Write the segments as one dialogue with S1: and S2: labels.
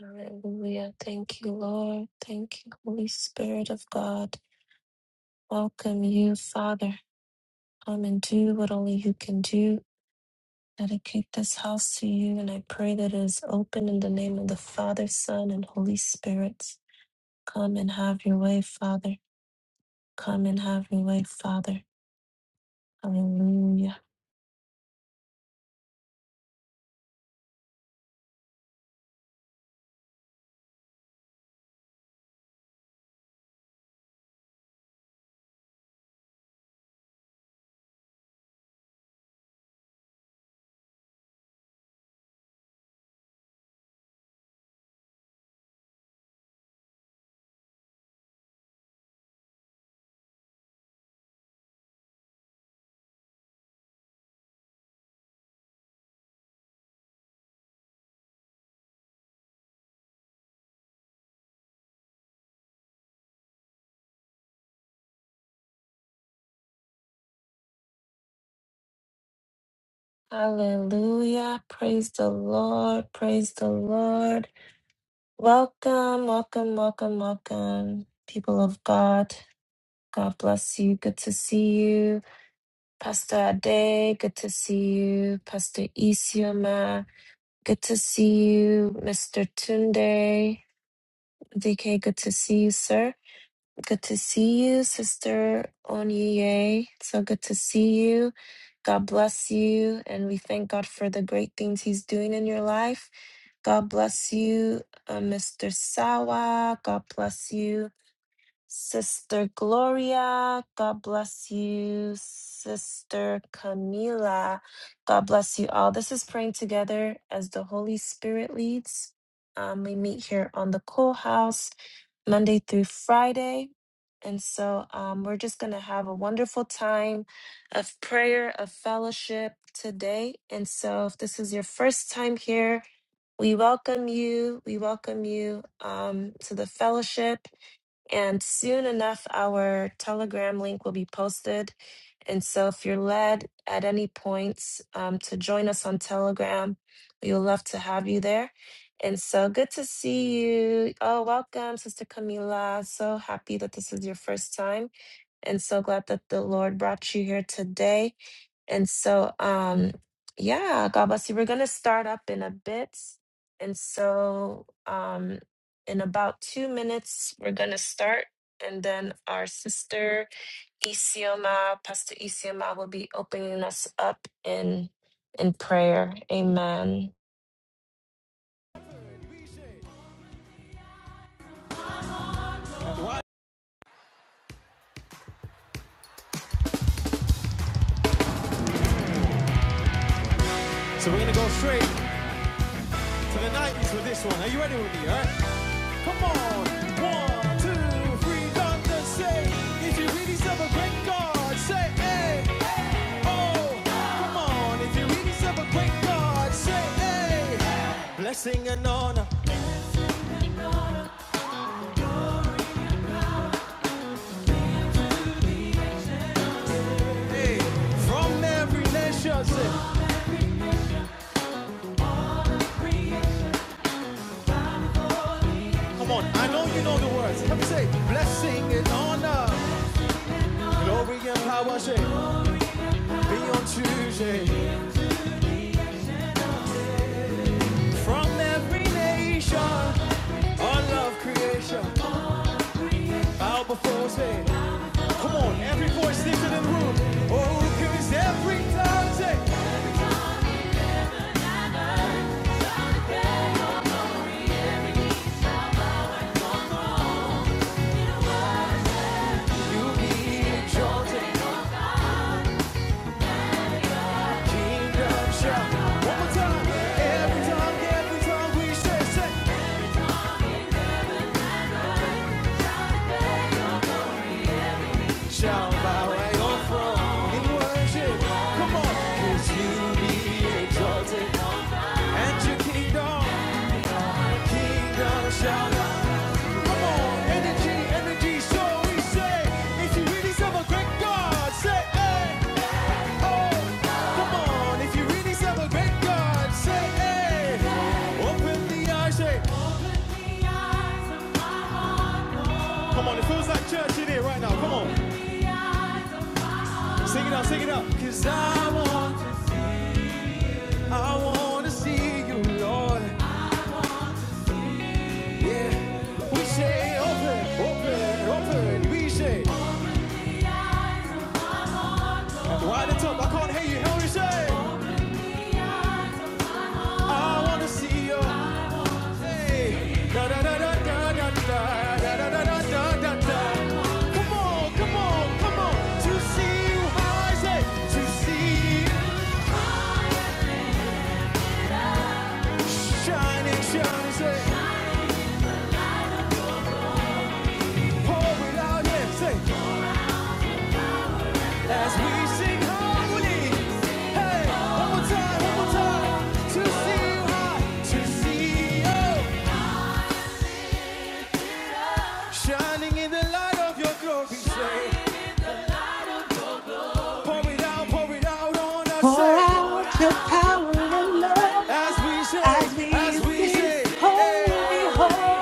S1: Hallelujah. Thank you, Lord. Thank you, Holy Spirit of God. Welcome you, Father. Come and do what only you can do. Dedicate this house to you, and I pray that it is open in the name of the Father, Son, and Holy Spirit. Come and have your way, Father. Come and have your way, Father. Hallelujah. Hallelujah. Praise the Lord. Praise the Lord. Welcome, welcome, welcome, welcome, people of God. God bless you. Good to see you. Pastor Ade, good to see you. Pastor Isioma, good to see you. Mr. Tunde, DK, good to see you, sir. Good to see you, Sister Onyiye. So good to see you. God bless you. And we thank God for the great things He's doing in your life. God bless you, uh, Mr. Sawa. God bless you. Sister Gloria, God bless you. Sister Camila, God bless you all. This is praying together as the Holy Spirit leads. Um, we meet here on the Cool House Monday through Friday. And so um, we're just going to have a wonderful time of prayer, of fellowship today. And so if this is your first time here, we welcome you. We welcome you um, to the fellowship. And soon enough, our Telegram link will be posted. And so, if you're led at any points um, to join us on Telegram, we would love to have you there. And so, good to see you. Oh, welcome, Sister Camila. So happy that this is your first time. And so glad that the Lord brought you here today. And so, um, yeah, God bless you. We're going to start up in a bit. And so, um, in about two minutes, we're going to start. And then our sister Isioma, Pastor Isioma, will be opening us up in in prayer. Amen.
S2: Right. So we're gonna go straight to the 90s with this one. Are you ready with me? Alright? Come on! One, two, three, done the same. If you really serve a great God, say hey, hey, oh. Come on, if you really serve a great God, say hey. hey. Blessing and honor, hey, from every nation. Say, come on, I know you know the words. Let me say, blessing and honor, glory and power, say, be on Tuesday. From every nation, all of creation, bow before us. hey. Come on, every voice lifted in the room. Oh, cause every tongue You be exalted, kingdom shall. One more time, every tongue, every tongue we say, say, shall bow at your throne in worship. Come on, cause you be exalted, and your kingdom, kingdom shall. Come on, energy, energy, so we say. If you really serve a great God, say, hey, oh. Come on, if you really serve a great God, say, hey. Open the eyes, say, come on, it feels like church in here right now. Come on, sing it out, sing it out. Cause I want, I want to see you, Lord. Yeah, we say, open, open, open. We say, right at the wide and top, I can't hear you. Help me say, I want to see you. As we sing harmony, hey, one more time, one more time, to see you high, to see you shining in the light of your glory. Say, pour it out, pour it out on us.
S3: Pour
S2: Say,
S3: out your power and love
S2: As we shake,
S3: as we
S2: as we
S3: sing,
S2: shake, hey,
S3: Holy,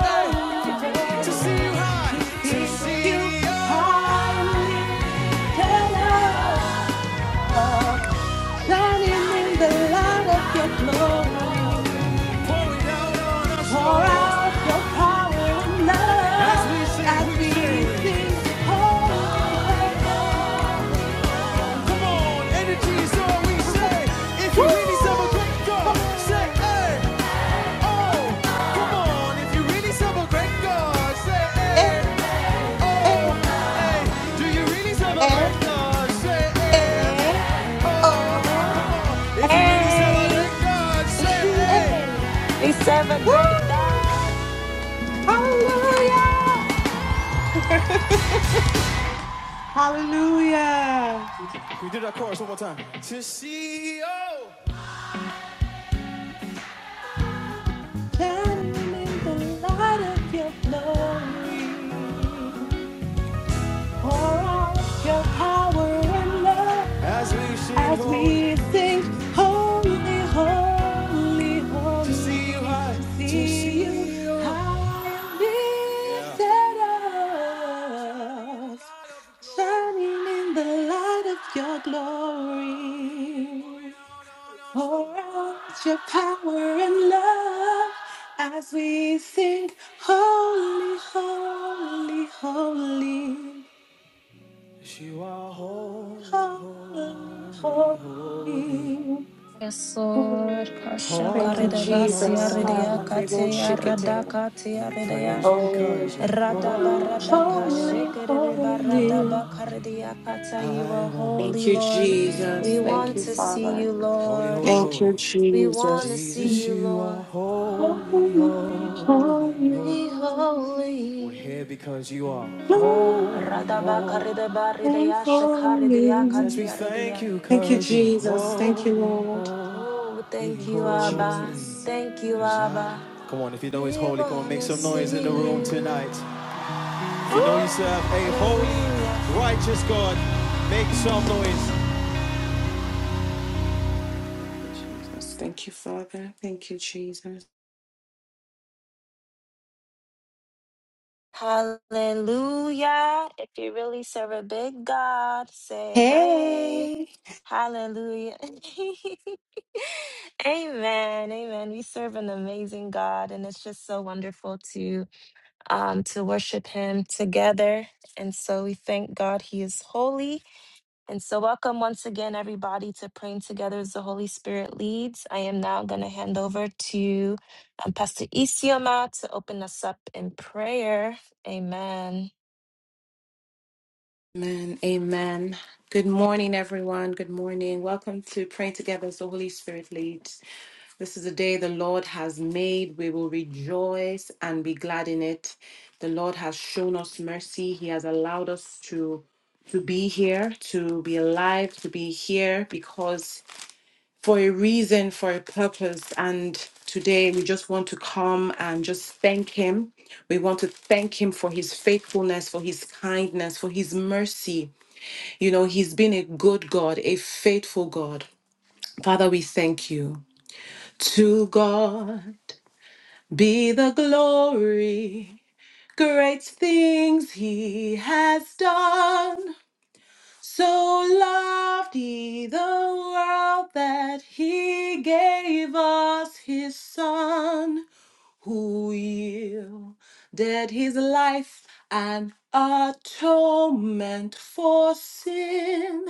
S2: hey, to see you
S3: Holy, to
S2: high, to
S3: sing you
S2: see you
S3: high and lifted up, shining in the light of your glory.
S2: pouring down on us,
S3: Pour
S2: Lord.
S3: out your power and
S2: As
S3: love
S2: we shake,
S3: as
S2: we
S3: we
S2: shake.
S3: sing, Holy, Holy, Holy.
S2: Come on, energy is all we say. If
S3: Woo!
S2: you really serve a great God,
S3: Come
S2: say,
S3: on!
S2: hey, oh. Come
S3: Oh!
S2: on, if you really serve a great God, say, hey,
S3: Hey!
S2: oh,
S3: Hey!
S2: hey. Do you really serve a great
S3: Hey!
S2: God? Say, hey,
S3: Hey!
S2: oh.
S3: Oh!
S2: If you really serve a
S1: Hey,
S2: great God, say, hey.
S3: Hey!
S1: we serve a
S3: Woo!
S1: great God.
S3: Hallelujah! Hallelujah!
S2: We do that chorus one more time. To see you
S3: Shining in the light of your glory. Pour out your power and love
S2: as we sing
S3: as
S2: holy,
S3: we sing, Holy, Holy,
S2: to see you
S3: Holy,
S2: high,
S3: to
S2: to
S3: see you
S2: see you.
S3: high and
S2: Yeah.
S3: lifted
S2: Shining in the
S3: up,
S2: light of the glory,
S3: shining in the light of your glory.
S2: pouring out on our
S3: Pour
S2: souls.
S3: out your power and love as we sing, Holy, Holy, Holy.
S2: You are holy,
S3: Holy, holy.
S2: holy,
S3: holy.
S1: Yes, Lord.
S3: Ooh,
S1: Kasha
S3: Thank you,
S2: holy,
S1: karidabasi
S3: Jesus. Ah,
S1: aridia
S3: my
S2: holy,
S3: big old
S1: kate
S3: shikete.
S2: holy, holy. We
S1: aradakate
S2: praise youbecause you 'cause
S3: Oh,
S2: you're holy,
S3: holy,
S2: holy,
S3: holy.
S2: holy. I
S1: Radabaradakashikiribaradabakaradiakata, You are
S2: want
S3: Thank
S1: holy,
S3: you,
S2: to see
S1: Lord.
S3: Jesus.
S1: We
S3: Thank
S2: you.
S1: want
S3: you,
S1: to see
S3: Father.
S1: you,
S2: Holy,
S1: Lord.
S2: holy,
S3: Thank you,
S2: holy.
S1: We want to
S3: Jesus.
S1: see
S2: Jesus,
S1: you,
S2: you are
S1: Lord.
S2: holy,
S3: Holy,
S2: holy,
S3: holy.
S2: holy.
S1: Holy,
S2: We're here
S1: holy.
S2: because you are
S3: Holy,
S2: holy, holy.
S3: holy.
S2: Yes, we thank
S1: Radabakaridabaridiashakaridiakatiaridia.
S2: you
S3: Thank you,
S2: because you're
S3: Jesus. Thank you,
S2: holy,
S3: Lord.
S1: Oh,
S2: holy,
S1: thank
S3: Thank
S1: you,
S3: you,
S1: Abba.
S2: holy.
S3: Jesus.
S1: Thank you,
S2: Cause I...
S1: Abba.
S2: Come on, if you know He's
S1: We
S2: holy, come on,
S1: want
S2: make
S1: to
S2: some noise in the
S1: see
S2: room tonight.
S1: you.
S2: If you know you
S1: Ooh,
S2: serve a
S1: hallelujah.
S2: holy, righteous God, make some noise.
S3: Jesus. Thank you, Father. Thank you, Jesus.
S1: Hallelujah. If you really serve a big God, say hey.
S3: Hey.
S1: Hallelujah. amen. Amen. We serve an amazing God and it's just so wonderful to um to worship him together. And so we thank God he is holy. And so, welcome once again, everybody, to Praying Together as the Holy Spirit Leads. I am now going to hand over to um, Pastor Isioma to open us up in prayer. Amen.
S3: Amen. Amen. Good morning, everyone. Good morning. Welcome to Praying Together as the Holy Spirit leads. This is the day the Lord has made. We will rejoice and be glad in it. The Lord has shown us mercy. He has allowed us to to be here, to be alive, to be here because for a reason, for a purpose. And today we just want to come and just thank Him. We want to thank Him for His faithfulness, for His kindness, for His mercy. You know, He's been a good God, a faithful God. Father, we thank you. To God be the glory. Great things he has done. So loved he the world that he gave us his son, who yielded his life an atonement for sin,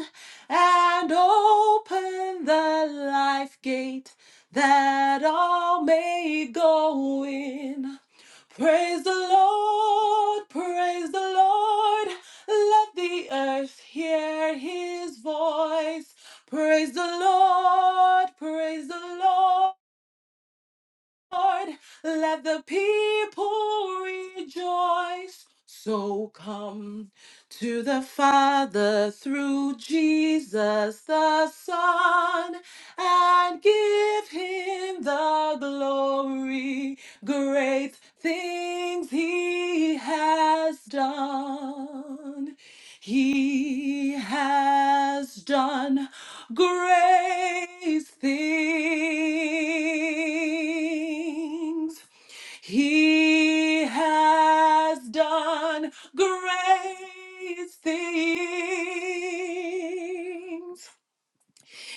S3: and opened the life gate that all may go in. Praise the Lord, praise the Lord. Let the earth hear his voice. Praise the Lord, praise the Lord. Lord, let the people rejoice. So come to the Father through Jesus the Son and give him the glory. Great things he has done. He has done Great things he has done. Great things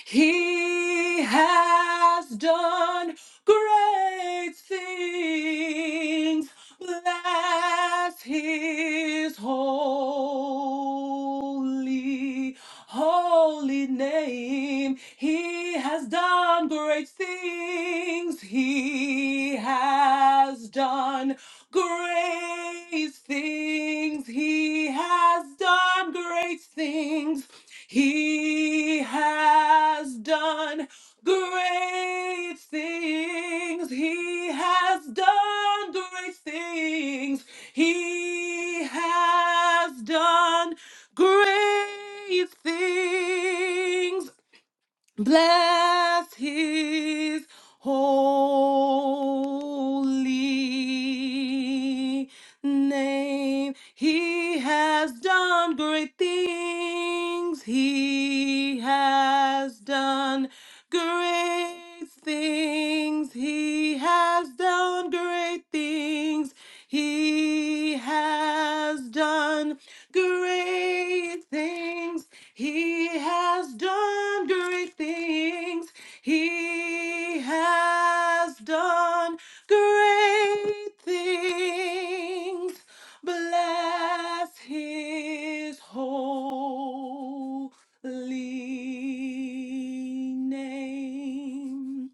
S3: he has done great things. Bless his holy, holy name. He has done great things. He has done great things. He has done great things. He has done great things. He has done great things. He has done great things. Bless his holy name. He has done great things. He has done great things. He has done great things. He has done great things. He has done great things. He has done great things. Bless his holy name.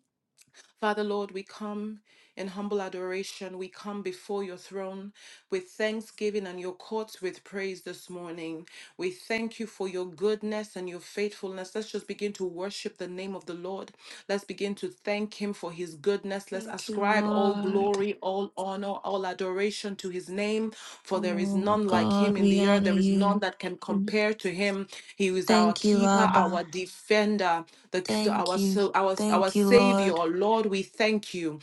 S3: Father, Lord, we come in humble adoration. We come before your throne with thanksgiving and your courts with praise this morning. We thank you for your goodness and your faithfulness. Let's just begin to worship the name of the Lord. Let's begin to thank him for his goodness. Let's
S1: Thank you,
S3: ascribe all
S1: Lord.
S3: glory, all honor, all adoration to his name, for there is
S1: Oh,
S3: none like him
S1: God,
S3: in
S1: we
S3: the earth.
S1: honor
S3: There is none
S1: you.
S3: that can
S1: Mm.
S3: compare to him. He is our
S1: Thank you,
S3: keeper, our
S1: Abba.
S3: defender the, to
S1: Thank
S3: our,
S1: you.
S3: so, our, our
S1: Thank you,
S3: Savior,
S1: Lord.
S3: Lord, we thank you.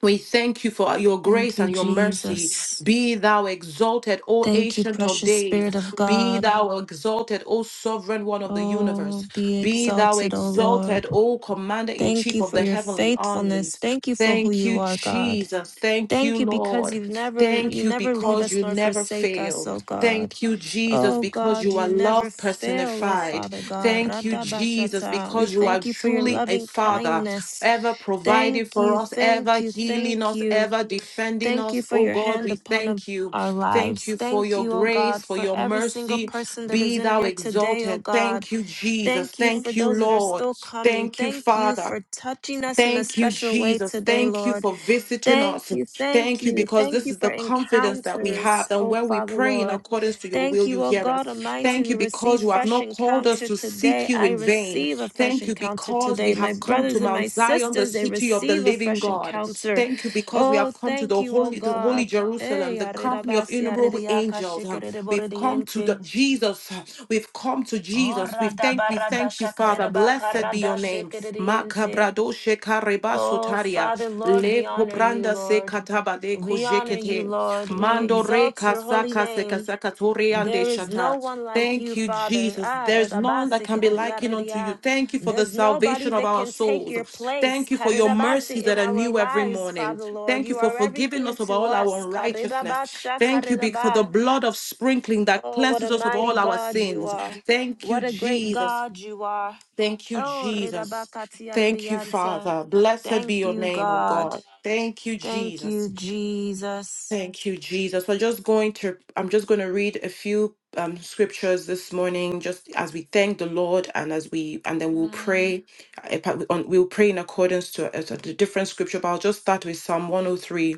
S3: We thank you for your
S1: Thank
S3: grace
S1: you,
S3: and your mercy.
S1: Jesus.
S3: Be thou exalted, O
S1: Thank you,
S3: ancient of
S1: precious
S3: days.
S1: Spirit of
S3: Be
S1: God.
S3: thou exalted, O sovereign one of the
S1: Oh,
S3: universe.
S1: be
S3: Be thou
S1: exalted, O
S3: exalted,
S1: Lord.
S3: O commander in
S1: Thank
S3: chief
S1: you
S3: of
S1: for
S3: the
S1: your
S3: heavenly armies.
S1: faithfulness. Thank you for who
S3: Thank you,
S1: you are, God.
S3: Jesus. Thank you,
S1: Thank you because
S3: Lord.
S1: you've never
S3: Thank
S1: you
S3: you
S1: never leave
S3: because
S1: us
S3: you
S1: nor
S3: never
S1: forsake us,
S3: fail.
S1: oh God.
S3: Thank you, Jesus,
S1: Oh
S3: because
S1: God,
S3: you are
S1: you never
S3: love
S1: fail, oh
S3: personified.
S1: Father God.
S3: Thank you, Jesus,
S1: Radabashata. We
S3: because you are
S1: thank you for your
S3: truly a
S1: loving
S3: father
S1: kindness.
S3: ever providing
S1: Thank
S3: for
S1: you,
S3: us,
S1: thank
S3: ever
S1: you,
S3: healing
S1: thank
S3: us,
S1: you.
S3: ever defending
S1: Thank you
S3: us.
S1: for
S3: Oh
S1: your
S3: God,
S1: hand
S3: we
S1: upon a-
S3: thank you.
S1: our
S3: Thank
S1: lives.
S3: you for
S1: Thank
S3: your
S1: you, oh
S3: grace,
S1: God,
S3: for
S1: for
S3: your
S1: every single
S3: mercy.
S1: person that is
S3: Be
S1: in
S3: thou
S1: here today, oh
S3: exalted.
S1: God.
S3: Thank you, Jesus.
S1: Thank you for
S3: Thank you,
S1: those that are
S3: Lord.
S1: still coming.
S3: Thank you,
S1: Thank you
S3: Father.
S1: for touching us in a
S3: Thank you,
S1: special way
S3: Jesus.
S1: today,
S3: Thank you
S1: Lord.
S3: for visiting us.
S1: Thank you, thank
S3: Thank you
S1: you,
S3: because
S1: thank
S3: this
S1: you
S3: is
S1: for
S3: the confidence that we
S1: encounters,
S3: have. And
S1: oh
S3: when we
S1: Father,
S3: pray in
S1: Lord.
S3: accordance to your
S1: Thank
S3: will, you
S1: you, oh
S3: hear us.
S1: God Almighty.
S3: Thank
S1: We
S3: you because
S1: receive
S3: you have
S1: fresh
S3: not called us
S1: encounter
S3: to seek
S1: today.
S3: you
S1: I
S3: in vain.
S1: receive a fresh
S3: Thank you
S1: encounter
S3: because we
S1: today.
S3: have
S1: My
S3: come to
S1: brothers and
S3: Mount
S1: my
S3: Zion, the
S1: sisters, they
S3: city of the
S1: receive a
S3: living
S1: fresh
S3: God.
S1: encounter.
S3: Thank you because we
S1: Oh,
S3: have come to
S1: thank
S3: the
S1: you, oh
S3: holy, the holy
S1: God.
S3: Jerusalem,
S1: Eh,
S3: the company of
S1: arerabasi,
S3: innumerable
S1: areriaka,
S3: angels. Um, We've come to the
S1: shikerereboridiente.
S3: Jesus. We've come to
S1: Oh,
S3: Jesus. We thank, we thank you, Father. Blessed be your name.
S1: radabaradashakaridabakaradashikiridiente.
S3: Makabrado shekareba
S1: Oh,
S3: sotaria.
S1: Father, Lord,
S3: Le
S1: we honor you,
S3: kopranda se
S1: Lord.
S3: kataba de
S1: We honor you,
S3: kojekete.
S1: Lord. We
S3: Mando re
S1: exalt your holy
S3: kasaka se
S1: name.
S3: kasaka toriande
S1: There is no
S3: shata.
S1: one like you,
S3: Thank you,
S1: Father.
S3: Jesus.
S1: Ah,
S3: There's none that can be likened unto you.
S1: redabasikiridiaridia.
S3: Thank you for the
S1: There's nobody
S3: salvation of
S1: that
S3: our
S1: can take your
S3: souls.
S1: place,
S3: Thank you for your
S1: karidabasi,
S3: mercies that
S1: in
S3: are
S1: our
S3: new every
S1: lives,
S3: morning.
S1: Father Lord.
S3: Thank you
S1: You
S3: for
S1: are
S3: forgiving
S1: everything
S3: us of
S1: to
S3: all our
S1: us.
S3: unrighteousness. Thank you be- for the
S1: karidabashakaridaba.
S3: blood of sprinkling that
S1: Oh, what a
S3: cleanses us of
S1: mighty
S3: all our
S1: God you
S3: sins.
S1: are.
S3: Thank you,
S1: What a great
S3: Jesus.
S1: God you are.
S3: Thank you,
S1: Oh,
S3: Jesus.
S1: redabakatia
S3: Thank you,
S1: redianta.
S3: Father. Blessed be
S1: Thank
S3: your
S1: you,
S3: name, oh
S1: God.
S3: God. Thank you,
S1: Thank
S3: Jesus.
S1: you, Jesus.
S3: Thank you, Jesus. We're just going to, I'm just going to read a few um, scriptures this morning, just as we thank the Lord and as we, and then we'll
S1: Amen.
S3: pray, uh, pa- on- we'll pray in accordance to uh, to the different scripture, but I'll just start with Psalm 103.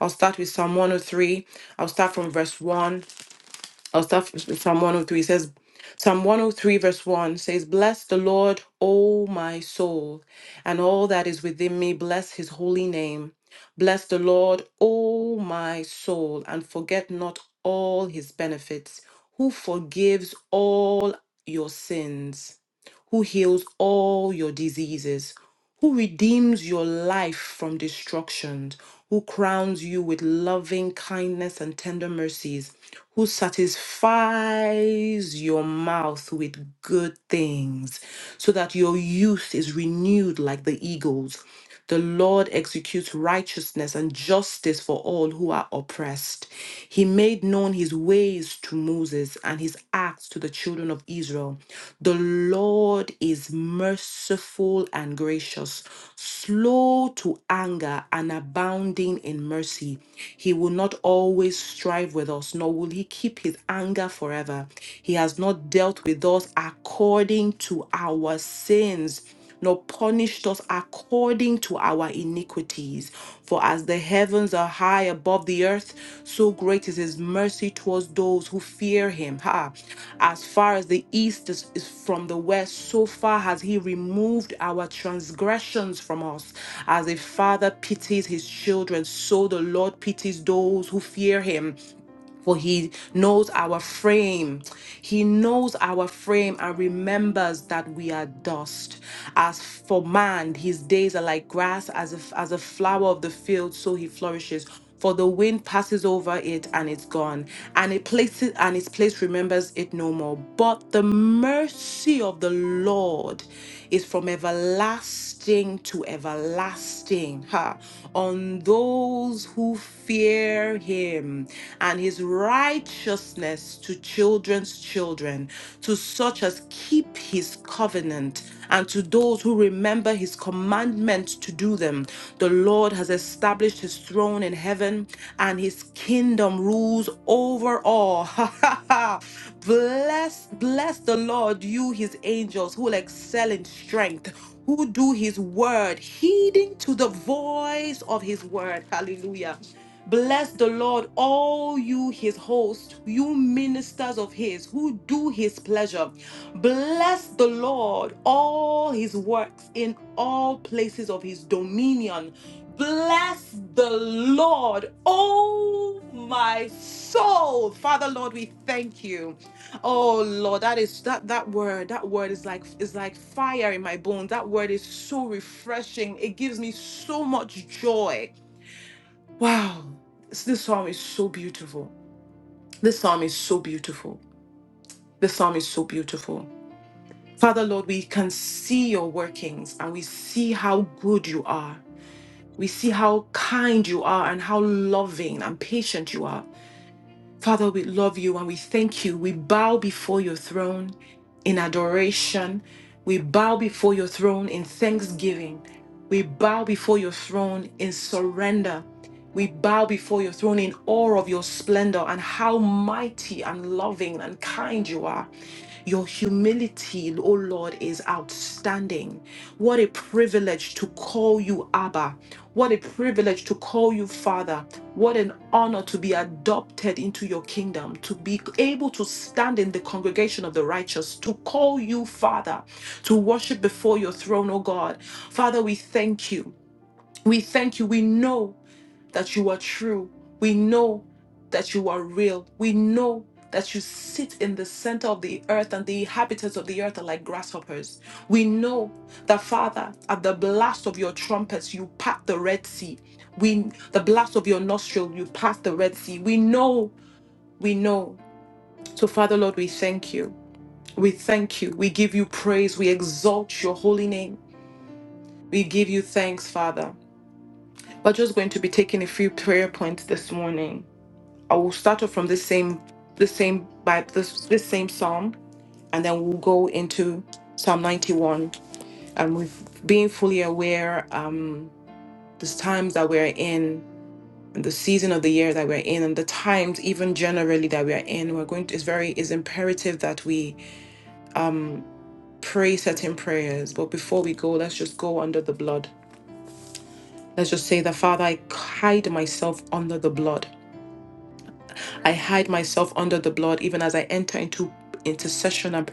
S3: I'll start with Psalm 103. I'll start from verse 1 or stuff Psalm 103 says Psalm 103 verse 1 says, Bless the Lord, O my soul, and all that is within me, bless his holy name. Bless the Lord, O my soul, and forget not all his benefits, who forgives all your sins, who heals all your diseases who redeems your life from destruction, who crowns you with loving kindness and tender mercies, who satisfies your mouth with good things, so that your youth is renewed like the eagles. The Lord executes righteousness and justice for all who are oppressed. He made known his ways to Moses and his acts to the children of Israel. The Lord is merciful and gracious, slow to anger and abounding in mercy. He will not always strive with us, nor will he keep his anger forever. He has not dealt with us according to our sins nor punished us according to our iniquities. For as the heavens are high above the earth, so great is his mercy towards those who fear him. Ha! As far as the east is, is from the west, so far has he removed our transgressions from us. As a father pities his children, so the Lord pities those who fear him. For he knows our frame. He knows our frame and remembers that we are dust. As for man, his days are like grass, as a, as a flower of the field, so he flourishes. For the wind passes over it and it's gone, and it places and its place remembers it no more. But the mercy of the Lord is from everlasting to everlasting, ha, on those who fear him and his righteousness to children's children, to such as keep his covenant, and to those who remember his commandments to do them. The Lord has established his throne in heaven, and his kingdom rules over all. Ha ha ha! bless, bless the Lord, you his angels who will excel in strength, who do his word, heeding to the voice of his word. Hallelujah. Bless the Lord, all you his hosts, you ministers of his who do his pleasure. Bless the Lord, all his works in all places of his dominion. Bless the Lord, oh my soul. Father, Lord, we thank you. Oh Lord, that is that that word, that word is like is like fire in my bones. That word is so refreshing. It gives me so much joy. Wow. This, this psalm is so beautiful. This psalm is so beautiful. This psalm is so beautiful. Father Lord, we can see your workings and we see how good you are. We see how kind you are and how loving and patient you are. Father, we love you and we thank you. We bow before your throne in adoration. We bow before your throne in thanksgiving. We bow before your throne in surrender. We bow before your throne in awe of your splendor and how mighty and loving and kind you are. Your humility, O Lord, is outstanding. What a privilege to call you Abba. What a privilege to call you Father. What an honor to be adopted into your kingdom, to be able to stand in the congregation of the righteous, to call you Father, to worship before your throne, O God. Father, we thank you. We thank you. We know that you are true. We know that you are real. We know that you sit in the center of the earth and the inhabitants of the earth are like grasshoppers. We know that, Father, at the blast of your trumpets, you part the Red Sea. We, the blast of your nostril, you part the Red Sea. We know, we know. So, Father, Lord, we thank you. We thank you. We give you praise. We exalt your holy name. We give you thanks, Father. We're just going to be taking a few prayer points this morning I will start off from this same the same by this this same psalm, and then we'll go into Psalm 91. And with being fully aware, um, the times that we're in, and the season of the year that we're in, and the times even generally that we're in, we're going to it's very it's imperative that we pray certain prayers. But before we go, let's just go under the blood. Let's just say that Father, I hide myself under the blood. I hide myself under the blood, even as I enter into intercession and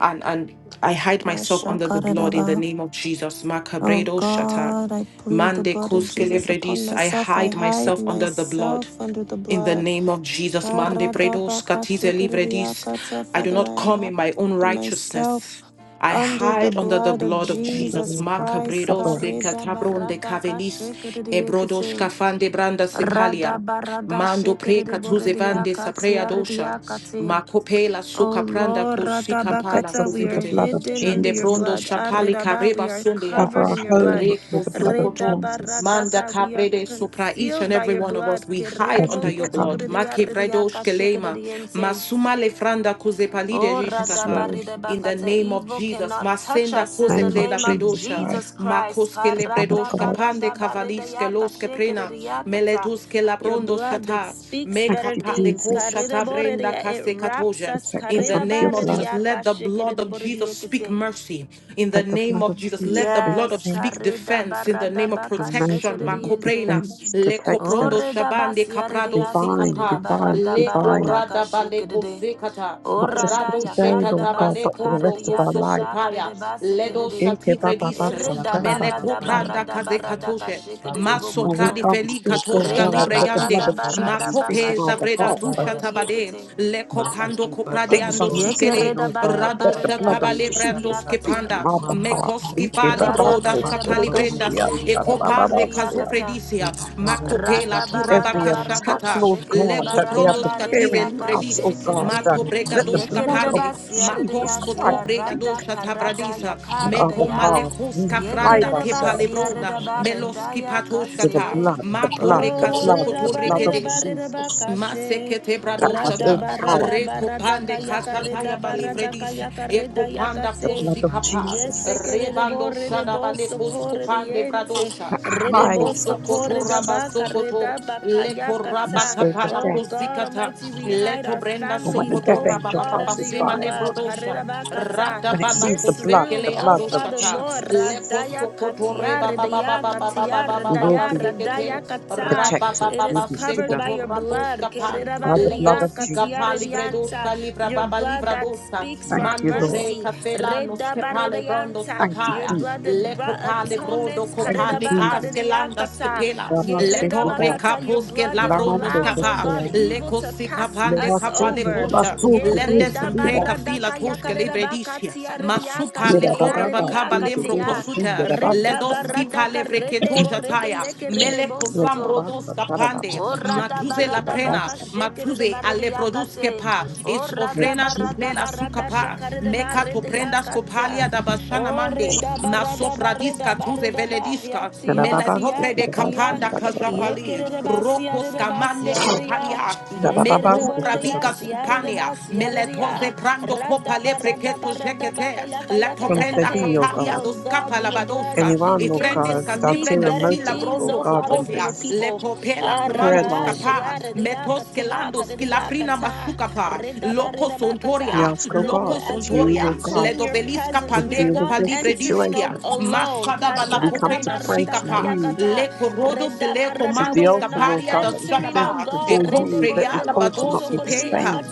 S3: and, and I hide myself under the blood in the
S1: Dashakaradava.
S3: name of Jesus.
S1: Oh
S3: Makabredo shata.
S1: God, I plead the
S3: Mande
S1: blood of Jesus upon
S3: koskelevredish. I
S1: myself. I
S3: hide
S1: hide
S3: myself under the blood
S1: myself under the
S3: in the
S1: blood.
S3: name of Jesus. Mande bredos katize livredis.
S1: Karadabakashikiriakata.
S3: I do
S1: Father,
S3: not
S1: I
S3: come in
S1: hide
S3: my own
S1: myself
S3: righteousness. I
S1: under the
S3: hide under the
S1: blood of
S3: blood of
S4: So,
S3: Jesus.
S1: Jesus
S4: Lord God,
S1: Christ.
S4: cover
S3: Makabredos de
S4: us,
S3: katabron de kavelis. Ebrodos
S1: Karedabaradakashikiriakate.
S3: kafande branda
S1: Rada
S3: sepalia.
S1: barada
S3: Mando pre
S1: shikiri
S3: katuze
S1: boridia
S3: saprea
S1: katia
S3: dosha.
S1: ridia kati.
S3: Makopela
S1: O
S3: suka pranda
S1: Lord,
S3: kusika
S4: infect
S3: pala
S1: Radabakata,
S4: us
S1: we
S4: with the
S1: are
S3: kuzikete.
S4: blood of
S1: hidden under
S3: Ende
S1: your
S4: Jesus.
S3: brondo
S1: blood.
S3: shapali
S1: Aridaba,
S3: kareba
S1: we are
S3: sundia.
S4: Cover
S1: covered
S4: our
S1: in your blood.
S4: home
S3: Reko
S4: with the blood of
S3: sokoto.
S4: Jesus
S3: Manda
S1: Redabaradaka, we are
S3: caprede supra each
S1: concealed
S3: and
S1: by
S3: every
S1: your
S3: one of
S1: blood.
S3: us. We hide
S4: as
S3: under
S4: we
S3: your blood.
S4: come.
S1: Kiridebokotukuridia ridia
S3: Makevredo shkelema.
S1: kashikiridiense.
S3: Masuma lefranda kuzepalide
S1: Oh,
S4: Yes,
S3: jishkafa.
S4: Lord, in
S3: In the
S1: radabaridebakata,
S3: name of
S1: evil
S3: Jesus,
S1: cannot touch
S3: Masenda
S1: us
S4: the
S1: in
S3: Kose
S1: the
S4: name of
S3: Pleda
S1: name of
S4: Jesus
S3: Bredosha,
S1: Jesus
S4: Christ,
S1: Christ.
S3: Makoske
S4: the Son of
S3: Lebredoshka
S4: God.
S3: Pande
S1: Karadabaradabari de
S3: Kavaliske
S1: yaka,
S3: Loske
S1: shake it
S3: Prena,
S1: de yakata,
S3: Meletuske
S1: Your
S3: Labrondo
S1: blood that
S3: Shata,
S1: speaks
S4: Thank
S3: Meka
S1: better
S4: you,
S3: Pande
S1: things.
S4: Jesus.
S3: Koshata Brenda
S1: Karideboridia, It
S3: Kase
S1: wraps
S3: Katoja.
S1: us.
S4: Protect
S3: In
S4: us
S3: the
S4: under your
S3: name of
S1: Karidabari de
S4: blood.
S3: Jesus, let the blood of Jesus speak
S1: Karidabaridiakashekerediboridiyekete.
S3: mercy. In the
S4: Let the
S3: name
S4: blood of
S3: of Jesus,
S4: Jesus
S3: let the
S4: bring
S3: blood of
S1: Yes.
S3: speak
S4: cleansing
S3: defense. In the name of
S1: Karidabaradabaka,
S4: and
S1: shake it
S3: protection,
S1: de
S4: mercy and
S3: Makoprena,
S1: Karidabaradabakashekerediente.
S4: defense,
S1: Oh,
S4: protection,
S3: Lekoprondo Shabande
S1: redabasia de
S3: Kaprado
S1: yasike
S4: divine,
S1: de
S3: Sikapa,
S4: divine,
S1: baradabara
S4: divine.
S1: daka,
S3: Lekorada
S1: shake it
S3: Baleko
S1: de.
S3: Zekata.
S4: Not just for
S1: Orada
S3: Rado
S4: today,
S1: yakare da
S4: Lord God,
S1: basi
S3: shekatabale
S4: but for the
S1: kare de
S4: rest of
S3: kombroko
S4: our life.
S1: yakashaka
S3: sokopaya.
S1: de basi kere
S3: Ledo
S1: de.
S4: Ike baba
S3: shativredis.
S1: Ere
S4: batsa,
S1: da
S3: Mele
S1: barra da
S4: darabakutsa.
S1: barra
S3: popranda
S5: Thank
S1: da barra da
S3: kazekatoshe.
S1: kashike de
S3: Maso
S4: And we
S3: pradi
S1: bokoto.
S4: can't
S3: feli
S4: speak, Lord
S1: Re
S3: katoshka
S1: da
S4: God, that the
S1: barra
S4: blood
S3: libreyande.
S1: da
S4: of
S1: barra da
S4: Jesus speak
S1: baka
S4: on
S3: Makope
S4: our
S1: shike de
S3: zavreda
S4: behalf. For
S3: tusha
S1: bokore de
S3: tabade.
S1: yekete.
S3: Le kopando
S4: things
S3: kopradiando
S1: Yekere
S4: unseen,
S1: re
S3: sikele.
S1: da
S4: oh
S1: barre
S4: God,
S1: da
S3: Rado
S4: that
S1: barre
S4: the
S1: de
S4: blood of
S3: shatabale
S1: yakashike de
S3: vrando
S4: Jesus speak
S1: yakate.
S4: on
S3: skepanda.
S4: our behalf.
S3: Mekoski fali
S1: Rada
S3: broda Regash
S1: barre da
S3: Kapali
S1: baka shike
S3: Brendas,
S1: de yekere de borre
S3: Ekopande
S1: de yakata.
S3: Kazofredisia, Makopela
S1: Rada
S4: Every
S1: barada
S3: Turabaka
S1: barada
S4: attack,
S3: Shakata,
S4: Lord
S1: kashikere de
S4: God,
S3: lekoprondos
S4: that they
S1: barada
S4: are
S1: barede
S3: Katize
S4: preparing
S1: yaka
S4: for us, oh
S3: Libredis,
S1: shikere
S4: God,
S1: de
S4: uh,
S3: Mato
S4: let the
S3: Bregadosh
S4: blood
S1: yekere
S4: of
S3: Kapande,
S1: basia rede
S4: Jesus
S3: Makos Koto
S1: yasia
S4: Christ speak
S1: rada
S3: Bregadosha
S1: karada
S3: Tavradisa,
S4: on
S1: yakare
S4: our
S1: de
S3: Meko
S1: ya
S4: behalf.
S3: Malekos
S4: We hide
S3: Kafranda
S1: yekere basia
S4: ourselves
S3: Kepalebrona,
S1: reda barada
S3: Meloski
S5: you.
S4: to the
S3: Patoshkata,
S1: yakase
S4: blood, the
S5: I
S3: Mato
S4: blood, the
S1: o
S4: blood,
S1: reda
S4: the
S3: Rekazokoto
S4: blood of
S1: barida
S3: Rekede,
S1: barida
S4: Jesus
S1: bakashe
S3: Masekete
S4: that has
S1: rada
S4: all
S3: bradoshata,
S4: power
S1: barada barada
S3: rekopande
S1: kayaka
S3: kashata
S1: reda
S3: ya
S1: barada
S3: balifredis,
S1: kayaka reda
S3: ekopanda
S4: The
S1: yakate
S4: blood of
S3: kosikapa,
S1: Yes,
S4: Jesus
S1: sekere de
S3: rebando
S1: borre de
S3: shada bale
S1: bosso corre de
S3: koskopande
S1: yente
S3: bradosha,
S4: that
S3: meko
S4: hides
S1: Redeboso
S3: sokoto raba
S4: us
S1: koredabaka
S3: sokoto, leko
S4: in the
S3: raba
S1: redabakayakata.
S4: spirit of
S3: kapala
S1: Oh
S4: death.
S1: God
S3: kozikata,
S1: Almighty, we hide
S3: leto
S1: our
S3: brenda
S4: And when the
S1: families,
S3: sokoto
S4: death
S1: oh
S3: raba
S4: angel
S1: God,
S3: baba
S1: under
S4: passes
S1: your
S4: by,
S3: sema le
S1: blood.
S3: brodosha,
S1: Karedabakata.
S3: rata
S4: when it
S3: bala
S4: sees the
S1: This
S4: blood,
S1: room,
S4: the
S3: kosekele
S1: oh
S4: blood of
S1: Father
S3: adoshata,
S1: Lord,
S3: leko
S4: Jesus,
S1: radaya
S3: sokoto
S1: katia
S3: reba baba
S1: redaya
S3: baba baba
S1: katia
S4: we
S3: baba
S4: will
S1: redaya
S4: be
S1: radaya
S3: sekete
S1: kata.
S4: protected.
S1: It
S4: We'll
S1: is
S3: rabababa
S4: be
S1: covered by
S4: hidden
S3: sekoto
S1: your blood.
S3: raboshka pan
S4: by the blood
S3: ledo
S4: of
S3: sika pa
S4: Jesus.
S1: Katiaredianta,
S3: livredoshka livra
S1: your
S3: baba
S1: blood
S3: livra
S1: that
S3: dosta
S1: speaks for
S4: Thank
S1: our
S4: you,
S3: manto
S4: Lord.
S3: bre
S1: mercy.
S3: kafela nos kepale brondo
S1: Redabaredianta,
S4: Thank you,
S1: your
S3: skapaya
S4: Jesus.
S1: blood that
S3: le
S1: brought
S3: kopale
S1: atonement.
S3: brodo
S4: Thank you,
S3: kopale
S4: Jesus.
S3: kaske landa
S1: Karedabakadediakata,
S3: skepela
S4: Rama
S3: leto
S4: Sekida,
S1: Yeredabakata, Your
S3: rekaposke
S1: blood that
S3: lavrondoš
S4: Lamando
S1: allows, oh
S3: skapa
S1: God,
S4: Koshea,
S3: le
S1: evil to
S3: kosika
S1: pass
S3: pande
S4: Lema
S1: us
S3: kapale
S4: Sekida,
S1: over.
S3: kosha
S4: Basu Kudu
S3: lende sempre
S4: Kida,
S3: kafila toshke livredisia masupa le
S4: Kida
S3: koreba
S4: Baba, Kida
S3: lembro
S4: Baba,
S1: Yeredabaradakayakaredabakatiarediakashayarediakatea,
S3: kosuta
S4: Kida Baba,
S3: ledoski palevre ketojataya
S1: Redabaradakaredeboredeyeke
S4: Yes,
S3: mele
S4: Yes,
S1: redebosoto.
S3: kosambro
S4: Baba, Son,
S3: doska
S4: Baba, Baba,
S3: pande
S4: Baba, so
S1: Orada
S4: good, so
S3: matuze la
S4: good,
S1: barada
S4: Baba,
S3: prena
S1: baka
S4: so-
S1: shekere de
S3: matuze
S1: barada
S3: alevroduske
S1: yakate.
S3: pa is
S4: Yes,
S1: Orada
S3: ofrena tu
S1: barada
S3: plela
S4: Jesus.
S1: barada
S3: sukapa
S1: shakare de
S3: meka to
S1: barada
S3: prendas
S1: yakate.
S3: kopalia da bashana mande
S1: Orada barada
S3: masopra
S1: barada
S3: diska tuze
S1: barada
S3: velediska
S4: Baba,
S1: bahiatia
S3: mele
S4: Baba, so
S3: topre
S4: good,
S3: de
S4: Baba, so
S1: siakatia.
S4: good,
S3: kapanda
S4: Baba, Baba.
S3: kajapali
S1: Yekere de basiare
S3: rokos
S1: de
S3: kamande
S1: basiare de ya.
S3: kaparia
S4: Baba,
S1: Yekere
S4: Baba,
S1: de
S4: so
S3: meko
S1: bore de
S4: good, Baba,
S1: ya
S3: pravika
S4: Baba.
S1: siare de
S3: skupania
S1: basiare
S3: mele
S1: de ya.
S3: toze prando kopa
S1: Rada
S3: pale
S1: barada
S3: preketo
S1: barada
S3: jekete.
S1: baka yaka
S3: Lato
S1: yaka
S4: Minister
S3: prenda
S4: be,
S1: yakate.
S4: O
S3: kapalia
S4: God,
S1: Oh
S3: dos
S1: God,
S3: kapa
S1: may your blood
S3: labadoska.
S4: anyone, O
S1: begin to
S3: Ifrendis
S4: God, with
S1: speak
S3: calibre de
S4: ulterior
S1: better
S3: sila
S4: motive,
S1: things,
S4: O
S3: brondo
S1: oh
S4: God,
S1: Father,
S4: on
S1: for
S3: copolia.
S1: your
S4: this
S3: Le
S1: people.
S3: copela
S4: prayer
S3: comandos
S1: Arada
S4: line,
S3: capa.
S1: shayara diyaka
S3: Metos
S1: tiyaka
S3: kelandos
S1: diyaka
S3: kilafrina
S1: ta
S3: masukapa.
S1: rida
S3: Loco
S1: barida
S3: sontoria.
S4: we
S1: bakata.
S4: ask, O
S1: that we
S4: God,
S1: are
S3: Loco
S4: that
S1: as we're
S4: you,
S3: sontoria.
S4: O
S3: Le
S4: God,
S1: entering your
S3: dovelisca
S1: presence
S4: will
S1: we are
S4: deal
S3: pandeco
S4: with
S1: not
S4: this
S3: palibre
S1: entering
S3: dischia.
S1: al-
S4: situation.
S1: alone
S3: Mashada bala
S4: We come to
S3: coprena
S4: pray to
S3: sikapa.
S4: you,
S1: Karadabaradakayakata,
S3: Le corodo se le
S4: This
S1: redabarada,
S4: the
S1: we
S3: comandos
S1: are
S4: altar,
S1: not
S4: Lord
S3: caparia
S4: God,
S3: da
S4: that we
S1: entering
S4: present
S1: oh
S3: shadaba. E
S1: god
S4: before you. Let
S3: cofreya
S4: this
S3: la
S4: altar not be
S3: Labadosu Peka,
S4: disdained.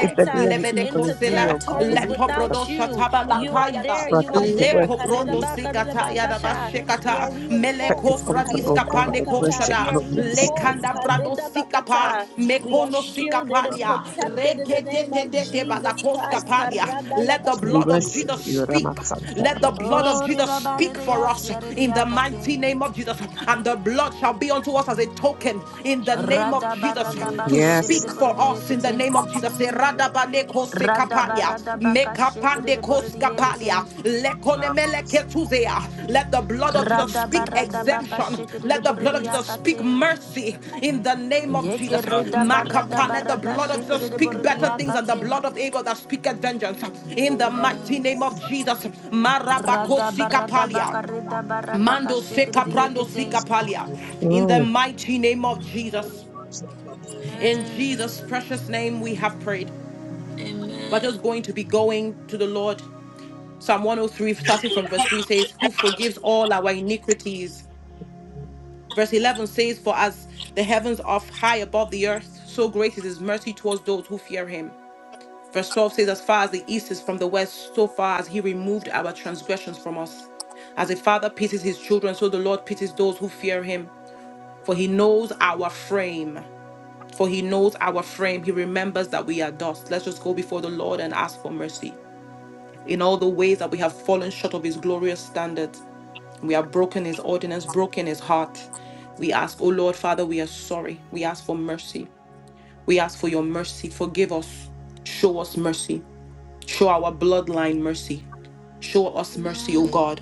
S4: If there be any
S3: Lebede
S4: evil in
S1: into
S4: me,
S3: Kosela,
S4: O God,
S1: territories
S4: remove it.
S3: Letoprodo
S1: without you
S3: Shataba
S1: you are
S3: Lakayada,
S1: there
S4: For I
S1: you are
S4: come to
S1: there
S3: Leko
S4: worship
S3: Prondo
S4: you.
S3: Sikataya da
S1: Karedabakaredabakasha. We
S3: Bashekata,
S1: are
S4: Let
S3: Meleko
S4: this
S1: reinforced.
S4: altar, Lord
S3: Fradiska
S1: Kareda
S4: God,
S3: Pane
S4: of
S1: yakata.
S4: worship
S1: We
S3: Koshada,
S4: not
S1: are
S4: be
S1: reinforced.
S4: disdained.
S3: Lekanda Brado
S1: Kareda
S3: Sikapa,
S1: bakata. We are
S3: Mekono
S1: shielded and
S3: Sikapalia,
S1: protected in the name of
S3: Rekete
S1: Jesus
S3: Balakoska
S1: Christ.
S3: Palia.
S1: Karada
S3: Let the
S4: For we
S1: yakate.
S3: blood of
S4: worship
S3: Jesus
S4: you, Rama
S3: speak.
S4: Santa
S3: Let the blood of
S4: Rababasa.
S1: Oh,
S3: Jesus
S1: reda
S3: speak
S1: barede
S3: for us
S1: yasia rede
S3: in the mighty
S1: yakate.
S3: name of Jesus. And the blood shall be on unto us as a token in the name of
S1: Rada
S3: Jesus
S1: barada ba
S3: to
S1: shekere
S4: Yes.
S1: de
S3: speak for
S1: borede
S3: us in the
S1: yekete.
S3: name of Jesus. Eradabane kose
S1: Rada
S3: kapalia,
S1: barada baka shekere
S3: mekapande
S1: de
S3: kos
S1: borede
S3: kapalia,
S1: yente.
S3: lekonemele ketuzea. Let the blood of Jesus
S1: Rada
S3: speak
S1: barada baka
S3: exemption.
S1: shekere de
S3: Let the blood
S1: borede
S3: of Jesus speak
S1: yakate.
S3: mercy in the name of Jesus.
S1: Yekere da barada
S3: Makapa, let the
S1: barada
S3: blood of Jesus
S1: shekere de
S3: speak
S1: borede
S3: better things than the
S1: yakate.
S3: blood of Abel that speaketh vengeance. In the mighty name
S1: Yes.
S3: of Jesus.
S1: Rada
S3: Marabakosi
S1: barada
S3: kapalia.
S1: bakarida barada
S3: Mando seka
S1: kashikiridi
S3: prando
S1: yekete.
S3: sika palia. In the
S4: Mm.
S3: mighty name of Jesus. In
S1: Amen.
S3: Jesus' precious name, we have prayed. We're just going
S1: Amen.
S3: to be going to the Lord. Psalm 103, starting from verse 3, says, Who forgives all our iniquities. Verse 11 says, For as the heavens are high above the earth, so great is his mercy towards those who fear him. Verse 12 says, As far as the east is from the west, so far as he removed our transgressions from us. As a father pities his children, so the Lord pities those who fear him. For he knows our frame. For he knows our frame. He remembers that we are dust. Let's just go before the Lord and ask for mercy. In all the ways that we have fallen short of his glorious standards, we have broken his ordinance, broken his heart. We ask, O Lord, Father, we are sorry. We ask for mercy. We ask for your mercy. Forgive us. Show us mercy. Show our bloodline mercy. Show us mercy, O
S1: Amen.
S3: God.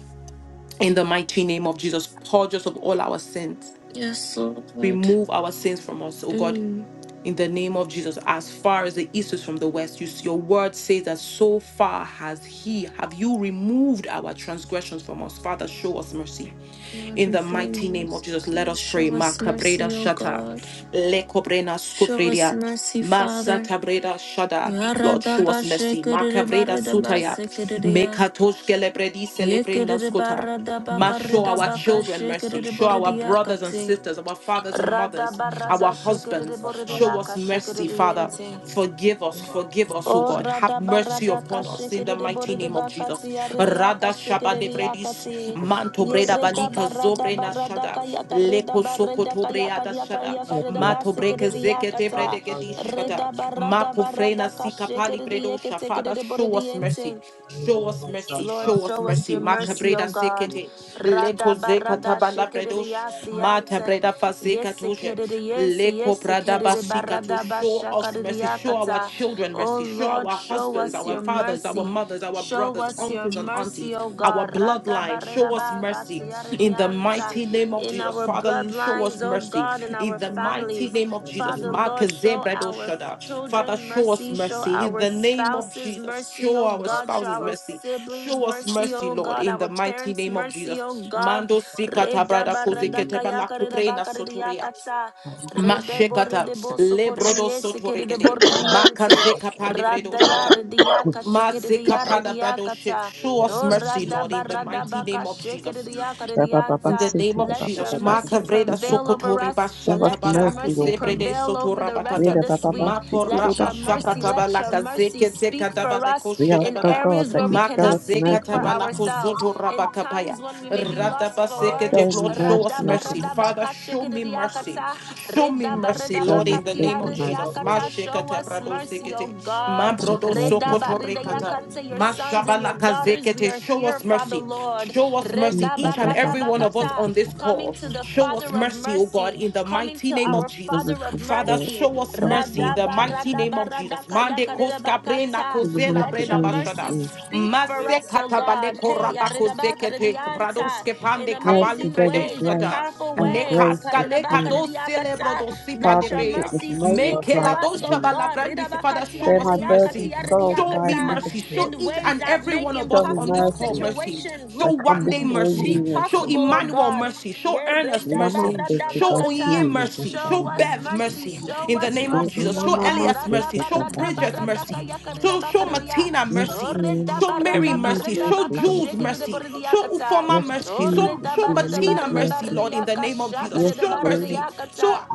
S3: In the mighty name of Jesus, purge us of all our sins.
S1: Yes, Lord.
S3: Remove our sins from us, O God.
S1: Mm.
S3: in the name of Jesus, as far as the east is from the west, you, your word says that so far has He, have you removed our transgressions from us. Father, show us mercy.
S1: Lord,
S3: In the
S1: reveal your
S3: mighty name of
S1: mercy.
S3: Jesus, let
S1: to us.
S3: us pray.
S1: Show us
S3: Makabreda
S1: mercy, O
S3: shata,
S1: God.
S3: lekobrena
S1: Show us
S3: skufredia.
S1: mercy, Father.
S3: Masatabreda Shada, Lord, show us mercy. Makabreda Sutaya,
S1: Yaradabashikiribaradabasikiridia.
S3: Mekatosh Gelebredi Celebrenda Skuta. Ma show our children mercy. Show our brothers and
S1: Yekiribaradabakaribakashikiriboridiakati.
S3: sisters, our fathers and
S1: Rada
S3: mothers,
S1: barada
S3: our
S1: shikiridi
S3: husbands.
S1: boridi
S3: Show us
S1: yaka
S3: mercy, Father.
S1: shikiridi
S3: Forgive us, forgive us, O
S1: O
S3: God. Have
S1: rada
S3: mercy
S1: barada
S3: upon us in the
S1: kashikiri de
S3: mighty
S1: borida
S3: name of Jesus. Jesus.
S1: bakati aridi
S3: Rada shaba
S1: akashikiri de
S3: lebredis,
S1: yakati.
S3: manto breda
S1: Yerida
S3: balika
S1: barada
S3: zobre na
S1: barada
S3: shada,
S1: kayaka rida
S3: leko soko
S1: barenda
S3: tobre
S1: kayaka
S3: ada
S1: yaka
S3: shada,
S4: Show
S1: yaka
S4: us
S1: rida
S4: mercy,
S3: mato breke
S1: basikiri de
S3: zekete
S1: yakata.
S3: brede gedish shada,
S1: reda barada
S3: mako frena
S1: barada
S3: sika pali
S1: kashikiri de
S3: bredo sha.
S1: yekitikiri
S3: Father,
S1: de
S3: show
S1: borida
S3: us mercy.
S1: yenting.
S3: Show us mercy,
S1: Lord,
S3: show us
S1: show us
S3: mercy.
S1: your mercy, O
S3: Makabreda
S1: God.
S3: sekete,
S1: Rada
S3: leko zeka
S1: barada
S3: tabala bredosh, mata
S1: shikiridiasiante.
S3: breda faseka toje,
S1: Yesikiridiensi
S3: leko prada basika to
S1: yesikiridibarada
S3: show us mercy, show our our
S1: bashakaridiakata.
S3: children
S1: O
S3: mercy. Show
S1: Lord,
S3: our
S1: show
S3: husbands,
S1: us
S3: our
S1: your
S3: fathers, our
S1: mercy.
S3: mothers, our
S1: Show
S3: brothers,
S1: us your
S3: uncles, and
S1: mercy,
S3: aunties,
S1: O
S3: our
S1: God. Rada
S3: bloodline.
S1: barida
S3: Show us mercy in the
S1: bakatiaridianta.
S3: mighty name of
S1: In
S3: Jesus.
S1: our
S3: Father, show
S1: bloodlines,
S3: us
S1: O
S3: mercy
S1: God, in our
S3: in the mighty
S1: families.
S3: name of Jesus.
S1: Father,
S3: Mark
S1: Lord, show
S3: Zebredo
S1: our f-
S3: Shada. Father,
S1: children
S3: show us
S1: mercy. Show
S3: mercy in
S1: our
S3: the name of
S1: spouses
S3: Jesus.
S1: mercy,
S3: Show
S1: oh
S3: our
S1: God. Show
S3: spouses
S1: our
S3: mercy.
S1: siblings
S3: Show us
S1: mercy,
S3: mercy,
S1: oh
S3: Lord,
S1: God.
S3: in the
S1: Our
S3: mighty
S1: parents
S3: name of
S1: mercy, oh
S3: Jesus.
S1: God.
S3: Mando Sikata
S1: Reda
S3: Brada
S1: barada
S3: Kozekete
S1: kaya
S3: Bala
S1: kareda
S3: Kuprena
S1: bakareda
S3: Sotoria.
S1: yakata. Reda
S3: Mashekata,
S1: borede boso korede
S3: Lebrodo
S1: yese kerede
S3: Sotoregede,
S1: borede yente.
S3: Makazeka Palivredo
S1: Rada
S3: Shata.
S1: yarede yaka shekerede
S3: Maseka
S1: yarede
S3: Pada Brado Shi-
S1: yakata.
S3: Show us
S1: No
S3: mercy,
S1: rada
S3: Lord, in the
S1: barada
S3: mighty name
S1: baka
S3: of Jesus.
S1: shekerede yakarede
S3: In the
S1: yanta.
S4: Rabababasiti,
S3: name of
S1: Let your
S3: Jesus,
S1: mercy
S3: Makavreda
S4: Rababababasiti.
S1: prevail over
S3: Sokotori
S1: us.
S4: Show us
S1: Let your
S3: Bashatabalaka
S4: mercy,
S1: mercy
S4: O God.
S3: Zebrede
S1: prevail over the
S4: We
S1: rest
S3: Sotorabakata,
S1: of this week.
S4: Rabababasiti,
S1: Let
S3: Makoraba
S1: your
S4: Rabababasiti.
S1: mercy, let your
S3: Shakatabalaka
S1: mercy
S3: Zekete
S1: speak for
S3: Kadabaleko
S1: us
S4: We
S1: in
S4: ask, O
S3: Shedabada,
S4: God,
S1: areas
S4: that
S1: where
S4: you
S1: we
S4: show us
S1: cannot
S4: mercy.
S1: speak for
S4: O God.
S3: Makazekatabalako
S1: ourselves, in
S3: Zotorabakapaya,
S1: times when we may be lost for words.
S3: Radabasekete,
S4: Show me
S3: Lord, show us
S4: mercy, O
S3: mercy.
S4: God.
S3: Father, show me mercy.
S1: Radabaradabakashikiridiakata,
S3: Show me mercy, Lord,
S4: Rama
S3: in the name of
S4: Sivana,
S3: Jesus.
S1: redabaradabakatiaridiakata. Show
S3: Mashekata
S1: us
S3: Brado
S1: mercy, O
S3: Sekete,
S1: God.
S3: Mabrodo
S4: Ramaja,
S3: Sokotorikata.
S1: Redabaridayakante, Your sons and your
S3: Mashabalaka
S1: daughters, we
S3: zekete.
S1: are
S3: Show
S1: here,
S3: us
S1: Father
S3: mercy.
S1: Lord.
S3: Show us mercy,
S4: Rama
S3: each and
S4: Baba
S3: every one
S4: Bhakti
S3: of us
S1: Redabaradabakata,
S3: on
S4: Sivana,
S3: this
S1: Coming
S3: call.
S1: to the
S3: Show us
S1: Father of
S3: mercy, O
S1: mercy,
S3: God, in the
S1: coming
S3: mighty
S1: to
S3: name
S4: Your
S3: of
S1: our
S3: Jesus.
S1: Father
S4: servant
S1: of
S4: comes
S3: Father,
S4: to
S1: mercy.
S3: show us
S4: so it's
S3: mercy in
S4: mercy
S3: the
S1: Radaba,
S3: mighty
S4: upon
S3: name
S1: radaba,
S3: of Jesus.
S1: radakaya,
S3: Mande koska brena
S1: karedabakata.
S4: In the
S3: kozela
S4: mercy
S1: Let
S3: brena
S1: your
S4: doing
S1: mercy
S3: bashada.
S4: it
S1: speak for
S3: Mase
S1: us, O
S3: katabale
S1: God. Hey,
S3: koraba
S1: aredaba,
S3: kozekete
S1: karediyanta.
S3: bradoske
S1: in
S3: pande
S4: Mercy
S3: kabali
S1: amazing
S4: there was
S1: ways, in
S3: bredeskata.
S4: grace,
S1: powerful
S4: and
S1: ways.
S4: grace was
S3: Mekaska le
S1: Karedaba,
S4: free.
S3: kato celebro
S1: karediyakata.
S3: dosi
S1: Let your
S4: Pardon, it
S3: palebrea.
S4: was
S1: mercy speak for
S3: Mekela
S4: multiplied
S1: us,
S4: to
S1: O
S4: me.
S1: God.
S3: understand this. Father,
S1: Redabakati,
S3: show
S4: There my
S3: us
S1: arediyakati,
S3: mercy.
S4: burdened soul
S3: Show
S4: cried
S3: me
S1: arediyakata.
S3: mercy. Show
S4: liberty.
S1: In
S3: each
S1: ways
S3: and
S1: that
S3: every
S1: make
S3: one of
S4: Show
S3: us
S4: me
S3: on this
S1: impossible
S3: call
S4: mercy,
S3: mercy.
S1: situations
S4: I
S3: Show
S1: look
S4: come
S3: one day
S4: before
S3: mercy.
S1: be
S4: you, O
S3: Show
S4: God.
S1: possible, oh
S3: Emmanuel
S1: God.
S3: mercy. Show Ernest mercy.
S4: Lamande
S3: Show
S1: Yeredabaradabakata.
S3: Onyinye
S4: Sivasi
S3: mercy.
S1: Show
S4: Yamasaya.
S3: Show
S1: us
S3: Bev
S1: mercy.
S3: mercy
S1: Show
S3: in the
S1: us
S3: name of
S1: mercy,
S3: Jesus.
S1: oh
S3: Show
S1: God.
S4: Ramama
S3: Elias mercy. Show Bridget
S4: Sivana,
S3: mercy. Show, show Martina
S1: Radabaradabakayakaridabakaridia.
S4: Yes,
S3: mercy.
S4: Lord,
S3: Show Mary
S4: remove
S3: mercy. Show
S4: mercy, Lord
S3: Jules
S4: God.
S3: mercy. Show
S1: Oredabaradabakashikidiboridiakata.
S3: Ufoma
S4: Yes,
S3: mercy.
S4: Jesus,
S3: Show, show
S4: remove
S3: Martina mercy,
S4: mercy.
S3: Lord, in the name of Jesus.
S4: Yes,
S3: Show
S4: Lord,
S3: mercy.
S1: Oredabaridabaridabaridiyakashakadidabaridiakata.
S3: Show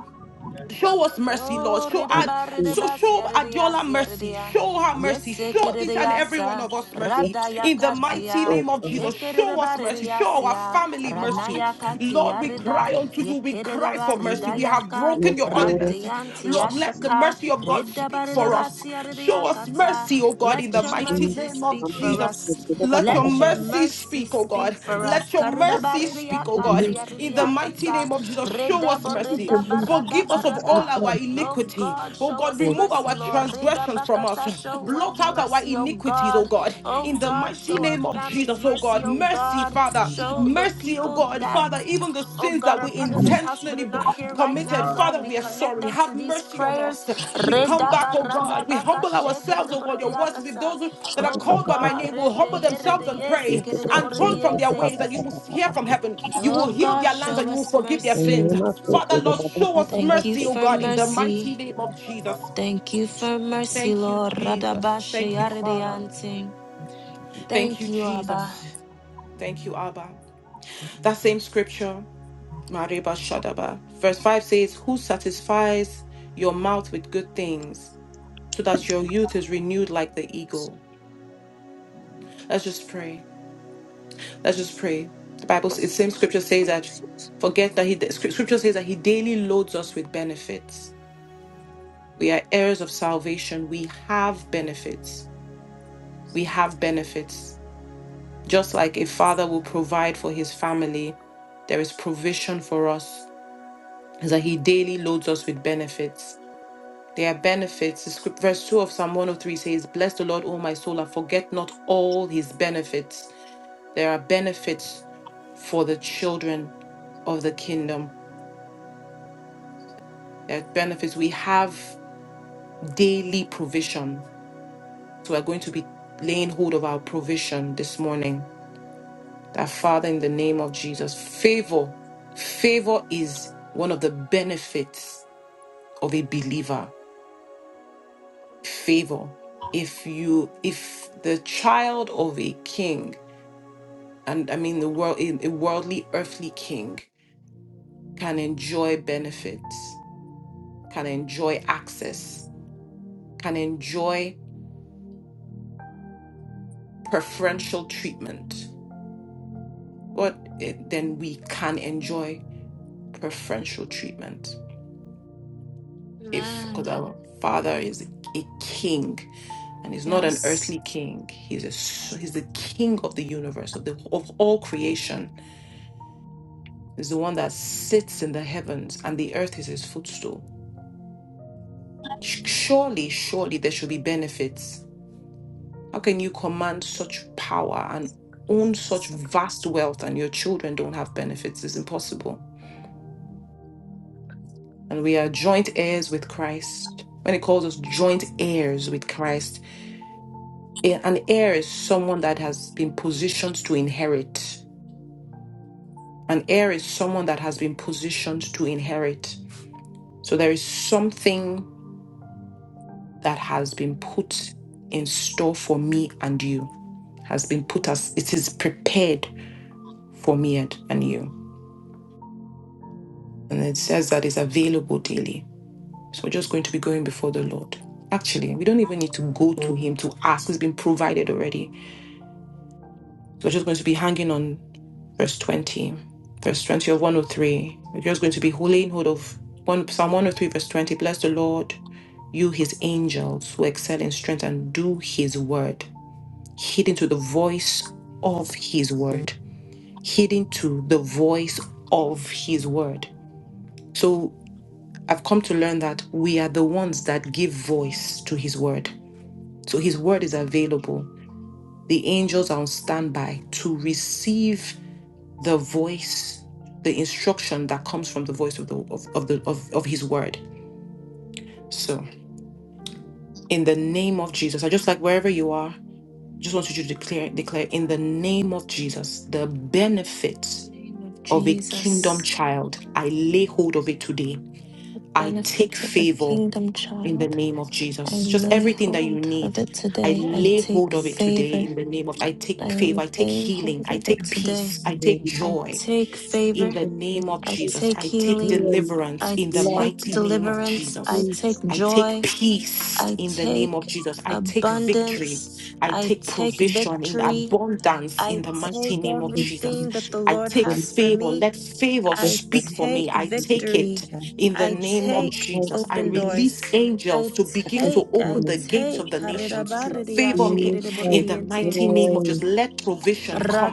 S3: Show us mercy, Lord.
S1: Oh,
S3: Show
S1: rida
S3: us,
S4: yes,
S1: ba rida
S4: please.
S3: so
S1: ba sia
S3: show
S1: rida ya
S3: Adiola
S1: sia rida
S3: mercy.
S1: ya.
S3: Show her mercy.
S1: Yese
S3: Show
S1: kirida
S3: each and
S1: ya
S3: every one
S1: sa
S3: of us mercy.
S1: rada
S4: Yes,
S1: ya
S3: In the mighty
S1: katia.
S4: Lord
S3: name of
S1: Ye
S4: God.
S3: Jesus,
S1: kirida
S3: show
S1: ba
S3: us
S1: rida
S3: mercy.
S1: ya
S3: Show our
S1: sia
S3: family
S1: rana
S3: mercy.
S1: ya
S3: Lord,
S1: katia
S3: we
S1: rida.
S3: cry unto
S1: Ye
S3: you. We
S1: kirida
S3: cry
S1: ba
S3: for mercy.
S1: rida
S3: We
S1: ya
S3: have
S1: ka
S3: broken
S4: Yes,
S3: your
S4: Lord,
S3: ordinance.
S1: radianti ya
S3: Lord, let the
S1: shaka.
S3: mercy of God
S1: Rida ba
S3: speak
S1: rida
S3: for
S1: ba
S3: us.
S1: sia rida
S3: Show
S1: ya
S3: us
S1: kata.
S3: mercy, O God, in
S1: Let
S3: the
S4: yes,
S1: your
S3: mighty
S4: Jesus.
S1: mercy
S3: name of
S4: I'm
S1: speak
S4: a
S1: for
S3: Jesus.
S4: master.
S1: us.
S3: Let your
S1: Let your
S3: mercy
S1: mercy
S3: speak, oh
S1: speak
S3: God.
S1: for us.
S3: Let your
S1: Karida ba
S3: mercy
S1: rida
S3: speak,
S1: ya
S3: oh God.
S4: Remove
S1: katia rida
S3: In the
S4: mercy.
S1: ya
S3: mighty
S1: kata.
S3: name of Jesus, show
S1: Rida
S3: us
S1: bo
S3: mercy.
S1: rida
S4: Remove
S1: ba rada
S3: Forgive
S1: ba
S4: mercy,
S3: us of
S4: Lord
S3: all
S1: rada.
S4: God.
S3: our
S1: Oh
S3: iniquity.
S1: God,
S3: Oh
S1: show
S3: God,
S1: us
S4: Lord
S3: remove
S4: God.
S1: mercy,
S3: our
S1: Lord. Reda
S3: transgressions from us.
S1: bakata, show
S3: Blot
S1: Wendy
S3: out our
S1: mercy, oh
S3: iniquities, oh
S1: God.
S3: God.
S1: Oh
S3: In the
S1: God,
S3: mighty
S1: show our
S3: name of
S1: families
S3: Jesus, oh
S1: mercy,
S3: God.
S1: oh
S3: Mercy,
S1: God.
S3: Father.
S1: Show the
S3: Mercy, oh
S1: people
S3: God.
S1: that,
S3: Father, even the
S1: oh
S3: sins
S1: God,
S3: that
S1: are
S3: we
S1: part of this house but
S3: intentionally
S1: are
S3: b-
S1: not here right now,
S3: committed.
S1: God.
S3: Father,
S1: We
S3: we are
S1: connect
S3: sorry.
S1: them
S3: Have
S1: to these
S3: mercy on
S1: prayers.
S3: us. We come
S1: reda
S3: back, oh
S1: barada
S3: God. We
S1: baka
S3: humble ourselves,
S1: shekerede
S3: oh God. Your words is if
S1: borediakata.
S3: those who- that are
S1: Oh
S3: called by my
S1: God,
S3: name will humble
S1: redeye
S3: themselves and
S1: redeye
S3: pray
S1: sekerede
S3: and turn from their
S1: borediense.
S3: ways, that you will hear from heaven. You
S1: Oh
S3: will heal
S1: God,
S3: their lands
S1: show
S3: and you will
S1: us
S3: forgive their
S1: mercy.
S3: sins. Father, Lord, show us
S1: Thank you
S3: mercy, oh
S1: for
S3: God, in the mighty
S1: mercy.
S3: name of Jesus.
S1: Thank you for mercy,
S3: Thank you,
S1: Lord.
S3: Jesus.
S1: Radabashe
S3: Thank you, Father.
S1: Yaradiante.
S3: Thank you,
S1: Thank you, Abba.
S3: Jesus. Thank you, Abba. That same scripture. Mariba Shadaba. Verse 5 says, Who satisfies your mouth with good things so that your youth is renewed like the eagle? Let's just pray. Let's just pray. The Bible, s- the same scripture says that, forget that he, the scrip- scripture says that he daily loads us with benefits. We are heirs of salvation. We have benefits. We have benefits. Just like a father will provide for his family, there is provision for us. Is that he daily loads us with benefits There are benefits. The script, verse 2 of Psalm 103 says, Bless the Lord, O my soul, and forget not all his benefits. There are benefits for the children of the kingdom. There are benefits. We have daily provision. So we're going to be laying hold of our provision this morning. That Father, in the name of Jesus, favor. Favor is one of the benefits of a believer. Favor if you if the child of a king and I mean the world a a worldly earthly king can enjoy benefits, can enjoy access, can enjoy preferential treatment. What it, then we can enjoy preferential treatment if because
S1: Amen.
S3: our father is a king and he's not an
S1: Yes.
S3: earthly king he's a s- he's the king of the universe of the of all creation he's the one that sits in the heavens and the earth is his footstool
S1: In
S3: Surely, surely there should be benefits. How can you command such power and own such vast wealth and your children don't have benefits? It's impossible. And we are joint heirs with Christ. When it calls us joint heirs with Christ, a- an heir is someone that has been positioned to inherit. An heir is someone that has been positioned to inherit. So there is something that has been put in store for me and you, has been put as it is prepared for me and, and you. And it says that it's available daily. So we're just going to be going before the Lord. Actually, we don't even need to go to Him to ask, it's been provided already. So we're just going to be hanging on verse 20, verse 20 of 103. We're just going to be holding hold of one, Psalm 103, verse 20. Bless the Lord, you, His angels, who excel in strength and do His word, hidden to the voice of His word, hidden to the voice of His word. So I've come to learn that we are the ones that give voice to His word. So His word is available. The angels are on standby to receive the voice, the instruction that comes from the voice of the of, of the of, of His word. So in the name of Jesus, I just like wherever you are, just want you to declare declare in the name of Jesus the
S1: the
S3: benefits
S1: name of
S3: of a kingdom
S1: Jesus,
S3: child. I lay hold of it today. I take
S1: Benefits of the
S3: favor
S1: kingdom
S3: in the
S1: child.
S3: name of
S1: I
S3: Jesus. Just
S1: lay
S3: everything that you
S1: hold of
S3: need.
S1: it
S3: I
S1: today. I
S3: lay
S1: take
S3: hold of it today
S1: favor.
S3: in the name of I take
S1: I
S3: favor, I take
S1: lay
S3: healing,
S1: hold
S3: I
S1: of it
S3: take
S1: today.
S3: peace, I take
S1: I
S3: joy
S1: take
S3: in
S1: favor.
S3: the name of
S1: I
S3: Jesus.
S1: take
S3: I take
S1: healing.
S4: Yes,
S3: deliverance
S1: I
S3: in the
S4: love
S1: take
S3: mighty
S4: of
S3: name of
S1: deliverance. I
S3: Jesus.
S1: take
S4: peace
S3: I take
S1: joy.
S3: peace
S1: I
S3: in the name of
S1: take
S3: Jesus. I take victory.
S1: abundance.
S3: I
S1: I
S3: take
S1: take
S3: provision in
S4: and
S1: victory.
S3: abundance in
S1: I
S3: the mighty
S1: take
S3: name of
S4: freedom,
S3: Jesus.
S4: freedom,
S1: everything that the
S3: I
S1: Lord
S3: take
S1: has for
S4: wisdom,
S3: favor.
S1: me.
S3: Let favor
S4: and
S1: I
S3: speak for me.
S1: take
S3: I
S4: the
S3: take
S4: fruits
S1: victory.
S4: of
S3: it
S4: our
S3: in the
S1: I
S3: name
S4: we
S3: of
S1: take
S4: type
S3: Jesus. I
S1: open
S4: peace
S3: release
S1: doors. I
S3: angels to
S4: at
S3: begin
S4: this
S3: to
S1: take, I
S3: open the
S4: time.
S3: gates
S1: take.
S3: of the
S1: 'Karera
S3: nations to
S1: barreria,
S3: favor me
S4: We take
S3: in the
S1: shikerereboridiente.
S3: mighty name of
S4: joy,
S3: just let provision come,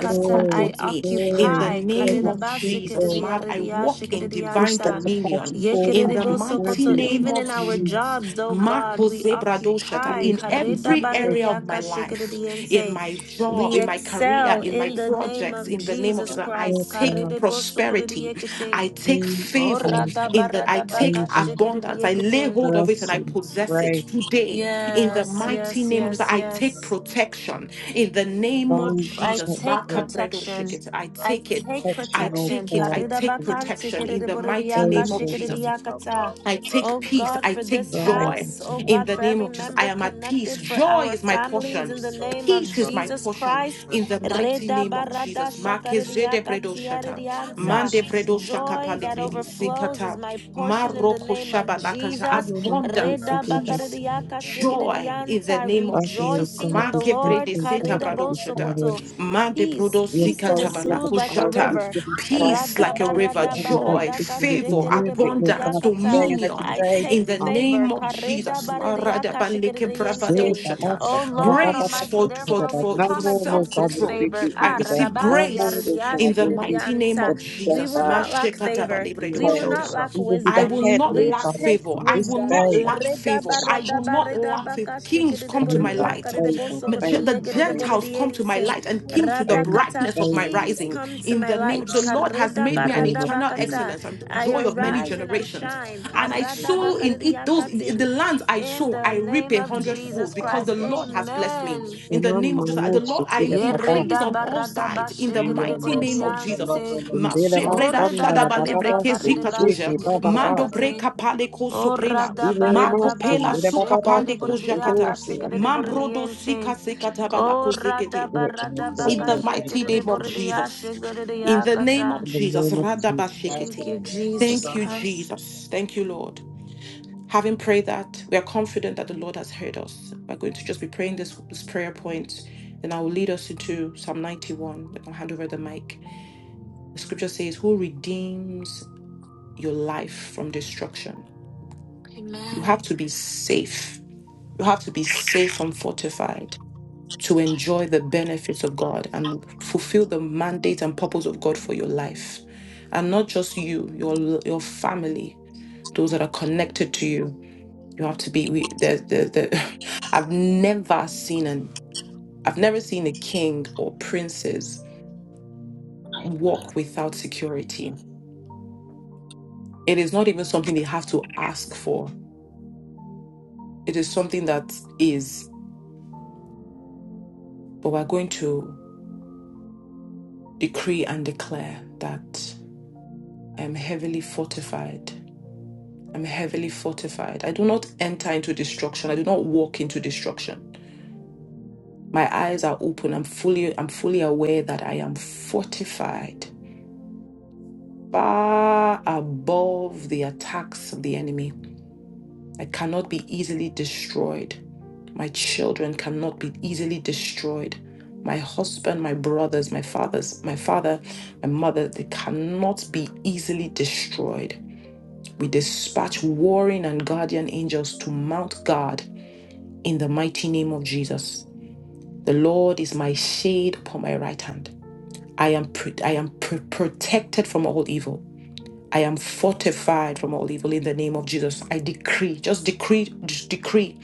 S4: joy,
S3: come
S4: joy,
S1: I
S3: towards me in the
S1: occupy.
S4: joy
S3: name of Jesus.
S4: unspeakable,
S3: Ma- I
S1: Karirabasikiririyaridiya,
S3: walk in divine
S4: peace that
S1: shikiririyansa.
S3: dominion
S4: surpasses all
S3: in the mighty
S1: Yekiriribosokoto,
S4: understanding at
S3: name
S4: this
S1: Even
S3: of
S1: in our
S4: time.
S3: Jesus.
S1: jobs, oh God,
S3: Marco
S1: we
S3: Zebradoshata
S1: occupy.
S4: We
S3: in
S4: we just
S3: every
S4: take
S3: area
S4: it
S3: of my
S1: Karidabaririyaka,
S3: life, in
S1: shikiririyense.
S3: my job,
S1: We
S3: in my career,
S1: excel
S3: in my
S1: in the name
S3: projects,
S1: of
S3: in the name of
S1: Jesus
S3: Jesus. I
S4: over,
S1: Christ.
S3: take prosperity,
S1: Kariribosokoridiyekiting.
S3: I take
S4: we
S1: Oh,
S3: favor,
S4: take
S3: in that I take
S1: radabaradabaka,
S4: over
S3: abundance, I lay
S1: shikiririyekiting.
S3: hold of it and I
S4: mercy,
S3: possess it
S4: grace,
S3: today in the
S1: Yes,
S3: mighty
S1: yes,
S3: name of Jesus,
S1: yes,
S3: I take
S1: yes.
S3: protection. In the name of
S4: divine
S1: I
S3: Jesus,
S1: take
S4: protection,
S3: Bakabredo
S1: protection.
S3: Shekete, I
S1: I
S3: take it.
S1: take
S3: I
S4: protection, Lord
S1: protection.
S3: take it. I
S4: God,
S3: take
S4: and
S1: Karidabakanti
S3: protection. In the mighty
S1: kiridiboridiaka
S4: those,
S3: name of
S4: Lord
S3: Jesus,
S4: God.
S1: shikiridiyakata.
S3: I take
S1: Oh
S3: peace.
S1: God,
S3: I
S1: for
S3: take
S1: this
S4: drive us
S3: joy.
S1: house. Oh
S3: In
S1: God,
S3: the
S1: for
S3: name
S1: every
S3: of Jesus, I
S1: member
S3: am at peace.
S1: connected, for
S3: Joy
S1: our
S3: is my
S1: families,
S3: portion.
S1: in the name of
S3: Peace is my
S1: Jesus
S3: portion.
S1: Christ.
S3: In the mighty name of Jesus, Makezede Bredo Shata,
S1: Redabaradashakaridiyakatiaridianta.
S3: Mande Bredo
S1: Joy
S3: Shakapale
S1: that
S4: Lord,
S3: Bredi
S4: and
S1: overflows is
S3: Sikata,
S1: my portion in the
S3: Maroko
S1: name of
S3: Shabalakaja,
S4: we
S1: Jesus.
S4: will not be
S3: abundance,
S4: able to
S3: peace.
S4: them.
S3: Joy in the
S1: Redabakaridiyakashikiridiyanta.
S3: name of
S4: Father, Lord
S3: Jesus.
S1: Rejoicing
S4: God,
S1: in
S4: we
S1: the
S4: thank
S1: Lord.
S3: Makebrede
S4: you,
S3: seta
S4: God, for these
S3: bradoshata.
S1: Karidabosokoto
S4: orders.
S3: Mande
S1: peace,
S3: brodo
S4: The
S1: peace that
S3: sikata
S1: is
S4: authority and the
S1: smooth like a
S4: power that
S3: balakushata.
S4: you've
S1: river.
S4: given to us,
S3: Peace
S4: we
S3: like a
S4: thank
S3: river,
S4: you and we don't
S3: joy,
S4: think
S1: Radabaradakabaradakas,
S4: of it. We that
S3: favor,
S4: you use it, Lord
S3: abundance,
S4: God, today
S1: shikiridiburidiyakata.
S4: and every
S3: dominion
S1: I
S4: day.
S1: take
S3: in the
S4: Um,
S1: favor.
S3: name of Jesus. Marada
S1: Karidabaridiyakash,
S3: baleke
S4: share,
S1: shikiridiyenting.
S4: Baba,
S3: bravadoshata.
S4: some,
S1: Oh
S4: Baba,
S1: Lord
S4: Baba,
S3: Grace
S1: Almighty,
S4: some,
S3: for, for,
S4: Baba,
S1: therefore
S4: Baba.
S1: we
S3: for,
S4: no
S3: for
S1: come
S4: more,
S3: self
S4: Lord
S1: against
S4: God,
S1: this
S4: will
S3: control.
S4: we
S1: favor.
S4: be
S3: I
S1: Ah,
S4: underdog.
S3: receive
S4: No
S1: radabasi,
S4: more,
S3: grace
S4: Lord
S1: aridiyash,
S4: God,
S3: in the
S4: will be
S3: mighty name
S1: shikiridiyanta.
S4: the,
S3: of
S4: the,
S1: We
S3: Jesus.
S1: will not
S4: um,
S1: lack
S3: Mashekata
S1: favor.
S4: the
S1: We will
S4: tail.
S1: not
S3: balebredoshata.
S1: lack
S4: We will be
S3: I
S4: the
S1: wisdom.
S3: will
S4: head,
S3: not
S4: Lord
S1: We
S3: lack
S4: God,
S1: take
S3: favor.
S4: from
S3: I
S4: this
S3: will
S1: wisdom.
S3: not
S4: day.
S3: lack favor. I will not lack favor.
S1: Redabaradabaridabakas,
S3: Kings
S4: favor, favor, favor,
S3: come to my light. Maj- The
S4: favor,
S3: Gentiles come to my
S1: shikiridiburidiyakaridibosokoridiyekiridiboridiyenting.
S3: light and kings to the
S4: favor,
S1: Radakata
S3: brightness of my
S4: favor,
S1: kings
S4: favor,
S3: rising.
S1: come to
S3: In
S1: my
S3: the name
S1: light.
S3: of the Lord has
S4: in
S3: made
S4: the
S3: me an
S4: name of
S3: eternal
S4: Jesus.
S1: Karedabaradabakata.
S3: excellence and
S1: I
S3: joy of many
S1: arise and I
S3: generations.
S1: shine.
S3: And I sow in it those in in the
S1: Karadabakaridiakating.
S3: lands I
S1: In
S3: sow,
S1: the
S3: I reap reap
S1: name
S3: a
S1: of Jesus
S3: hundredfold because the
S1: Christ.
S3: Lord has blessed me.
S1: Amen.
S3: In
S4: And
S3: the
S4: I'm
S3: name
S4: my
S3: of Jesus, the
S4: own
S3: Lord,
S4: secret
S3: I
S4: Baba.
S3: increase on all sides in the mighty name of Jesus.
S1: Yeredabaradabashikiridiburidiyante.
S4: In the Baba
S3: Masebreda
S4: Sanda Baba
S3: shadabalevre
S4: Basu,
S3: kezikatoja.
S4: Shiki Baba
S3: Mando
S1: Oredabaridabakaridabashikiridiakate.
S4: Basu.
S3: breka pale ko
S1: Oh,
S3: soprena.
S4: In the Masun,
S3: Makopela
S1: radabaradabaka,
S4: the Baba
S3: sukapande
S4: Basu,
S3: ko
S4: the Lord,
S3: jakata.
S1: shikadidiboridiaka,
S4: the other side.
S3: Mambrodo sika
S1: sikadidiboridiente.
S3: sekatabala ko
S1: Oh,
S3: zekete.
S4: Do it, Lord, do it,
S3: In
S1: radabaradabaka,
S3: the
S4: Lord, do it,
S3: mighty
S4: Lord,
S3: name of
S4: do it, Lord.
S1: shikadidiboridia,
S3: Jesus. In the name of
S1: shikadidiakata.
S4: In the
S3: Jesus.
S4: name of Jesus.
S1: Thank
S3: Radabashekete.
S1: you, Jesus
S3: Thank you,
S1: Christ.
S3: Jesus. Thank you, Lord. Having prayed that, we are confident that the Lord has heard us. We're going to just be praying this, this prayer point. Then I will lead us into Psalm 91. Then I'll hand over the mic. The scripture says, Who redeems your life from destruction? You have
S1: Amen.
S3: to be safe. You have to be safe and fortified to enjoy the benefits of God and fulfill the mandate and purpose of God for your life. And not just you, your, your family, those that are connected to you. You have to be. We, there's, there's, there, I've never seen an. I've never seen a king or princess walk without security. It is not even something they have to ask for. It is something that is. But we're going to decree and declare that I am heavily fortified. I'm heavily fortified. I do not enter into destruction. I do not walk into destruction. My eyes are open. I'm fully. I'm fully aware that I am fortified far above the attacks of the enemy. I cannot be easily destroyed. My children cannot be easily destroyed. My husband, my brothers, my fathers, my father, my mother, they cannot be easily destroyed. We dispatch warring and guardian angels to mount guard in the mighty name of Jesus. The Lord is my shade upon my right hand. I am, pr- I am pr- protected from all evil. I am fortified from all evil in the name of Jesus. I decree, just decree, just decree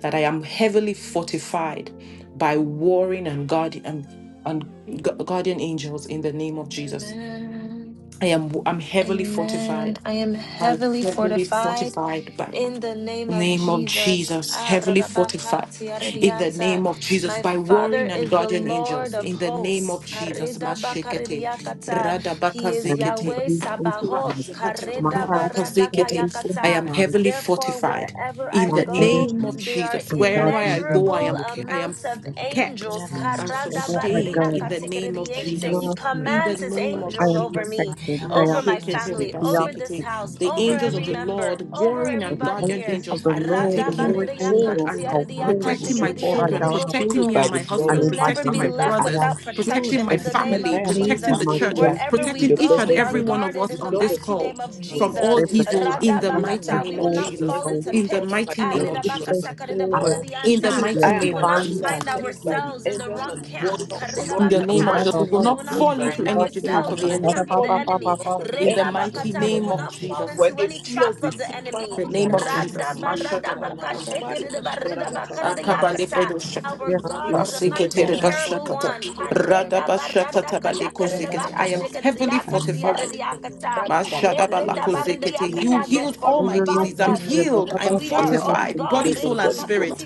S3: that I am heavily fortified by warring and guardian and, and gu- guardian angels in the name of Jesus.
S1: Amen.
S3: I am I'm heavily
S1: Amen.
S3: fortified.
S1: I am
S3: I'm
S1: heavily
S3: heavily
S1: fortified
S3: fortified by
S1: in the name
S3: the
S1: of
S3: name of
S1: Jesus.
S3: Jesus.
S1: Ah,
S3: Heavily fortified
S1: radabakati,
S3: in the
S1: aridianta.
S3: name of Jesus
S1: My
S3: by
S1: Father
S3: warring and
S1: is the
S3: guardian
S1: Lord
S3: angels
S1: of
S3: in the name
S1: hosts.
S3: of
S4: In the
S3: Jesus.
S4: name of
S3: Mashekete,
S4: Jesus.
S1: Karidabakaridiakata. He is
S4: I'm
S3: Radabakazekete,
S1: Yahweh
S4: heavily fortified.
S1: Sabaoth.
S4: My house is heavily
S3: I
S1: Karidabaradakayakata.
S3: am
S4: fortified
S3: heavily
S1: Therefore,
S3: fortified.
S1: wherever
S3: In
S1: I
S4: by
S3: the
S1: go,
S4: angels
S3: name of
S1: there are
S6: Sayana
S3: Jesus,
S4: and
S3: wherever
S4: godly
S3: I go, I
S4: angels.
S1: immeasurable
S3: am I am
S1: amounts of
S3: kept
S1: angels.
S3: and
S4: Wherever I
S3: sustained
S4: go,
S3: in the name of
S4: you
S1: Karadabaridiakatikiridiyente. He
S3: Jesus.
S4: love me.
S3: In the
S1: commands his
S3: name of
S4: I
S1: angels
S4: am
S1: over
S3: Jesus.
S1: me
S4: protected. They are
S1: over my
S4: protected.
S1: family,
S4: We are
S1: over this
S4: protected.
S1: house,
S3: The
S1: over
S3: angels of
S1: every
S3: the
S1: member,
S3: Lord,
S1: over
S3: warring
S4: For
S3: and
S4: the
S1: everybody
S3: guardian
S4: angels
S1: here.
S4: of
S3: angels,
S4: the
S3: are
S4: Lord, the
S3: taking
S4: warring
S3: hold
S4: angels
S3: and
S4: are warring
S3: protecting my
S4: before I
S3: children,
S5: am
S4: go out
S3: protecting
S5: shielded
S3: me
S5: by
S3: and my
S5: the blood
S4: and
S3: husband,
S1: We'll
S5: of
S4: in my
S1: never
S3: protecting
S1: be
S5: Jesus.
S3: my
S4: coming in.
S1: left
S5: I
S3: brothers,
S5: am
S1: without
S5: shielded
S3: protecting
S1: protection
S4: They
S3: my
S1: in the name
S4: protect
S3: family,
S5: I
S1: of
S5: and my
S4: me
S3: protecting
S4: and
S3: the
S1: Jesus.
S4: my
S5: family,
S3: church,
S5: we are
S1: Wherever
S4: children.
S5: filled with
S3: protecting
S1: we
S5: the
S3: each
S1: go,
S3: and
S1: we
S5: precious
S1: are
S3: every
S5: blood.
S3: one
S5: of-
S3: of
S1: guarded
S3: us
S1: in
S5: The
S1: the
S3: on
S5: blood
S3: this
S5: of
S1: mighty
S3: call
S1: name
S5: Jesus is
S1: of
S3: from
S4: They
S3: all
S1: Jesus.
S5: protecting each and
S3: evil
S5: our
S4: protect
S3: in
S5: our
S3: the
S4: us
S5: going and
S3: mighty
S4: from
S1: We
S3: name of
S1: will
S4: all
S5: coming
S1: not
S5: and
S3: Jesus.
S1: fall
S4: evil.
S1: into
S5: everything is
S3: In the
S5: covered
S1: pits.
S5: by
S3: mighty
S5: the
S4: And
S3: name
S5: blood
S3: of
S5: of
S4: if
S5: Jesus
S4: they
S3: Jesus.
S5: Christ. I
S4: forward,
S5: am
S3: In the
S5: shielded.
S4: we are
S3: mighty
S5: I
S1: We
S5: and
S3: name
S1: will
S5: my
S3: of
S1: not
S4: divinely
S5: family
S3: Jesus.
S5: are
S1: find
S5: shielded
S4: protected.
S5: by the
S1: ourselves in the
S5: angels
S1: wrong
S5: and
S1: camp.
S5: warrior of the
S3: In
S5: Lord
S3: the
S5: in
S4: We give
S5: the
S3: name of
S4: up
S3: Jesus.
S5: mighty
S3: We
S4: our
S3: will
S5: name
S4: hearts,
S1: We
S5: of
S3: not
S1: will
S4: we
S1: not
S5: Jesus
S3: fall
S5: Christ.
S3: into
S4: give
S1: find
S4: up
S3: any
S5: Amen.
S4: our thoughts,
S3: traps
S5: And
S3: of
S1: ourselves in
S3: the
S5: we
S1: the
S4: and
S5: will
S4: da
S5: not
S4: da
S3: enemy.
S1: camp
S4: ba
S1: of the
S5: fall
S4: ba
S5: into
S4: ba
S5: the
S4: ba
S1: enemy.
S4: ba.
S5: hands of the
S3: In the
S4: Yes,
S5: enemy
S3: mighty
S5: in
S1: Redabakata,
S6: Yeah,
S1: we
S5: Jesus'
S3: name
S1: will
S3: of
S1: not
S5: mighty name.
S1: fall
S3: Jesus.
S5: When
S1: into
S5: they
S1: any
S5: see
S1: trap
S5: us, they
S1: of the
S5: see fire
S1: enemy.
S3: The
S5: in the
S3: name of
S5: mighty name
S3: Jesus.
S5: of
S1: Radabaradabaka,
S3: Mashadabalakazekete.
S5: Jesus Christ.
S1: shekedebaridabakarayakata.
S3: Akabalebredoshaka.
S1: Our
S4: yes,
S5: I am
S1: God is a
S4: yes, yes, Lord.
S1: mighty, terrible
S3: Maseketerebashakata.
S1: one.
S3: Radabashakatabalekuzekete. I
S1: Karedabaradakayakaredabaka,
S3: am heavily
S5: heavily
S3: fortified
S1: shekedeyakatiyaredeyakata.
S5: satisfied in the mighty name of
S3: Mashadabalakuzekete.
S5: Jesus.
S3: You
S1: Yeredabarideyakata, That
S3: healed all
S5: Holy
S3: my
S4: like
S5: Father,
S3: disease.
S1: fortifies
S3: I'm
S5: Father,
S1: us
S5: in
S3: healed. I
S5: him
S3: am
S5: that you
S1: we
S5: just-
S1: are,
S4: I
S5: I
S4: must
S5: am
S1: oh
S3: fortified,
S4: come to
S3: body,
S1: God,
S5: filled with
S3: soul, and
S5: body full of-
S3: spirit.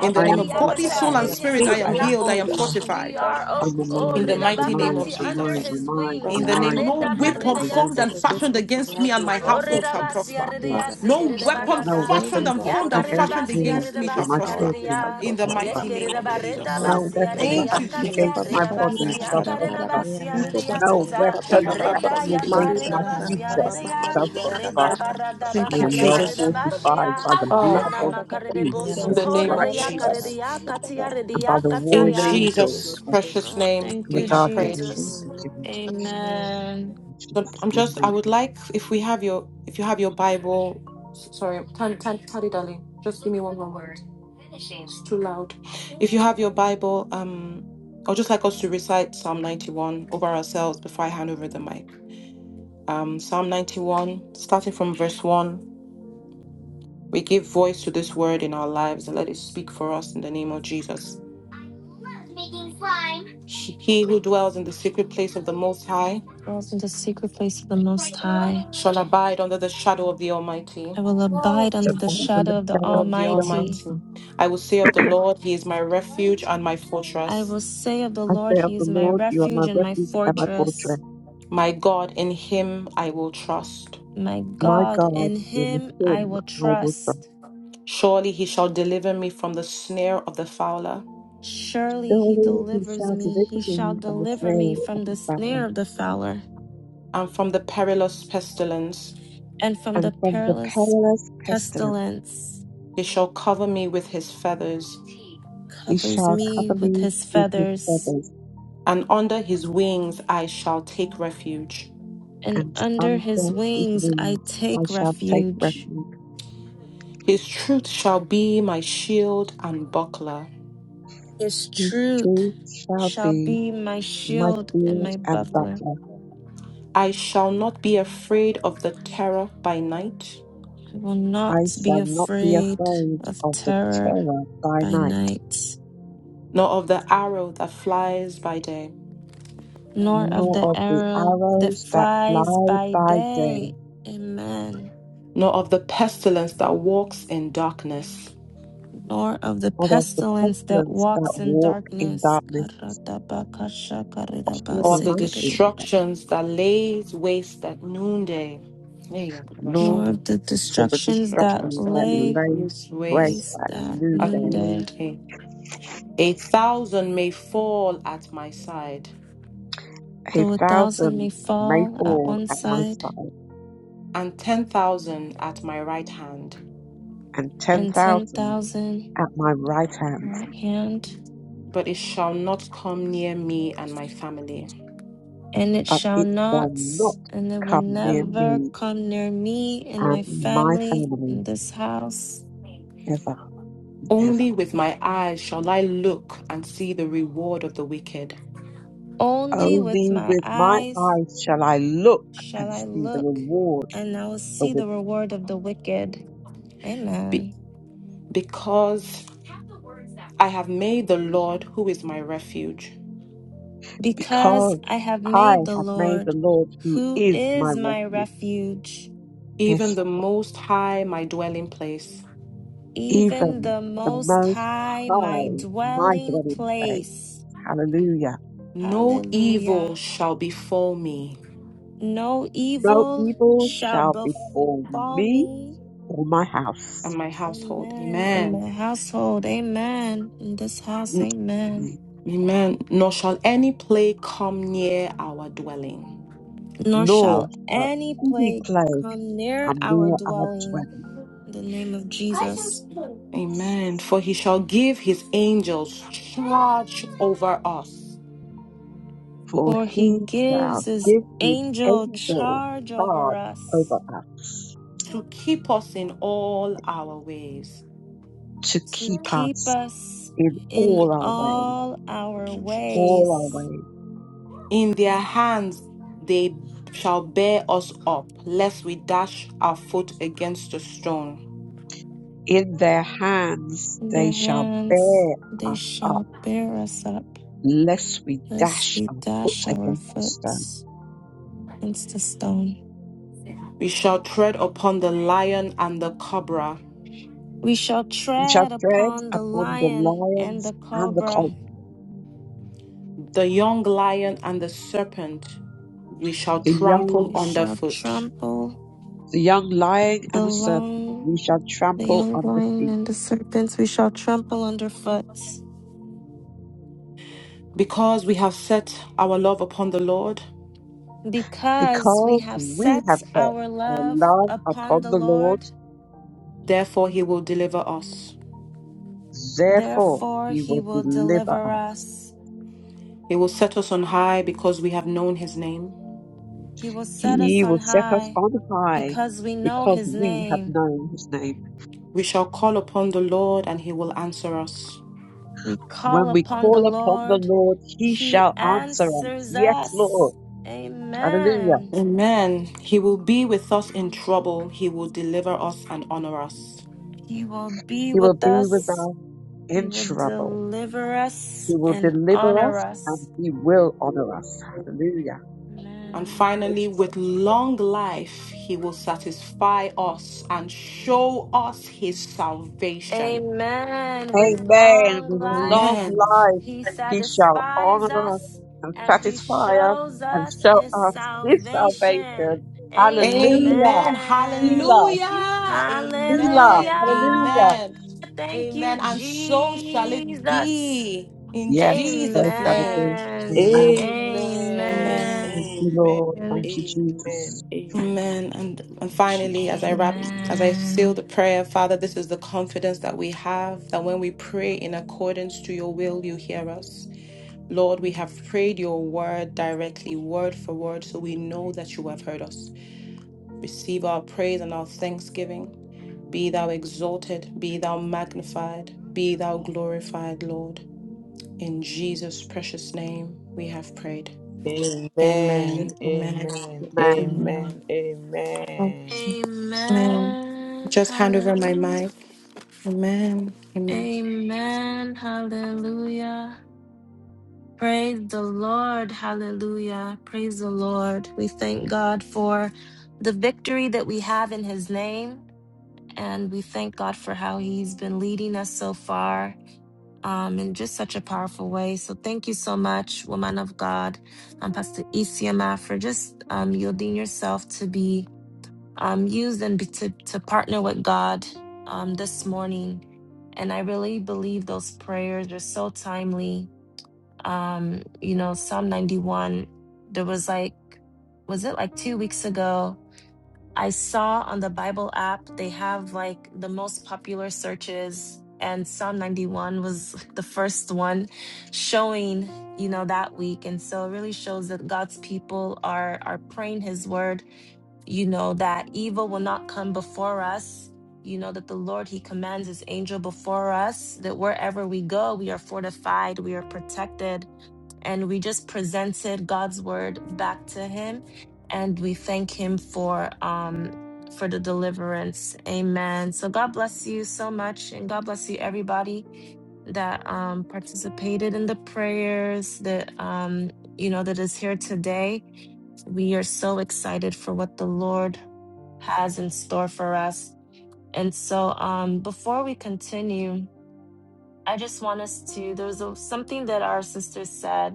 S3: In the
S4: I
S3: name
S4: am
S3: of
S5: Father,
S3: body,
S5: Father,
S3: soul,
S5: I
S3: and
S1: in
S4: satisfied.
S5: am
S1: his
S3: spirit, I
S5: filled,
S3: am
S5: I am
S3: healed. I
S1: tabernacle.
S3: am
S5: filled, I am
S1: We
S3: fortified.
S5: satisfied
S1: are,
S4: I'm
S1: oh,
S4: a
S5: in
S1: oh
S5: the
S3: In
S5: mighty
S3: the
S4: mind.
S5: name of
S4: a
S3: mighty name
S4: mind.
S3: of
S1: redabakati,
S4: a
S5: Jesus.
S1: under
S4: mind. a
S3: Jesus.
S1: his
S4: mind. a
S1: wings.
S3: In the
S5: Father,
S3: name of
S4: mind.
S3: no
S4: a mind.
S5: No
S3: weapon
S4: The
S5: weapon
S4: name
S3: formed
S4: of
S3: and
S5: formed
S1: Aredabaridayate.
S5: against
S3: fashioned
S5: me
S4: Jesus
S5: in
S3: against me and
S5: reality
S3: my
S5: shall
S4: is
S3: household
S5: prosper.
S3: shall
S1: Orerabasi
S3: prosper.
S5: My
S4: protected.
S1: aredia
S5: Father, no
S3: No
S1: sikere
S5: weapon
S3: weapon
S4: No
S5: formed
S1: barada
S5: against
S3: fashioned
S5: me,
S4: weapon
S3: and formed
S4: fashioned
S3: and
S5: fashion
S1: yakarera
S4: against
S3: fashioned
S1: basi
S4: me
S3: against
S1: areda
S3: me
S4: and
S3: shall
S5: against
S4: my
S1: basi
S5: our
S3: prosper.
S5: people
S4: children
S5: shall
S1: karedia
S4: shall
S3: In the
S5: prosper in
S4: prosper.
S5: the
S3: mighty name
S1: yekerera
S3: of
S5: mighty name of
S1: bareda
S5: Jesus.
S3: Jesus.
S6: Yana
S4: No
S1: basi
S6: na na
S4: weapon
S6: na
S5: Ma pa
S3: Thank
S1: aredia
S3: you,
S4: fashioned
S5: pa
S1: kate
S6: shishi
S5: pa pa
S4: against
S3: Jesus.
S6: shi
S5: pa
S4: my
S1: areda
S5: pa,
S6: yana mo
S5: ri ra
S4: body
S1: basi
S6: sa
S5: ra ka
S4: shall
S6: ya.
S5: ra ka
S1: yakarera
S5: ra ka.
S4: prosper.
S1: basi
S5: Ri
S6: Yana
S5: pa pa
S1: aredia
S6: shishi
S5: pa pa
S4: No
S6: shi
S5: pa
S1: kata
S5: pa
S4: weapon
S5: pa pa pa.
S1: reda
S4: fashioned
S5: Ma
S3: Shadabalakuzekete.
S5: ri
S4: against
S5: ra
S4: my
S1: yakarera
S5: ra ka
S6: yana na
S5: ra
S1: basi
S5: pa
S4: future
S6: na
S5: pa pa
S6: shi.
S1: aredia
S4: shall
S1: reda
S4: prosper.
S1: barada
S4: I
S3: Thank you,
S1: baka
S4: am well
S1: yakarera
S6: Shana
S3: Jesus.
S6: na shi
S4: fortified
S1: bashia
S4: by the blood
S3: Oh,
S1: rena
S4: of
S1: makarede
S4: Jesus
S6: yana
S1: boso
S3: in the
S6: mo sa ya.
S3: name
S4: Christ.
S3: of
S1: korere
S3: Jesus.
S1: yakaredia kati
S4: and by
S1: aredia
S4: the
S3: In
S4: warring
S6: Yana na shi yana na shi. Yana mo sa ya shi
S1: kataya
S6: yana
S5: the
S6: na
S4: angels
S6: shi.
S5: blood
S3: Jesus'
S4: and
S5: of Jesus.
S3: precious
S1: Oh
S3: name,
S1: thank
S4: the
S3: we
S1: you
S5: Amen.
S3: have
S4: guardian
S3: prayed.
S4: angels
S1: Jesus
S4: is
S5: Amen.
S4: given to us.
S5: Amen.
S1: Amen
S4: In
S3: So
S4: Jesus'
S3: I'm
S4: name,
S3: just, I would
S4: amen.
S3: like, if we have your, if you have your Bible, s- sorry, tan, tan, tally, darling, just give me one moment. It's too loud. If you have your Bible, um, I'd just like us to recite Psalm 91 over ourselves before I hand over the mic. Um, Psalm 91, starting from verse 1, we give voice to this word in our lives and let it speak for us in the name of Jesus. He he who dwells in the secret place of the Most High
S1: Welcome in the secret place of the most high
S3: shall abide under the shadow of the Almighty.
S1: I will abide
S4: So,
S1: under the
S4: Father, the
S1: shadow of
S3: of
S1: the
S3: the
S4: shadow
S3: Lord,
S4: of
S3: the
S4: your
S1: Almighty.
S3: Almighty.
S4: mighty,
S3: I will say of the Lord, He is my refuge and my
S1: I
S3: fortress.
S1: will say of the
S4: I
S1: Lord,
S4: say of
S1: He
S4: the
S1: is my
S4: Lord, you are my
S1: refuge and my
S4: refuge and my
S1: fortress.
S4: fortress.
S3: My God, in Him I will trust.
S1: My
S4: My
S1: God,
S4: God,
S1: in
S4: in
S1: Him I
S4: him
S1: will
S4: I will trust.
S1: trust.
S3: Surely He shall deliver me from the snare of the fowler
S1: Surely He
S4: Surely he
S1: delivers
S4: shall
S1: me.
S4: deliver
S1: He shall
S4: me from the
S1: deliver me
S4: snare of
S1: from
S4: the
S1: the
S4: fowler
S1: snare of the fowler
S3: and from the perilous pestilence.
S1: and from
S4: and
S1: the
S4: from the
S1: perilous
S4: perilous pestilence.
S1: pestilence.
S3: He shall cover me with His feathers,
S4: He
S1: Covers
S4: shall
S1: me
S4: cover
S1: with
S4: me
S1: His
S4: with his
S1: feathers,
S4: feathers,
S3: and under His wings I shall take refuge.
S1: and
S4: and
S1: under His
S4: under his
S1: wings I
S4: wings I
S1: take
S4: shall take
S1: refuge.
S4: refuge.
S3: His truth shall be my shield and buckler.
S1: His
S4: His
S1: truth
S4: truth shall
S1: shall
S4: be
S1: be my
S4: my
S1: shield and
S4: shield
S1: my
S4: and
S1: buckler.
S4: buckler.
S3: I shall not be afraid of the terror by night
S1: I will
S4: I
S1: not be
S4: shall not be
S1: afraid
S4: afraid
S1: of
S4: of the
S1: terror
S4: terror by
S1: by
S4: night,
S1: night,
S3: nor of the arrow that flies by day,
S1: nor of
S4: nor
S1: the
S4: of the
S1: arrow that
S4: arrows that
S1: flies
S4: fly
S1: by
S4: by day,
S1: day. Amen.
S3: nor of the pestilence that walks in darkness,
S1: Nor of the
S4: nor of the
S1: pestilence that
S4: pestilence that
S1: walks in
S4: walk in
S1: darkness.
S4: darkness. Shield
S3: nor of the
S4: my
S1: Karatabakashakaridabasikiridi.
S4: buckler,
S3: destructions that lays waste at noonday. Hey,
S4: nor
S1: Nor
S3: Yakabashanda,
S1: of the
S4: for the
S1: destructions that
S3: Destructions
S4: destructions that
S3: that
S1: lay
S4: lay
S3: lays
S4: waste
S3: waste
S1: waste
S4: at
S1: at
S3: at
S4: noonday.
S1: noonday.
S3: noonday. A thousand may fall at my side,
S4: A
S1: Though a thousand may
S4: thousand may
S1: fall at
S4: fall
S1: one
S4: at my
S1: side,
S4: side,
S3: and ten thousand at my right hand,
S4: and ten
S1: and ten
S4: thousand
S1: thousand
S4: at my right hand,
S1: right hand,
S3: but it shall not come near me and my family.
S1: and it
S4: but
S1: shall
S4: it shall
S1: not,
S4: not
S1: and it will
S4: come near
S1: never
S4: me.
S1: come near me and
S4: and
S1: my
S4: my
S1: family
S4: family
S1: in this house.
S4: ever and ever.
S3: Only with my eyes shall I look and see the reward of the wicked
S1: Only
S4: Only
S1: with my
S4: with my
S1: eyes
S4: eyes shall I look
S1: shall
S4: and
S1: I
S4: see the
S1: look,
S4: reward
S1: and I will
S4: of the
S1: see
S4: wicked,
S1: the reward of the wicked.
S3: Be-
S1: Amen.
S3: because I have made the Lord, who is my refuge,
S1: Because
S4: because
S1: I have
S4: I
S1: made the
S4: have made the
S1: Lord,
S4: Lord, who
S1: who
S4: is my
S1: is my
S4: refuge,
S1: refuge,
S3: even
S4: yes,
S3: the Most High, my dwelling place.
S1: even
S4: even
S1: the
S4: the
S1: Most
S4: Most
S1: High, my
S4: High, my
S1: dwelling
S4: dwelling place.
S1: place.
S4: Hallelujah.
S3: No evil
S1: Hallelujah.
S3: shall befall me
S1: No
S4: No
S1: evil
S4: evil
S1: shall
S4: shall befall
S1: befall
S4: me
S1: me.
S4: or my
S3: and
S4: house,
S3: my household.
S1: Amen. In
S3: Amen.
S1: my household. Amen. In this house.
S3: N-
S1: Amen.
S3: Amen. Nor shall any plague come near our dwelling.
S1: Nor
S4: nor
S1: shall
S4: shall
S1: any
S4: any
S1: plague
S4: plague
S1: come near
S4: come
S1: our
S4: near our dwelling
S1: dwelling. In the name of Jesus.
S3: Amen. For he shall give his angels charge over us
S4: for
S1: For
S4: he
S1: he
S4: shall
S1: gives his
S4: give his
S1: angel
S4: angel
S1: charge over
S4: charge
S1: us
S4: over us
S3: to keep us in all our ways.
S4: to
S1: to
S4: keep
S1: keep
S4: us
S1: us
S4: in
S1: in
S4: all our ways,
S1: all our
S3: Thank you, Jesus.
S4: all our
S1: ways.
S4: ways.
S3: In their hands they shall bear us up, lest we dash our foot against a stone.
S4: In their hands
S1: In
S4: they
S1: their
S4: shall
S1: hands
S4: bear
S1: they
S4: us up,
S1: shall bear us up.
S4: lest we
S1: lest
S4: dash
S1: we
S4: our foot
S1: dash our
S4: against a
S1: foot
S4: stone.
S1: against the stone.
S3: We shall tread upon the lion and the cobra,
S1: We shall
S4: We shall
S1: tread
S4: tread
S1: upon the
S4: upon the
S1: lion and
S4: lions
S1: the
S4: and the
S1: cobra.
S4: colt,
S3: the young lion and the serpent we shall
S4: the
S3: trample
S4: young,
S1: We shall
S3: underfoot.
S1: trample
S4: the young lion and
S1: the
S4: the serpent.
S1: long,
S4: We shall
S1: the
S4: trample
S1: young
S4: on the
S1: lion
S4: feet,
S1: and the serpents. We shall trample underfoot.
S3: Because we have set our love upon the Lord,
S1: Because we
S4: because
S1: have
S4: we
S1: set
S4: have set
S1: our
S4: our
S1: love
S4: love
S1: upon
S4: upon
S1: the
S4: the Lord.
S1: Lord,
S3: therefore he will deliver us.
S4: Therefore,
S1: therefore
S4: he
S1: he
S4: will
S1: will
S4: deliver
S1: deliver
S4: us.
S1: us.
S3: He will set us on high because we have known his name.
S1: He will set us
S4: He
S1: on
S4: will set us
S1: high
S4: on high
S1: because we know
S4: because
S1: his
S4: we have
S1: name.
S4: known his name.
S3: We shall call upon the Lord and he will answer us.
S1: We
S4: When
S1: call
S4: we
S1: upon
S4: call
S1: the
S4: upon the
S1: Lord,
S4: Lord, he
S1: He
S4: shall answer us.
S1: answers
S4: Yes, Lord.
S1: us.
S4: Hallelujah.
S1: Amen.
S3: Amen. He will be with us in trouble. He will deliver us and honor us.
S1: He will be
S4: He will be
S1: with
S4: with
S1: us,
S4: us
S1: He
S4: in
S1: will
S4: trouble.
S1: deliver
S4: He
S1: us
S4: will
S1: and
S4: deliver
S1: honor
S4: us and
S1: us.
S4: he will honor us. Hallelujah.
S3: And
S1: Amen.
S3: finally, with long life, he will satisfy us and show us his salvation.
S1: Amen. With
S4: Amen.
S1: long
S4: With long
S1: life,
S3: Amen.
S4: life,
S1: He
S4: he shall
S1: satisfies
S4: honor us
S1: us
S4: and
S1: and He
S4: satisfy us
S1: shows
S4: and
S1: us
S4: show
S1: His
S4: us his
S1: salvation.
S4: salvation. Hallelujah.
S3: Amen.
S1: Amen.
S4: Selah.
S3: Hallelujah.
S4: Hallelujah.
S3: Amen.
S1: Hallelujah.
S4: Hallelujah.
S3: Amen.
S1: Thank you,
S3: Amen. And so shall it
S1: Jesus.
S3: be in
S4: Yes, those
S3: Jesus'
S4: that
S3: name.
S4: agree.
S1: Amen.
S4: Amen.
S5: Amen.
S1: Amen.
S4: Thank
S3: Amen.
S4: you,
S5: Amen.
S4: Lord. Thank you,
S5: Amen.
S4: Jesus.
S5: Amen.
S3: Amen. And, and
S5: In
S3: finally, as
S5: Jesus'
S3: I wrap,
S5: name.
S3: as I seal
S1: Amen.
S3: the prayer, Father, this is the confidence that we have that when we pray in accordance to your will, you hear us. Lord, we have prayed your word directly, word for word, so we know that you have heard us. Receive our praise and our thanksgiving. Be thou exalted, be thou magnified, be thou glorified, Lord. In Jesus' precious name, we have prayed.
S5: Amen.
S3: Amen. Amen.
S5: Amen.
S3: Amen.
S5: Amen. Amen.
S3: Amen.
S1: Amen.
S3: Just hand over my
S1: Hallelujah.
S3: mic. Amen. Amen.
S1: Amen. Hallelujah. Praise the Lord. Hallelujah. Praise the Lord. We thank God for the victory that we have in his name. And we thank God for how He's been leading us so far um, in just such a powerful way. So thank you so much, woman of God, um, Pastor Isiama, for just um, yielding yourself to be um, used and be, to, to partner with God um, this morning. And I really believe those prayers are so timely. Um, you know, Psalm 91, there was like, was it like two weeks ago? I saw on the Bible app they have like the most popular searches, and Psalm 91 was like, the first one showing, you know, that week. And so it really shows that God's people are are praying his word, you know, that evil will not come before us. You know that the Lord He commands His angel before us, that wherever we go, we are fortified, we are protected and we just presented God's word back to him and we thank him for um for the deliverance. Amen. So God bless you so much and God bless you everybody that um participated in the prayers that um you know that is here today. We are so excited for what the Lord has in store for us. And so um before we continue, I just want us to there was a, something that our sister said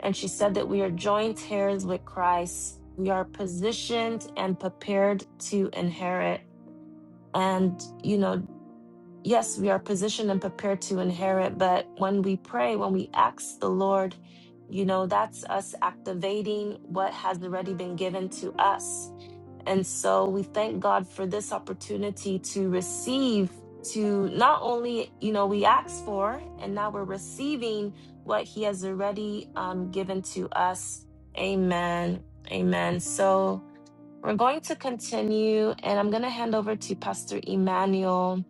S1: and she said that we are joint heirs with Christ. We are positioned and prepared to inherit. And, you know, yes, we are positioned and prepared to inherit. But when we pray, when we ask the Lord, you know, that's us activating what has already been given to us. And so we thank God for this opportunity to receive, to not only, you know, we asked for, and now we're receiving what He has already um, given to us. Amen. Amen. So we're going to continue, and I'm going to hand over to Pastor Emmanuel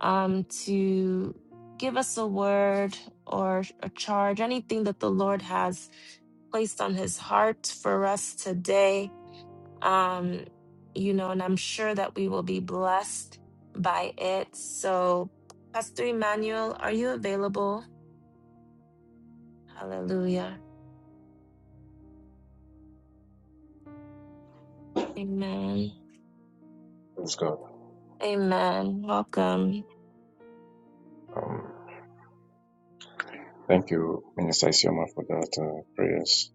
S1: um, to give us a word or a charge, anything that the Lord has placed on his heart for us today um, you know, and I'm sure that we will be blessed by it. So, Pastor Emmanuel, are you available? Hallelujah. Amen.
S7: Praise God.
S1: Amen. Welcome.
S7: Um, thank you, Minister Isioma, for that uh, prayers.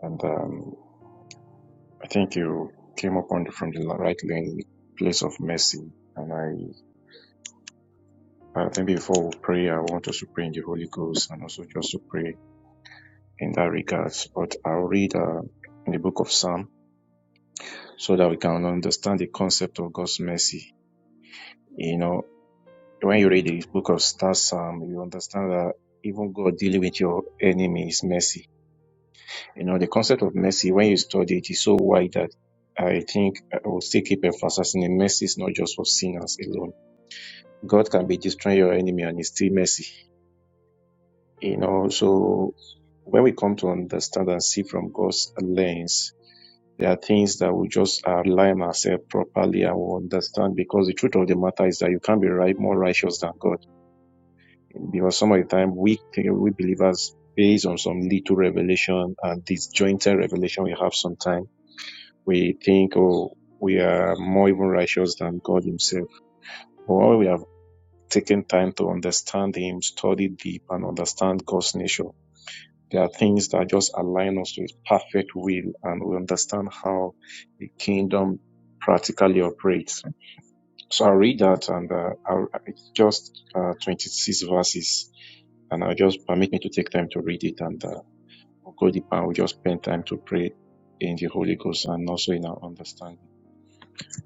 S7: And um, I think you came upon the, from the right lane, place of mercy. And I, I think before we pray, I want us to pray in the Holy Ghost and also just to pray in that regards. But I'll read uh, in the book of Psalm so that we can understand the concept of God's mercy. You know, when you read the book of that Psalm, you understand that even God dealing with your enemy is mercy You know, the concept of mercy, when you study it, is so wide that I think I will still keep emphasizing that Mercy is not just for sinners alone. God can be destroying your enemy and it's still mercy. You know, so when we come to understand and see from God's lens, there are things that we just align ourselves properly and we understand because the truth of the matter is that you can't be right more righteous than God. Because some of the time we we believers based on some little revelation and disjointed revelation we have sometimes we think oh we are more even righteous than God Himself. Or we have taken time to understand Him, study deep, and understand God's nature. There are things that just align us to His perfect will, and we understand how the kingdom practically operates. So I'll read that, and uh, I'll, it's just uh, 26 verses, and I'll just permit me to take time to read it, and uh, we'll go deep, and we'll just spend time to pray in the Holy Ghost and also in our understanding.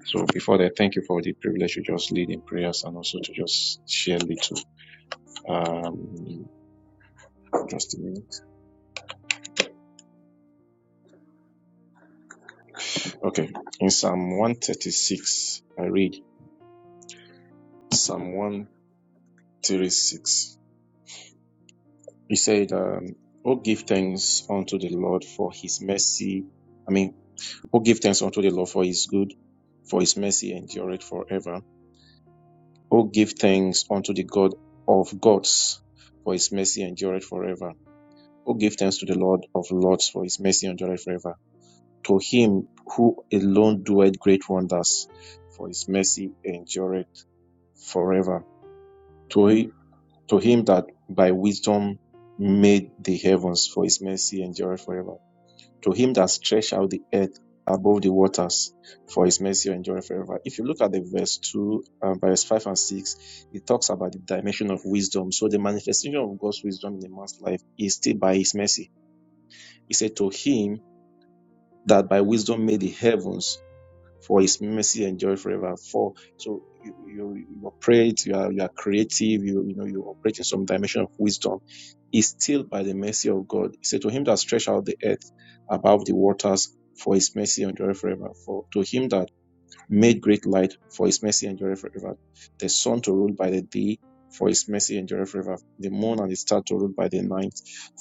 S7: So before that, thank you for the privilege to just lead in prayers and also to just share little. Um, just a minute. Okay. In Psalm 136, I read Psalm 136. He said, um, Oh, give thanks unto the Lord for his mercy. I mean, oh, give thanks unto the Lord for his good, for his mercy endureth forever. Oh, give thanks unto the God of gods, for his mercy endureth forever. Oh, give thanks to the Lord of lords, for his mercy endureth forever. To him who alone doeth great wonders, for his mercy endureth forever. To him, to him that by wisdom made the heavens, for his mercy endureth forever. To him that stretched out the earth above the waters, for his mercy endureth forever. If you look at the verse 2, and verse 5 and 6, it talks about the dimension of wisdom. So the manifestation of God's wisdom in a man's life is still by his mercy. He said, To him that by wisdom made the heavens, for his mercy enjoy forever. For so you you you operate, you are you are creative, you you know you operate in some dimension of wisdom. Is still by the mercy of God. He said to him that stretched out the earth above the waters, for his mercy endure forever. For to him that made great light, for his mercy endure forever. The sun to rule by the day, for his mercy endure forever. The moon and the star to rule by the night,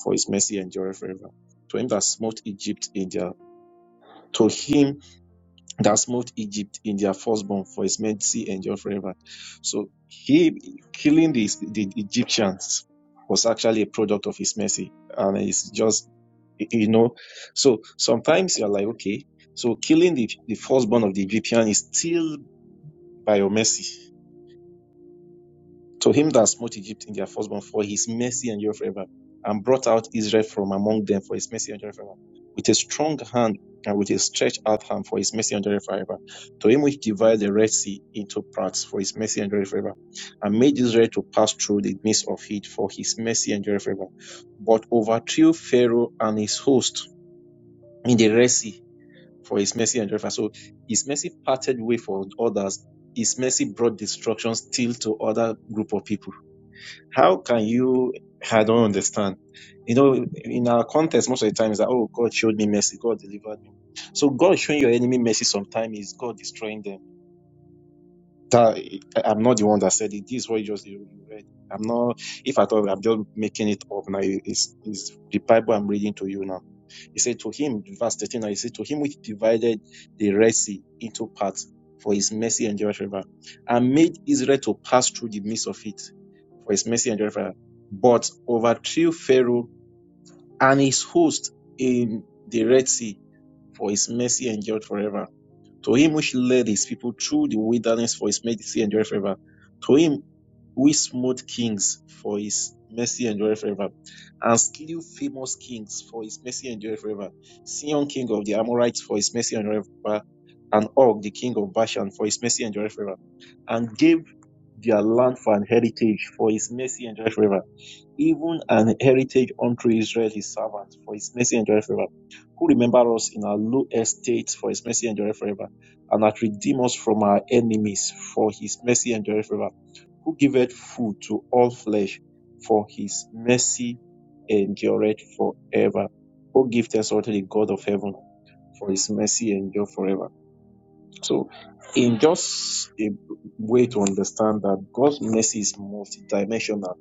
S7: for his mercy endure forever. To him that smote Egypt in their to him that smote Egypt in their firstborn, for his mercy endure forever. So he killing the, the Egyptians was actually a product of his mercy, and it's just you know. So sometimes you're like, okay, so killing the the firstborn of the Egyptian is still by your mercy to him that smote Egypt in their firstborn, for his mercy endure forever, and brought out Israel from among them, for his mercy endure forever, with a strong hand and with a stretched out hand, for his mercy endure forever. To him which divided the Red Sea into parts, for his mercy endure forever, and made Israel to pass through the midst of it, for his mercy endure forever. But overthrew Pharaoh and his host in the Red Sea, for his mercy endure forever. So his mercy parted way for others. His mercy brought destruction still to other group of people how can you? I don't understand. You know, in our context, most of the time is that, oh, God showed me mercy, God delivered me. So God showing your enemy mercy sometimes is God destroying them. That I- I'm not the one that said it. This is what you just you you read. I'm not. If at all, I'm just making it up now. It's, it's the Bible I'm reading to you now. He said to him, verse 13, he said to him which divided the Red Sea into parts for his mercy endureth forever and made Israel to pass through the midst of it for his mercy endureth forever. But overthrew Pharaoh and his host in the Red Sea for his mercy endureth forever. To him which led his people through the wilderness for his mercy endureth forever. To him. We smote kings for his mercy endureth forever, and slew famous kings for his mercy endureth forever. Sion, king of the Amorites, for his mercy endureth forever, and Og, the king of Bashan, for his mercy endureth forever, and gave their land for an heritage, for his mercy endureth forever even an heritage unto Israel, his servant, for his mercy endureth forever. Who remember us in our low estate, for his mercy endureth forever, and hath redeemed us from our enemies, for his mercy endureth forever. Who giveth food to all flesh, for his mercy endureth forever. O give thanks unto the God of heaven, for his mercy endure forever. So, in just a way to understand that God's mercy is multidimensional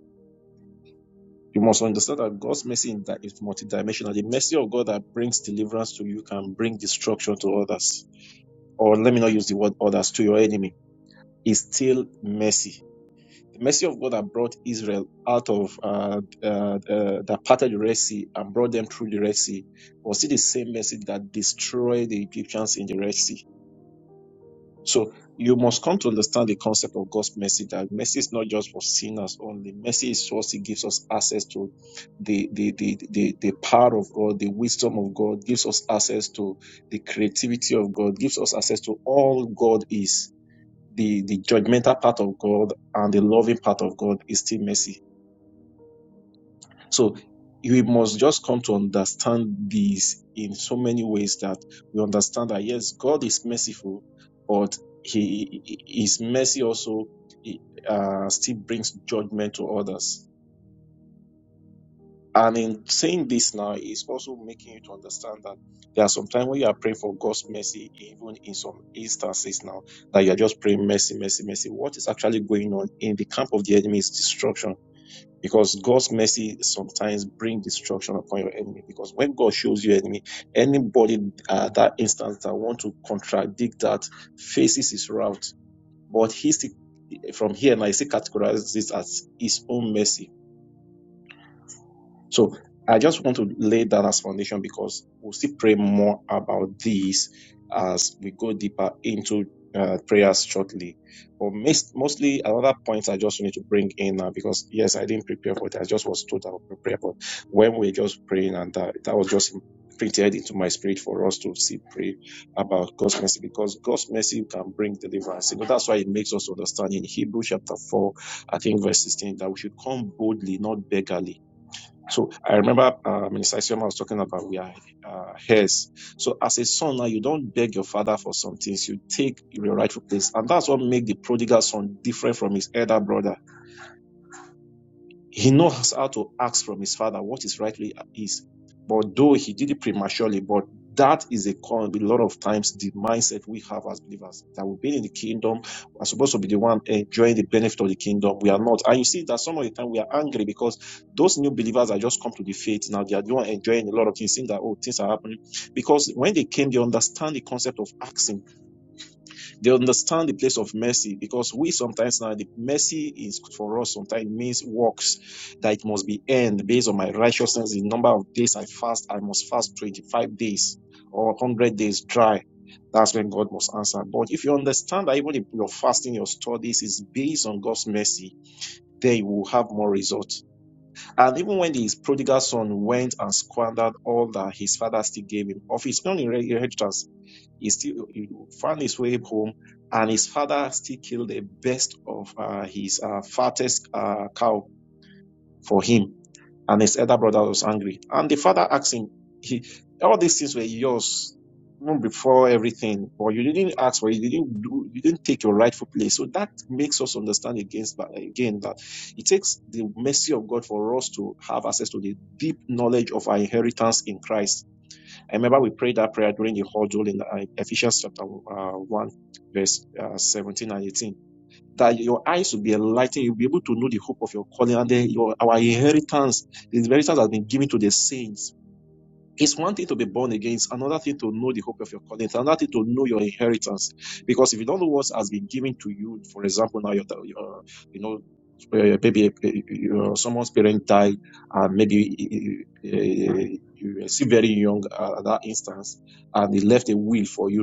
S7: you must understand that God's mercy in that is multidimensional. The mercy of God that brings deliverance to you can bring destruction to others. Or let me not use the word others to your enemy. Is still mercy. The mercy of God that brought Israel out of uh, uh, uh, that parted the Red Sea and brought them through the Red Sea was it the same mercy that destroyed the Egyptians in the Red Sea? So you must come to understand the concept of God's mercy that mercy is not just for sinners only. Mercy is also gives us access to the the, the the the power of God, the wisdom of God, gives us access to the creativity of God, gives us access to all God is. The the judgmental part of God and the loving part of God is still mercy. So we must just come to understand this in so many ways that we understand that yes, God is merciful, but He His mercy also uh, still brings judgment to others. And in saying this now, is also making you to understand that there are some times when you are praying for God's mercy, even in some instances now, that you are just praying mercy, mercy, mercy. What is actually going on in the camp of the enemy is destruction because God's mercy sometimes bring destruction upon your enemy. Because when God shows you enemy, anybody at that instance that want to contradict that faces his wrath. But he still, from here, and I still categorize this as his own mercy so I just want to lay that as foundation because we'll still pray more about this as we go deeper into uh, prayers shortly. But mis- mostly another point I just need to bring in now because yes, I didn't prepare for that. I just was told I would prepare, but when we're just praying and that, that was just printed into my spirit for us to see pray about God's mercy because God's mercy can bring deliverance. You know, that's why it makes us understand in Hebrew chapter 4, I think verse 16, that we should come boldly, not beggarly so I remember uh, Minister Isioma was talking about we are uh, heirs. So as a son now, you don't beg your father for some things. You take your rightful place, and that's what makes the prodigal son different from his elder brother he knows how to ask from his father what is rightly is, But though he did it prematurely, but that is a con. A lot of times, the mindset we have as believers that we've been in the kingdom are supposed to be the one enjoying the benefit of the kingdom. We are not, and you see that some of the time we are angry because those new believers are just come to the faith now. They are the one enjoying a lot of things, seeing that oh things are happening because when they came, they understand the concept of asking they understand the place of mercy because we sometimes now the mercy is for us sometimes means works that it must be earned based on my righteousness. The number of days I fast, I must fast 25 days or 100 days dry. That's when God must answer. But if you understand that even if your fasting, your studies is based on God's mercy, then you will have more result. And even when his prodigal son went and squandered all that his father still gave him of his own inhe- inheritance, he still he found his way home, and his father still killed the best of uh, his uh, fattest uh, cow for him and his elder brother was angry. And the father asked him, he, all these things were yours even before everything, but you didn't ask for it. You didn't do, you didn't take your rightful place. So that makes us understand against that, again that it takes the mercy of God for us to have access to the deep knowledge of our inheritance in Christ. I remember we prayed that prayer during the whole in uh, Ephesians chapter uh, 1, verse uh, 17 and 18 that your eyes will be enlightened. You'll be able to know the hope of your calling. And then your, our inheritance, the inheritance has been given to the saints. It's one thing to be born again. It's another thing to know the hope of your calling. It's another thing to know your inheritance. Because if you don't know what has been given to you, for example, now you're, you're you know, uh, maybe uh, uh, someone's parent died, and maybe uh, you were still very young at that instance, and they left a will for you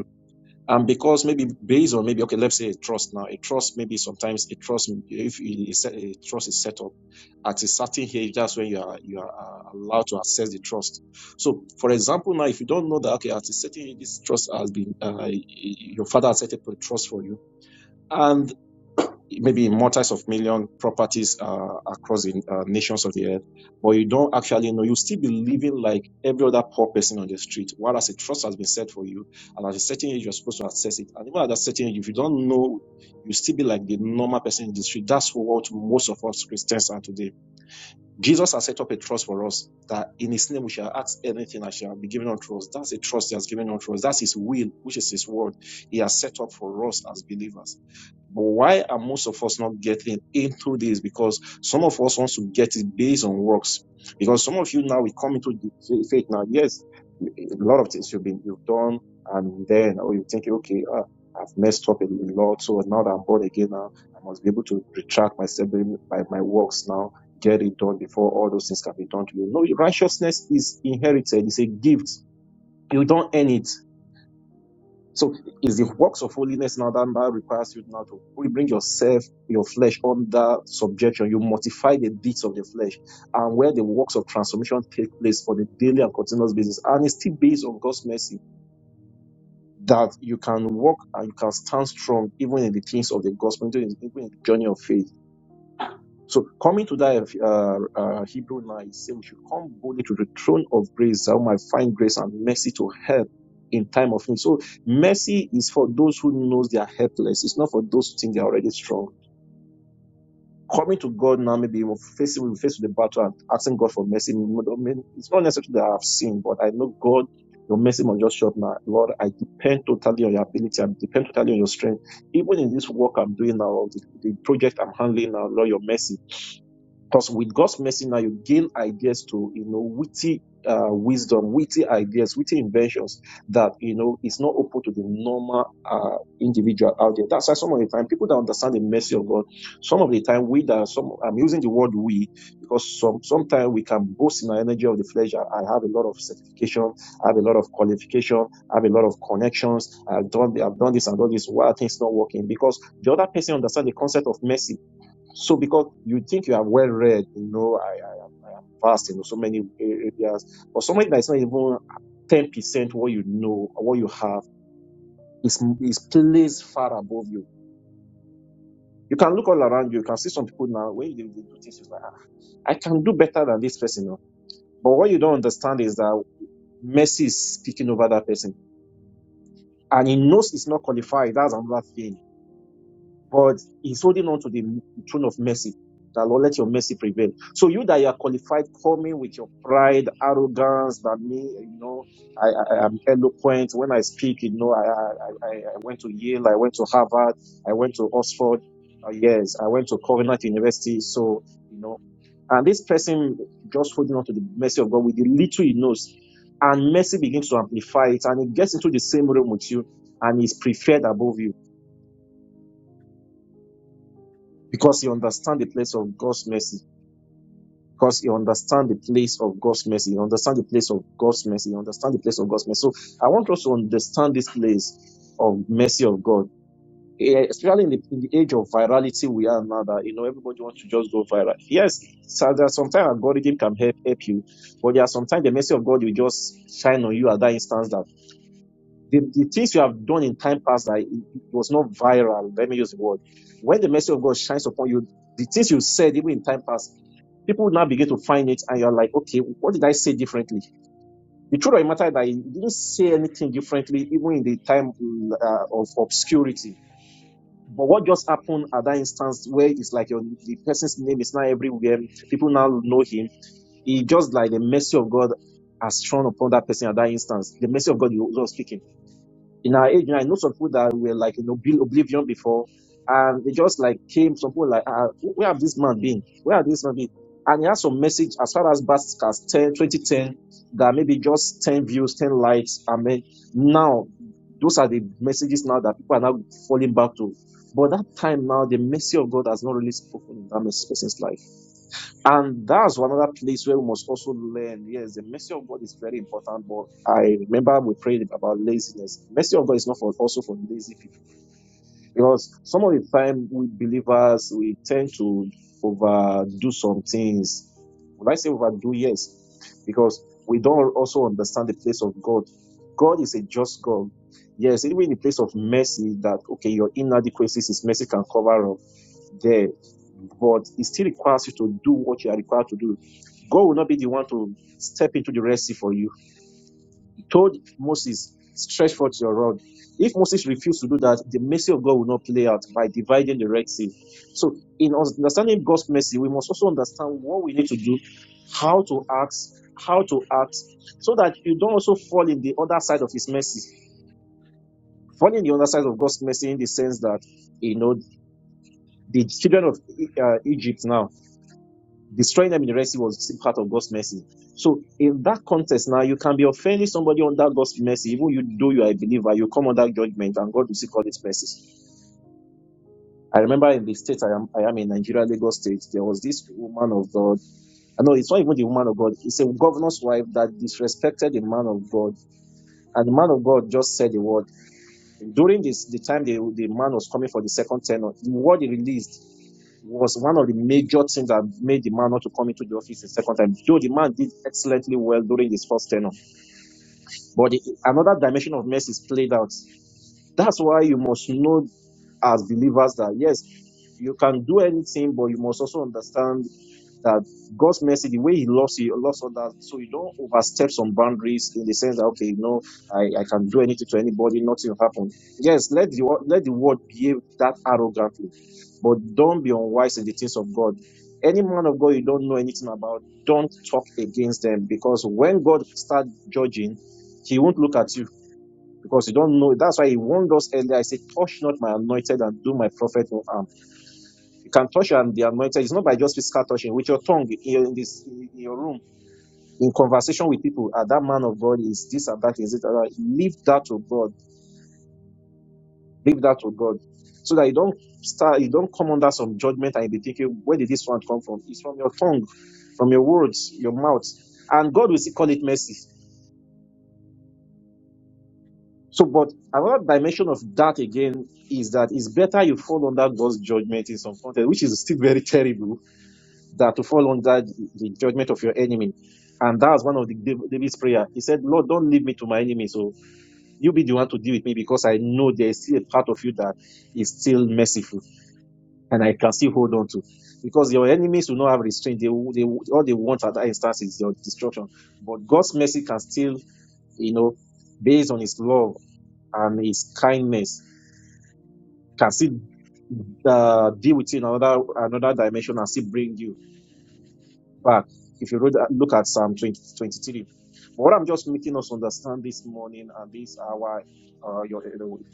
S7: um, because maybe based on maybe okay, let's say a trust now. A trust maybe sometimes a trust if a trust is set up at a certain age, that's when you are you are uh, allowed to access the trust. So, for example, now if you don't know that okay, at a certain age, this trust has been uh, your father has set up a trust for you, and maybe in multis of million properties uh, across the uh, nations of the earth, but you don't actually know. You still be living like every other poor person on the street, whereas a trust has been set for you, and at a certain age you're supposed to access it. And even at a certain age, if you don't know, you still be like the normal person in the street. That's what most of us Christians are today Jesus has set up a trust for us that in his name we shall ask anything and shall be given unto us. That's a trust he has given unto us. That's his will, which is his word. He has set up for us as believers. But why are most of us not getting into this? Because some of us wants to get it based on works. Because some of you now we come into the faith now. Yes, a lot of things you've been you've done, and then oh you think okay, ah, I've messed up a lot, so now that I'm born again now, I must be able to retract myself by my works now get it done before all those things can be done to you. No, righteousness is inherited, it's a gift. You don't earn it. So it's the works of holiness now that now requires you now to really bring yourself, your flesh under subjection. You mortify the deeds of the flesh and where the works of transformation take place for the daily and continuous basis. And it's still based on God's mercy that you can walk and you can stand strong even in the things of the gospel, even in the journey of faith So coming to that uh, uh, Hebrew 9, it says we should come boldly to the throne of grace that we might find grace and mercy to help in time of need. So mercy is for those who knows they are helpless. It's not for those who think they are already strong. Coming to God now, maybe we're facing we're faced with the battle and asking God for mercy. No, no, no, It's not necessarily that I have sinned, but I know God, your mercy must just show up now. Lord, I depend totally on your ability. I depend totally on your strength. Even in this work I'm doing now, the, the project I'm handling now, Lord, your mercy. Because with God's mercy now, you gain ideas to, you know, witty uh, wisdom, witty ideas, witty inventions that, you know, is not open to the normal uh, individual out there. That's why some of the time people that understand the mercy of God, some of the time we that, some, I'm using the word we, because some, sometimes we can boast in our energy of the flesh. I, I have a lot of certification. I have a lot of qualification. I have a lot of connections. I've done, I've done this and done this. Why are things not working? Because the other person understands the concept of mercy so because you think you are well read, you know, I am vast in so many areas, but somebody that is not even ten percent what you know, or what you have, is is placed far above you. You can look all around you. You can see some people now when they, they do things it's like "Ah, I can do better than this person. you know." But what you don't understand is that mercy is speaking over that person, and he knows it's not qualified. That's another thing but he's holding on to the throne of mercy. That Lord, let your mercy prevail. So you that you are qualified, coming with your pride, arrogance, that me, you know, I, I am eloquent when I speak. You know, I, I I I went to Yale, I went to Harvard, I went to Oxford. Uh, yes, I went to Covenant University. So you know, and this person just holding on to the mercy of God with the little he knows, and mercy begins to amplify it, and it gets into the same room with you, and is preferred above you because he understands the place of God's mercy. Because he understands the place of God's mercy. He understands the place of God's mercy. He understands the place of God's mercy. So I want us to understand this place of mercy of God. Eh, Especially in the, in the age of virality we are now that, you know, everybody wants to just go viral. Yes, so there are sometimes algorithm can help, help you, but there are sometimes the mercy of God will just shine on you at that instance that the, the things you have done in time past that it, it was not viral. Let me use the word. When the mercy of God shines upon you, the things you said even in time past, people will now begin to find it, and you're like, okay, what did I say differently? The truth of the matter is that you didn't say anything differently, even in the time uh, of obscurity. But what just happened at that instance, where it's like your, the person's name is now everywhere, people now know him. It just like the mercy of God has thrown upon that person at that instance. The mercy of God you was speaking in our age, you know, I know some people that were like in obli- oblivion before, and they just like came. Some people like, uh, where have this man been? Where have this man been? And he has some message as far as back as 10, 2010, that maybe just 10 views, 10 likes. I mean, now those are the messages now that people are now falling back to. But that time now, the mercy of God has not really spoken in that person's life. And that's one other place where we must also learn. Yes, the mercy of God is very important, but I remember we prayed about laziness. Mercy of God is not for also for lazy people. Because some of the time we believers we tend to overdo some things. When I say overdo, yes, because we don't also understand the place of God. God is a just God. Yes, even in the place of mercy, that okay, your inadequacies, His mercy can cover up there, but it still requires you to do what you are required to do. God will not be the one to step into the Red Sea for you. He told Moses, stretch forth your rod. If Moses refused to do that, the mercy of God will not play out by dividing the Red Sea. So, in understanding God's mercy, we must also understand what we need to do, how to act, how to act, so that you don't also fall in the other side of His mercy. Fall in the other side of God's mercy in the sense that, you know, the children of uh, Egypt now Destroying them in the Red Sea was still part of God's mercy. So in that context now, you can be offending somebody under God's mercy, even you though you are a believer, you come under judgment and God will still call it mercy. I remember in the state I am, I am in Nigeria, Lagos State, there was this woman of God. I know it's not even the woman of God, it's a governor's wife that disrespected the man of God. And the man of God just said the word. During this the time the, the man was coming for the second tenor, the word he released was one of the major things that made the man not to come into the office the second time. Though the man did excellently well during his first tenure, but the, another dimension of mercy is played out. That's why you must know as believers that yes, you can do anything, but you must also understand that God's mercy, the way He loves you, loves others, so you don't overstep some boundaries in the sense that okay, no, I, I can do anything to anybody, nothing will happen. Yes, let the let the world behave that arrogantly, but don't be unwise in the things of God. Any man of God you don't know anything about, don't talk against them because when God starts judging, He won't look at you because you don't know. That's why He warned us earlier. I said, "Touch not my anointed and do my prophet no harm." you can touch and the anointed. It's not by just physical touching with your tongue in this in your room in conversation with people. Ah, that man of God is this and that is it. and Leave that to God. Leave that to God, so that you don't start. You don't come under some judgment and you be thinking, where did this one come from? It's from your tongue, from your words, your mouth, and God will still call it mercy. So, but another dimension of that again is that it's better you fall under God's judgment in some context, which is still very terrible that to fall under the judgment of your enemy. And that's one of the Dav- David's prayer. He said, Lord, don't leave me to my enemy. So you be the one to deal with me because I know there is still a part of you that is still merciful and I can still hold on to. Because your enemies will not have restraint. They, will- they will- all they want at that instance is your destruction. But God's mercy can still, you know, based on his love and his kindness, can still uh, deal with you in another another dimension and still bring you back if you read, look at Psalm 20 23. But what I'm just making us understand this morning and this hour, uh, your,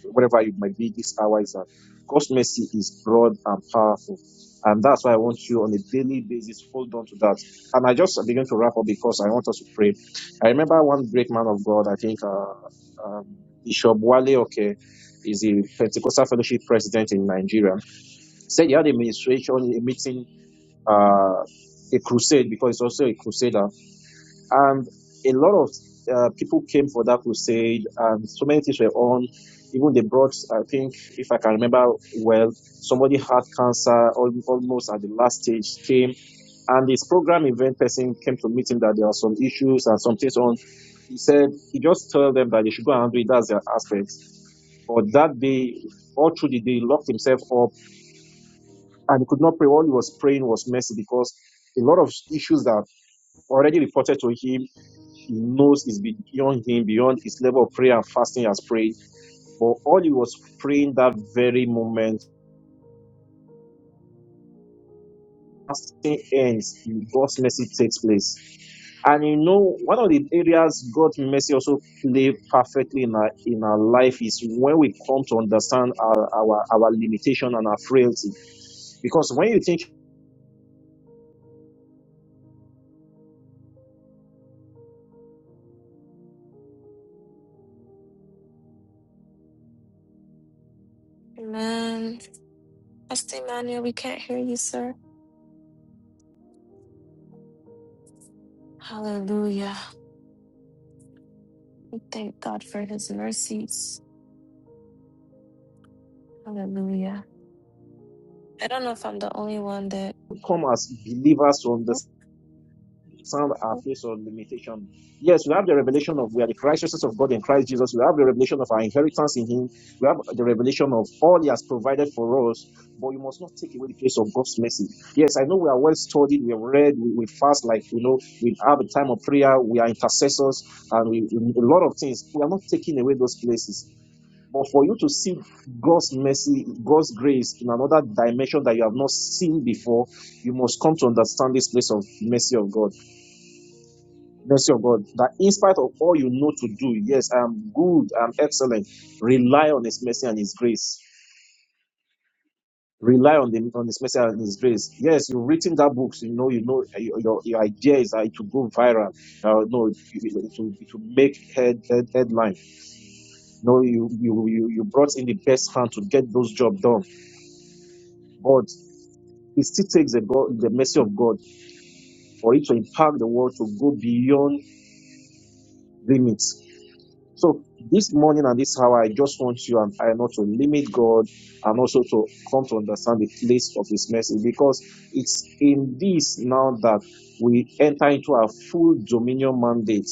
S7: whatever it might be, this hour is that God's mercy is broad and powerful. And that's why I want you on a daily basis, hold on to that. And I just begin to wrap up because I want us to pray. I remember one great man of God, I think uh, um, Bishop Wale Oke is the Pentecostal Fellowship president in Nigeria, said he had a ministration, a meeting uh, a crusade because it's also a crusader. And a lot of uh, people came for that crusade, and so many things were on. Even they brought, I think, if I can remember well, somebody had cancer almost at the last stage, came, and this program event person came to meet him that there are some issues and some things on. He said he just told them that they should go and do it. That's their aspect. But that day, all through the day, locked himself up and he could not pray. All he was praying was mercy because a lot of issues that already reported to him, he knows is beyond him, beyond his level of prayer and fasting as prayed. But all he was praying that very moment, fasting ends, God's mercy takes place. And you know, one of the areas God's mercy also play perfectly in our in our life is when we come to understand our our, our limitation and our frailty. Because when you think
S1: Amen. Pastor Emmanuel, we can't hear you, sir. Hallelujah. We Thank God for his mercies. Hallelujah. I don't know if I'm the only one that.
S7: you come as believers to understand
S1: Oh,
S7: some are
S1: oh.
S7: faced on limitation. Yes, we have the revelation of we are the righteousness of God in Christ Jesus. We have the revelation of our inheritance in Him. We have the revelation of all He has provided for us. But you must not take away the place of God's mercy. Yes, I know we are well studied. We have read. We, we fast like you know. We have a time of prayer. We are intercessors, and we, we a lot of things. We are not taking away those places. But for you to see God's mercy, God's grace in another dimension that you have not seen before, you must come to understand this place of mercy of God mercy of God, that in spite of all you know to do, yes, I'm good, I'm excellent. Rely on His mercy and His grace. Rely on the on His mercy and His grace. Yes, you've written that book, so you know, you know, uh, your, your your idea is that it will go viral. Uh, no, it it- it will, it will make head, head headline. No, you you you you brought in the best hand to get those job done, but it still takes the God, the mercy of God for it to impact the world to go beyond limits So this morning and this hour, I just want you and I not to limit God and also to come to understand the place of His mercy because it's in this now that we enter into our full dominion mandate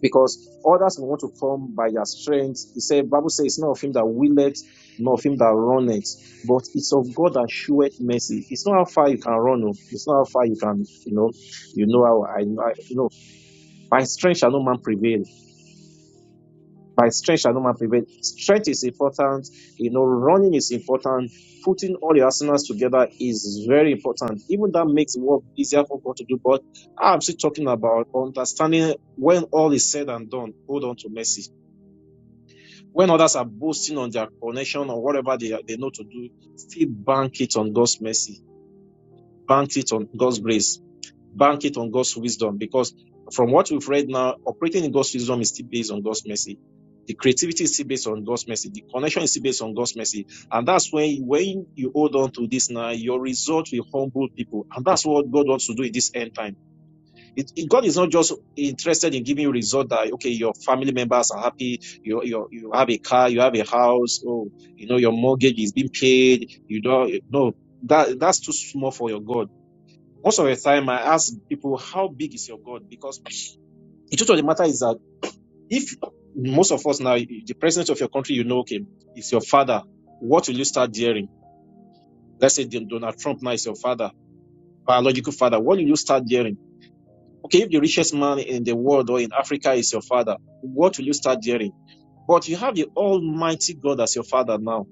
S7: because others will want to come by their strength. He said, Bible says, it's not of him that willeth, nor of him that runneth, but it's of God that showeth mercy. It's not how far you can run, oh. it's not how far you can, you know, you know how I, I you know, by strength shall no man prevail by strength shall no man prevail. Strength is important. You know, running is important. Putting all your arsenals together is very important. Even that makes work easier for God to do. But I'm still talking about understanding when all is said and done, hold on to mercy. When others are boasting on their connection or whatever they, are- they know to do, still bank it on God's mercy. Bank it on God's grace bank it on God's wisdom because from what we've read now, operating in God's wisdom is still based on God's mercy. The creativity is still based on God's mercy. The connection is still based on God's mercy. And that's when, when you hold on to this now, your result will humble people. And that's what God wants to do in this end time. It, it- God is not just interested in giving you a result that, okay, your family members are happy. You, you, you have a car, you have a house. Oh, you know, your mortgage is being paid. You don't, no, that, that's too small for your God most of the time, I ask people, how big is your God? Because the truth of the matter is that if most of us now, the president of your country, you know, okay, is your father, what will you start hearing? Let's say Donald Trump now is your father, biological father. What will you start hearing? Okay, if the richest man in the world or in Africa is your father, what will you start hearing? But you have the Almighty God as your father now.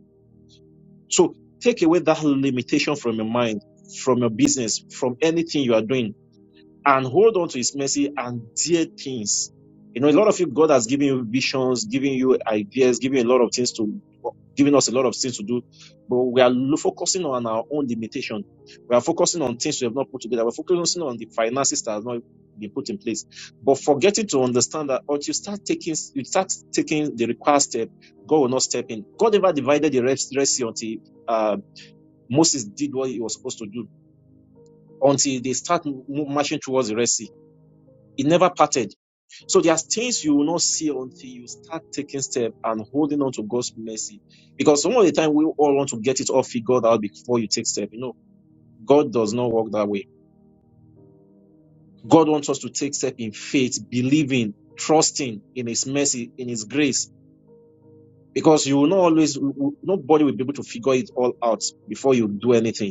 S7: So take away that limitation from your mind, from your business, from anything you are doing and hold on to his mercy and dear things. You know, a lot of you, God has given you visions, giving you ideas, giving a lot of things to, giving us a lot of things to do. But we are focusing on our own limitation. We are focusing on things we have not put together. We're focusing on the finances that have not been put in place. But forgetting to understand that once you start taking, you start taking the required step, God will not step in. God never divided the Red Red Sea until uh, Moses did what he was supposed to do, until they start mo- marching towards the Red Sea it never parted. So there's things you will not see until you start taking steps and holding on to God's mercy. Because some of the time we all want to get it all figured out before you take step. You know, God does not work that way. God wants us to take step in faith, believing, trusting in His mercy, in His grace. Because you will not always, nobody will be able to figure it all out before you do anything.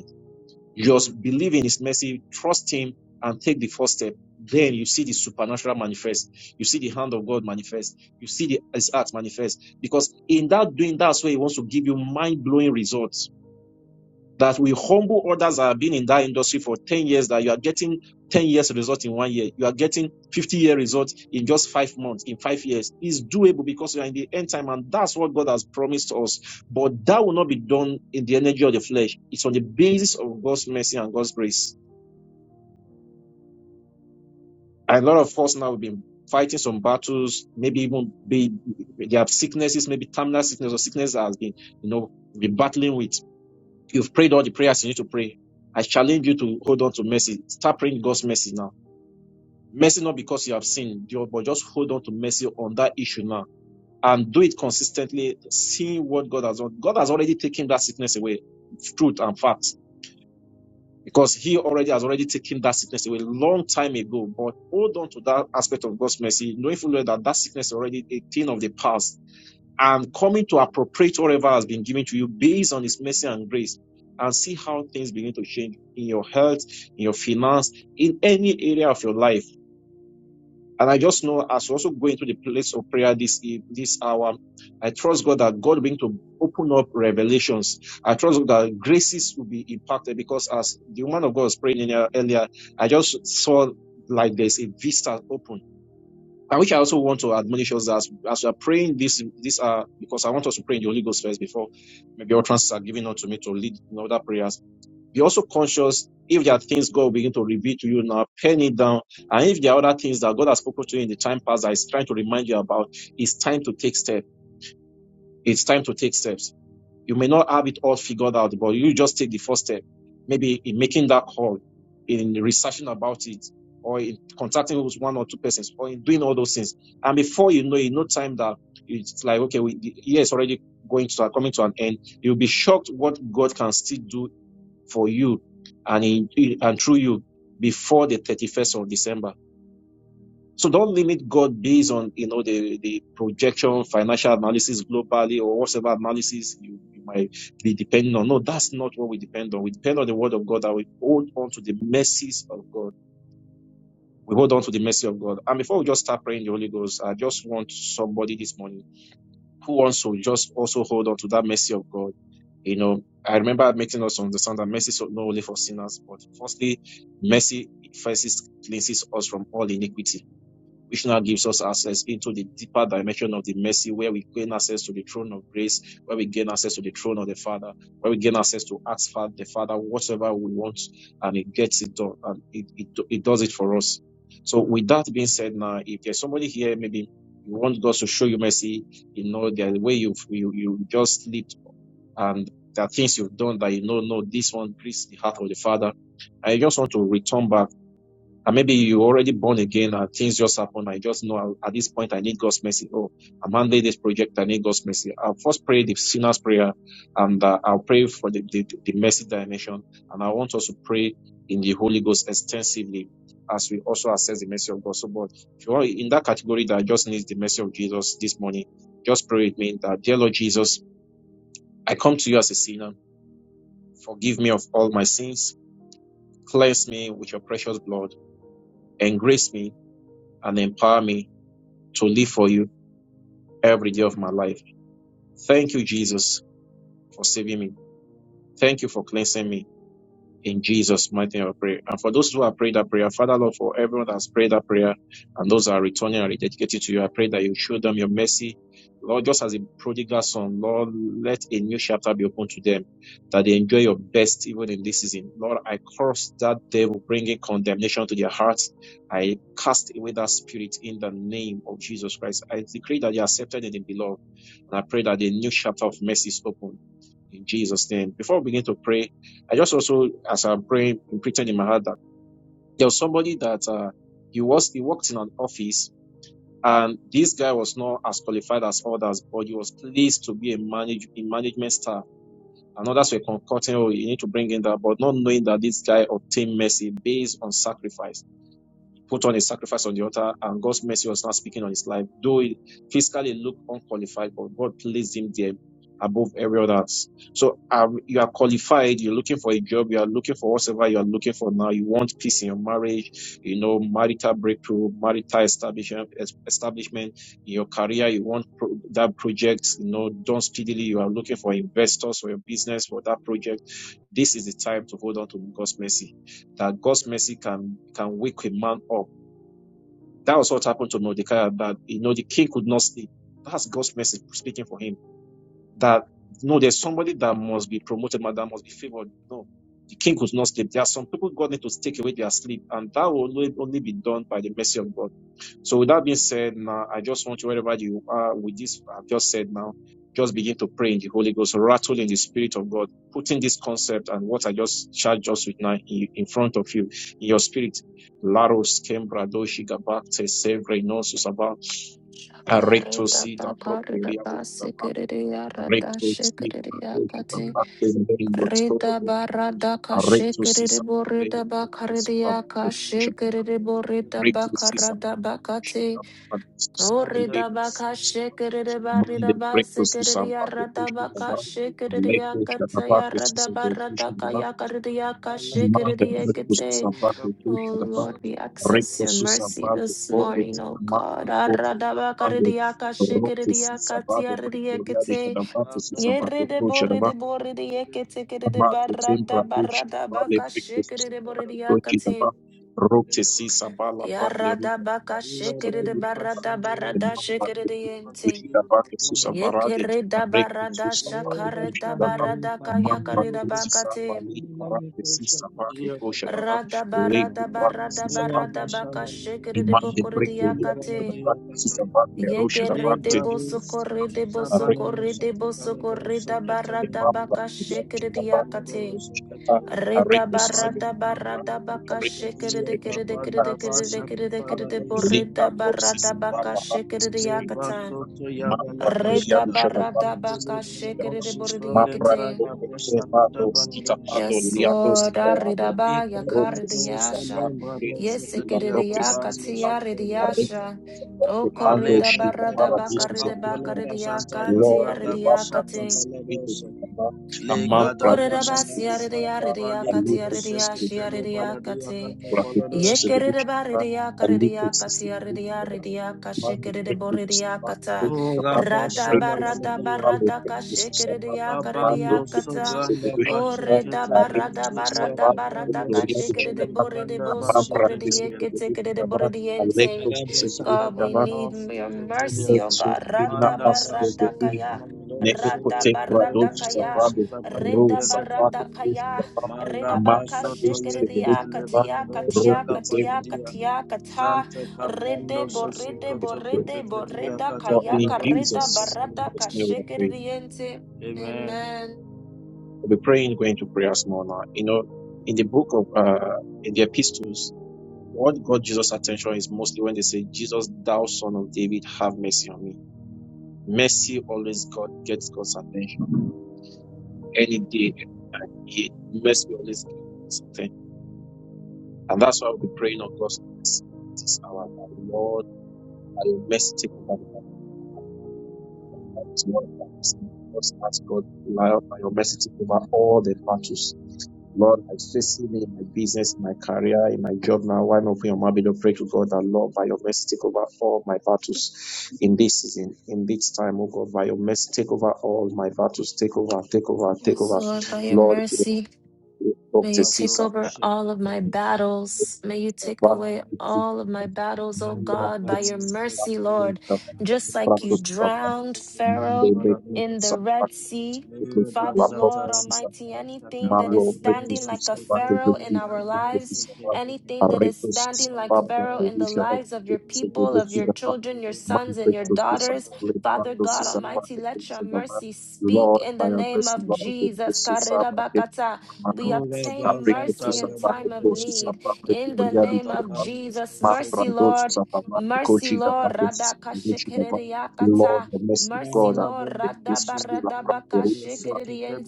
S7: Just believe in His mercy, trust Him, and take the first step. Then you see the supernatural manifest. You see the hand of God manifest. You see the, His heart manifest. Because in that doing, that's where He wants to give you mind blowing results that we humble others that have been in that industry for 10 years, that you are getting 10 years result in one year, you are getting 50 year results in just five months, in five years, is doable because you are in the end time and that's what God has promised us. But that will not be done in the energy of the flesh. It's on the basis of God's mercy and God's grace. And a lot of us now have been fighting some battles, maybe even be, they have sicknesses, maybe terminal sickness or sickness that has been, you know, be battling with. You've prayed all the prayers you need to pray. I challenge you to hold on to mercy. Start praying God's mercy now. Mercy not because you have sinned, but just hold on to mercy on that issue now and do it consistently, seeing what God has done. God has already taken that sickness away, truth and facts, because He already has already taken that sickness away a long time ago. But hold on to that aspect of God's mercy, knowing fully well that that sickness is already a thing of the past I'm coming to appropriate whatever has been given to you based on His mercy and grace and see how things begin to change in your health, in your finance, in any area of your life. And I just know as we also go into the place of prayer this e, this hour, I trust God that God will begin to open up revelations. I trust God that graces will be impacted because as the woman of God was praying here earlier, I just saw like there's a vista open and which I also want to admonish us as as we are praying this this uh because I want us to pray in the Holy Ghost first before maybe all utterances are given unto me to lead in other prayers. Be also conscious if there are things God will begin to reveal to you now, pen it down. And if there are other things that God has spoken to you in the time past that is trying to remind you about, it's time to take steps. It's time to take steps you may not have it all figured out, but you just take the first step, maybe in making that call, in researching about it, or in contacting those one or two persons, or in doing all those things. And before you know, it, no time that it's like, okay, we, the year is already going to coming to an end. You'll be shocked what God can still do for you and in- and through you before the 31st of December so don't limit God based on you know the, the projection, financial analysis globally, or whatever analysis you, you might be depending on. No, that's not what we depend on. We depend on the word of God That we hold on to the mercies of God. We hold on to the mercy of God. And before we just start praying the Holy Ghost, I just want somebody this morning who wants to just also hold on to that mercy of God. You know, I remember making us understand that mercy is not only for sinners, but firstly, mercy first cleanses us from all iniquity which now gives us access into the deeper dimension of the mercy, where we gain access to the throne of grace, where we gain access to the throne of the Father, where we gain access to ask Fa- the Father whatever we want, and it gets it done, and it, it, it does it for us. So, with that being said, now, if there's somebody here, maybe you want God to show you mercy, you know, there's a way you've, you, you just slipped, and there are things you've done that you know, no, this one grieves the heart of the Father. I just want to return back and maybe you already born again and things just happen. I just know uh, at this point I need God's mercy. Oh, I'm handling this project. I need God's mercy. I'll first pray the sinner's prayer and uh, I'll pray for the, the, the mercy dimension. And I want us to pray in the Holy Ghost extensively as we also assess the mercy of God. So, but if you are in that category that just needs the mercy of Jesus this morning, just pray with me that, dear Lord Jesus, I come to you as a sinner. Forgive me of all my sins. Cleanse me with your precious blood. Engrace me and empower me to live for you every day of my life. Thank you, Jesus, for saving me. Thank you for cleansing me. In Jesus' mighty name, I pray. And for those who have prayed that prayer, Father Lord, for everyone that has prayed that prayer and those that are returning and rededicated to you, I pray that you show them your mercy. Lord, just as a prodigal son, Lord, let a new chapter be open to them, that they enjoy your best even in this season. Lord, I curse that devil bringing condemnation to their hearts. I cast away that spirit in the name of Jesus Christ. I decree that you are accepted in the beloved. And I pray that a new chapter of mercy is open in Jesus' name. Before we begin to pray, I just also, as I'm praying, imprinted in my heart that there was somebody that uh, he was he worked in an office, and this guy was not as qualified as others, but he was pleased to be a manage in management staff. And others were concocting, oh, you need to bring in that, but not knowing that this guy obtained mercy based on sacrifice put on a sacrifice on the altar, and God's mercy was not speaking on his life, though it physically looked unqualified, but God placed him there above every other. else. So um, you are qualified, you're looking for a job, you are looking for whatever you are looking for now. You want peace in your marriage, you know, marital breakthrough, marital establishment, es- establishment in your career, you want pro- that project, you know, done speedily. You are looking for investors for your business, for that project. This is the time to hold on to God's mercy, that God's mercy can, can wake a man up that was what happened to Mordecai, that you know the king could not sleep. That's God's message speaking for him. That no, there's somebody that must be promoted, ma- that must be favored. No, the king could not sleep. There are some people God needs to take away their sleep, and that will only be done by the mercy of God. So with that being said, now I just want you wherever you are with this I've just said now, just begin to pray in the Holy Ghost, rattle in the Spirit of God, putting this concept and what I just charged us with now in, in front of you in your spirit. Laros kembra doshi gabakte sevre nosus aba arecto
S1: Shakarita
S7: si da
S1: takarita
S7: properia
S1: ta sikiriya rata
S7: arecto si da
S1: shikiriya
S7: doshi
S1: kati.
S7: gabakte in the name of
S1: Rida
S7: God
S1: barada
S7: arecto si
S1: kashikiri
S7: sa
S1: borida bakaridia kashikiri borida
S7: breakthroughs is
S1: bakarada
S7: Sambhagya Krishna
S1: bakati.
S7: Prabhupada Kalvi
S1: Orida bakashikiri barida
S7: Monday breakthroughs to
S1: basikiriya
S7: Sambhagya
S1: rada
S7: Krishna Prabhupada Lake
S1: bakashikiriya
S7: Krishna
S1: kataya
S7: Prabhupada
S1: rada
S7: Sambhagya
S1: barada
S7: Krishna Prabhupada
S1: kayakaridia
S7: Monday
S1: kashikiriya
S7: breakthroughs to
S1: kate.
S7: Sambhagya
S1: Oh
S7: Krishna Prabhupada
S1: Lord, we access your
S7: Breakthroughs to
S1: mercy
S7: Sambhagya
S1: this
S7: Bodhi
S1: morning, oh God.
S7: Monday Bodhi
S1: Arada
S7: Monday
S1: bakaridia
S7: Rock to
S1: kashikiriya kataya
S7: Sambhagya Break
S1: ridia
S7: Gloria de
S1: kite
S7: Sambhagya Krishna
S1: de de
S7: Prabhupada
S1: borre de borre borre Yerede borede de yeketekerede
S7: Amate Tembra
S1: barada
S7: Dushi
S1: barada
S7: Abale
S1: baka
S7: Brictus
S1: şekerede borede
S7: Tochi Daba
S1: yakati.
S7: Rote Sisa Bala Bratle Ruta
S1: Yarada baka
S7: Abato Susa
S1: şekerede
S7: Berushi
S1: barada
S7: the
S1: barada
S7: Mamba
S1: shekere de yente.
S7: Dushi Daba Susa Varade and
S1: Yekerede
S7: Rectus
S1: barada
S7: Susa Bate Dushi
S1: şakarede
S7: Daba
S1: barada
S7: the Mamba
S1: kayakarede
S7: Sisa
S1: bakati.
S7: Bale Brate Sisa Bate Kosha Daba
S1: Rada
S7: Lego
S1: barada
S7: Brate
S1: barada
S7: Sisa Bate
S1: barada baka şekerede
S7: Imande
S1: bokorede
S7: Break Doria Dushi
S1: yakati.
S7: Daba Sisa Bate Rosha Daba
S1: Yekerede
S7: Tedi
S1: de bosokorede da barada
S7: Imamva
S1: baka shekere de
S7: Shakapa
S1: yakate.
S7: Shakapa
S1: Reda
S7: Areko Sisabedu
S1: barada barada baka
S7: Areko
S1: shikere de
S7: Sisabedu
S1: kere de kere de kere de kere de kere de
S7: Lika
S1: boreda
S7: Rossi
S1: barada baka
S7: Sababa Rakis
S1: shikere de yakata.
S7: Mampa Gloria
S1: Reda
S7: Dushada
S1: barada
S7: Vados
S1: baka shikere de borede
S7: Mapra
S1: yekete.
S7: Crevados Kitapado
S1: Yes,
S7: Liatos
S1: Lord.
S7: Ilado
S1: Arida ba
S7: Rote
S1: yakare de
S7: Sisa
S1: yasha.
S7: Vate Kete
S1: Yes,
S7: Shila
S1: ekere de
S7: Broke Sisa
S1: yakati yare de
S7: Arete
S1: yasha.
S7: Sisa Vate
S1: O
S7: Pando
S1: korida
S7: Shila
S1: barada baka
S7: Paradisus
S1: rede baka
S7: Evolution
S1: rede yakanti
S7: Lord
S1: yare de
S7: Lubabra
S1: yakate.
S7: Tisa Vido Kitana Amambra Dusus Evolution Alito Sisa Evolution
S1: Okorerabasiaridiyariyakatiyariyashiyariyakati.
S7: Mapra Crevados Evolution aliyekwisisi kudhibiti amani Requesens
S1: Yekererebaridiyakaridiyakatiyariyariyakashikerereboriyakata.
S7: Kushaba Requesens Amale Requesens Amale
S1: Radabaradabaradarashikerediyakaridiyakata.
S7: Requesens Vedushaba Requesens Amale Gloria Shaba Amabra Tesite Vedushaba
S1: Oredabaradabaradarashikeredeboredebosokorediyeketikedeborediyente.
S7: Alectos
S1: God, we
S7: Vedushaba
S1: need m- your mercy, oh
S7: Lexo
S1: God.
S7: Fina
S1: Rada
S7: Astro
S1: barada
S7: Vedushaba
S1: kaya.
S7: Neke
S1: Rada
S7: Pote
S1: barada
S7: Brados
S1: kaya.
S7: Savale Ro
S1: Reda
S7: Sabate
S1: barada kaya.
S7: Kushaba
S1: Reda baka
S7: Amabra Tesite
S1: shikiriya
S7: Vedushaba
S1: katia
S7: Ro
S1: katia katia
S7: Pote
S1: katia kata. Rede borede borede boreda
S7: For
S1: kaya
S7: in
S1: kareda
S7: Jesus'
S1: barada
S7: mighty name we are praying.
S1: kashikiriyente. Amen.
S7: We'll be praying, going to prayer more now. You know, in the book of uh in the epistles, what got Jesus' attention is mostly when they say, Jesus, thou son of David, have mercy on me. Mercy always God gets God's attention. Any day, uh, he- mercy always gets God's attention. And that's why we'll be praying on God's mercy. It's our that Lord, by your mercy, take over the battle. That's what I was saying. Just ask God, by your mercy, take over all the battles Lord, I face it in my business, in my career, in my job now. Why not open your mouth, beloved? Pray to God that Lord, by your mercy, take over all my battles in this season, in this time, oh God, by your mercy, take over all my battles, take over, take over, take
S1: Yes,
S7: over.
S1: Lord, by your
S7: Lord,
S1: mercy.
S7: talk
S1: May
S7: to
S1: you take
S7: Caesar,
S1: over all of my battles. May you take away all of my battles, oh God, by your mercy, Lord. Just like you
S7: back
S1: drowned Pharaoh
S7: Monday breakthrough
S1: in the Red
S7: sabati
S1: Sea.
S7: breakthrough
S1: Father,
S7: laptop
S1: Lord
S7: PC
S1: Almighty,
S7: sabati
S1: anything that is
S7: malo
S1: standing
S7: breakthrough
S1: like a
S7: sabati
S1: Pharaoh in
S7: breakthrough
S1: our
S7: breakthrough
S1: lives,
S7: sabati
S1: anything that is
S7: arrecto
S1: standing like
S7: sabati
S1: Pharaoh in
S7: breakthrough
S1: the
S7: sabati
S1: lives of your
S7: breakthrough
S1: people, of
S7: breakthrough
S1: your
S7: the map,
S1: children, your
S7: man
S1: sons, and your
S7: breakthrough sabati
S1: daughters, Father
S7: breakthrough
S1: God Almighty,
S7: sabati
S1: let your
S7: breakthrough sabati
S1: mercy speak
S7: Lord
S1: in
S7: by
S1: the
S7: your
S1: name
S7: mercy
S1: of
S7: Lord the
S1: Jesus.
S7: pieces of a breakthrough sabati man
S1: We
S7: a
S1: obtain
S7: breakthrough
S1: mercy in
S7: sabati breakthrough sabati
S1: time of
S7: breakthrough sabati
S1: need. In the
S7: man
S1: name of Jesus, mercy,
S7: breakthrough
S1: Lord. Mercy,
S7: sabati
S1: Lord.
S7: breakthrough sabati Lord,
S1: Radakashikiriakata.
S7: the mercy of
S1: Mercy,
S7: God, I
S1: Lord.
S7: pray that this to see la propria ruta de va,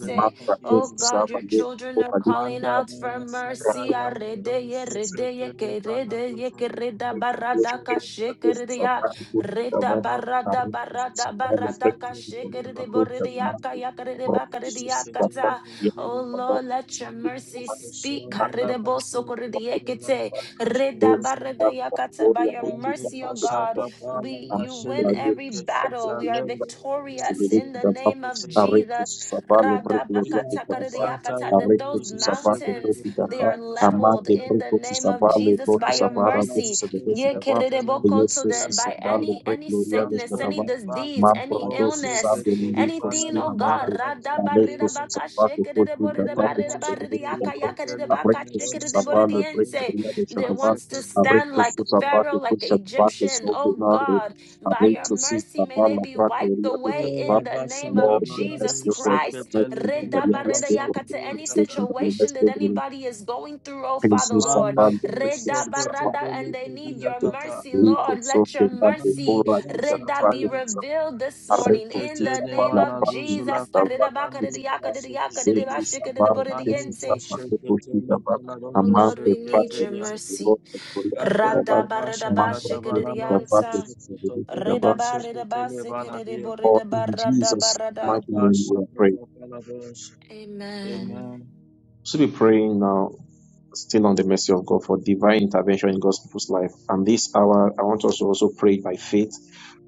S7: the man that those
S1: Oh
S7: who serve
S1: God, your
S7: and make a
S1: children
S7: hope
S1: are
S7: and look
S1: calling
S7: to va,
S1: out for mercy.
S7: rapid
S1: Aredeye,
S7: Jesus,
S1: redeye, keredeye,
S7: make a wish, make a wish to serve
S1: keredabaradakashikiriya.
S7: and go to serve, and make a wish to serve and break the people, and the good that man is, brought this to see la
S1: Redabaradabaradaradabaradakashikiriborediakayakaredebakaridiakata.
S7: propria
S1: Oh
S7: ruta de va, the man that
S1: Lord,
S7: goes
S1: let
S7: to
S1: your mercy speak.
S7: and make a and look to
S1: Karidebosokoridiyekete,
S7: those who have the
S1: redabaridayakata. By
S7: glory of
S1: your
S7: the truth
S1: mercy, oh
S7: about the
S1: God,
S7: truth
S1: we
S7: and
S1: you win
S7: the
S1: every
S7: grace of the
S1: battle. We are
S7: truth and the
S1: victorious in the
S7: revelation of God.
S1: name of
S7: Arrecto
S1: Jesus.
S7: su sabale bre gloria de Jehová.
S1: Radabakatakaridiyakata, That
S7: Arrecto
S1: those
S7: su sabate bre
S1: mountains they
S7: Jehová.
S1: are leveled
S7: Amade
S1: in
S7: bre
S1: the
S7: su
S1: name of
S7: sabale
S1: Jesus
S7: bre su
S1: by your
S7: sabara bre su
S1: mercy.
S7: sabale Jehová.
S1: Yekeredebokoto,
S7: Jesus su
S1: That by
S7: sabale
S1: any
S7: bre
S1: any
S7: gloria de
S1: sickness, any
S7: Jehová.
S1: disease,
S7: Man
S1: any
S7: prado su
S1: illness.
S7: sabe li
S1: Anything, oh
S7: costina
S1: God,
S7: madre.
S1: Rada
S7: Arrecto
S1: Barida
S7: su
S1: Baka,
S7: sabate
S1: shake it, it,
S7: bre
S1: it, it, it,
S7: Jehová.
S1: barida, barida, yaka, yaka, it, it, baka,
S7: Arrecto
S1: shake
S7: su
S1: it, it, it, it,
S7: sabale bre
S1: it,
S7: gloria de
S1: that
S7: Jehová.
S1: wants to stand
S7: Abrictus
S1: like
S7: sus apate
S1: Pharaoh, like the
S7: cushat vate
S1: Egyptian. Oh
S7: sofinare.
S1: God, by your
S7: Abrictus sis
S1: mercy, may they
S7: tabala
S1: be
S7: prato
S1: wiped
S7: ria de
S1: away
S7: chatva.
S1: in the name of
S7: Lord, your
S1: Jesus
S7: mercy, O God, and your
S1: Christ.
S7: mercy, O God, and
S1: Reda
S7: your mercy,
S1: bareda
S7: O the
S1: yaka
S7: and
S1: To
S7: your
S1: any
S7: mercy, O God, and your
S1: situation
S7: mercy, O
S1: that
S7: God,
S1: anybody is going through, oh Father
S7: Jesus
S1: Lord,
S7: upon the
S1: Reda
S7: precious upon
S1: barada,
S7: the
S1: and they need your
S7: precious
S1: mercy,
S7: Rico
S1: Lord.
S7: so
S1: Let your
S7: fendante
S1: mercy
S7: ora di
S1: let that be
S7: carapate sapra
S1: revealed this morning
S7: arreco
S1: in
S7: si
S1: the
S7: sapra
S1: name
S7: la
S1: of
S7: parte di
S1: Jesus. Parida
S7: sapati
S1: baka
S7: di
S1: didi yaka
S7: sapra
S1: didi yaka didi
S7: zeti
S1: bashika didi
S7: sapra
S1: bori di
S7: tesi
S1: yente.
S7: sapra che costi sapra
S1: Oh Lord,
S7: amante
S1: we need
S7: parte
S1: your
S7: di sapra
S1: mercy.
S7: lotte coria di sapra mambra di sapra che si si di sapra for in Jesus
S1: Radabaradabashikidiyanta. Redabaredabasikidiboredibaradabarada.
S7: mighty name we are praying.
S1: Amen.
S7: So be praying now still on the mercy of God for divine intervention in God's people's life. And this hour, I want us to also pray by faith,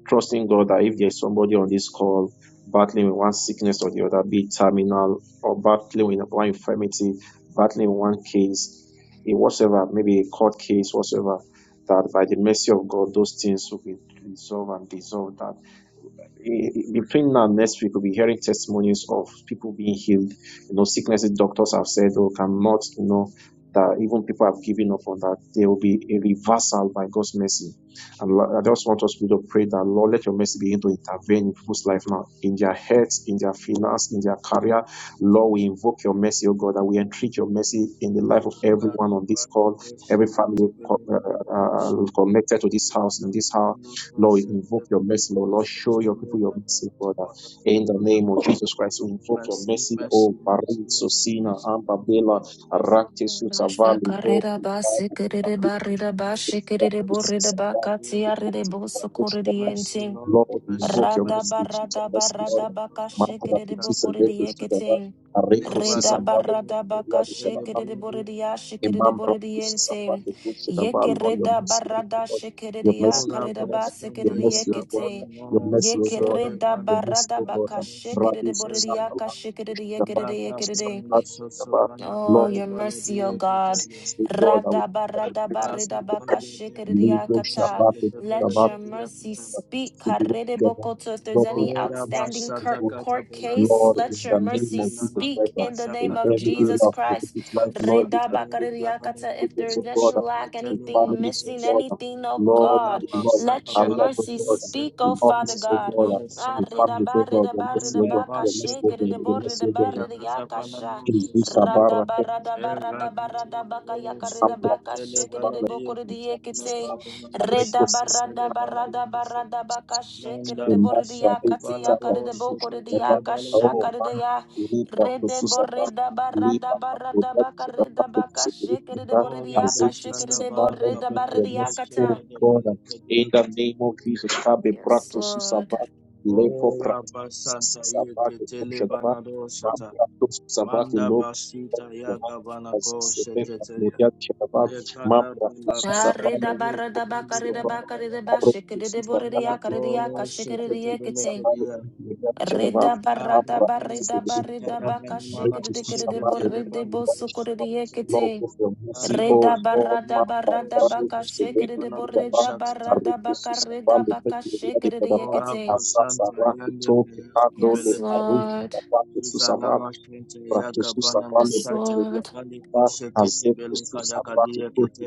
S7: trusting God that if there's somebody on this call battling with one sickness or the other, be it terminal or battling with one infirmity, battling with one case, in whatsoever, maybe a court case, whatsoever, that by the mercy of God, those things will be resolved and dissolved between now and next week, we'll be hearing testimonies of people being healed. You know, sicknesses doctors have said, oh, cannot, you know, that even people have given up on that. There will be a reversal by God's mercy. And I just want us to really pray that, Lord, let your mercy begin to intervene in people's life now, in their heads, in their finance, in their career. Lord, we invoke your mercy, oh God, that we entreat your mercy in the life of everyone on this call, every family uh, uh, uh, connected to this house, in this house Lord, we invoke your mercy, Lord. Lord, show your people your mercy, Father. In the name of Jesus Christ, we invoke your mercy, oh Barin, Sosina, Ambabela, Arakte, Susavali, oh
S1: Bashakaredabasikidibaridabashikidiboridabakhatiyaridibosokoridiente.
S7: Lord, we invoke your
S1: Rada
S7: mercy, we treat your
S1: barada
S7: mercy, Lord.
S1: barada baka
S7: Matra,
S1: shikiri de
S7: Petis, and
S1: bokuri de
S7: Reko, Shutava,
S1: yekiting.
S7: Areko,
S1: Rida barada baka
S7: Sisavale,
S1: shikiri boridi ya shikiri
S7: Imambra
S1: boridi yente.
S7: Sapati Kushidaba,
S1: Yeke
S7: Lord, your
S1: reda
S7: mercy, O
S1: barada
S7: God,
S1: shikiri de
S7: your
S1: ya
S7: mercy, O
S1: karida
S7: God,
S1: ba
S7: your
S1: sikiri de
S7: mercy, O God,
S1: yekite.
S7: your mercy, O
S1: Yeke
S7: God,
S1: reda
S7: your mercy,
S1: barada
S7: O
S1: baka
S7: God,
S1: shikiri
S7: Rabbi
S1: boridi ya ka
S7: Susapala,
S1: shikiri de
S7: Kushidaba,
S1: yekiri de yekiri de.
S7: Kushidaba, Kushidaba,
S1: Oh,
S7: Lord,
S1: your mercy, O God.
S7: O God, I will be a practice to the greatest Lebo
S1: Radabaradabaritabakashikiriakata.
S7: Shabbat,
S1: Let
S7: Kushidaba,
S1: your mercy speak.
S7: Kushidaba,
S1: Karedebokoto. If there's
S7: Lord, we
S1: any
S7: look at this,
S1: outstanding court,
S7: God.
S1: court case,
S7: Lord, in
S1: let your
S7: the name
S1: mercy
S7: of Jesus
S1: speak
S7: Christ,
S1: in the name
S7: in
S1: of
S7: every area
S1: Jesus
S7: of
S1: Christ.
S7: this life, Lord, in the
S1: Redabakariakata. If
S7: goodness
S1: there's
S7: of
S1: any
S7: God,
S1: lack,
S7: in
S1: anything
S7: families of
S1: missing,
S7: God,
S1: anything, oh
S7: Lord,
S1: God,
S7: in Lord, in
S1: let your
S7: career of
S1: mercy
S7: God,
S1: speak, oh
S7: in
S1: Father
S7: offices of
S1: God.
S7: God,
S1: Ah,
S7: in families of God, your mercy of God, your mercy of God, your mercy of God,
S1: redabaredabaredabakashikiriboredabariakasha.
S7: please do
S1: Yes,
S7: Sabara,
S1: Lord.
S7: in Abra, Sabara, in Sabara, Areko, Sabara, Emmanuel katika kushika au maana kulipa kususa bana kulipa hapo tatu tutapata tusijiripe bana azetu sasa bana mtoto wa Yesu oh God in the name of Jesus kabe
S1: Yes,
S7: prakto susa
S1: Lord.
S7: lepo prakto susa bana kumsha bana mambo susa bana lobo bana azise pepa kulia shaka bana mambo susa
S1: Karida barada bakarida
S7: bana
S1: bakarida bashikidi
S7: Reproducista
S1: borida
S7: prática
S1: yakarida
S7: reproducista
S1: yakashikidi
S7: vale prioridade chegava
S1: Reda
S7: a
S1: barada
S7: prática
S1: barida
S7: de
S1: barida baka
S7: to reproducista
S1: shikidikidi
S7: vale
S1: boridi
S7: prioridade
S1: bosukuri
S7: chegava logo
S1: yekiti.
S7: pelo CEO
S1: Reda
S7: forma
S1: barada
S7: para
S1: barada baka
S7: prática de
S1: shikidi
S7: reprodução
S1: borida
S7: a
S1: barada baka
S7: reproducista
S1: reda
S7: vale
S1: baka
S7: prioridade
S1: shikidi
S7: chegava a
S1: yekiti.
S7: sasa rato pecado le
S1: Yes,
S7: arroz
S1: Lord.
S7: Praktususa vale
S1: Yes,
S7: pekele
S1: Lord.
S7: baba haze kususa vake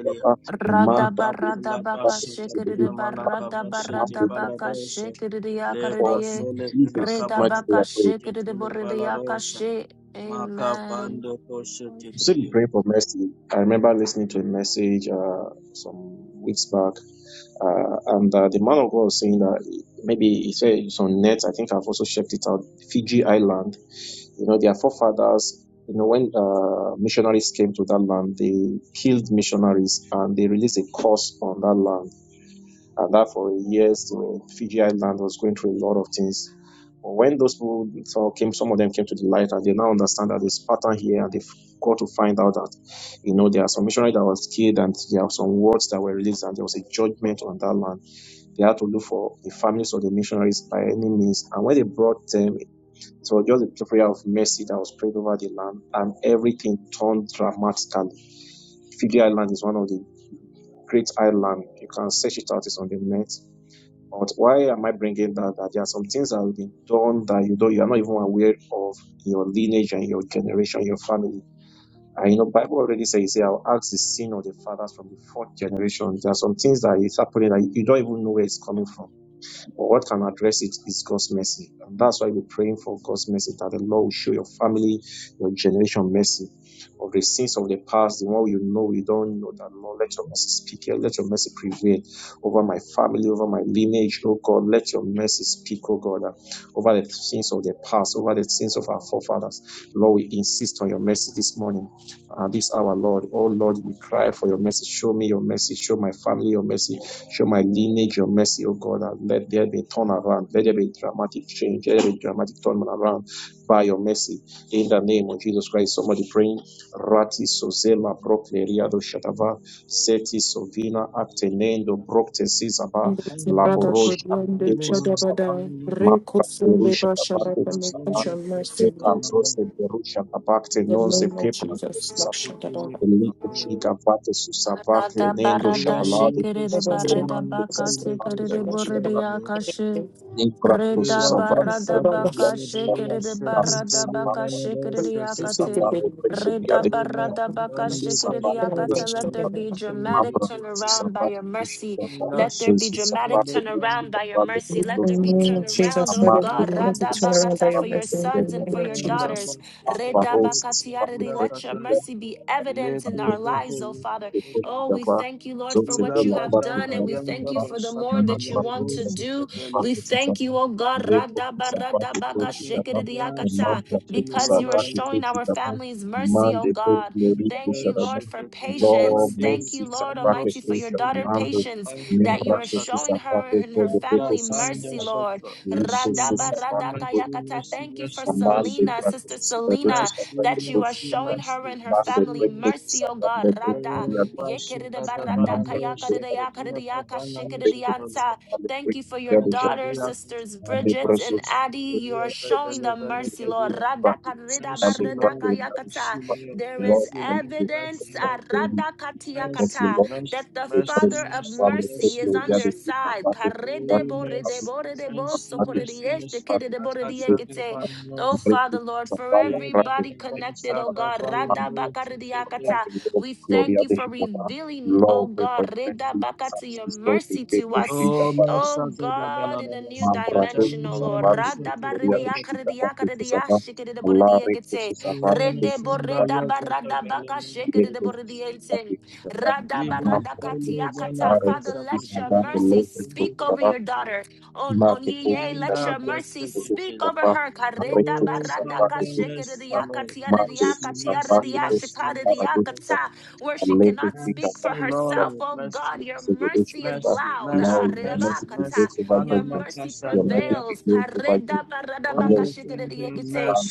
S7: baba imam
S1: Rada
S7: praktusa
S1: barada baka
S7: vake
S1: shikidi
S7: kusibirisha baba
S1: barada
S7: imam
S1: barada baka shikidi
S7: for
S1: yakaridi.
S7: in Jesus
S1: Reda
S7: mighty name I
S1: baka
S7: pray.
S1: shikidi boridi yakashi. Amen.
S7: You said you pray for mercy. I remember listening to a message uh, some weeks back uh, and uh, the man of God was saying that maybe he said it's on net. I think I've also checked it out. Fiji Island You know, their forefathers, you know, when uh, missionaries came to that land, they killed missionaries and they released a curse on that land. And that for years, the Fiji Island was going through a lot of things. But when those people saw came, some of them came to the light and they now understand that there's pattern here and they've got to find out that, you know, there are some missionaries that was killed and there are some words that were released and there was a judgment on that land. They had to look for the families of the missionaries by any means. And when they brought them it was just a prayer of mercy that was prayed over the land, and everything turned dramatically. Fiji Island is one of the great islands. You can search it out. It's on the net. But why am I bringing that? That there are some things that have been done that you don't, you are not even aware of in your lineage and your generation, your family. And you know, Bible already says, "I'll ask the sin of the fathers from the fourth generation." There are some things that is happening that you don't even know where it's coming from but what can address it is God's mercy. And that's why we're praying for God's mercy that the Lord will show your family, your generation mercy. Of the sins of the past, the one you know, you don't know that Lord, let your mercy speak here, let your mercy prevail over my family, over my lineage, oh God, let your mercy speak, oh God, uh, over the sins of the past, over the sins of our forefathers. Lord, we insist on your mercy this morning, uh, this hour, Lord. Oh Lord, we cry for your mercy. Show me your mercy, show my family your mercy Show my lineage your mercy, O God, and let there be turn around. Let there be a dramatic change. Let there be a dramatic turn around by your mercy. In the name of Jesus Christ, somebody praying. Rati Sozema Brokleriado Shatava Seti Sovina Atenendo Brokte Sisaba
S3: Ndesi brother
S7: Laborosh
S3: could learn the
S7: Apekos Saba
S3: Chadabada,
S7: Mapra
S3: Rekosunde
S7: Perusha Tabako
S3: Bashadaka, may
S7: Susaba
S3: touch your mercy
S7: Meka
S3: in
S7: Zose Perusha Tabakte
S3: the
S7: Nose
S3: name of
S7: Pepra
S3: Jesus. Like Shadabada,
S7: Eliko shika vate susavate
S1: Barada
S7: nendo
S1: barada
S7: shabalade
S1: shikiri
S3: Baba Shadabada,
S7: stopa
S1: barada baka
S7: susavate
S1: tikiri
S3: Baba
S7: kushida
S3: Shadabada,
S1: buridi
S7: vate
S1: akashi.
S7: nimbra
S1: Rida
S7: susavate
S1: barada
S3: Baba Shadabada, It's a lot
S7: kushida
S3: of
S1: baka
S7: vate
S1: shikiri
S7: shabalade asi
S3: um,
S1: barada baka shikiri
S3: it's
S1: akati.
S3: basically
S7: savate
S3: the mission is
S7: kushida
S1: Rida
S7: susavate kushida vate
S3: that I'm
S7: shabalade
S1: barada baka
S3: doing.
S1: shikiri
S7: susavate
S3: And I'm
S1: akata.
S3: just
S7: kushida
S1: Let
S3: trying to
S1: there
S3: help
S7: vate
S1: be
S3: people.
S1: dramatic
S7: mambra
S1: turnaround by
S7: susavate
S1: your mercy.
S7: kushida
S1: Let
S7: vate
S1: there be dramatic
S7: susavate
S1: turnaround
S7: kushida
S1: by your
S7: vate
S1: mercy.
S3: In
S1: Let
S3: the
S1: there be
S3: name of
S1: turnaround,
S3: Jesus,
S1: oh
S3: Father,
S7: amate
S3: we
S1: God.
S3: want to
S7: kushida
S1: Rada
S3: turn around by
S1: bakata for
S3: your
S7: susavate
S1: your
S3: mercy in the
S1: sons and
S3: name
S1: for
S3: of
S1: your
S3: Jesus.
S1: daughters. Rida
S7: Barosis
S1: bakatiariri. Let your
S7: wamekuwepo
S1: mercy be evident in our
S7: Maboresho
S1: lives, oh Father. Oh, we
S7: yaliyofanywa
S1: thank you, Lord, for
S7: zote
S1: what
S7: bila
S1: you have
S7: ambapo
S1: done, and we thank
S7: inaonekana
S1: you for the
S7: ni
S1: more that
S7: mambo
S1: you
S7: ambayo
S1: want to do.
S7: yanafaa
S1: We
S7: kutuza
S1: thank you, oh God,
S7: kuliko kusambaa kwetu kama ni
S1: Radabaradabakashikiridiakata,
S7: mambo ya
S1: because you are
S7: kusambaa kwetu
S1: showing our
S7: kama
S1: families mercy, oh
S7: mande kwetu
S1: God.
S7: lori
S1: Thank you,
S7: sharaba
S1: Lord, for
S7: lo
S1: patience. Thank
S7: mesi
S1: you, Lord
S7: sambake
S1: Almighty, for your
S7: kwetu
S1: daughter
S7: mambo
S1: patience that you
S7: membra
S1: are
S7: kusu
S1: showing her
S7: sambake
S1: and her
S7: kwetu kwetu
S1: family mercy,
S7: sambake
S1: Lord.
S7: kuliko sambake kwetu
S1: Radabaradakayakata. Thank you for
S7: among the
S1: Selena, Sister
S7: practices that also
S1: Selena,
S7: suffer the
S1: that you
S7: growth
S1: are
S7: of the
S1: showing her and her
S7: among the
S1: family
S7: breakthrough to
S1: mercy, oh
S7: suffer
S1: God.
S7: the
S1: Rada.
S7: breakthrough the
S1: Yekerede barada
S7: among the
S1: kayakarede
S7: breakthrough
S1: yakarede
S7: the
S1: yakashikerede
S7: breakthrough
S1: yanta.
S7: the
S1: Thank you for your
S7: breakthrough
S1: daughter, sisters
S7: Ande
S1: Bridget and
S7: bratos,
S1: Addie. You
S7: ande
S1: are showing
S7: bratos,
S1: them
S7: ande
S1: mercy, Lord.
S7: bratos, ande
S1: Rada
S7: bratos,
S1: kareda
S7: ande
S1: barada
S7: bratos,
S1: kayakata.
S7: ande bratos.
S1: There is
S7: Lord, thank you for
S1: evidence ah,
S7: sustaining
S1: rada
S7: me. Thank you,
S1: katiyakata,
S7: Lord.
S1: that the
S7: The
S1: Father
S7: process
S1: of
S7: of our great
S1: mercy is on their
S7: loyalty to the
S1: side.
S7: Father, to God,
S1: Karede
S7: our
S1: borede
S7: greatness
S1: borede
S7: is
S1: bo
S7: from God, to
S1: sokorede
S7: the Father,
S1: yeshekerede
S7: to
S1: borede
S7: the Lord, to
S1: yekete.
S7: God.
S1: Oh,
S7: Our
S1: Father,
S7: greatness
S1: Lord,
S7: is of
S1: for
S7: God, our great
S1: everybody
S7: loyalty to the
S1: connected, oh
S7: Father.
S1: God. Rada
S7: Man, our
S1: bakarede
S7: greatness of God, the Lord,
S1: we
S7: the glory
S1: thank
S7: of
S1: you
S7: the
S1: for
S7: Son of God.
S1: revealing, oh
S7: Lord, pray
S1: God,
S7: for
S1: Reda
S7: mercy,
S1: Bakati,
S7: such
S1: your
S7: is the
S1: mercy
S7: faith
S1: to
S7: of
S1: us.
S7: the Father, to
S1: Oh
S7: the Son of God.
S1: God, in a new
S7: Mambrato
S1: dimension,
S7: to
S1: oh Lord.
S7: Savar, the
S1: Rada
S7: Gloria
S1: Baridi
S7: Vishita,
S1: Yakaridi
S7: to
S1: Yakaridi
S7: Savar,
S1: Yashikidi
S7: Allah,
S1: Boridi
S7: to
S1: Ekete.
S7: Savar, to
S1: Rede
S7: Savar,
S1: Borida Barada Baka
S7: to Savar,
S1: Shikidi
S7: to
S1: Boridi Ente.
S7: Savar,
S1: Rada Barada
S7: Mambrato to
S1: Katia Kata.
S7: Savar,
S1: Father,
S7: to
S1: let your
S7: Savar, the
S1: mercy
S7: Lord, to
S1: speak over
S7: Savar,
S1: your daughter on on
S7: Mate
S1: ye yea,
S7: Pushika,
S1: let your mercy
S7: to
S1: speak over
S7: Savar,
S1: her Kareda
S7: Recto to Savar,
S1: baradaka
S7: to Savar,
S1: shekerediaka
S7: Mate
S1: tiarediaka
S7: to Savar,
S1: tiaredia
S7: to Savar,
S1: shikarediaka ta. where she cannot
S7: to
S1: speak for
S7: Savar,
S1: herself
S7: Aleco
S1: oh god your
S7: single issue,
S1: mercy is loud Ah,
S7: your mercy
S1: redabaka ta.
S7: prevails over
S1: your
S7: judgment.
S1: mercy
S7: Your mercy
S1: prevails
S7: prevails over
S1: Kareda
S7: judgment. Father,
S1: baradabaka
S7: we thank you,
S1: shekerediakite.
S7: Father.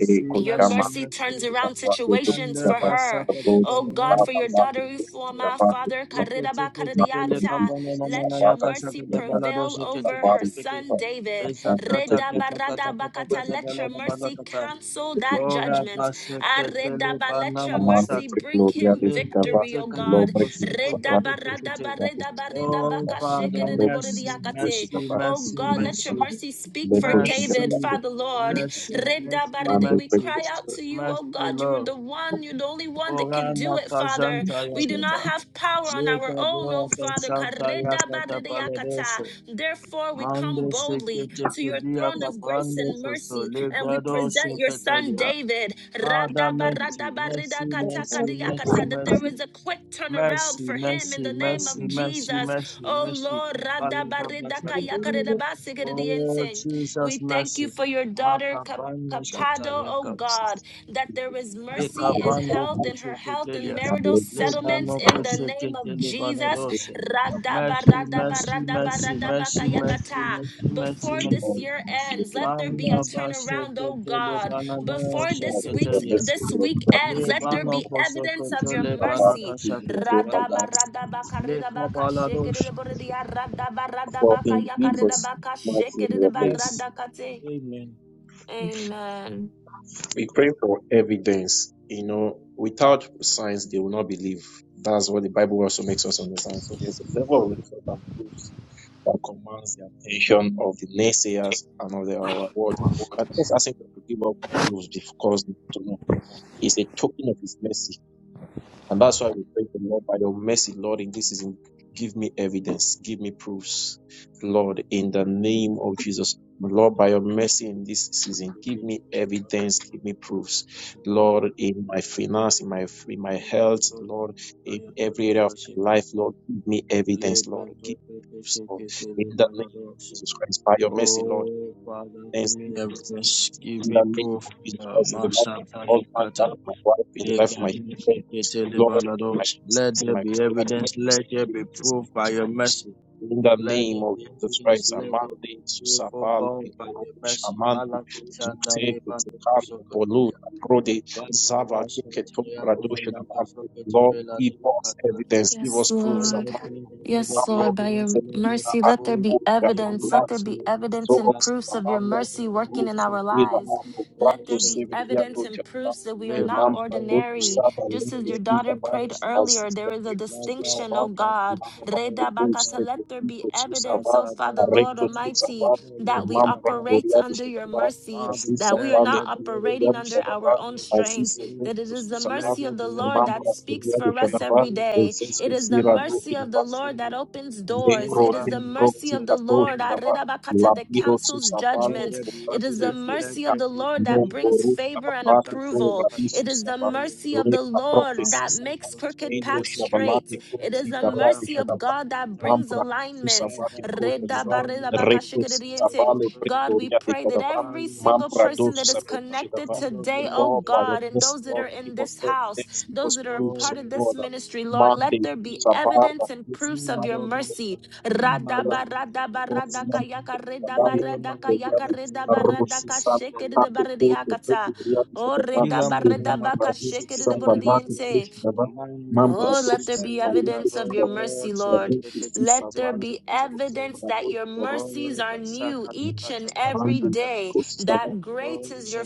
S7: Eh,
S1: Your mercy
S7: eh,
S1: turns around
S7: Kusapa, eh,
S1: situations for her.
S7: the Lord's
S1: Oh God, for
S7: Kitaba,
S1: your daughter
S7: Maki,
S1: Ufuama,
S7: Koshitaba, eh,
S1: Father,
S7: Kusapa,
S1: Karidaba
S7: Maki,
S1: Karadianta,
S7: Jesus,
S1: let
S7: Sisaba,
S1: your
S7: Break
S1: mercy
S7: your
S1: prevail over her son David.
S7: Amaki, Break your
S1: Redaba Radabakata, let your mercy cancel that judgment. Aredaba, let your
S7: Amanda
S1: mercy
S7: Frick
S1: bring
S7: Gloria
S1: him
S7: de Gava,
S1: victory, oh
S7: Low
S1: God.
S7: Breakfast Sacrat,
S1: Redaba Radaba Redaba Redabaka Shekeredeboridiakate. Oh God, let your mercy speak for
S7: Leko Shiga,
S1: David, Father Lord. God. Reda
S7: Amanda
S1: baride, We cry
S7: Breakfast
S1: out to you, oh God. You're the one, you're the only one that can do it, Father. We do not have power on our own, oh Father. Kareda baride yakata. Therefore, we come boldly to your throne of grace and mercy, and we present your son David. Rada barada barida kata kadiyakata, That there is a quick turnaround for him in the name of Jesus. Oh Lord, Rada barida kaya kareda basigiridiense. We thank you for your daughter, Cap-
S7: Champions,
S1: Capado, oh God, that there is mercy and health, in her health, and
S7: and
S1: marital
S7: Leko
S1: settlements in the name of Jesus. Radaba, radaba, radaba, radaba, kayakata. Before this year ends, let there be a turnaround, oh God. Before this week's this week ends, let there be evidence of your mercy.
S7: Shiga,
S1: Radaba radaba karida baka shekere de boridia radaba
S7: For
S1: radaba
S7: in
S1: kaya karida
S7: Jesus'
S1: baka
S7: mighty
S1: shekere
S7: name
S1: de
S7: we pray.
S1: barada kate. Amen.
S7: We pray for evidence. You know, without signs, they will not believe. That's what the Bible also makes us understand. So there's a level of research and proofs that commands the attention of the naysayers and of the, our world. But us asking God to give up proofs because they don't know. It's a token of His mercy. And that's why we pray to the Lord by your mercy, Lord, in this season, give me evidence, give me proofs, Lord, in the name of Jesus. Lord, by your mercy in this season, give me evidence, give me proofs, Lord, in my finance, in my in my health, Lord, in every area of my life, Lord, give me evidence, Lord, give me proofs, Lord, in the name of Jesus Christ, by your mercy, Lord there's in the name of Jesus Christ in the life of all my husband, life of my wife, in the life of my children, Lord, in my business, in my career, Jesus, in this house. In the name of Jesus Christ, Amande, Susabal, Amande, Zukte, Kutukan, Polu, Prode, Zava, Keketum, Radoshan, Lord, give us evidence, give
S1: Yes,
S7: us proofs,
S1: Lord.
S7: Amande,
S1: Yes,
S7: Mambro,
S1: Lord, by your
S7: Zepina,
S1: mercy, let there be
S7: Akiko,
S1: evidence. Let there be evidence and
S7: Zoros,
S1: proofs of your
S7: Lamando,
S1: mercy working in
S7: Rufu,
S1: our
S7: Vila,
S1: lives.
S7: Ambo,
S1: Let
S7: Brato,
S1: there be
S7: Severia,
S1: evidence
S7: Docha,
S1: and
S7: Ba,
S1: proofs that we are not
S7: Emamba, Dotu,
S1: ordinary.
S7: Saba,
S1: Just as
S7: Leku,
S1: your
S7: Shida,
S1: daughter
S7: Ba,
S1: prayed earlier,
S7: Azista,
S1: there is a
S7: Recto, Susa,
S1: distinction,
S7: Ba,
S1: oh God.
S7: Emamba,
S1: Reda
S7: Leku,
S1: bakata, Let there be
S7: Severico, Susa,
S1: evidence,
S7: Ba,
S1: oh Father, Lord
S7: Recto, Susa,
S1: Almighty,
S7: Ba,
S1: that we
S7: Emamba,
S1: operate
S7: Gloria,
S1: under
S7: Docha,
S1: your
S7: Ba,
S1: mercy,
S7: Azisa,
S1: that we are
S7: Ba,
S1: not
S7: Leku, Gloria,
S1: operating under
S7: Docha, Ba,
S1: our own strength,
S7: Azisa,
S1: that
S7: Recto,
S1: it is the
S7: Susa, Ba,
S1: mercy of the Lord that
S7: Emamba,
S1: speaks
S7: Gloria,
S1: for
S7: Docha,
S1: us
S7: Ba,
S1: every day. It
S7: Francisco,
S1: is the
S7: Sira,
S1: mercy of the Lord that opens doors.
S7: Negro
S1: It is the
S7: timbro
S1: mercy of
S7: tica
S1: the Lord
S7: tosha daba.
S1: Arirabakata, that
S7: Labiro
S1: cancels
S7: susavalo
S1: judgment. It is
S7: cobrante
S1: the mercy
S7: lieta.
S1: of the Lord
S7: Non
S1: that brings
S7: borusha
S1: favor and
S7: bablate con
S1: approval.
S7: radisu
S1: It is the
S7: saba.
S1: mercy of the
S7: Lepa
S1: Lord
S7: profesi
S1: that
S7: saba.
S1: makes crooked
S7: Endo
S1: paths
S7: shabalate
S1: straight. It
S7: kursi
S1: is the
S7: barade
S1: mercy of
S7: shadaba.
S1: God that brings
S7: Mambra
S1: alignment.
S7: susavate kota daba. Recto
S1: Redabarirabakashikiriente.
S7: sitabale
S1: God, we
S7: pretoria de
S1: pray that
S7: kadaba.
S1: every single
S7: Mambra
S1: person
S7: dosu
S1: that is
S7: saberu
S1: connected
S7: shadaba.
S1: today, oh
S7: Lord, by your
S1: God, and
S7: mercy,
S1: those that
S7: Lord,
S1: are in
S7: give us
S1: this house,
S7: evidence, give us
S1: those that are a
S7: proofs
S1: part
S7: of
S1: of this
S7: God.
S1: ministry, Lord, let
S7: Monday,
S1: there be evidence and
S7: Sabbath,
S1: proofs of your mercy. Radaba, radaba, radaka, yaka, redaba, radaka, yaka, redaba, radaka, shekedidabaridiyakata. Oh, redaba, redaba, ka, shekedidabaridiyente. Oh, let there be evidence of your mercy, Lord. Let there be evidence that your mercies are new each and every day. That great is your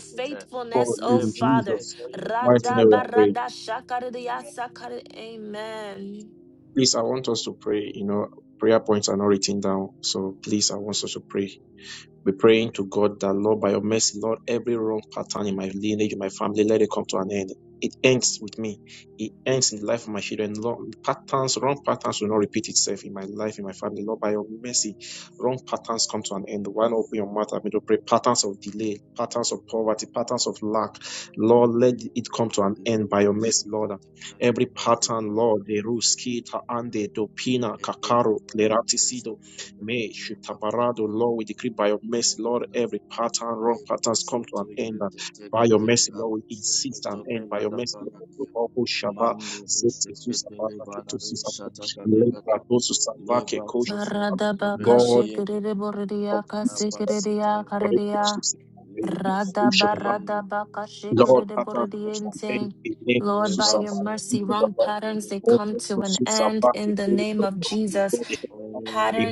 S7: for
S1: faithfulness, oh
S7: in
S1: Father.
S7: Jesus' mighty name we are praying.
S1: Radabaradashakaridiyasakari- Amen.
S7: Please, I want us to pray. You know, prayer points are not written down. So please, I want us to pray be praying to God that, Lord, by your mercy, Lord, every wrong pattern in my lineage, in my family, let it come to an end. It ends with me. It ends in the life of my children. Lord, patterns, wrong patterns will not repeat itself in my life, in my family. Lord, by your mercy, wrong patterns come to an end. Why not open your mouth and begin to pray? Patterns of delay, patterns of poverty, patterns of lack. Lord, let it come to an end by your mercy, Lord. Every pattern, Lord, the ruski, taande, dopina, kakaro, lerati, May Shitabarado, Lord, we decree by your mercy, Lord, every pattern, wrong patterns come to an end. And by your mercy, Lord, we insist an end. By your mercy, Lord, we Shaba, safety, Susaba, Raketo, Susaba, Lebra, Dosu, Savake, Koshaba, Lord, of Jesus Christ, Raketo,
S1: Baradabakashikiridiboridiyakasikiridiya
S7: Susaba, Believe,
S1: Radaba, radaba,
S7: Lord, Papa, comes an end,
S1: kashikiriborodiente.
S7: in name of
S1: Lord, by your mercy, wrong
S7: Susaba,
S1: patterns, they
S7: in
S1: come to an end in the name of Jesus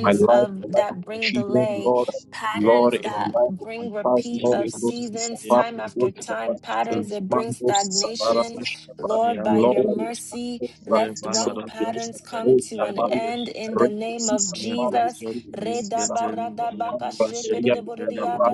S7: my life, the
S1: of
S7: life of
S1: that
S7: my
S1: bring
S7: children,
S1: delay
S7: Lord, Lord,
S1: patterns
S7: in the
S1: that
S7: life of my
S1: bring
S7: spouse,
S1: repeat
S7: Lord,
S1: of
S7: it goes to
S1: seasons
S7: Sabah,
S1: time
S7: it
S1: after
S7: goes to
S1: time
S7: Sabah, and
S1: patterns that
S7: my
S1: bring
S7: man goes to Sabah, it
S1: stagnation
S7: goes to Sabah.
S1: lord by your
S7: Lord, we ask
S1: mercy
S7: for
S1: let
S7: practice of
S1: wrong
S7: the name,
S1: patterns come
S7: Lord,
S1: to an
S7: Sabah, Lord,
S1: end
S7: I
S1: in the
S7: read
S1: name of jesus
S7: to
S1: re
S7: see
S1: help
S7: Sabah, Gloria Pichadabal,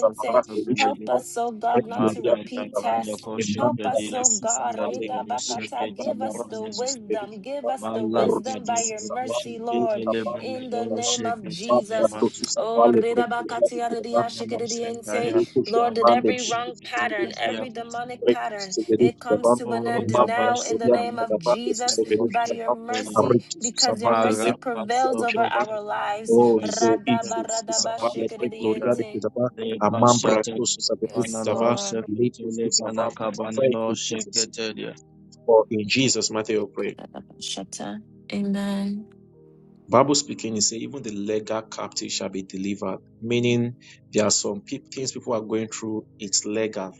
S7: Samarak, Rishon,
S1: us oh god
S7: Rek
S1: not to
S7: Gloria
S1: repeat
S7: Pichadabal,
S1: tests Help
S7: Emmanuel
S1: us, oh
S7: Atisi
S1: God. re
S7: Savale,
S1: da
S7: Karush,
S1: Give
S7: Atara,
S1: us the
S7: Jesus,
S1: wisdom. Give
S7: Perishitaba,
S1: us the wisdom by
S7: Rutis
S1: your mercy,
S7: Savale,
S1: Lord
S7: Tabal,
S1: in the
S7: Tabal,
S1: name of
S7: Mata,
S1: Jesus.
S7: Tosu
S1: Oh,
S7: Savale, Rek Gloria
S1: rirabakatia
S7: Pichadabal,
S1: ridiashikididiense.
S7: Likus,
S1: Lord, that
S7: Mande,
S1: every wrong
S7: Likus,
S1: pattern,
S7: Pichadabal,
S1: every demonic pattern,
S7: Rectus,
S1: it comes
S7: Pichadabal,
S1: to an end
S7: Amambra,
S1: now in the
S7: Gloria
S1: name of
S7: Pichadabal, Jesus,
S1: Jesus by your
S7: Pichadabal,
S1: mercy,
S7: Arritus,
S1: because your
S7: Savate,
S1: mercy prevails over
S7: Lepre,
S1: our lives.
S7: Oh, de Isus, Isava, Lepre, Gloria, de
S1: Radabaradabashikididiense.
S7: Kizava, Amambra, Kusus, Averush,
S1: Yes,
S7: Zava,
S1: Lord.
S7: Lepus, Isava. Thank you, Jesus. For in Jesus' mighty name we pray.
S1: Kadabashata. Amen.
S7: Bible speaking, it says, even the legal captive shall be delivered. Meaning, there are some peop things people are going through, it's legal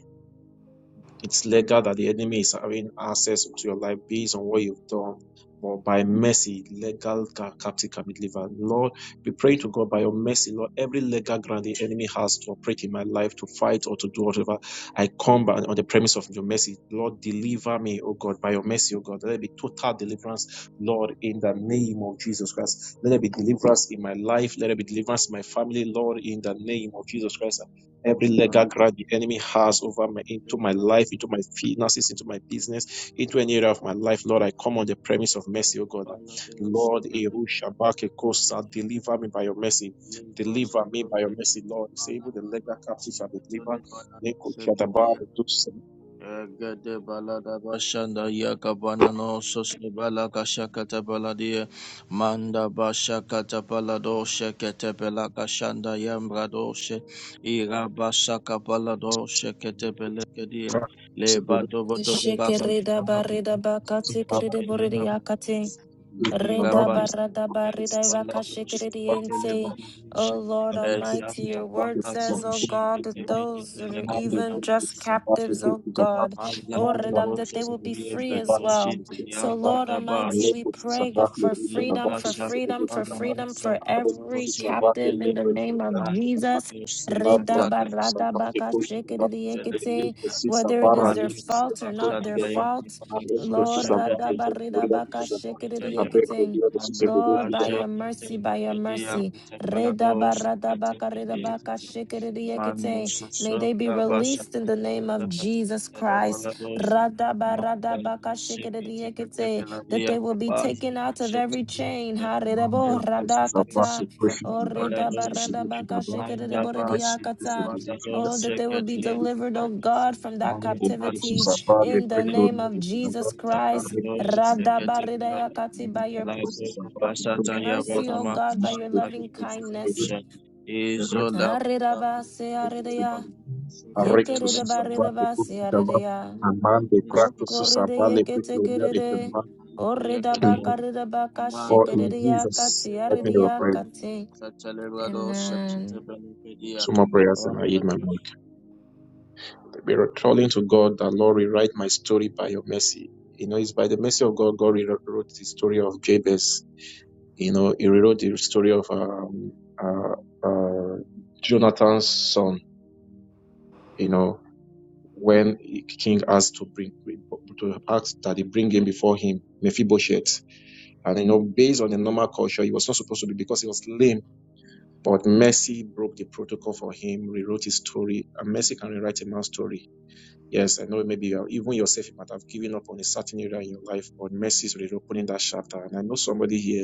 S7: It's legal that the enemy is having access to your life based on what you've done. But by mercy, legal ca- captive can be delivered. Lord, we pray to God by your mercy, Lord, every legal ground the enemy has to operate in my life, to fight or to do whatever, I come by, on the premise of your mercy. Lord, deliver me, oh God, by your mercy, oh God. Let there be total deliverance, Lord, in the name of Jesus Christ. Let there be deliverance in my life. Let there be deliverance in my family, Lord, in the name of Jesus Christ. Every legal grant the enemy has over my into my life, into my finances, into my business, into any area of my life, Lord, I come on the premise of mercy, O God. Lord, Eru Shabake Kosa, deliver me by your mercy. Deliver me by your mercy, Lord. You say, even the legal captive shall be delivered. Neko Shadaba, the Dukes so the
S1: Shikiridabaridabakatikidiboridiakati. Reda Redabaradabaridaibakashikiririyente. O Lord Almighty, your word says, O God, that those that are
S7: Mande
S1: even just
S7: kuhusu sababu
S1: captives, O
S7: kuhusu sababu
S1: God, O
S7: mambo
S1: Reda, that
S7: kuhusu
S1: they will
S7: sababu
S1: be
S7: kuhusu
S1: free as
S7: sababu kuhusu
S1: well. So,
S7: sababu
S1: Lord Almighty,
S7: ale
S1: we
S7: kuhusu
S1: pray go
S7: sababu
S1: for
S7: kuhusu
S1: freedom,
S7: sababu
S1: for
S7: kuhusu
S1: freedom,
S7: sababu kuhusu
S1: for
S7: sababu
S1: freedom for
S7: ale kuhusu
S1: every
S7: sababu
S1: captive in the
S7: ale
S1: name of
S7: kuhusu sababu
S1: Jesus. Reda
S7: Labra kuhusu sababu kuhusu sababu ele
S1: Redabaradabakashikiririyekete.
S7: kuhusu
S1: Whether it
S7: sababu
S1: is their
S7: ale
S1: fault or
S7: kuhusu
S1: not their
S7: sababu
S1: fault,
S7: ale kuhusu
S1: Lord,
S7: sababu ale
S1: radabaridabaka
S7: kuhusu sababu Abe kuhusu kuhusu sababu
S1: Lord,
S7: kuhusu
S1: by your
S7: sababu
S1: mercy, by your mercy, redabaradabaka may they be released in the name of Jesus Christ. Radabaradabaka That they will be taken out of every chain. Ha
S7: Mambo kuhusu sababu
S1: radakata.
S7: kuhusu
S1: O
S7: sababu kuhusu sababu kuhusu
S1: redabaradabaka
S7: sababu Abe kuhusu sababu
S1: Oh, that they will be delivered, oh God, from that
S7: Mano de Poço
S1: captivity
S7: Savale,
S1: in the name
S7: Precloria
S1: of
S7: de Sadavá,
S1: Jesus Christ.
S7: Arreco de
S1: Radabaridayakati, By your
S7: Poço Savá, Precloria de Sadavá,
S1: mercy, O God, by
S7: Mano
S1: your
S7: de
S1: loving
S7: Poço Savale,
S1: kindness. Aridabasearidaya,
S7: Arreco de Savá, Precloria de Sadavá,
S1: yekeridabaridabasearidaya,
S7: Amande Prato Susavale, Precloria de
S1: okoridayekitekeride,
S7: Sadavá, for in Jesus, let me pray.
S1: oridabakaridabakashikeridayakatiaridayakati. Amen.
S7: Two more prayers and I eat my mic. Be calling to God that Lord rewrite my story by your mercy. You know, it's by the mercy of God, God rewrote the story of Jabez You know, he rewrote the story of um, uh, uh, Jonathan's son. You know, when King asked to bring to ask that he bring him before him Mephibosheth, and you know, based on the normal culture, he was not supposed to be because he was lame. But mercy broke the protocol for him, rewrote his story, and mercy can rewrite a man's story. Yes, I know maybe you are- even yourself you might have given up on a certain area in your life, but mercy is reopening that chapter. And I know somebody here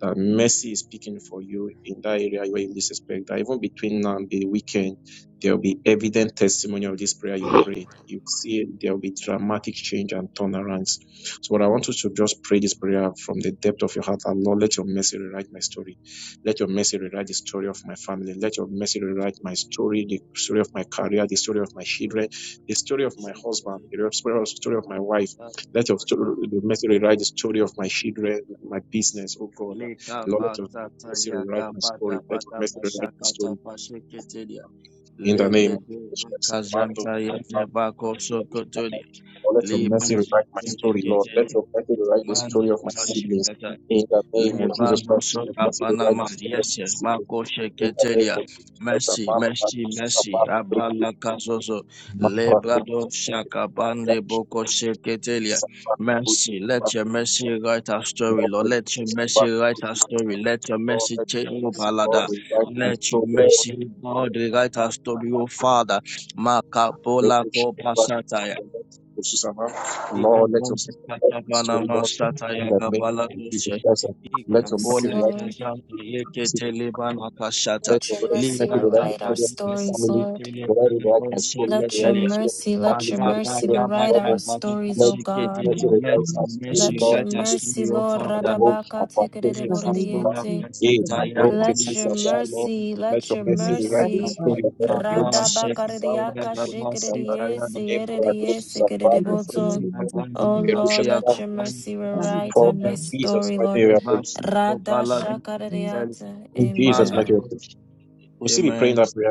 S7: that mercy is speaking for you in that area where you least expect that even between now and the weekend, there will be evident testimony of this prayer you've prayed. You see, there will be dramatic change and turnarounds. So, what I want you to just pray this prayer from the depth of your heart that Lord, let your mercy rewrite my story. Let your mercy rewrite the story of my family. Let your mercy rewrite my story, the story of my career, the story of my children, the story of my husband, the story story of my wife. Let your story, the mercy rewrite the story of my children, my business, oh God. Lord, mercy rewrite my story. Let your mercy rewrite my story in the name of Jesus Christ. Amando, amando, amando. Lord, let your mercy rewrite my story, Lord. Let your mercy rewrite the story of my siblings in the name of Jesus Christ. Let your mercy rewrite the story of my siblings in the name of Jesus Christ. Amando, amando, amando, breakthrough, amando, amando, amando, breakthrough, amando, amando, amando, breakthrough. Lord, for Jesus, Father, for Jesus, Lord, Lord, let the mercy, Lord, revive my soul, Lord. Let the sheep of God, Jesus, Lord, Lord, let your mercy, Lord, restore, Lord, in the name of Jesus Christ. Let your
S1: Yes,
S7: mercy,
S1: Lord.
S7: right, Let
S1: Let
S7: the
S1: your
S7: rest make
S1: mercy
S7: it write the
S1: rewrite our
S7: story of my
S1: stories,
S7: family.
S1: Lord.
S7: The Lord will write my story. Let the
S1: Let your
S7: write the story of my
S1: mercy, let
S7: family.
S1: your
S7: Let The
S1: mercy
S7: story of
S1: rewrite
S7: my
S1: our
S7: brothers.
S1: stories,
S7: Let
S1: O
S7: the
S1: God.
S7: let it write our story,
S1: Let
S7: Lord,
S1: your
S7: in this
S1: mercy,
S7: city.
S1: Lord,
S7: Rosh
S1: Radabaka
S7: Hapatetus Shabbat.
S1: tikerereborediyete.
S7: Eh, my protest
S1: Let
S7: is
S1: your
S7: about, Lord.
S1: mercy,
S7: Let
S1: let
S7: your
S1: your
S7: mercy rewrite my
S1: mercy,
S7: story, Lord. Let this mercy
S1: Radabaka
S7: serve and
S1: rediyaka
S7: to put you down.
S1: shikereriyese,
S7: Eh, Brados
S1: yereriyese
S7: Shabbat. We pray for
S1: kerereboto.
S7: you.
S1: Oh
S7: Eh, Rosh
S1: Lord,
S7: Hashanah.
S1: let your mercy rewrite
S7: For
S1: on my
S7: in Jesus'
S1: story,
S7: mighty name
S1: Lord.
S7: we are praying.
S1: Radashaka rediyate.
S7: In Jesus' mighty
S1: Amen.
S7: name we are praying. We'll still be praying that prayer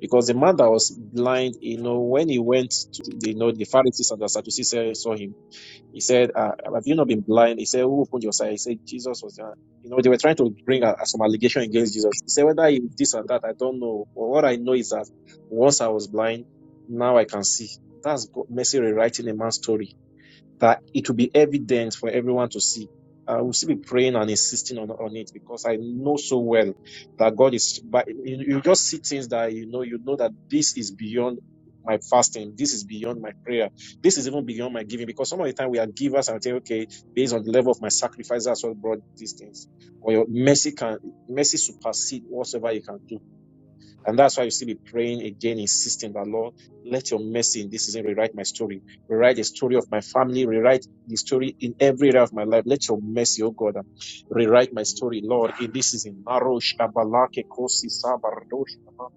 S7: Because the man that was blind, you know, when he went to, you know, the Pharisees and the Sadducees saw saw him, he said, uh, Have you not been blind? He said, Who opened your sight? He said, Jesus was there. You know, they were trying to bring uh, some allegation against Jesus. He said, Whether he this or that, I don't know. But what I know is that once I was blind, now I can see. That's God, mercy rewriting a man's story that it will be evident for everyone to see. I will still be praying and insisting on, on it because I know so well that God is, but you, you just see things that you know, you know that this is beyond my fasting. This is beyond my prayer. This is even beyond my giving because some of the time we are givers and think, okay, based on the level of my sacrifice, that's what brought these things. Or your mercy can, mercy supersede whatsoever you can do and that's why you see me praying again, insisting that Lord, let your mercy in this season rewrite my story. Rewrite the story of my family. Rewrite the story in every area of my life. Let your mercy, oh God, um, rewrite my story, Lord, in this season. Marosh, Abalake, Kosi, Sabarosh, Abba,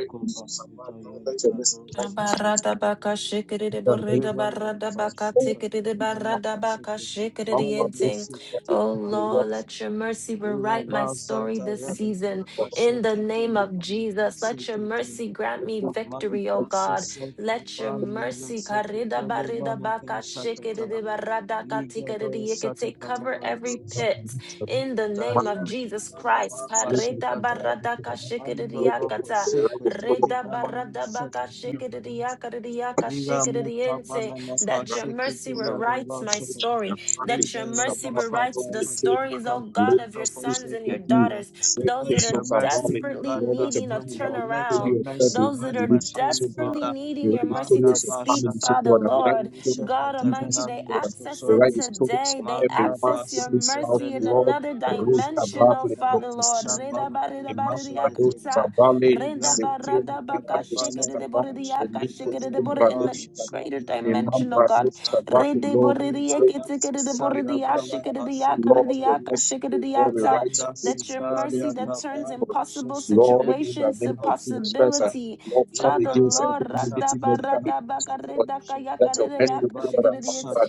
S7: Ere, Jesus, Abba, Lord, Let your mercy
S1: Barada baka shikiri de
S7: rewrite
S1: borida barada baka tikiri de barada baka shikiri de yenting. Oh Lord, let your mercy rewrite my story this season. In the name of Jesus, let your mercy grant me victory, oh God. Let your mercy karida barida baka shikiri de barada ka tikiri de yekete cover every pit. In the name of Jesus Christ, karida
S7: in the name of
S1: barada
S7: God.
S1: ka shikiri de
S7: Let me just
S1: yakata.
S7: rewrite the righteous put up
S1: Reda
S7: my family,
S1: barada
S7: The
S1: baka
S7: Son of my
S1: shikiriya
S7: ministry, the
S1: kariya
S7: Torah of
S1: ka
S7: my business,
S1: shikiriyente.
S7: that a the
S1: That your
S7: right of
S1: mercy
S7: order.
S1: rewrites my
S7: Riches
S1: story.
S7: and
S1: That
S7: markets
S1: your
S7: is
S1: mercy
S7: above and
S1: rewrites
S7: not
S1: the
S7: the table.
S1: stories, oh God,
S7: Let
S1: of your
S7: us push
S1: sons and
S7: the
S1: your
S7: be.
S1: daughters.
S7: Zeke
S1: Those that are
S7: of our valley.
S1: desperately
S7: Lord, let your
S1: needing a
S7: beauty write the
S1: turnaround.
S7: story of
S1: Those
S7: everyone
S1: that
S7: in
S1: are
S7: this house, oh God.
S1: desperately
S7: We
S1: needing your
S7: write the
S1: mercy to
S7: stories of
S1: speak,
S7: families, oh
S1: Father
S7: God. We write the
S1: Lord.
S7: stories of
S1: God Almighty,
S7: business,
S1: they
S7: oh God.
S1: access
S7: We
S1: it
S7: write the stories
S1: today.
S7: of
S1: They
S7: everyone
S1: access
S7: in
S1: your
S7: this house,
S1: mercy in
S7: Lord.
S1: another
S7: Rosh
S1: dimension, oh
S7: Abba,
S1: Father Lord. Reda barada barada
S7: Imambrado
S1: yakata.
S7: Sabale
S1: Renda
S7: Zetero
S1: barada baka
S7: Pilato
S1: shikere de
S7: Sisaba
S1: bore de yaka
S7: Elipo
S1: shikere de bore
S7: Simbrado
S1: in the
S7: Shibaba
S1: greater dimension, oh
S7: Imambrado
S1: God.
S7: Sabato
S1: Rede bore
S7: Lord
S1: de yeke
S7: Zetero
S1: tikere de bore de
S7: Sisabeto
S1: ya
S7: Shababa
S1: shikere de yaka de
S7: Lord your
S1: yaka
S7: mercy
S1: shikere
S7: O
S1: de
S7: God the
S1: yata.
S7: right spirit
S1: That your
S7: and destiny
S1: mercy
S7: in
S1: that
S7: this house,
S1: turns
S7: Lord
S1: impossible
S7: Lord in the
S1: situations to
S7: name of Jesus Christ uh,
S1: possibility.
S7: Lord turn
S1: Father,
S7: against every
S1: Lord, rada
S7: negative mentality
S1: barada baka reda kayaka
S7: that's your
S1: de
S7: best way
S1: yaka
S7: to God.
S1: shikere
S7: I'm
S1: de
S7: not
S1: yete.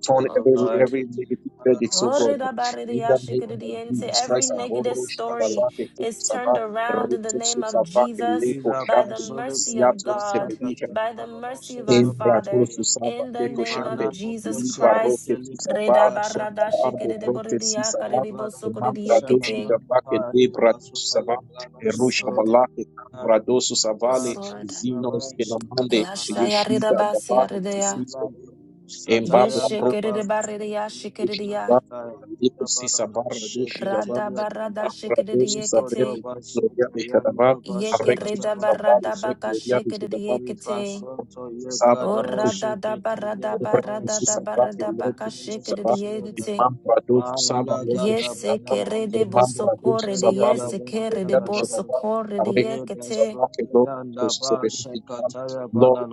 S7: Turn
S1: Oh
S7: every
S1: Lord.
S7: every negative verdict, so God. In the name of
S1: Orida-barida-yashikiridiente.
S7: Jesus
S1: Every
S7: Christ, I'm
S1: negative
S7: borrow
S1: story
S7: Shabalate Kutu
S1: is turned
S7: Sabah,
S1: around in the
S7: Ritu
S1: name of
S7: Susabake
S1: Jesus
S7: Lepo
S1: by the
S7: Shabi,
S1: mercy of
S7: Ziato
S1: God,
S7: Sebedika.
S1: by the mercy of our
S7: Embrato
S1: Father,
S7: Susava
S1: in the
S7: Teko
S1: name of
S7: Shambe,
S1: Jesus
S7: Liba
S1: Christ.
S7: Roke Susava, Abe Brote Susava, Emambra Doshi
S1: Rida-barada-shikiridiboridiyakaridibosokoridiyekete.
S7: Davake Libra Susava,
S1: Yes,
S7: Erusha
S1: Lord.
S7: Balake, Ambrado
S1: Yes,
S7: Susavale,
S1: Lord.
S7: Zinos Kenamande, Yeshida Babaro
S1: Ayashayarida-basiyaridaya.
S7: Sisifo, Embabla Brote
S1: Yeshikiridibaridiyashikiridiya.
S7: Shidava, Lipo Sisavara Doshi Dava, Amambra
S1: Radabaradashikiridi
S7: Dosu
S1: yekete.
S7: Savele, Gloria de Shadava, Arectus
S1: Yekereda
S7: Savale,
S1: barada baka
S7: Gloria de
S1: shekerede
S7: Shadava,
S1: yekete. Orada da barada
S7: Добрый
S1: barada
S7: Иисус
S1: da
S7: Сабра,
S1: barada
S7: Перелог
S1: baka
S7: Иисус
S1: shekerede
S7: Сабра,
S1: yekete.
S7: Имам Браду Сусаба, Лейко
S1: Yese
S7: Шиндава,
S1: kerede
S7: Имам
S1: boso
S7: Браду
S1: korede
S7: Сусаба,
S1: yese
S7: Лейко
S1: kere de
S7: Яда
S1: boso
S7: Шиндава,
S1: de
S7: Арейко
S1: yekete.
S7: Сусаба, Перелог Иисус Сабра, Имам, Lord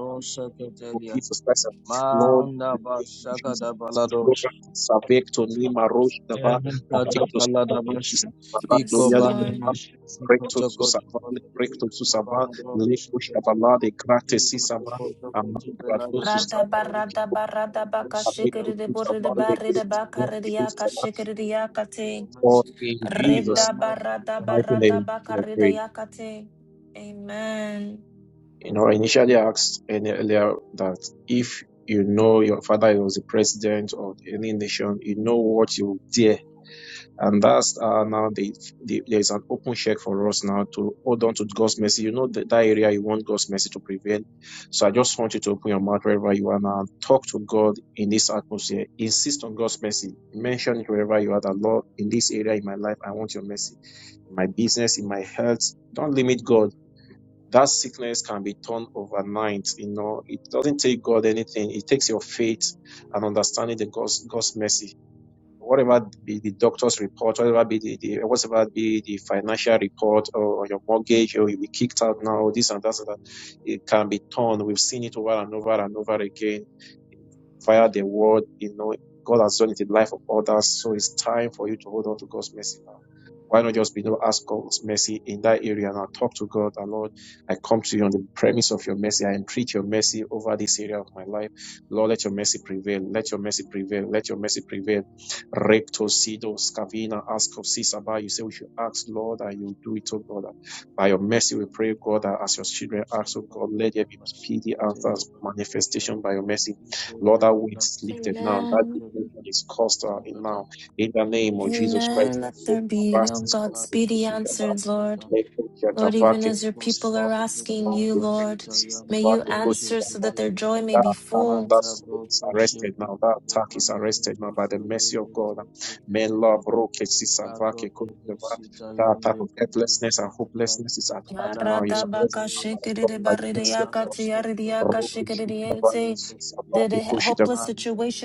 S7: of Jesus Christ, Lord of the name of Jesus Christ, Lord Savecto Nima Rosh Dava, Avecto Shabala,
S1: Yes,
S7: Gloria de
S1: Lord.
S7: Pedra, Recto Susava, Recto Susava, Leco Shabala de Gratis Sisava, Amam Brado
S1: Rada
S7: Susava,
S1: barada barada baka
S7: Abid could
S1: shekerede
S7: put
S1: borede
S7: upon the
S1: barede
S7: gates
S1: baka
S7: and
S1: rede
S7: reduce
S1: yaka
S7: the
S1: shekerede yakate.
S7: for in Jesus'
S1: Reda barada
S7: mighty
S1: barada
S7: name
S1: baka
S7: we
S1: reda
S7: pray.
S1: yakate. Amen.
S7: You know, I initially asked any earlier that if you know your father was the president of any nation, you know what you dare. And that's uh, now the, the there's an open check for us now to hold on to God's mercy. You know that, that area you want God's mercy to prevail. So I just want you to open your mouth wherever you are now talk to God in this atmosphere. Insist on God's mercy. Mention it wherever you are that Lord, in this area in my life, I want your mercy. In my business, in my health. Don't limit God. That sickness can be turned overnight. You know, it doesn't take God anything. It takes your faith and understanding the God's God's mercy whatever be the doctor's report, whatever be the, the whatever be the financial report or, or your mortgage, or you'll be kicked out now, this and that, and that, it can be turned. We've seen it over and over and over again via the word. You know, God has done it in the life of others, so it's time for you to hold on to God's mercy now. Why not just begin to ask God's mercy in that area and I'll talk to God and Lord, I come to you on the premise of your mercy. I entreat your mercy over this area of my life. Lord, let your mercy prevail. Let your mercy prevail. Let your mercy prevail. Recto sido scavina ask of Sisaba. You say we should ask, Lord, and you do it, oh God. By your mercy, we pray, God, that as your children ask, oh God, let there be speedy answers, manifestation by your mercy. Lord, that weight is lifted now. That
S1: Amen.
S7: depression is caused uh, now. In the name of Jesus Christ.
S1: Amen. Let
S7: Lord,
S1: there be, oh
S7: Rasta
S1: God, speedy
S7: kukuruka
S1: answers, Lord.
S7: leko
S1: Lord, even
S7: kiatavake
S1: as your people are asking you,
S7: the
S1: Lord,
S7: greatness
S1: may
S7: of
S1: you
S7: the good
S1: answer so that their joy may
S7: that
S1: be full.
S7: that soul is arrested now. That attack is arrested now by the mercy of God. May love roke sisavake kukiyava. That type of helplessness and hopelessness is attacked now. It's arrested now by the mercy of God. Roke shikavake
S1: that
S7: sisavake
S1: the
S7: kushitavake.
S1: hopeless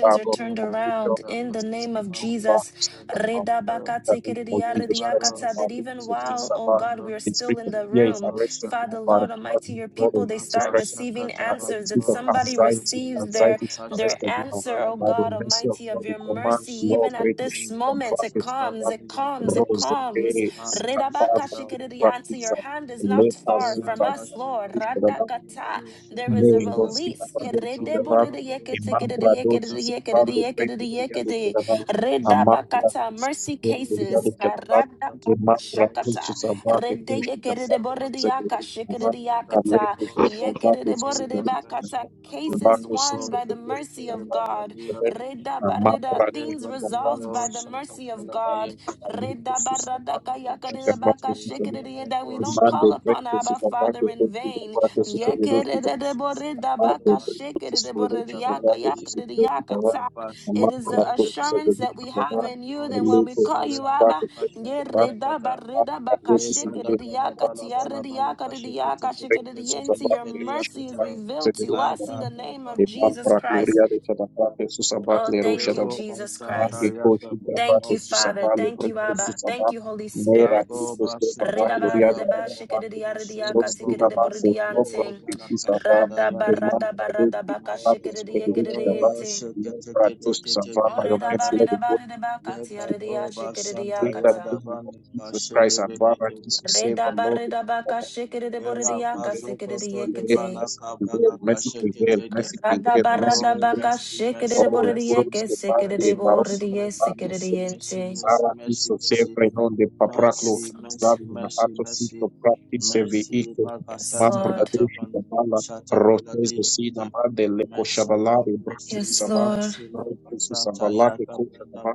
S7: Father,
S1: are turned
S7: for future
S1: around in the
S7: business
S1: name
S7: to
S1: of
S7: turn back
S1: Jesus.
S7: to Stephen now. In the name of Jesus Christ, our
S1: Redabakatsikiridiaridiyakata, That
S7: Father, Luke
S1: even
S7: 16,
S1: while,
S7: our
S1: oh God, we are
S7: the
S1: still
S7: spirit
S1: in
S7: of
S1: the
S7: fear is
S1: room,
S7: arrested now
S1: Father,
S7: by the
S1: Lord
S7: blood
S1: Almighty,
S7: and
S1: your
S7: blood of
S1: people, they
S7: Jesus
S1: start
S7: Christ.
S1: receiving
S7: Uh, the
S1: answers, that
S7: spirit of
S1: somebody
S7: anxiety,
S1: receives their,
S7: anxiety is
S1: their
S7: arrested now
S1: answer, oh
S7: by the
S1: God
S7: mercy of
S1: Almighty,
S7: God.
S1: of
S7: We
S1: your
S7: command
S1: mercy,
S7: the law
S1: even at
S7: breaker
S1: this
S7: sheep and
S1: moment. It
S7: brackets
S1: comes, it
S7: that
S1: comes, it
S7: rose the
S1: comes.
S7: day, Sita Father,
S1: Redabakashikiridiyanti,
S7: practice,
S1: Your hand is not
S7: later,
S1: far from
S7: Zuta,
S1: us, Lord. Radakata. There is a a
S7: Lengos que está
S1: release.
S7: para o Chidabá, e Mambra doce, Sapar, de Breco, Obrigado, Chidabá, a Mambra,
S1: Mercy
S7: Sapar,
S1: cases.
S7: Obrigado, Chidabá, e Mambra doce, Sapar, que foi Chidabá, que foi Chidabá, a Leco, Chidabá, que foi Chidabá, o
S1: Cases
S7: Marco,
S1: won
S7: Sissa,
S1: by
S7: que
S1: the
S7: foi
S1: mercy of
S7: Chidabá, que
S1: God.
S7: foi Chidabá, a Mambra
S1: Things resolved by the mercy of God.
S7: doce, Sapar, que foi Chidabá, que foi Chidabá, que foi Chidabá, que foi Chidabá,
S1: That we
S7: o
S1: don't call
S7: Mande, Breco,
S1: upon Abba
S7: Sapar,
S1: Father
S7: que foi
S1: in vain.
S7: Chidabá, que foi Chidabá, Baadhi Prikostović Kavate Susedeti Kava
S1: Yekeredeboredabakashekeredeborediyakayakarediyakata. It is
S7: Makro
S1: the assurance
S7: Kostović
S1: that we
S7: Kava
S1: have in you that when we
S7: Leko
S1: call you Abba,
S7: Susavate Kava Makro Susedeti
S1: yeredabaredabakashekerediyakatiyarediyakarediyakarediyakarediyensi, your mercy is revealed to us in the name of Jesus Christ.
S7: gloria de Chadabrake, Susabak,
S1: Oh,
S7: Lero
S1: thank you,
S7: Shadabak,
S1: Jesus Christ.
S7: Mange Koshi,
S1: Thank
S7: Dabrake,
S1: you, Father.
S7: Susabale,
S1: Thank
S7: Brake,
S1: you, Abba. Thank
S7: Susabak,
S1: you, Holy
S7: Nera,
S1: Spirit.
S7: Istos, de Barak,
S1: Redaba,
S7: Gloria de
S1: redaba,
S7: Chadabrake,
S1: shikiridia, ridia,
S7: Sosti,
S1: katikiridi,
S7: Amande, Nopra,
S1: buridiante.
S7: Susabak,
S1: Radaba,
S7: Eman,
S1: radaba,
S7: Radoshi,
S1: radaba,
S7: Amate,
S1: kashikiridia,
S7: Sutabidochi, Dabak,
S1: kiridiete.
S7: Nopra, Dos, Susabak,
S1: Oh,
S7: by your
S1: redaba,
S7: mercy, let the
S1: redaba,
S7: good
S1: redaba, katia, ridia, shikiridia,
S7: in the
S1: kata.
S7: name of Jesus Christ, and Baba, Jesus, save and
S1: Redaba,
S7: Lord.
S1: redaba, kashikiridi,
S7: Mercy
S1: buridia,
S7: prevail, mercy
S1: kasikiridia,
S7: prevail,
S1: kite.
S7: mercy prevail, mercy prevail, mercy prevail,
S1: Radaba,
S7: mercy
S1: radaba,
S7: prevail.
S1: kashikiridi,
S7: Oh,
S1: buridia,
S7: Duros de Pande,
S1: kesikiridi,
S7: Baron
S1: buridia,
S7: Shatamati,
S1: sikiridiente.
S7: Sara Iso, sempre non de Papraclo,
S1: Yes, Lord.
S7: Slavi, Nahato, Sito, Prati, Seviite,
S1: Yes,
S7: Mambra,
S1: Lord.
S7: Dushi, Dabala, Rotezo, Sina, Mande, Leco, Shabalari, Bratus,
S1: Yes,
S7: Savate,
S1: Lord.
S7: Rotezo, Savalate, Kosha,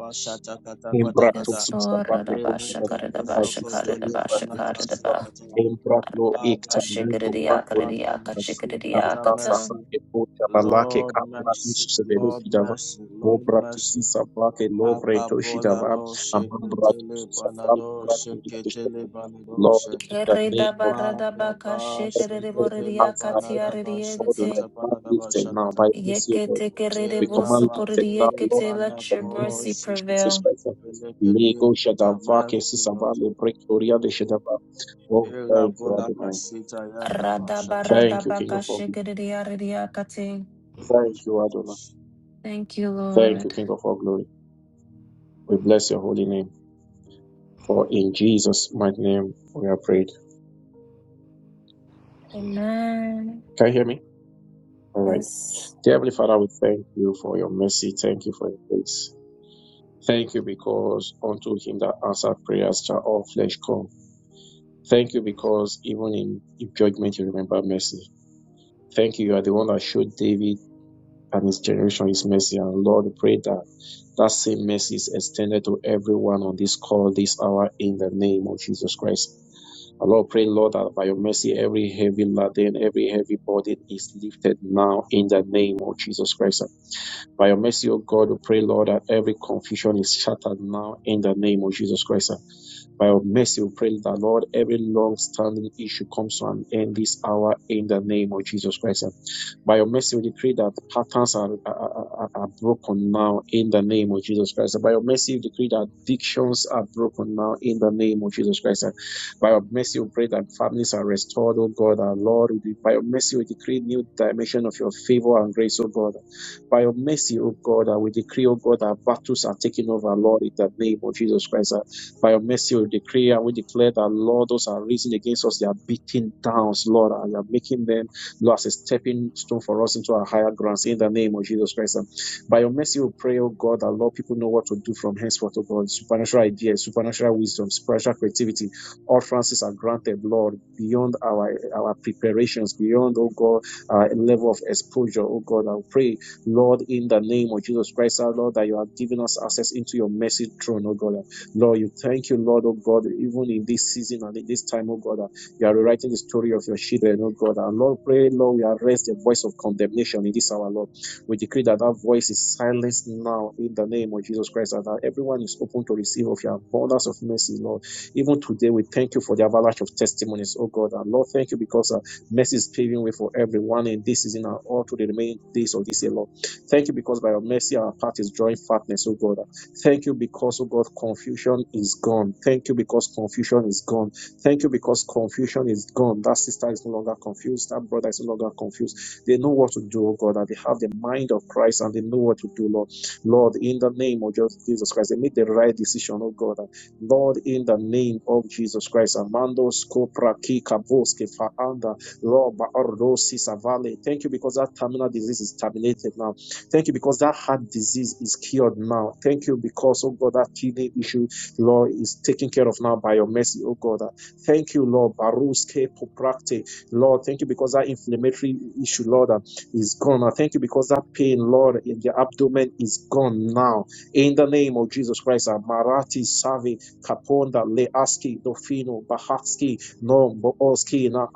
S7: Embrato
S1: Yes, Lord.
S7: Susavate
S1: Radaba
S7: Kotarava,
S1: shakaradaba
S7: Aziso
S1: shakaradaba
S7: Brato Susava,
S1: shakaradaba.
S7: Embrato Ekta Mingo
S1: Kashikiriya
S7: Brato,
S1: kiriya kashikiriya
S7: Azasa
S1: kata.
S7: Brake Kota Balake Kapra Isusavelo Kidava, Vobrato Sisavate Lovre Toshidava, Amambrato Susavalo Brato Ikishava. Lord, in the name of
S1: Keredaba radaba
S7: every every heart,
S1: kashikiriboriya
S7: by every everybody, my
S1: katiariyente.
S7: God, lifted now by mercy of God.
S1: Yekete
S7: We
S1: keredibu
S7: command it now, Lord,
S1: sukuriyekete.
S7: in
S1: Let
S7: the
S1: your
S7: name
S1: mercy
S7: Jesus
S1: prevail.
S7: Christ. Lego Shadava, Kesisava, Lebrektoria de Shadava. Oh, thank you, Adonai.
S1: Radaba
S7: Thank you,
S1: radaba
S7: King of all glory.
S1: kashikiriya riya kate.
S7: Thank you, Adonai.
S1: Thank you,
S7: Thank you,
S1: Lord.
S7: King of all glory. We bless your holy name. For in Jesus' mighty name we are prayed.
S1: Amen.
S7: Can you hear me? All right.
S1: Yes.
S7: Dear Heavenly Father, we thank you for your mercy. Thank you for your grace. Thank you because unto him that answered prayers shall all flesh come. Thank you because even in, in judgment you remember mercy. Thank you. You are the one that showed David. and his generation his mercy. And Lord, we pray that that same mercy is extended to everyone on this call this hour in the name of Jesus Christ. And Lord, pray, Lord, that by your mercy, every heavy laden, every heavy burden is lifted now in the name of Jesus Christ. By your mercy, O God, we pray, Lord, that every confusion is shattered now in the name of Jesus Christ. By your mercy, we pray that, Lord, every long standing issue comes to an end this hour in the name of Jesus Christ. By your mercy, we decree that patterns are, are, are are broken now in the name of Jesus Christ. By your mercy, we decree that addictions are broken now in the name of Jesus Christ. By your mercy, we pray that families are restored, oh God, our Lord. By your mercy, we decree new dimension of your favor and grace, oh God. By your mercy, oh God, uh, we decree, oh God, that battles are taken over, Lord, in the name of Jesus Christ. Uh, By your mercy, we decree and we declare that, Lord, those are risen against us, they are beaten down, Lord, and you are making them Lord, as a stepping stone for us into our higher grounds in the name of Jesus Christ. And by your mercy, we pray, oh God, that Lord, people know what to do from henceforth, oh God. Supernatural ideas, supernatural wisdom, supernatural creativity. All Francis are granted, Lord, beyond our our preparations, beyond, oh God, our level of exposure, oh God. I pray, Lord, in the name of Jesus Christ, our Lord, that you have given us access into your mercy throne, oh God. Lord, you thank you, Lord, oh God, even in this season and in this time, oh God. You are rewriting the story of your children, oh God. Our Lord, pray, Lord, we arrest the voice of condemnation in this hour, Lord. We decree that that voice is silenced now in the name of Jesus Christ, and that everyone is open to receive of your abundance of mercy, Lord. Even today, we thank you for the avalanche of testimonies, oh God. And Lord, thank you because uh, mercy is paving way for everyone and this is in our all to the remaining days of this year, Lord. Thank you because by your mercy, our path is drawing fatness, oh God. Thank you because, oh God, confusion is gone. Thank you because confusion is gone. Thank you because confusion is gone. That sister is no longer confused. That brother is no longer confused. They know what to do, oh God, and they have the mind of Christ and they know what to do, Lord. Lord, in the name of Jesus Christ, they made the right decision, oh God. And Lord, in the name of Jesus Christ, Amando Skopraki Kaboske Faanda, Lord, Baorosi Savale. Thank you because that terminal disease is terminated now. Thank you because that heart disease is cured now. Thank you because, oh God, that kidney issue, Lord, is taken care of now by your mercy, oh God. Thank you, Lord. Baruske poprakte. Lord, thank you because that inflammatory issue, Lord, uh, is gone. I thank you because that pain, Lord, in the abdomen is gone now. In the name of Jesus Christ, uh, Marati Savi Kaponda Leaski Dofino Bahaski No Booski Na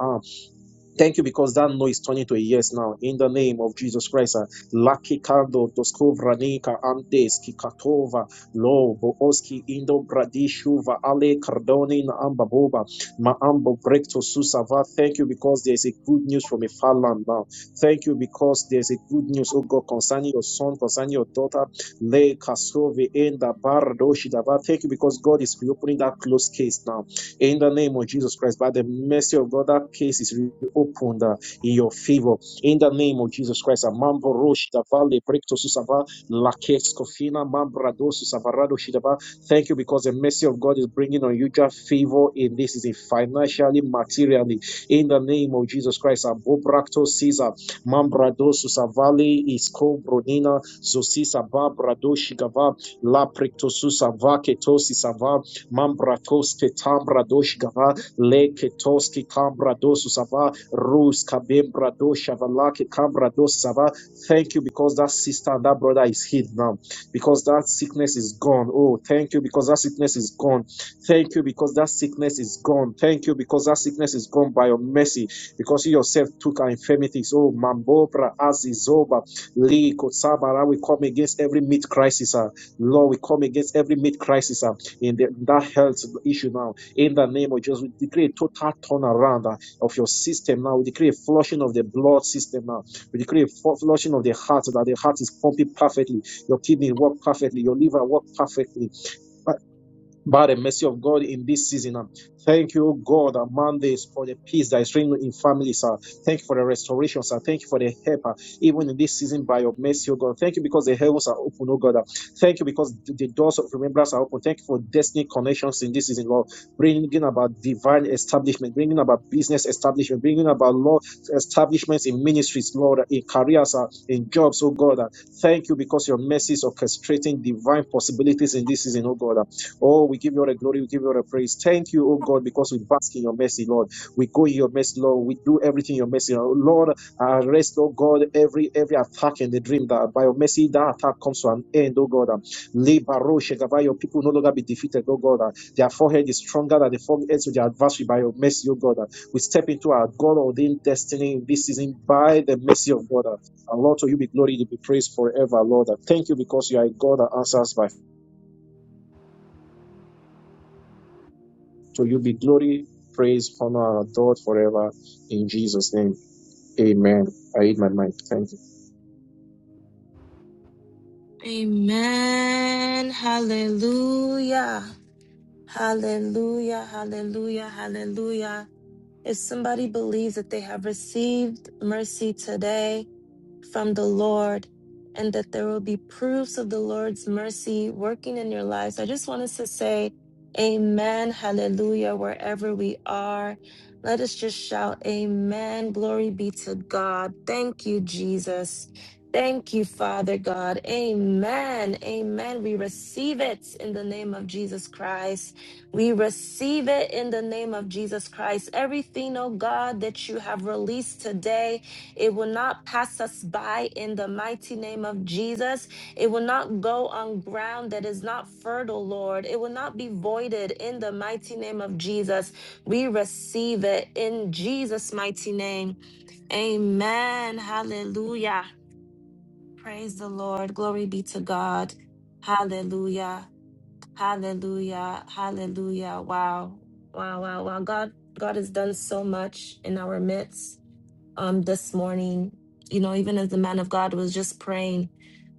S7: Thank you because that no is turning to a yes now. In the name of Jesus Christ, uh, Laki Kando, Doskovranika, Andes, Kikatova, Lo, Booski, Indo, Bradishuva, Ale, Cardoni, Ambaboba, Maambo, Brekto, Susava. Thank you because there's a good news from a far land now. Thank you because there's a good news, oh God, concerning your son, concerning your daughter, Le, Kasove, Enda, Bardoshidava. Thank you because God is reopening that closed case now. In the name of Jesus Christ, by the mercy of God, that case is reopened uh, in your favor. In the name of Jesus Christ, Mambo Rosh Davale Brekto Susava Lakes Kofina Mambrado Susavarado shidaba. Thank you because the mercy of God is bringing on unusual favor in this is a financially, materially. In the name of Jesus Christ, Abobrakto Caesar Mambrado susavali Isko Bronina Zosisa Babrado Shigava La Prekto Susava Ketosi Sava Mambratoske tambradosh gava leketoski kambrados sava rus kabembradosh shavalake kambrados sava. Thank you because that sister and that brother is healed now. Because that sickness is gone. Oh, thank you because that sickness is gone. Thank you because that sickness is gone. Thank you because that sickness is gone by your mercy. Because you yourself took our infirmities. Oh, Mambobra Azizoba Lee Kotsabara. We come against every mid crisis. ah. Lord, we come against every mid crisis. ah in the, that health issue now. In the name of Jesus, we decree a total turnaround uh, of your system now. We decree a flushing of the blood system now. We decree a flushing of the heart that the heart is pumping perfectly. Your kidney work perfectly. Your liver work perfectly by the mercy of God in this season. um, Thank you, God, among this for the peace that is reigning in families. Sir. Thank you for the restoration, sir. Thank you for the help, uh, even in this season, by your mercy, oh God. Thank you because the heavens are open, oh God. uh. Thank you because the the doors of remembrance are open. Thank you for destiny connections in this season, Lord. Bringing about divine establishment, bringing about business establishment, bringing about law establishments in ministries, Lord, in careers, uh, in jobs, oh God. uh. Thank you because your mercy is orchestrating divine possibilities in this season, oh God. Uh, Oh, we give you all the glory. We give you all the praise. Thank you, oh God, because we bask in your mercy, Lord. We go in your mercy, Lord. We do everything in your mercy. Lord, arrest, oh God, every every attack in the dream that by your mercy that attack comes to an end, oh God. Libaro Shekabah, your people no longer be defeated, oh God. Uh, Their forehead is stronger than the foreheads of their adversary by your mercy, oh God. Uh, We step into our God ordained destiny in this season by the mercy of God. Uh, And Lord, to you be glory, you be praised forever, Lord. Uh, Thank you because you are a God that answers by To you be glory, praise, honor, and adored forever. In Jesus' name, amen. I hit my mind. Thank you.
S1: Amen. Hallelujah. Hallelujah, hallelujah, hallelujah. If somebody believes that they have received mercy today, from the Lord and that there will be proofs of the Lord's mercy working in your lives. So I just want us to say, Amen, hallelujah, wherever we are. Let us just shout, Amen. Glory be to God. Thank you, Jesus. Thank you, Father God. Amen. Amen. We receive it in the name of Jesus Christ. We receive it in the name of Jesus Christ. Everything, oh God, that you have released today, it will not pass us by in the mighty name of Jesus. It will not go on ground that is not fertile, Lord. It will not be voided in the mighty name of Jesus. We receive it in Jesus' mighty name. Amen. Hallelujah. Praise the Lord. Glory be to God. Hallelujah. Hallelujah. Hallelujah. Wow. Wow. Wow. Wow. God, God has done so much in our midst um, this morning. You know, even as the man of God was just praying,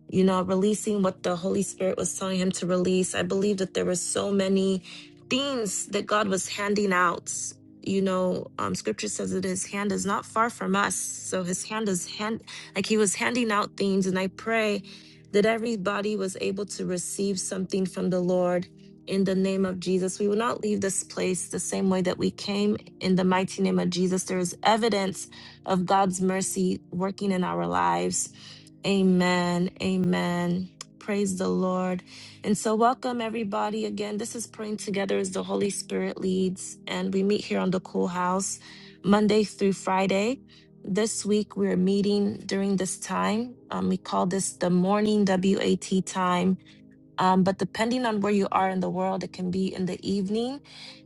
S1: you know, releasing what the Holy Spirit was telling him to release. I believe that there were so many things that God was handing out. You know, um, scripture says that his hand is not far from us. So his hand is hand, like he was handing out things. And I pray that everybody was able to receive something from the Lord in the name of Jesus. We will not leave this place the same way that we came in the mighty name of Jesus. There is evidence of God's mercy working in our lives Amen. Amen. Praise the Lord. And so, welcome everybody again. This is Praying Together as the Holy Spirit leads, and we meet here on the Cool House Monday through Friday. This week, we're meeting during this time. Um, we call this the morning WAT time um, but depending on where you are in the world, it can be in the evening.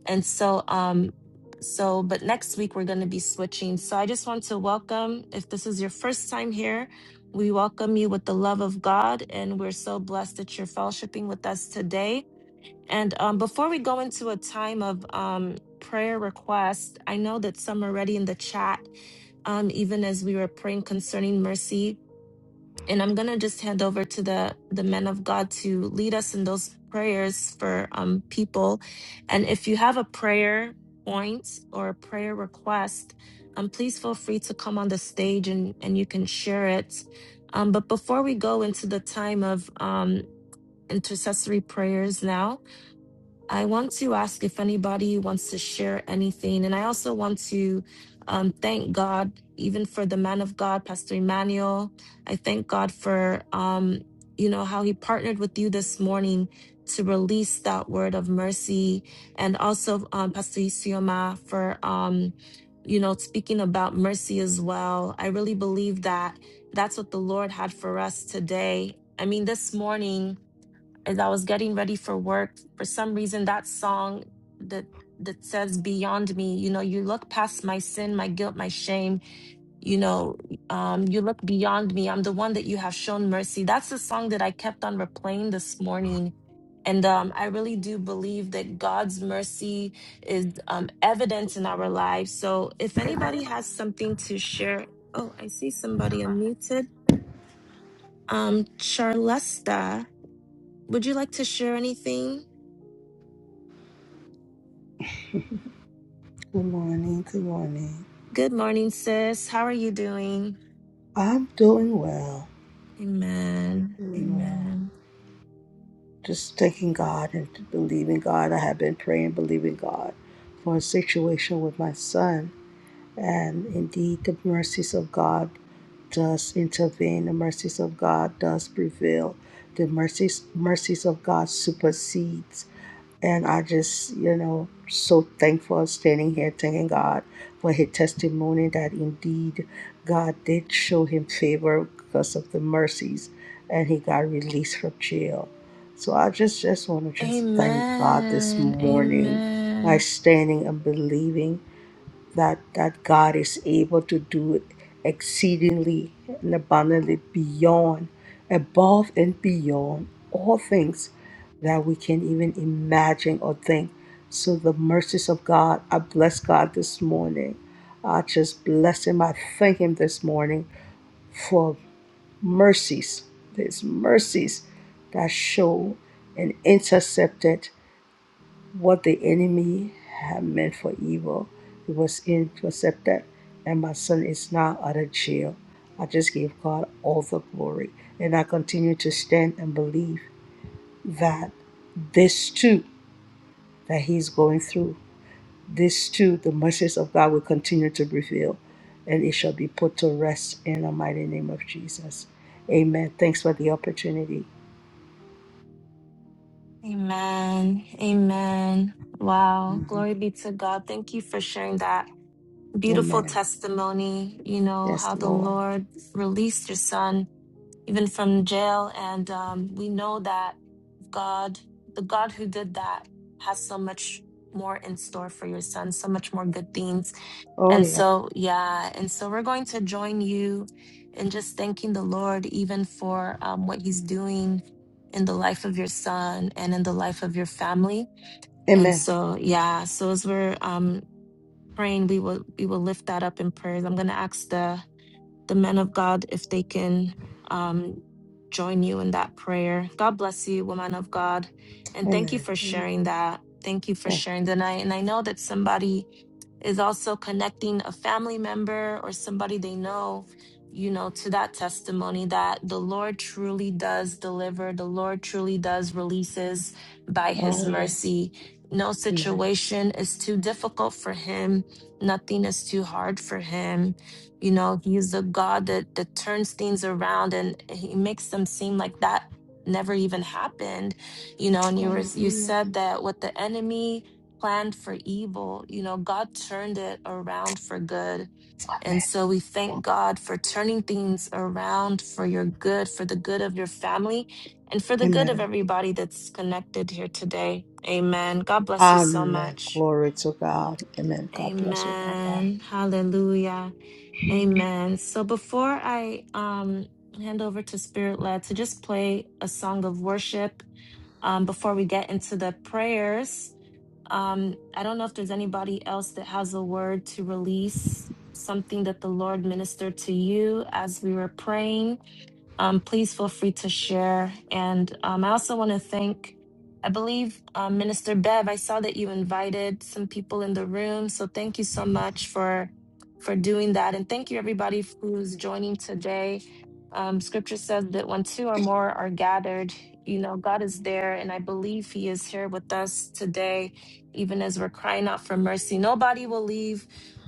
S1: And so, um, so, but next week we're going to be switching. So I just want to welcome, if this is your first time here, we welcome you with the love of God. And we're so blessed that you're fellowshipping with us today. And um, before we go into a time of um, prayer request, I know that some are already in the chat, um, even as we were praying concerning mercy and I'm gonna just hand over to the the men of God to lead us in those prayers for um people. And if you have a prayer point or a prayer request, um please feel free to come on the stage and and you can share it. Um, but before we go into the time of um intercessory prayers now, I want to ask if anybody wants to share anything. And I also want to um, thank God, even for the man of God, Pastor Emmanuel. I thank God for, um, you know, how he partnered with you this morning to release that word of mercy. And also, um, Pastor Isioma, for, um, you know, speaking about mercy as well. I really believe that that's what the Lord had for us today. I mean, this morning, as I was getting ready for work, for some reason that song that that says beyond me, you know, you look past my sin, my guilt, my shame, you know, um, you look beyond me. I'm the one that you have shown mercy. That's the song that I kept on replaying this morning. And um, I really do believe that God's mercy is um, evident in our lives. So if anybody has something to share, oh, I see somebody unmuted. Um, Charlesta, would you like to share anything?
S8: Good morning. Good morning.
S1: Good morning, sis. How are you doing?
S8: I'm doing well. I'm
S1: Amen.
S8: doing well.
S1: Amen.
S8: Just thanking God and believing God. I have been praying, believing God for a situation with my son. And indeed, the mercies of God does intervene. The mercies of God does prevail. The mercies mercies of God supersedes. And I just, you know, so thankful standing here thanking God for his testimony that indeed God did show him favor because of the mercies and he got released from jail. So I just just want to just thank God this
S1: Amen.
S8: morning by
S1: Amen.
S8: standing and believing that that God is able to do it exceedingly and abundantly beyond, above and beyond all things that we can even imagine or think. So the mercies of God, I bless God this morning. I just bless Him. I thank Him this morning for mercies, His mercies that show and intercepted. What the enemy had meant for evil it was intercepted, and my son is now out of jail. I just give God all the glory, and I continue to stand and believe that this too that he's going through, this too the mercies of God will continue to reveal, and it shall be put to rest in the mighty name of Jesus. Amen. Thanks for the opportunity.
S1: Amen. Amen. Wow. Glory be to God. Thank you for sharing that beautiful
S8: Amen.
S1: testimony. You know,
S8: Yes,
S1: how the
S8: Lord.
S1: Lord released your son, even from jail. And um, we know that God, the God who did that, has so much more in store for your son, so much more good things.
S8: Oh
S1: And
S8: yeah.
S1: so, yeah, and so we're going to join you in just thanking the Lord even for um, what he's doing in the life of your son and in the life of your family. And
S8: Amen.
S1: so, yeah, so as we're um, praying, we will we will lift that up in prayers. I'm going to ask the the men of God if they can um, join you in that prayer. God bless you, woman of God, and thank you
S8: Amen.
S1: for
S8: Amen.
S1: sharing that. Thank you for
S8: Thank.
S1: sharing tonight. And I know that somebody is also connecting a family member or somebody they know, you know, to that testimony that the Lord truly does deliver, the Lord truly does releases by his
S8: Oh yes.
S1: mercy. No
S8: Amen.
S1: situation is too difficult for him. Nothing is too hard for him. You know, he's a God that, that turns things around and he makes them seem like that never even happened. You know, and you were you
S8: Hallelujah.
S1: said that what the enemy, planned for evil, you know, God turned it around for good. And
S8: Amen.
S1: so we thank God for turning things around for your good, for the good of your family, and for the good of
S8: Amen.
S1: everybody that's connected here today. Amen. God bless you so
S8: Amen.
S1: much.
S8: Glory to God. Amen. God bless you, Papa.
S1: Amen. Hallelujah. Amen. So before I um hand over to Spirit Led to just play a song of worship um, before we get into the prayers, um, I don't know if there's anybody else that has a word to release, something that the Lord ministered to you as we were praying. Um, please feel free to share. And um, I also want to thank, I believe, uh, Minister Bev. I saw that you invited some people in the room, so thank you so much for for doing that, and thank you everybody who's joining today. Um, scripture says that when two or more are gathered, you know, God is there, and I believe He is here with us today, even as we're crying out for mercy. Nobody will leave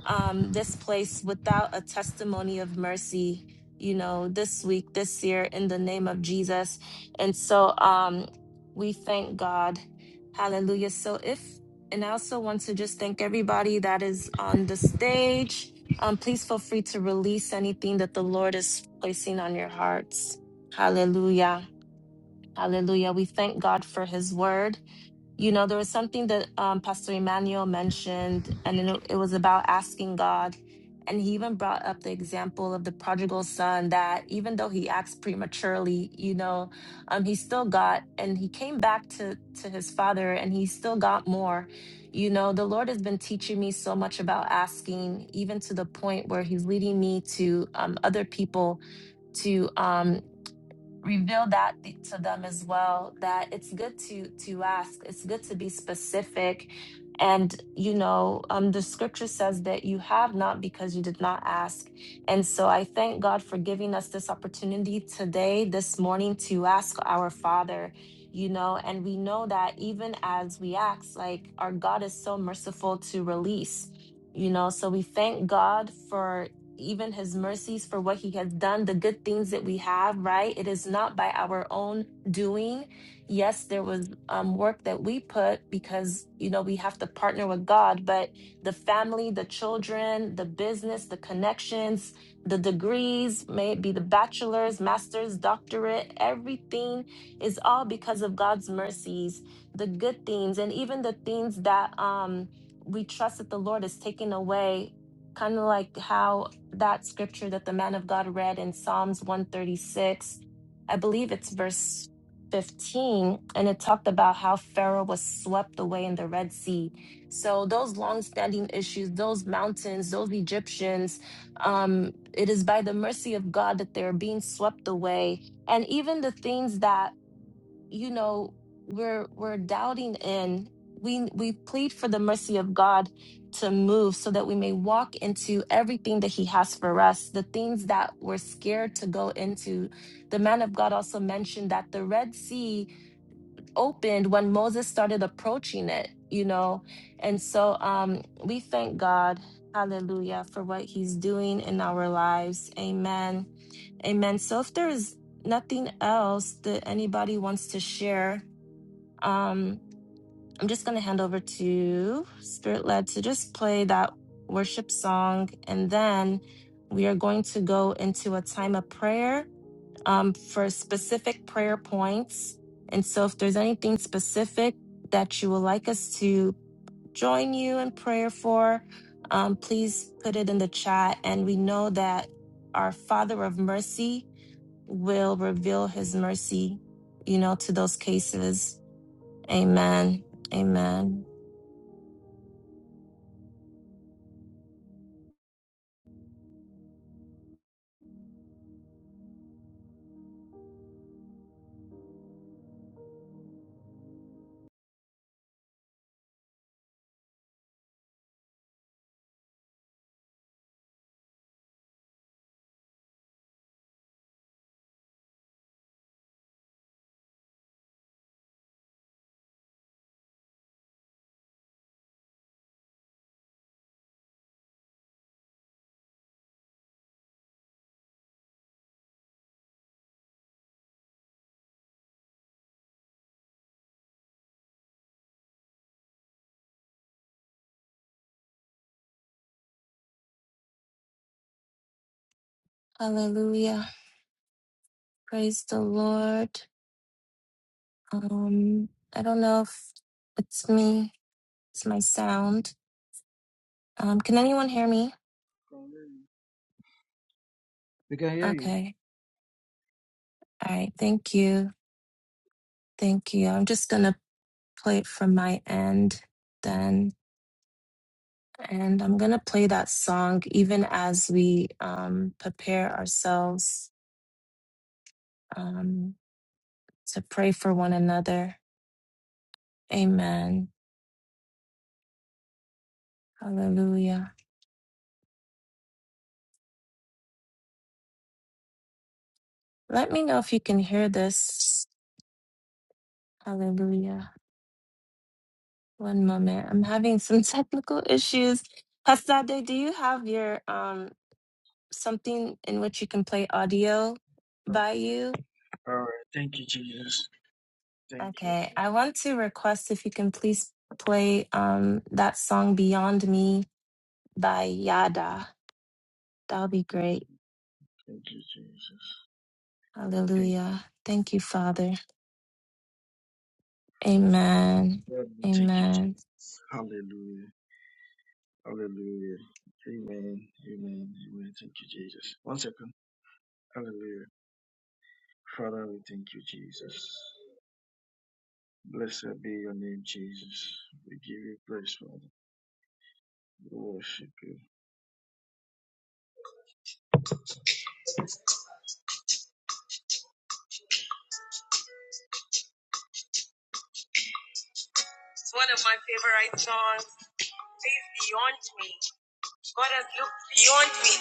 S1: um, this place without a testimony of mercy you know, this week, this year, in the name of Jesus. And so um, we thank God. Hallelujah. So if, and I also want to just thank everybody that is on the stage. Um, please feel free to release anything that the Lord is placing on your hearts. Hallelujah. Hallelujah. We thank God for his word you know there was something that um, pastor emmanuel mentioned and it, it was about asking god and he even brought up the example of the prodigal son that even though he acts prematurely you know um, he still got and he came back to to his father and he still got more you know the lord has been teaching me so much about asking even to the point where he's leading me to um, other people to um, reveal that th- to them as well that it's good to to ask it's good to be specific and you know um the scripture says that you have not because you did not ask and so i thank god for giving us this opportunity today this morning to ask our father you know and we know that even as we ask like our god is so merciful to release you know so we thank god for even his mercies for what he has done, the good things that we have, right? It is not by our own doing. Yes, there was um, work that we put because, you know, we have to partner with God, but the family, the children, the business, the connections, the degrees, may it be the bachelor's, master's, doctorate, everything is all because of God's mercies, the good things, and even the things that um, we trust that the Lord is taking away kind of like how that scripture that the man of God read in Psalms 136. I believe it's verse 15, and it talked about how Pharaoh was swept away in the Red Sea. So, those long standing issues, those mountains, those Egyptians, um, it is by the mercy of God that they're being swept away. And even the things that you know we're we're doubting and we we plead for the mercy of god to move so that we may walk into everything that he has for us the things that we're scared to go into the man of god also mentioned that the red sea opened when moses started approaching it you know and so um we thank god hallelujah for what he's doing in our lives amen amen so if there is nothing else that anybody wants to share um, I'm just going to hand over to Spirit Led to just play that worship song. And then we are going to go into a time of prayer um, for specific prayer points. And so if there's anything specific that you would like us to join you in prayer for, um, please put it in the chat. And we know that our Father of Mercy will reveal his mercy, you know, to those cases. Amen. Amen. Hallelujah. Praise the Lord. Um, I don't know if it's me. It's my sound. Um, can anyone hear me? Okay. All right. Thank you. Thank you. I'm just gonna play it from my end then. And I'm gonna play that song even as we um prepare ourselves um to pray for one another. Amen. Hallelujah. Let me know if you can hear this. Hallelujah. One moment. I'm having some technical issues. Hastade, do you have your um something in which you can play audio by you? Okay. I want to request if you can please play um that song Beyond Me by Yada. That would be great. Hallelujah. Thank you, Father. Amen. Amen.
S9: It's one of my favorite songs. Says beyond me. God has looked beyond me.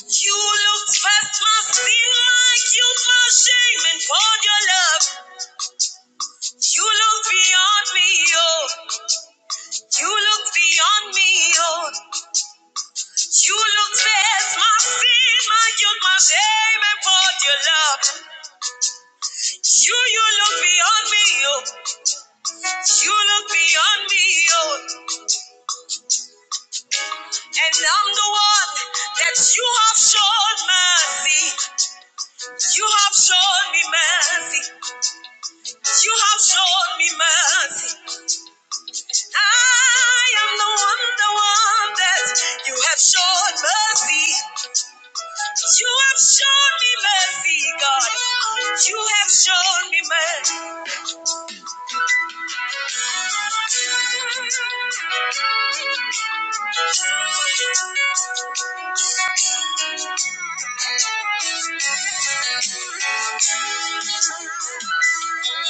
S9: You looked past my sin, my guilt, my shame, and poured your love. You look beyond me, oh. You look beyond me, oh. You looked past my sin, my guilt, my shame, and poured your love. You, you look beyond me, oh. You look beyond me, oh. And I'm the one that you have shown mercy. You have shown me mercy. You have shown me mercy. I am the one, the one that you have shown mercy. You have shown me mercy, God. You have shown me mercy.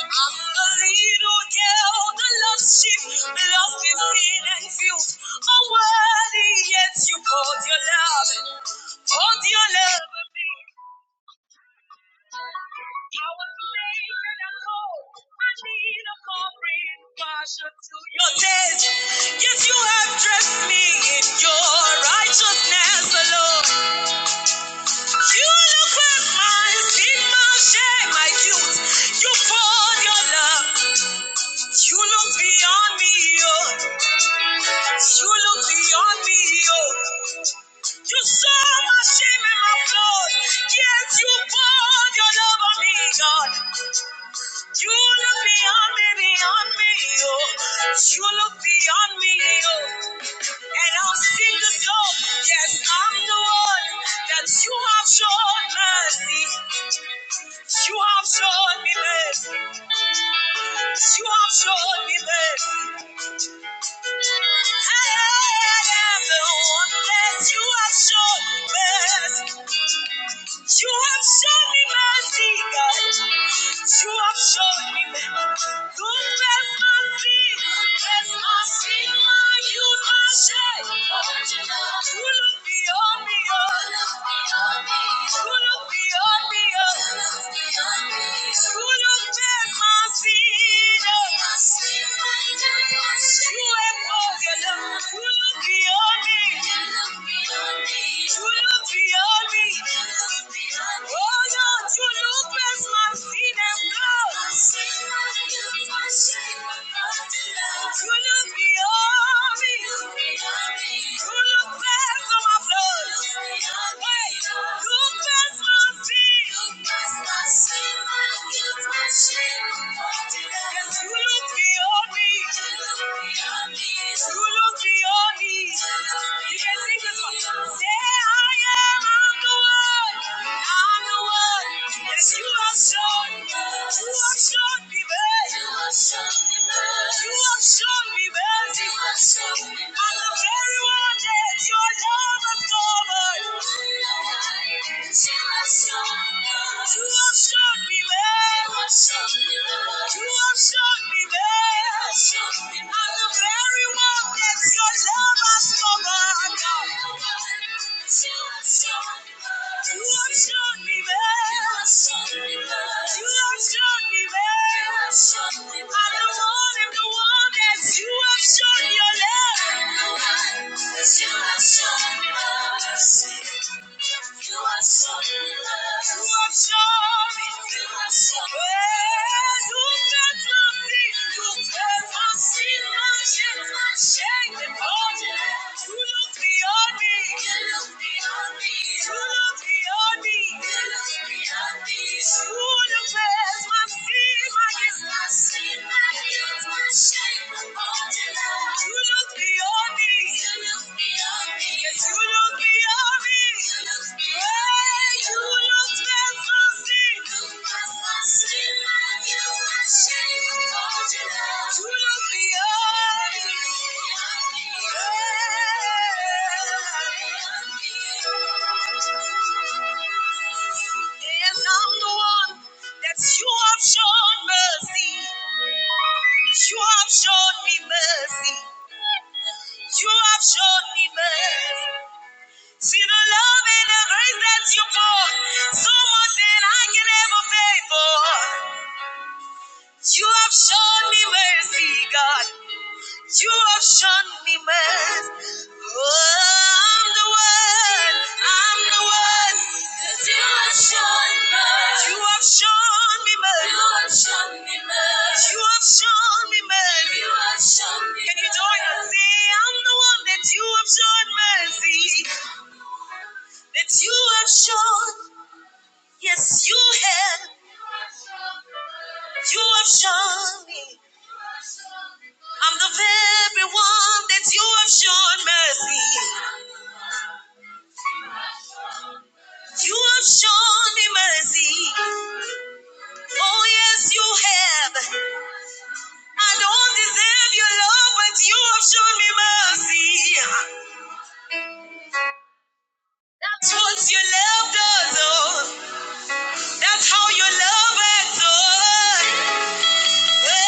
S9: I'm the little girl that loves sheep, loved in sin and feels unworthy, yet you poured your love, poured your love on me. I was naked and cold, I need a covering, partial to your death, yet you have dressed me in your righteousness alone. You look at my sin, my shame, my guilt, you poured your love, you look beyond me, oh. You look beyond me, oh. You saw my shame and my flaws. Yes, you poured your love on me, God. You look beyond me, beyond me, oh. You look beyond me, oh. And I'll sing the song. Yes, I'm the one that you have shown mercy. You have shown me mercy. You have shown me mercy. I am the one that you have shown mercy. You have shown me mercy, God. You have shown me mercy. Confess my sin. Confess my sin, my youth, my shame. You look beyond me, oh. You look beyond me, oh. You look past my sin, oh. You have broken, oh. You look beyond me. You look beyond me. Oh Lord, you look past my sin and blood. You look beyond me. You look past all my flaws. Hey, you look beyond me. You look beyond me. You can sing this one. Say, I am. on the your love has come. You have shown me mercy. You have shown me mercy. I am the one that you have shown your You have shown me love. You have Hey, felt my pain. You felt my sin. My shame. My shame. You look beyond me. You look beyond me. You look beyond me. Yes, I'm the one that you have shown mercy. You have shown me mercy. You have shown me mercy. See the love and the grace that you poured, so much that I can ever pay for. You have shown me mercy, God. You have shown me mercy. Oh, I'm the one. I'm the one. 'Cause You have shown mercy. You have shown me mercy. You have shown me mercy. You have shown me mercy. You have shown me Can you join us? mercy. Say, I'm the one that you have shown mercy. That you have shown. Yes, you have. You have shown me. I'm the very one that you have shown mercy. You have shown me mercy. Oh, yes, you have. I don't deserve your love, but you have shown me mercy. That's what you loved us, oh. That's how you love us, oh. Yeah.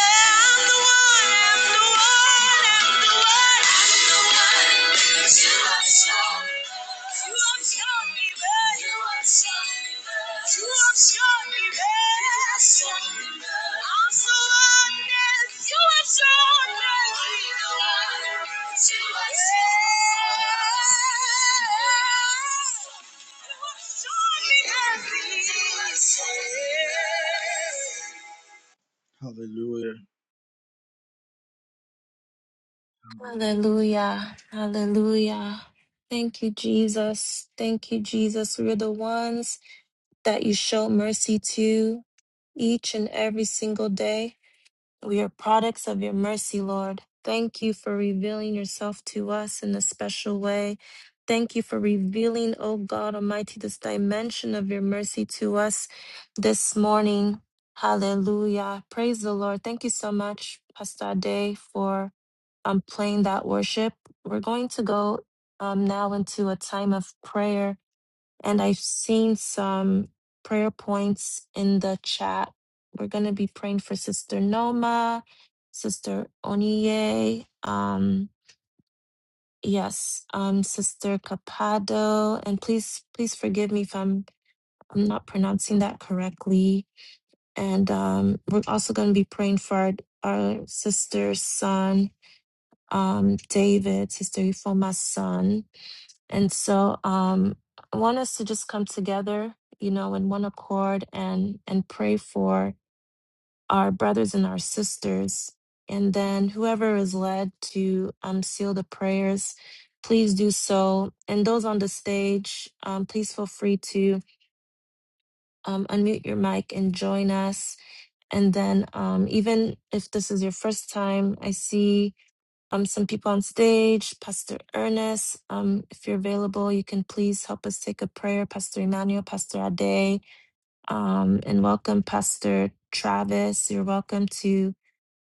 S1: Hallelujah. Hallelujah. Thank you, Jesus. Thank you, Jesus. We're the ones that you show mercy to each and every single day. We are products of your mercy, Lord. Thank you for revealing yourself to us in a special way. Thank you for revealing, O God Almighty, this dimension of your mercy to us this morning. Hallelujah. Praise the Lord. Thank you so much, Pastor Day, for um, playing that worship. We're going to go um, now into a time of prayer. And I've seen some prayer points in the chat. We're going to be praying for Sister Noma, Sister Oniye, um, yes, um, Sister Capado, and please, please forgive me if I'm I'm not pronouncing that correctly. And um, we're also going to be praying for our, our sister's son, um, David, Sister Ifoma's son. And so um, I want us to just come together, you know, in one accord and and pray for our brothers and our sisters. And then whoever is led to um, seal the prayers, please do so. And those on the stage, um, please feel free to um, unmute your mic and join us. And then, um, even if this is your first time, I see um, some people on stage. Pastor Ernest, um, if you're available, you can please help us take a prayer. Pastor Emmanuel, Pastor Ade, um, and welcome Pastor Travis. You're welcome to.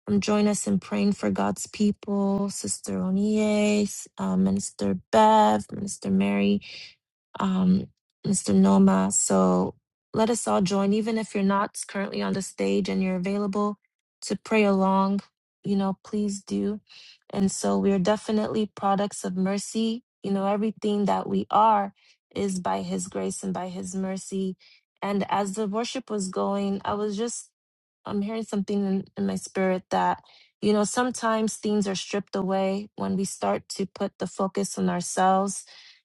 S1: Um, join us in praying for God's people, Sister Onie, uh, Minister Bev, Minister Mary, um, Mr. Noma. So let us all join, even if you're not currently on the stage and you're available to pray along, you know, please do. And so we are definitely products of mercy. You know, everything that we are is by His grace and by His mercy. And as the worship was going, I was just I'm hearing something in, in my spirit that, you know, sometimes things are stripped away when we start to put the focus on ourselves.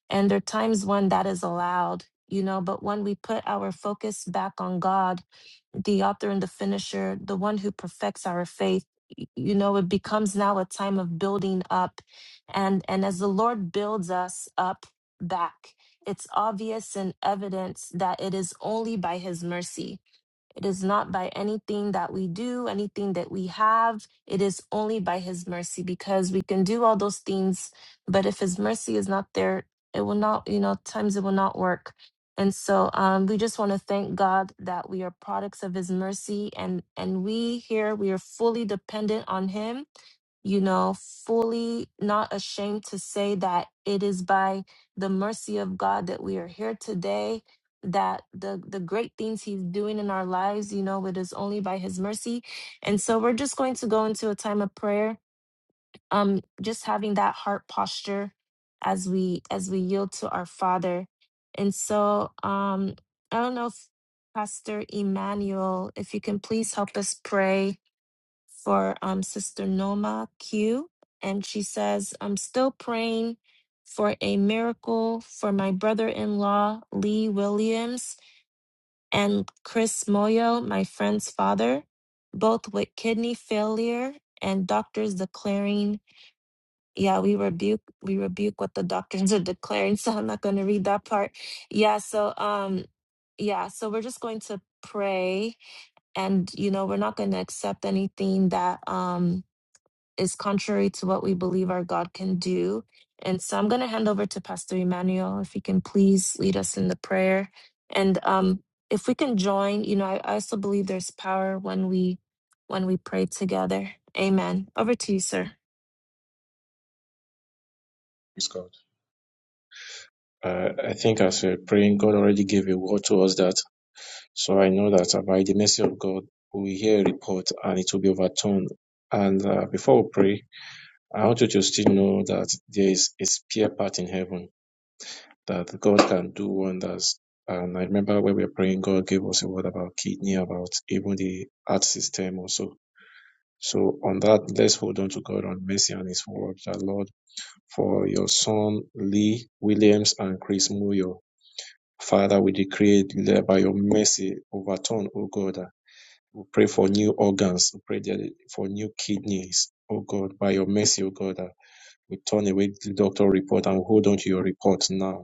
S1: And there are times when that is allowed, you know, but when we put our focus back on God, the author and the finisher, the one who perfects our faith, y- you know, it becomes now a time of building up. And and as the Lord builds us up back, it's obvious and evidence that it is only by his mercy it is not by anything that we do, anything that we have. It is only by His mercy because we can do all those things, but if His mercy is not there, it will not, you know, times it will not work. And so um, we just want to thank God that we are products of His mercy, and and we here we are fully dependent on Him you know, fully not ashamed to say that it is by the mercy of God that we are here today, that the the great things he's doing in our lives, you know, it is only by his mercy. And so we're just going to go into a time of prayer, um just having that heart posture as we as we yield to our Father. And so um I don't know if Pastor Emmanuel, if you can please help us pray for um, Sister Noma Q. And she says, I'm still praying for a miracle for my brother in law, Lee Williams, and Chris Moyo, my friend's father, both with kidney failure and doctors declaring. Yeah, we rebuke we rebuke what the doctors are declaring, so I'm not going to read that part. Yeah, so um yeah, so we're just going to pray and you know, we're not going to accept anything that um is contrary to what we believe our God can do. And so I'm going to hand over to Pastor Emmanuel if he can please lead us in the prayer. And um, if we can join, you know, I, I also believe there's power when we when we pray together. Amen. Over to you, sir.
S7: Praise God. Uh, I think as we're praying, God already gave a word to us that. So I know that uh, by the mercy of God, we hear a report and it will be overturned. And uh, before we pray, I want you to still know that there is a spare part in heaven that God can do wonders. And I remember when we were praying, God gave us a word about kidney, about even the heart system also So on that, let's hold on to God on mercy and His word, that Lord, for your son Lee Williams and Chris Muyo. Father, we decree that by your mercy overturn, O God. We pray for new organs. We pray that for new kidneys, O God. By your mercy, O God, we turn away the doctor report and hold on to your report now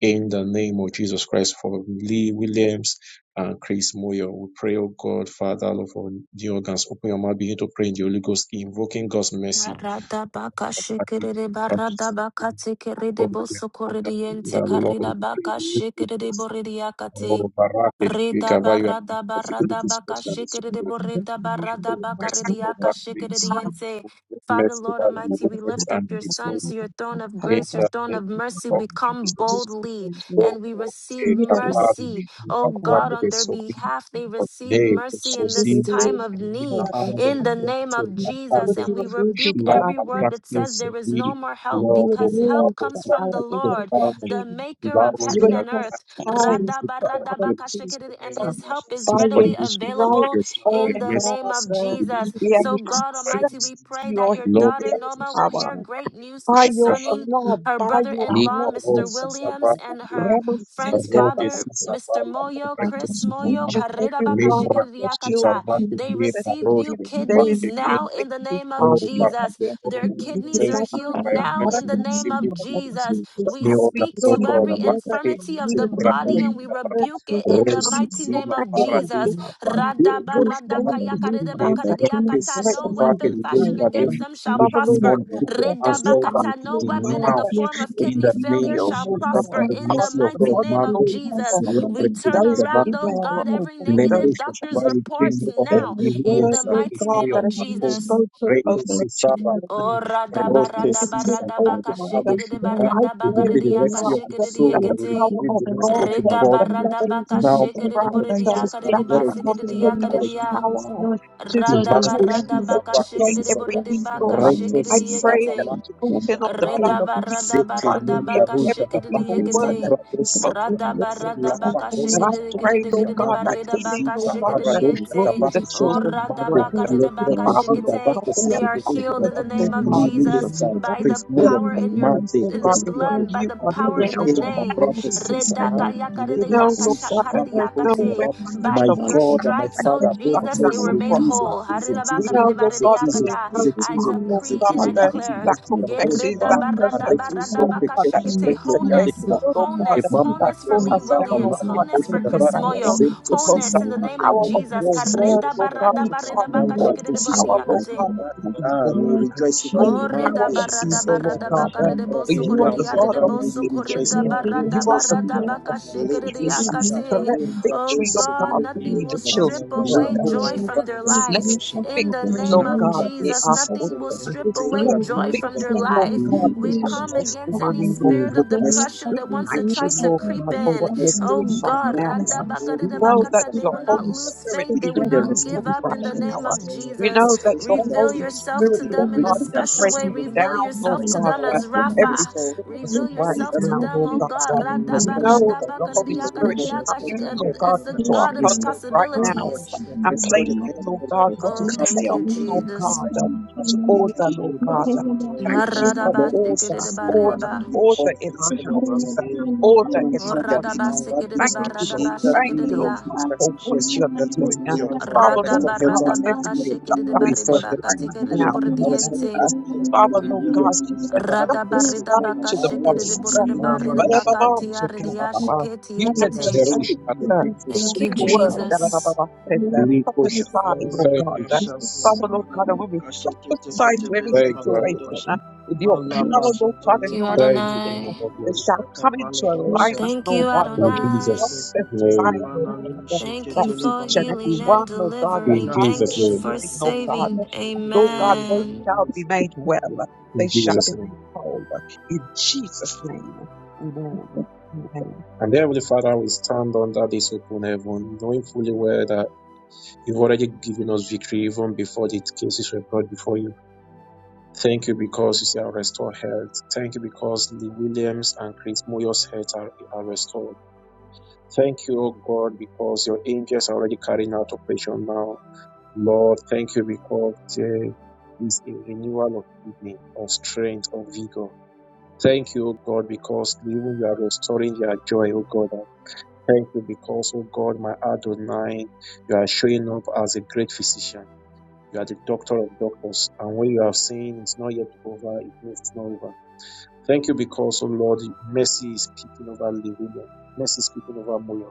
S7: in the name of Jesus Christ, for Lee Williams and Chris Moyer, we pray, oh God, Father, Lord, for the organs. Open your mouth, begin to pray in the Holy Ghost, invoking God's mercy.
S1: Arada baka shikiride barada baka tikiride boso koride
S7: The
S1: yente
S7: Lord, we
S1: karida
S7: pray,
S1: baka shikiride boride yakate.
S7: Lord, Barake, we
S1: Reda
S7: cover you and
S1: barra da barra
S7: possibilities for
S1: baka
S7: that is
S1: shikere de
S7: good.
S1: borre da barra da
S7: Invoke
S10: Thank
S1: baka re
S7: mercy
S1: di aka
S7: over
S1: shikere
S7: things.
S4: Amen.
S1: di ense. Father,
S7: Mercy
S1: Lord
S7: over the
S4: Lord,
S1: Almighty, we
S7: Williams
S1: lift up
S7: and
S1: your
S7: Chris
S1: Son
S7: Moyo.
S1: to
S4: you
S1: your throne of
S7: In
S1: grace, your
S7: the
S1: throne
S7: name
S1: of mercy.
S7: of
S1: We come
S7: Jesus.
S1: boldly and we receive
S7: zote kapari
S1: mercy.
S7: shiva
S1: Oh God,
S7: prakte
S1: on their
S7: sobi
S1: behalf, they receive
S7: de
S1: mercy in
S7: sozi
S1: this time of
S7: tepenina
S1: need.
S7: ando
S1: In the name
S7: prakte
S1: of Jesus,
S7: kapato
S1: and
S4: are
S1: we
S4: rooted
S1: rebuke
S4: for our
S1: every
S7: shilapa
S1: word that
S7: prakte
S1: says
S4: transgression.
S1: there is
S7: sobi
S1: no more help
S4: You were
S7: lobo
S1: because help
S4: bruised
S7: pabo
S4: for
S1: comes from the
S4: our
S7: prakte
S1: Lord,
S7: kano
S1: the
S4: iniquity.
S1: maker of
S7: laro
S4: You were
S1: heaven and earth.
S7: shagari
S4: chastised for
S7: zetuka
S4: our
S7: kiri
S1: Radabaradabakashikiri, and
S4: peace.
S1: his help is
S4: By
S7: Send for the
S4: your
S1: readily
S7: mission
S1: available
S4: stripes,
S7: pages now by
S4: O
S1: in the
S7: message.
S1: name
S4: God,
S1: of
S7: Send for
S4: uh,
S7: the
S1: Jesus.
S7: mission
S4: we have
S1: So,
S7: pages
S1: God
S7: now by
S1: Almighty,
S7: message.
S1: we
S4: access to
S1: pray that
S4: your
S1: your
S7: Love,
S1: daughter
S4: healing
S1: Noma will
S4: power.
S7: access,
S1: hear great news
S4: by your
S1: concerning
S4: blood,
S1: her
S4: by
S1: brother
S4: your
S1: in law,
S4: blood,
S1: Mr.
S4: oh
S1: Williams,
S4: God.
S1: and her
S4: Rama
S1: friend's
S4: Center,
S7: Rote
S1: father, Mr.
S7: Sisavala,
S1: Moyo,
S7: Obrecto
S1: Chris Moyo.
S4: each
S7: Sutavan,
S4: and every one
S7: Libra
S4: of your
S1: Karirabakashikiriakata.
S4: children have
S7: Susavati,
S1: They
S4: access
S7: Libra
S1: receive
S4: to
S1: new
S7: Roja,
S4: healing. There is
S1: kidneys
S7: Vate,
S1: now in
S4: nothing
S1: the
S4: too
S1: name of
S4: hard
S7: Oro,
S4: for
S1: Jesus.
S7: Parate,
S4: you.
S7: Oro,
S1: Their
S4: We gave
S1: kidneys are
S7: says
S4: our
S1: healed
S4: bodies
S7: by
S4: for
S1: now
S4: another
S1: in
S7: mercy
S1: the
S4: hour,
S1: name
S7: receive you
S1: of
S4: for the Lord.
S7: goodness.
S1: Jesus.
S4: So
S1: We
S4: as
S7: Neo
S4: we
S7: da
S1: speak
S4: join
S1: to
S7: Zogo,
S1: every
S4: together
S7: Rabate,
S4: in
S1: infirmity of the
S7: Sibra
S4: unity,
S1: body
S4: O
S1: and we
S7: Dosha,
S4: God,
S1: rebuke it
S4: we
S1: in the
S4: come
S10: you.
S7: Rose,
S4: in
S1: mighty
S4: your
S1: name
S7: Sima,
S1: of
S10: with the
S7: Para,
S4: name,
S1: Jesus.
S7: Isha,
S4: O God.
S10: system of
S7: Vate,
S4: Your
S10: this and
S7: Tusha,
S4: name
S10: the
S4: is
S10: look for the
S4: great.
S7: Libra
S10: king
S4: And
S10: of
S1: No
S4: greatly
S10: Israel,
S4: to
S7: Sisavati,
S10: the
S4: be
S1: weapon
S10: king
S1: fashioned
S10: of
S7: Libra
S4: praised.
S1: against
S4: And
S7: Dosha,
S10: everything,
S1: them shall
S7: you
S4: Father, Lord
S10: and
S1: prosper.
S10: the
S7: demon,
S4: God,
S10: Lord
S7: put your
S4: uh,
S10: of
S7: hands
S4: we
S7: all that
S4: ask,
S10: spirit
S1: No
S10: that
S4: Lord
S10: in
S1: weapon
S4: God,
S1: in
S7: now.
S1: the
S4: that
S10: the
S1: form
S4: you
S1: of
S4: will
S10: is
S7: In
S1: kidney
S7: the
S10: in
S1: failure
S7: name of
S4: heal,
S10: purpose
S1: shall
S4: Lord
S7: Jesus
S10: and
S7: Christ,
S4: God,
S7: by
S1: prosper
S4: the
S10: Lord,
S7: the
S1: in
S4: part
S1: the
S7: mercy
S4: of
S7: of
S4: the
S10: may
S1: mighty
S7: God,
S10: he
S4: body,
S1: name
S10: be
S1: of
S4: O
S7: Mando,
S4: God,
S10: without
S4: uh,
S1: Jesus.
S7: Sula,
S10: having
S1: We
S10: been
S7: Prefect,
S1: turn
S4: that
S10: moved
S4: is
S7: Dama,
S4: not
S1: around,
S10: in his
S1: oh
S4: well,
S1: God,
S10: spirit,
S4: O
S1: every
S4: God.
S10: in
S4: Uh,
S10: your
S7: Lepo,
S1: negative doctor's
S7: Shabba,
S10: strength,
S7: we decree
S1: reports
S7: new
S10: Jesus, the
S7: order,
S1: now
S10: Lord,
S4: Every
S7: new
S1: in
S4: word,
S1: the
S7: wills, uh,
S10: the
S4: Lord
S1: mighty
S7: is
S4: God,
S1: name
S4: that
S7: Moyo,
S1: of
S4: has been
S7: Akos,
S1: Jesus.
S10: King
S4: spoken over
S7: Reto,
S10: of
S4: your
S10: the Lord,
S7: Sisaba,
S4: children
S1: Oh, rada
S4: is
S7: Rote,
S1: barada
S4: limited,
S7: Sisa,
S1: barada
S4: oh
S7: Pate,
S1: baka
S7: Pablo,
S4: Father.
S1: shikiri de
S7: Shidaba,
S4: I
S1: barada
S7: we
S1: baka
S4: pray,
S7: decree the
S4: Lord
S1: ridiaka
S4: God,
S7: rescue of your
S1: shikiri de
S4: that
S7: soul,
S4: the
S7: we
S1: yekiti.
S4: power
S7: decree
S4: of
S7: the rescue
S4: God,
S7: of your
S10: Lord,
S1: Rida
S4: the
S7: body,
S4: blood
S1: barada
S4: of
S1: baka
S7: now
S4: Jesus
S7: by the
S1: shikiri de
S7: blood of
S4: Christ, uh,
S7: Jesus,
S1: boridiaka
S7: by the
S1: ridi
S4: that is
S7: blood of
S1: basikiri
S7: Jesus,
S1: de
S7: by
S4: positive,
S7: the
S1: yaka
S4: that
S7: blood
S4: has
S7: of Jesus.
S1: ridia.
S4: power to,
S10: So
S4: to
S1: Rada
S10: there's
S7: Imango
S4: take
S1: barada
S10: nothing
S4: this
S7: shika
S10: that
S4: and
S1: baka
S4: to
S10: you
S7: bake
S4: break
S1: shikiri
S10: cannot
S1: de
S4: every
S7: sisaba.
S10: do
S1: boridi
S4: evil.
S1: baka
S10: in
S4: Uh,
S10: the
S7: Reto
S1: shikiri
S4: I
S1: de
S10: name
S4: pray
S7: sisaba
S10: of
S4: that
S1: yekete.
S4: the
S7: lake
S10: Lord,
S7: kusha
S4: sprinkling of the
S10: there
S4: blood
S7: tabari.
S10: is
S4: of Jesus
S10: nothing you
S7: Zete
S4: Christ will
S7: ne
S10: cannot
S4: be of
S10: do.
S7: darusha da
S4: every
S10: In
S7: bake
S4: evil
S10: the
S4: word
S10: name
S4: that
S1: Redabaradabakashikidiyekete.
S7: tabra
S4: is
S10: of Jesus,
S7: dosi
S4: spoken of
S10: Lord.
S7: tobam.
S4: your children.
S7: La
S4: Uh,
S10: So, Father,
S4: And
S10: I
S4: I
S7: kwatoski da
S4: pray,
S7: bake
S10: strengthen
S4: Lord
S10: me
S4: God,
S10: and
S4: that
S7: shamande.
S10: stay,
S4: healing, Lord
S7: Zita
S10: Father, in the
S7: bara
S4: Father,
S10: name of
S7: dosha
S4: will
S7: da
S1: Radabaradabakashikidikidikidibaridabakas-
S4: be the
S7: bake
S10: Jesus,
S1: Oh,
S10: Lord.
S7: toshe
S4: children's
S7: namande.
S4: bread.
S10: Yes,
S4: Uh,
S7: Le krote
S10: Lord,
S4: Father,
S7: shika
S10: it's
S4: Lord
S1: radabakaridabakashikite.
S7: bake
S4: God, we
S1: They
S4: have
S7: sise
S10: important
S1: are
S4: come
S10: to
S7: bedoshi
S4: to
S7: da
S1: healed
S4: the
S1: in the
S7: bam.
S4: oh
S10: continue
S1: name of
S7: Lee
S4: God, in
S10: living of
S1: Jesus
S7: Williams,
S4: you.
S7: uh,
S10: the
S4: God.
S1: by
S10: faith
S1: the
S7: Chris
S4: We have
S10: and
S7: Moyo,
S1: power in your
S10: living
S4: confidence,
S7: Mande,
S4: oh
S1: in the
S4: God,
S10: Jesus
S4: in what
S7: Costeto,
S10: Lord.
S1: blood, by
S4: you
S1: the
S4: are
S10: We
S1: power
S7: Ricardo
S4: doing
S1: in
S10: will
S1: the
S4: and what
S7: Shemba,
S4: you
S1: name.
S4: will
S10: transform
S7: Brato
S4: do
S10: in
S4: today.
S10: the
S7: Sisaba.
S10: name
S7: Le
S4: We
S10: of
S4: know, Lord
S10: Jesus
S7: Kasusa,
S4: God, that
S10: Lord.
S7: Vake
S4: there is
S7: Toshe
S4: no
S7: da
S10: We
S1: Redakayakaridayakashakaridiyakate.
S7: bam.
S4: weapon that
S10: live
S1: By
S7: My
S4: shall
S10: not
S4: be
S1: your
S10: by
S7: God and
S10: the
S7: my
S4: fashioned
S1: stripes, oh
S7: Father,
S10: others,
S4: against
S7: both
S10: but
S4: us
S1: Jesus,
S10: in
S4: that
S1: they
S10: the
S7: praise
S1: were
S4: will
S7: with
S1: made
S10: name
S7: Jesus
S10: of
S4: prosper.
S1: whole.
S10: Jesus
S4: We
S7: zitizo
S4: know,
S10: Lord.
S4: Lord God, that
S7: zitizo
S10: Yes,
S4: there's
S1: Haridabakaridibaridiakada.
S4: no
S10: we give
S1: I
S7: zitizo
S4: time,
S10: you
S4: Lord
S10: the
S1: decree
S4: God
S1: and
S7: zitizo
S1: I
S10: victory,
S4: that
S10: thank you,
S1: declare
S4: that
S7: activos de carbono
S4: confesses,
S1: Yereda
S7: shaba
S4: that
S10: Spirit,
S1: barada
S7: arrecto
S4: confesses,
S1: barada
S4: Lord
S10: and
S7: sope
S1: baka.
S4: God,
S7: kento
S4: that
S10: and
S1: Yeredabaradabakashikite.
S4: speaks
S7: preklo viade
S10: and
S4: against
S1: Wholeness,
S10: the
S7: shaba
S4: us, Lord
S10: students
S4: God
S1: wholeness,
S7: imam
S4: that
S1: wholeness
S7: brakto
S1: for
S4: pull
S10: my
S4: us
S1: Lee
S7: sisaba
S4: down,
S7: la
S4: Lord
S1: Williams,
S7: ke
S4: God,
S10: education
S4: that
S1: wholeness
S7: koshi
S4: will
S1: for
S7: daba
S10: and
S1: Chris
S10: the
S4: prevail,
S1: Moyo,
S10: family
S7: zekto
S4: because
S10: something
S7: sisa
S4: the
S1: wholeness in the
S7: ba
S10: moving
S7: ke
S1: name of
S4: power
S10: is
S7: lebro
S4: of
S10: the
S7: to
S1: Jesus.
S4: your
S7: sise
S4: word,
S10: smallest
S7: dedo
S1: Kareda
S4: Lord
S7: shaba
S4: God,
S1: barada
S10: you
S1: barada
S4: surpasses
S7: imam
S1: baka.
S10: know
S4: all
S7: brakto
S1: shikite de
S7: sise
S10: my
S4: power,
S7: dedo
S4: Lord
S10: first
S1: Karedabaradabaredabakashikideboridiakate.
S4: God,
S10: time
S7: shaba
S4: of the
S10: made
S7: ah
S4: evil
S7: we
S10: new
S4: one,
S10: William
S7: rejoice over
S10: new
S4: all
S7: you man
S1: Ore
S10: William
S4: power
S1: da
S7: be
S4: of
S1: barra da
S4: evil,
S1: barra
S7: sisova
S4: Lord
S1: da bakare
S4: Father.
S7: imam
S1: de
S7: brak
S4: For
S1: bosso
S4: you
S1: corre
S7: gloria
S4: are
S7: de
S1: di
S4: the
S1: arre
S4: God
S7: shaba
S1: de
S4: of
S7: you
S1: bosso
S7: we
S1: corre
S7: rejoice
S4: victory,
S1: da
S7: man ye
S1: barra
S4: you
S1: da
S4: are
S7: tos
S4: the
S1: barra da
S4: God
S7: kidaba
S10: new
S4: of
S1: baka
S10: conference
S7: le
S1: shikere de
S10: is
S4: victory.
S10: still
S7: kosi
S4: uh,
S7: sa
S10: new
S4: So
S1: yakate.
S4: let
S7: imam
S10: conference
S7: brakto
S1: Oh
S4: victory,
S10: is
S4: Lord
S7: sise
S1: God,
S4: God,
S10: still new
S1: nothing
S4: be
S1: will
S4: the
S7: dedo
S10: conference
S1: strip
S4: children's
S10: is
S4: word
S1: away
S10: more
S7: Lipo
S1: joy from
S7: Shabbat
S1: their
S10: of
S1: life.
S10: new
S7: Sisa
S1: In
S10: conference
S1: the
S10: in
S4: victory,
S10: the
S1: name
S4: Lord
S1: of
S4: God,
S7: Mambra
S10: new
S4: be
S1: Jesus,
S7: Dosi
S4: our
S10: people
S7: Sabe
S1: nothing will
S4: portion.
S7: Lipo
S1: strip
S10: it's
S1: away
S4: Let
S7: Tebra
S10: still
S1: joy
S10: new
S7: Doshka
S1: from their
S7: Daba
S4: victory,
S10: conference
S4: Lord
S1: life.
S4: God,
S7: Lipo
S4: be
S1: We
S4: our
S10: in
S1: come
S10: the
S1: against any
S10: new
S4: testimony,
S7: we
S4: Lord
S1: spirit
S4: God.
S7: invoke
S1: of
S10: Thank
S7: mercy.
S1: depression
S4: We
S1: that
S7: We
S1: wants to
S7: invoke
S4: thank you,
S1: try
S10: you.
S7: mercy.
S1: to
S4: Lord
S1: creep
S4: God,
S7: We
S4: for
S7: invoke
S4: what
S1: in.
S4: you're
S7: mercy.
S1: Oh
S4: doing
S7: We
S4: right
S1: God,
S7: invoke mercy.
S1: rada
S4: now.
S7: Oh,
S1: bakare
S4: We
S7: we
S1: de
S4: know
S7: invoke
S4: that
S1: bakata. They
S4: your
S1: will
S7: survival.
S1: not
S4: Holy
S1: lose
S4: Spirit
S1: faith.
S7: We
S1: They
S4: is
S1: will
S7: decree the
S1: not
S4: moving
S1: give
S7: restoration
S1: up
S7: of
S1: in
S4: right
S7: their
S1: the
S4: now.
S1: name of
S7: health,
S4: We
S7: the
S1: Jesus.
S4: know that
S7: restoration
S4: your
S7: of their
S1: Reveal
S4: Holy
S7: kidney,
S1: yourself
S4: Spirit,
S1: to
S7: the
S4: Lord
S1: them in a
S4: God,
S7: restoration of
S4: is
S7: their
S1: special way.
S7: system.
S4: breaking
S7: Oh God,
S1: Reveal
S4: down, Lord
S1: yourself to
S4: God,
S1: them
S7: restore,
S4: uh,
S7: oh
S1: as
S7: God,
S4: every
S1: Rapha.
S7: restore, oh God,
S4: sickness
S1: Reveal
S7: restore
S4: right
S7: the
S1: yourself
S7: health
S1: to
S7: of
S4: now,
S7: the
S1: them,
S4: Lord
S1: oh
S4: God.
S7: Williams,
S1: God,
S4: Uh,
S1: Radaba,
S4: We
S7: restore the
S4: know
S7: health
S4: that
S7: of
S1: radaba,
S4: your
S7: Prince
S4: Holy
S7: William,
S1: karidiya,
S7: oh
S4: Spirit
S7: God,
S4: is
S1: karidiya,
S4: coming,
S7: restore
S1: kashik-
S7: their
S1: as
S4: Lord
S7: health, oh
S1: as
S4: God,
S1: the
S7: God,
S4: into our
S1: God of
S4: homes
S7: restore their
S4: right
S7: health, oh
S4: now
S7: God,
S1: impossibilities.
S4: and
S7: restore their
S4: placing,
S7: health,
S4: Lord
S7: oh God.
S4: God, what
S7: We
S1: Oh,
S4: is
S7: cast
S1: thank
S4: chaos,
S1: you,
S7: away every
S4: Lord
S1: Jesus.
S4: God, uh,
S7: anxiety, we cast
S4: to
S7: away
S4: order,
S7: every,
S4: Lord
S7: every
S4: God. Uh, Thank you for
S1: Radaba,
S7: Lord, this
S4: order,
S7: is
S1: shikidiba,
S7: so
S4: order,
S1: ridaba.
S7: all
S4: order in
S7: these
S4: our
S10: Thank
S7: areas so
S4: houses, uh,
S7: you can
S4: order
S7: oh,
S4: in
S1: Oh,
S4: our
S7: show their
S4: bodies.
S1: radaba,
S7: ages, bodies
S4: Thank
S1: sikidiba,
S4: you, Lord.
S1: radaba,
S7: in the
S4: Thank you,
S7: name of
S4: Lord
S1: shikidiya.
S4: God,
S7: Jesus
S4: for
S7: Christ. I will
S4: what
S7: restore
S4: you're
S7: health unto
S4: doing. Uh,
S7: Moyo. I will
S4: Father, Lord
S7: restore
S1: Radaba,
S7: health
S4: God,
S7: unto
S1: radaba,
S7: Keith Moyo.
S4: everything shall
S7: I
S4: come
S7: will
S1: kashikidiba,
S7: restore
S4: into
S1: ridiba,
S7: health
S4: alignment
S7: unto
S4: now.
S7: Moyo.
S4: in
S7: I will
S4: your name.
S7: restore
S1: katikidiburidiente.
S7: health health to
S4: Father,
S7: the
S4: Lord God,
S7: Williams.
S4: you said,
S7: By the
S1: Rada
S7: mercy of
S1: barida
S4: prophesy
S7: God,
S1: baka
S4: to
S7: by
S4: the
S7: all
S1: shikiri de
S4: bones.
S7: sins,
S1: burida
S7: by the
S4: ba
S1: barida
S7: bush,
S1: baka tiari dia
S4: da
S1: shiketi
S4: You said,
S1: ekete.
S7: the
S4: just
S7: rush,
S4: speak,
S7: and the
S4: uh,
S7: breakthrough
S1: Thank
S7: of
S1: you,
S4: speak
S7: the
S4: a
S7: ocean.
S4: word. ba da ba
S1: Jesus.
S4: ba
S7: Lead push.
S4: Prophesy, Lord
S7: Thank
S4: God.
S7: you,
S4: uh.
S7: Jesus.
S4: Father, Lord God, and we will prophesy to every
S7: Thank you, Adonai.
S4: situation uh, with your power, Lord God,
S1: Thank
S4: and
S1: you,
S4: your
S7: Thank you,
S4: anointing.
S7: King
S4: uh,
S7: of
S1: Adonai.
S7: all
S4: That
S7: glory.
S4: shall come into alignment,
S1: Thank
S4: Lord
S1: you,
S4: God. So
S7: In
S4: we
S1: Adonai.
S7: Jesus'
S4: prophesy,
S7: name.
S4: Lord God, uh,
S1: Thank
S4: that
S1: you for
S4: each and every
S1: healing and
S4: one, Lord God, that's
S7: In
S1: delivering.
S4: out for
S1: Thank
S7: Jesus'
S1: you
S7: name.
S1: for
S4: healing, Lord God.
S1: saving.
S4: Though God, they
S1: Amen.
S4: shall be made well.
S7: In
S4: They shall
S7: Jesus'
S4: be
S7: name.
S4: made whole. In Jesus' name. Amen. Amen.
S7: And the Heavenly Father, we stand under this open heaven, knowing fully well that you've already given us victory even before the cases were brought before you. Thank you because you say, I'll restore health. Thank you because Lee Williams and Chris Moyo's health are, are restored. Thank you, oh God, because your angels are already carrying out operation now. Lord, thank you because there is a renewal of kidney, of strength, of vigor. Thank you, O God, because even you are restoring their joy, O God. Thank you because, oh God, my Adonai, you are showing up as a great physician. You are the doctor of doctors. And when you are saying it's not yet over, it means it's not over. Thank you because, oh Lord, mercy is speaking over Livinia. Mercy is speaking over Moyo.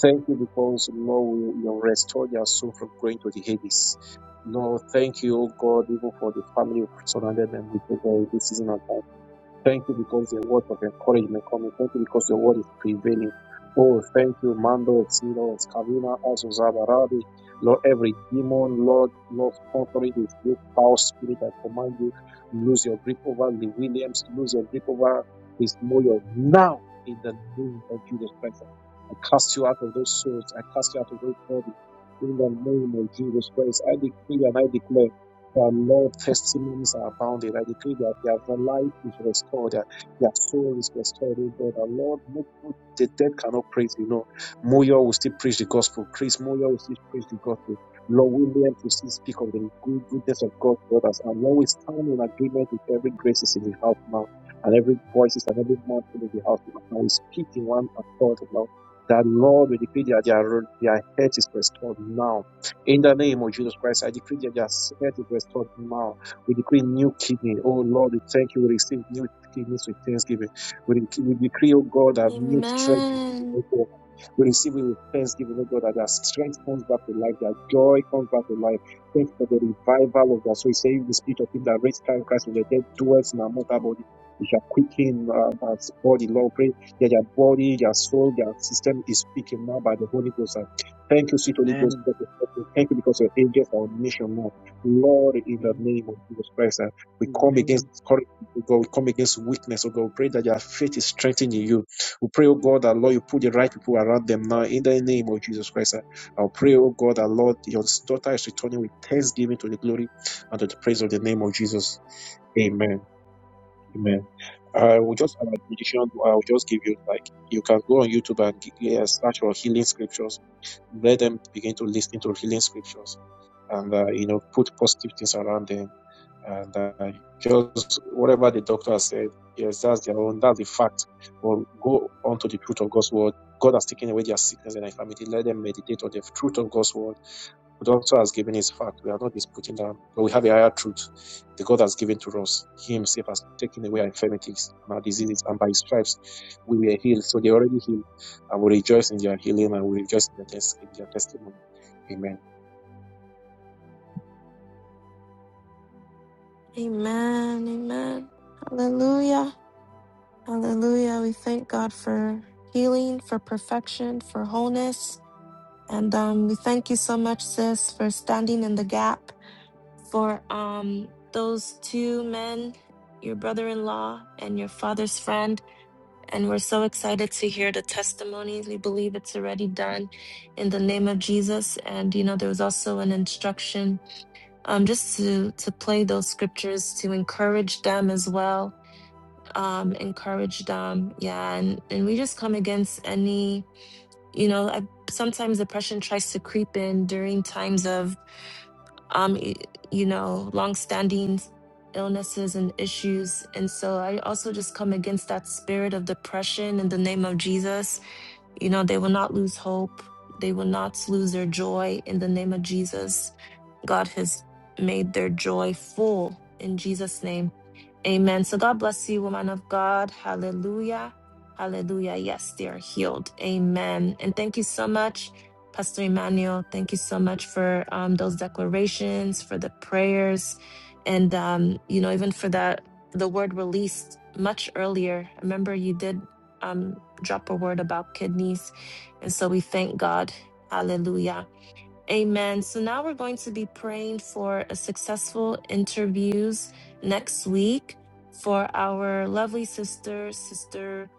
S7: Thank you because, Lord, you you restored your soul from going to the Hades. Lord, thank you, oh God, even for the family who surrounded them with oh this season of time. Thank you because your word of encouragement coming. Thank you because your word is prevailing. Oh, thank you, Mando, Silo, Scavina, Azuzada, Rabi. Lord, every demon, Lord, Lord, contrary with you, foul spirit, I command you, lose your grip over Lee Williams, lose your grip over his moyo now in the name of Jesus Christ. I cast you out of those souls. I cast you out of those bodies in the name of Jesus Christ. I decree and I declare. The Lord, testimonies are abounding. I decree that their life is restored, their, their soul is restored. Oh God, the Lord, no- no- the dead cannot praise you. know, Moyo will still preach the gospel. Chris Moyo will still preach the gospel. Lord Williams will still speak of the good, goodness of God to others. And Lord, we stand in agreement with every graces in the house now, and every voices and every mountain in the house now. And we speak in one accord, Lord. That Lord, we decree that their, their head is restored now in the name of Jesus Christ, I decree that your spirit is restored now. We decree new kidney. Oh Lord, we thank you. We receive new kidneys with thanksgiving. We, dec- we decree, oh God, a new strength. is given,
S1: Amen.
S7: oh God. We receive it with thanksgiving, oh God, that their strength comes back to life, their joy comes back to life. Thank you for the revival of that. So we say, if the spirit of him that raised Christ from the dead dwells in our mortal body. We shall quicken uh, our body, Lord. Pray that their body, their soul, their system is speaking now by the Holy Ghost Thank you, sweet Holy Ghost, because of Thank you because your angels are omniscient, Lord. Lord, in the name of Jesus Christ, uh, we come against discouragement, oh God. We come against weakness, oh God. We pray that your faith is strengthened in you. We pray, oh God, that Lord, you put the right people around them now. In the name of Jesus Christ, uh, I'll pray, oh God, that Lord, your daughter is returning with thanksgiving to the glory and to the praise of the name of Jesus. Amen. Amen. I will just an admonition. I will just give you like you can go on YouTube and g- yeah, search for healing scriptures. Let them begin to listen to healing scriptures, and uh, you know put positive things around them, and uh, just whatever the doctor has said. Yes, that's their own. That's the fact. But go on to the truth of God's word. God has taken away their sickness and infirmity. Let them meditate on the truth of God's word the doctor has given his fact. We are not disputing that, but we have a higher truth. The God has given to us. He himself has taken away our infirmities and our diseases, and by his stripes we were healed. So they already healed, and we rejoice in their healing and we rejoice in their, tes- in their testimony. Amen.
S1: Amen. Amen. Hallelujah. Hallelujah. We thank God for healing, for perfection, for wholeness. And um, we thank you so much, sis, for standing in the gap for um, those two men, your brother in law and your father's friend. And we're so excited to hear the testimonies. We believe it's already done in the name of Jesus. And, you know, there was also an instruction um, just to, to play those scriptures to encourage them as well. Um, encourage them. Yeah. And, and we just come against any you know I, sometimes depression tries to creep in during times of um y- you know long-standing illnesses and issues and so i also just come against that spirit of depression in the name of jesus you know they will not lose hope they will not lose their joy in the name of jesus God has made their joy full in Jesus' name. Amen. So God bless you, woman of God. Hallelujah. Hallelujah. Yes, they are healed. Amen. And thank you so much, Pastor Emmanuel. Thank you so much for um, those declarations, for the prayers, and um, you know, even for that the word released much earlier. I remember you did um, drop a word about kidneys, and so we thank God. Hallelujah. Amen. So now we're going to be praying for a successful interviews next week for our lovely sister, Sister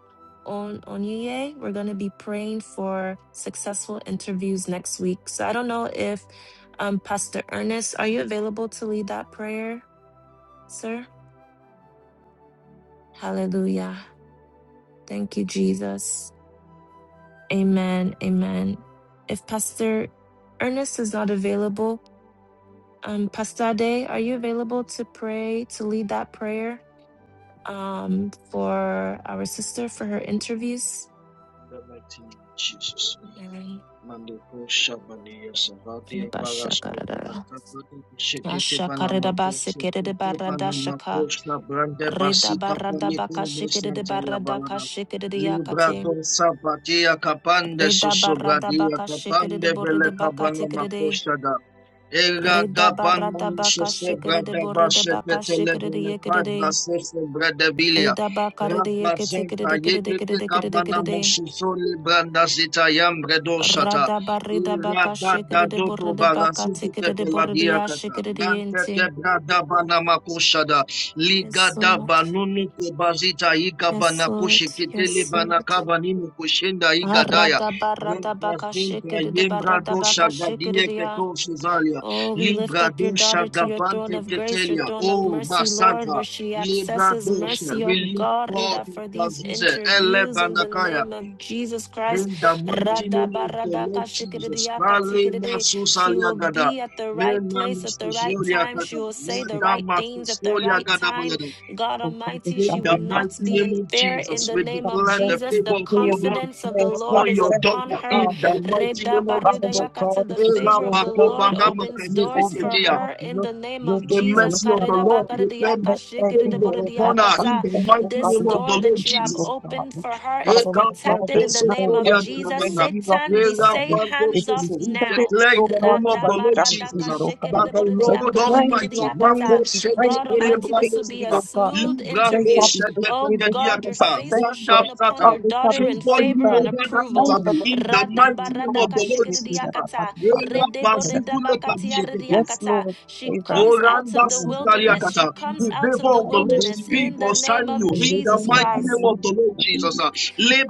S1: On Onye. We're going to be praying for successful interviews next week. So I don't know if um, Pastor Ernest, are you available to lead that prayer, sir? Hallelujah. Thank you, Jesus. Amen. Amen. If Pastor Ernest is not available, Um, Pastor Day, are you available to pray, to lead that prayer um, for our sister for her interviews? Okay. Bashakarada. Ashakaredabasekeredebaradashaka. Redabaradabakashikeredebaradakashikeredeyakate. Redabaradabakashikeredeboredebakatekerede. Redabaradabakashikeredeboredebakashikeredeyekede. Redabakarede
S9: Kayekete kabana moshusole branda zita yambredo shata.
S1: Rada barida baka shikere
S9: Irabada
S1: de
S9: dodo
S1: borida baka
S9: barasizi
S1: tikere de
S9: kebeladia
S1: boridia
S9: kata.
S1: shikere de
S9: Nante
S1: yente.
S9: kebrada bana makushada.
S1: Yes,
S9: Ligada
S1: Lord.
S9: banunu kebazita
S1: Yes,
S9: ikabana
S1: Lord.
S9: kushikitele
S1: Yes,
S9: bana
S1: Lord.
S9: kabanini kushenda igadaya.
S1: Arada barada baka
S9: Nagazinta
S1: shikere de barada
S9: yembrado
S1: baka
S9: shagadie
S1: shikere
S9: keto shizalia.
S1: Oh, we lift
S9: Libra
S1: up your
S9: dosha
S1: daughter to your throne
S9: gabante
S1: of grace, your
S9: ketelia.
S1: throne of
S9: Oh,
S1: mercy,
S9: masanta.
S1: Lord, where she
S9: Libra
S1: accesses
S9: dosha,
S1: mercy, oh
S9: release
S1: God,
S9: God
S1: Rida,
S9: in
S1: for these
S9: Kazuze, Ele
S1: interviews in the
S9: Banakaya,
S1: name of Jesus Christ.
S9: in the mighty name
S1: Rada
S9: of the
S1: barada
S9: Lord Jesus,
S1: kashikidiya
S9: Kale
S1: katsikidide.
S9: Masu
S1: She will
S9: Saliagada,
S1: be at the right
S9: Mena
S1: place at the right
S9: Masusolia
S1: time.
S9: Kata,
S1: She will say the
S9: Lada
S1: right things at the
S9: Masusolia
S1: right
S9: Gada
S1: time.
S9: Bayada,
S1: God
S4: Oh God, they
S1: Almighty,
S9: in
S1: she
S4: shall
S1: will
S4: be
S9: the mighty
S1: not be
S4: success.
S1: in
S9: name of
S1: fear in
S9: Jesus,
S1: the
S9: we
S1: name of
S9: declare
S4: Success,
S9: the
S4: we
S1: Jesus. The
S9: favor of the
S4: declare, we
S9: Lord
S1: confidence of the
S4: declare
S1: Lord
S9: upon
S1: is
S9: your
S4: success,
S1: upon
S4: oh
S9: daughter,
S1: her
S9: in
S4: God.
S9: the mighty name of
S4: Father,
S9: Jesus.
S4: Lord God,
S1: Redabaridayakata,
S4: if
S1: The
S4: this is
S9: Era
S1: favor
S4: your
S1: of the
S4: will,
S9: Bako
S1: Lord
S4: if this is
S9: Banama
S4: what
S1: opens
S4: you
S1: doors
S4: want, Lord
S1: for
S4: God,
S1: her in
S4: your,
S1: the name
S4: your
S1: of
S9: the
S4: daughter,
S1: Jesus.
S4: your
S9: mercy of
S4: son,
S9: the
S4: Lord
S9: Lord
S4: God,
S9: proclaim
S1: Karidabakaridiyaka,
S4: let there be,
S9: favor
S4: Lord God,
S9: upon her in
S1: shikiridiboridiakata.
S9: the
S4: success,
S9: mighty
S4: Lord God,
S1: This
S9: name
S4: and this
S9: of
S1: door
S9: the
S4: is
S9: Lord
S1: that
S4: the
S1: you
S4: you,
S1: have
S9: Jesus.
S4: Lord God.
S1: opened for her is
S4: Father, Lord God,
S1: protected
S4: there
S1: in
S4: is
S1: the
S4: no
S1: name of
S4: way from
S1: Jesus.
S4: where you are
S1: Satan, we say
S4: concerned. If
S1: hands
S4: you
S1: off
S9: We
S4: said it,
S1: now.
S9: declare in
S4: Lord
S9: the
S4: God,
S9: name of
S4: so
S9: the Lord
S4: shall it be,
S9: Jesus
S1: Radabaradaka,
S9: uh,
S4: Lord God.
S9: that the
S4: So we
S9: Lord
S1: shikiridiboridiaka,
S4: praise your
S9: Almighty,
S1: shikiridiyakata.
S4: name, we praise
S1: God
S4: your name in
S1: Almighty, this will be
S4: victory,
S1: a
S9: Makosetekeleblandesota,
S4: Lord God.
S1: smooth
S4: They shall
S1: interview.
S4: be
S1: Oh
S4: victory, they shall be
S1: God, your
S9: Libradoshedekekediakata,
S1: face
S4: success,
S1: will
S4: Lord
S1: shine upon
S4: God,
S9: Landafsata,
S1: your
S4: they shall be
S1: daughter in
S9: favor you
S1: favor
S4: favor.
S1: and
S9: over that
S1: approval.
S4: Yes,
S9: interview in the mighty name of the Lord Jesus. uh.
S1: Radabaradakashikiriakata. Redeboreda-bakatiaridiakata.
S4: Lord,
S1: She
S4: favor.
S1: comes out of
S9: Oranda
S1: the
S4: Hallelujah,
S1: wilderness. She
S9: sutariakata.
S1: comes
S9: The
S1: out of
S9: favor
S1: the
S9: of the lost
S1: wilderness
S4: hallelujah,
S1: in the
S9: people. Sign
S1: name
S9: you
S1: of
S9: in the
S1: Jesus
S4: hallelujah,
S9: mighty
S1: Christ.
S9: name of the
S4: hallelujah.
S9: Lord Jesus. ah.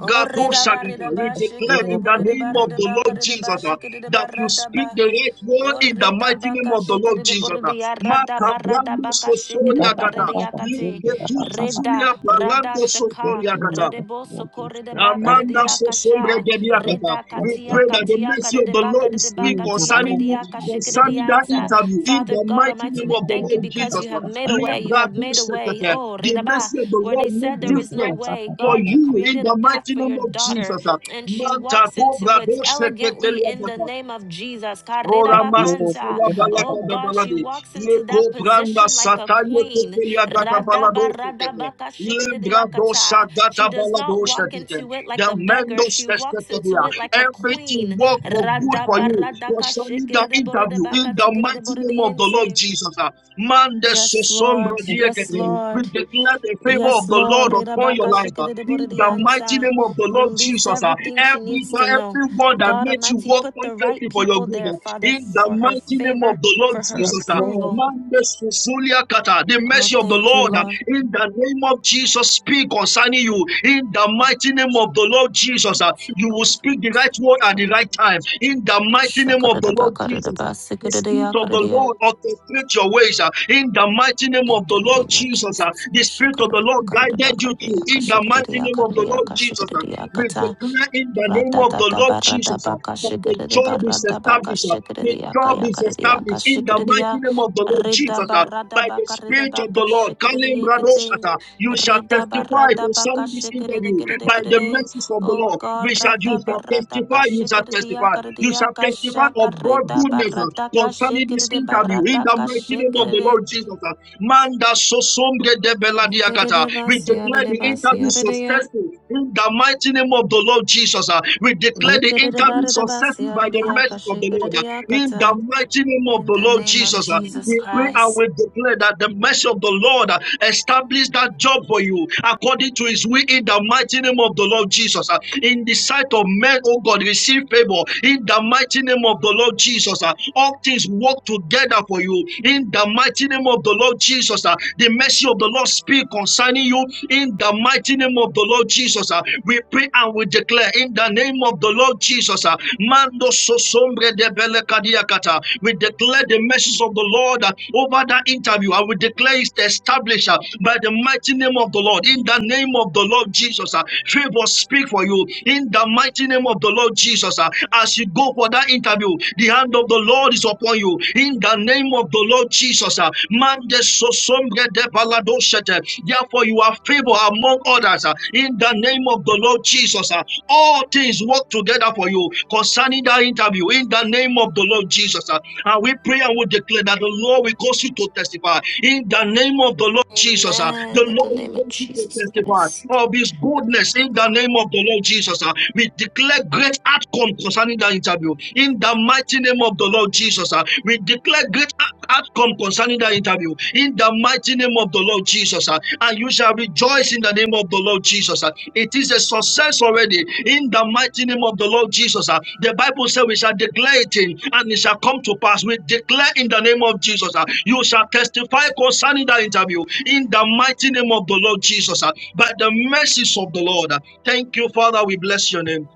S1: Oh, reda ba,
S9: shakata.
S4: Oh,
S1: reda
S9: We
S1: ba, shake it,
S9: declare
S1: reda
S9: in
S4: Lord,
S1: ba,
S9: the
S4: yes,
S1: reda ba,
S9: name of
S4: Lord.
S1: reda
S9: the
S1: ba, ka,
S9: Lord
S1: reda
S9: Jesus
S1: ba,
S9: ah,
S1: shake it, reda ba,
S9: that you
S1: rada
S9: speak
S1: ba.
S9: the right word
S1: Oh,
S9: in the
S1: reda
S9: mighty
S1: ba,
S9: name
S1: ka,
S9: of the
S1: shake it,
S9: Lord
S1: reda ba,
S9: Jesus.
S1: reda
S9: ah.
S1: ya, rada ba, rada
S9: Makabrando
S1: ba, ka, shake
S4: Yes,
S1: it,
S4: Lord,
S1: reda ba,
S9: sosoriakata.
S1: reda ya,
S4: yes,
S1: ka te.
S9: Leketu
S1: Reda,
S9: zuzulia
S1: rada,
S9: barando
S1: shaka,
S9: sosoriakata.
S1: reda bo,
S4: Lord,
S1: soko,
S4: yes,
S1: reda
S4: Lord.
S1: ba, ka,
S4: Thank
S1: reda
S9: Amanda
S4: you.
S1: ya, ka
S9: Sosondra
S1: sha.
S4: Yes,
S9: Gediakata.
S1: Reda, ka
S4: yes,
S9: We
S1: tia,
S4: yes, Lord.
S9: pray
S1: ka
S9: that the
S1: tia, ka,
S9: mercy of
S1: reda
S9: the
S1: ba,
S9: Lord
S1: ka,
S9: will
S1: reda ba,
S9: speak
S1: ka
S4: Yes,
S1: tia,
S9: concerning
S1: reda
S9: you,
S1: ya, ka shake it, reda
S9: concerning
S1: ya,
S9: that
S1: nta.
S9: interview, in
S1: Father
S9: the
S1: God
S9: mighty
S1: Almighty,
S9: name
S1: we
S9: of the
S1: thank you
S9: Lord
S1: because
S9: Jesus.
S1: you have made a way. You
S9: Lebra
S1: have made a way.
S9: Bosekete.
S1: Oh,
S9: The
S1: reda ba
S9: mercy of the
S1: where they
S9: Lord
S1: said
S9: made
S1: there is no
S9: different
S1: way.
S9: for
S1: God, you
S9: you in
S1: created a
S9: the
S1: path
S9: mighty
S1: for
S9: name
S1: your
S9: of
S1: daughter,
S9: Jesus.
S1: and she
S9: Manta
S1: walks into
S9: Kobra
S1: it
S9: Bosekete
S1: elegantly in the
S9: Liakata.
S1: name of Jesus.
S9: Ora
S1: Karirabakanta.
S9: masifula balaka
S1: Oh
S4: Lord.
S9: da
S1: God, she
S9: baladi.
S1: walks
S9: Le
S1: into that
S9: kobranda
S1: position like a
S9: satanye
S1: queen.
S9: tekelia gata baladose kete. Libra dosa
S1: Radabaradabakashikiridiakata. She
S9: gata
S1: does not
S9: baladose
S1: walk
S9: kete.
S1: into it like
S9: The
S1: a beggar,
S9: mendos
S1: she walks
S9: testetelia.
S1: into it like a
S9: Everything
S1: queen.
S9: work for good for you. Concerning the interview in the mighty name of the Lord
S1: Radabaradakashikiridiboridibakatikiridiboridiente.
S9: Jesus. ah. Mande
S1: Yes,
S9: sosombra
S1: Lord.
S4: Yes,
S1: Yes,
S9: diekete.
S4: Lord.
S9: We
S1: Lord.
S9: declare the favor
S1: Yes,
S9: of the
S1: Lord.
S9: Lord upon your life. ah. In the mighty
S1: Rirabakashikiriborodiyansa.
S9: name of the Lord
S1: Release
S9: Jesus. ah.
S1: everything she
S9: Every
S1: needs to know.
S9: everyone that
S1: God
S9: makes you
S1: Almighty,
S9: work
S1: put the right
S9: perfectly for your
S1: people
S9: good.
S1: there,
S9: ah.
S1: Father,
S9: In the
S1: for her
S9: mighty name
S1: favor,
S9: of the Lord
S1: for her
S4: Yes,
S9: Jesus, uh,
S4: Lord.
S1: approval.
S9: Mandes Fusulia Kata, the
S1: Oh,
S9: mercy of the
S1: thank you,
S9: Lord, uh,
S1: Lord.
S9: in the name of Jesus, speak concerning you. In the mighty name of the Lord Jesus, uh, you will speak the right word at the right time.
S7: So,
S9: In the mighty name of the Lord Jesus. uh, the Spirit of the
S1: Ashakarirabakarirabasikiririyakariria.
S9: Lord orchestrate your ways uh, in the mighty name
S1: In
S9: of
S1: the
S9: the Lord
S1: name of
S9: Jesus. uh,
S1: Jesus.
S9: the Spirit of the Lord guided you through in the mighty name of the Lord Jesus. uh, we
S1: Ashakarirabakarirabakaririyakashikiririyakaririyakashikiriyakata.
S9: declare in the name of the
S1: Radadada
S9: Lord
S1: barada
S9: Jesus uh,
S1: baka
S9: that the
S1: shikiri
S9: job is
S1: barada baka
S9: established, uh, the
S1: shikiri yaka
S9: job is
S1: yakari yaka
S9: established in the
S1: shikiri
S9: mighty
S1: ya.
S9: name of the Lord
S1: Rida
S9: Jesus. uh,
S1: barada
S9: By the
S1: baka rida
S9: Spirit of
S1: baka
S9: the Lord,
S1: shikiri
S9: Kalim
S1: yikiting.
S9: Radoshata, you shall
S1: Rida
S9: testify
S1: barada baka
S9: concerning this
S1: shikiri
S9: interview.
S1: kiri
S9: By the
S1: kiri.
S9: mercies of the
S1: Oh
S9: Lord,
S1: God,
S9: we shall you
S1: rada
S9: shall
S1: barada ka
S9: testify, you shall
S1: shikiri
S9: testify,
S1: yaka
S9: you shall
S1: yaka
S9: testify
S1: shaka
S9: of God's
S1: rida
S9: goodness uh,
S1: barada ka
S9: concerning this
S1: shikiri
S9: interview.
S1: barada
S9: In the
S1: ka
S9: mighty name of the
S1: shikiri.
S9: Lord Jesus, uh, Manda Sosombre de Beladiakata,
S1: Yikiri
S9: we
S1: basi
S9: declare
S1: yari
S9: the
S1: basi
S9: interview
S1: yari ya.
S9: successful. In the mighty name of the Lord Jesus, uh, we declare the
S1: Yikiri
S9: interview
S1: barada basi
S9: successful by
S1: yari
S9: the
S1: yaka
S9: mercies of the Lord.
S1: shikiri
S9: In
S1: yaka
S9: the mighty name of the
S1: In the
S9: Lord
S1: name of
S9: Jesus, uh,
S1: Jesus
S9: we pray and
S1: Christ.
S9: we declare that the mercy of the Lord uh, establish that job for you according to his will in the mighty name of the Lord Jesus. uh, in the sight of men, oh God, receive favor in the mighty name of the Lord Jesus. uh, all things work together for you in the mighty name of the Lord Jesus. uh, the mercy of the Lord speak concerning concerning you in the mighty name of the Lord Jesus. ah. We pray and we declare in the name of the Lord Jesus. ah, Mando so sombre de bele kadiakata. We declare the message of the Lord ah, over that interview I will declare it established ah, by the mighty name of the Lord. In the name of the Lord Jesus, ah. favor speak for you in the mighty name of the Lord Jesus. ah. As you go go for that interview, the hand of the Lord is upon you. In the name of the Lord Jesus, ah, Mande sosombre de balado shete. therefore you are favored among others. ah, In the name of the Lord Jesus, ah. all things work together for you concerning that interview. In the name of the Lord Jesus, ah. and we pray and we declare that the Lord will cause you to testify. In the name of the Lord. Jesus. uh, The
S1: Amen. In the
S9: Lord
S1: name
S9: will
S1: of
S9: continue to
S1: Jesus
S9: testify
S1: Christ.
S9: of his goodness in the name of the Lord Jesus. uh, We declare great outcome concerning that interview. In the mighty name of the Lord Jesus, uh, we declare great out- outcome concerning that interview. In the mighty name of the Lord Jesus, uh, and you shall rejoice in the name of the Lord. Jesus. ah. It is a success already in the mighty name of the Lord Jesus. ah. The Bible says we shall declare it in and it shall come to pass. We declare in the name of Jesus. ah. You shall testify concerning that interview in the mighty name of the Lord Jesus. ah. By the mercies of the Lord. ah. Thank you, Father. We bless your name.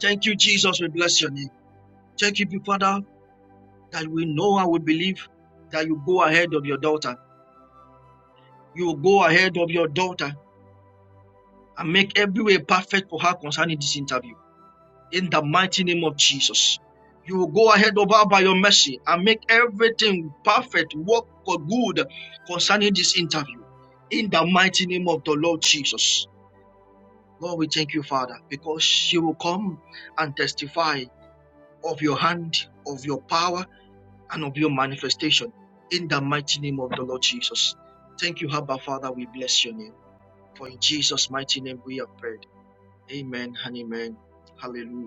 S9: Thank you, Jesus. We bless your name. Thank you, Father, that we know and we believe that you go ahead of your daughter. You go ahead of your daughter and make every way perfect for her concerning this interview in the mighty name of Jesus. You will go ahead over by your mercy and make everything perfect, work for good concerning this interview. In the mighty name of the Lord Jesus. Lord, we thank you, Father, because she will come and testify of your hand, of your power, and of your manifestation. In the mighty name of the Lord Jesus. Thank you, Abba, Father. We bless your name. For in Jesus' mighty name we have prayed. Amen and amen. Hallelujah.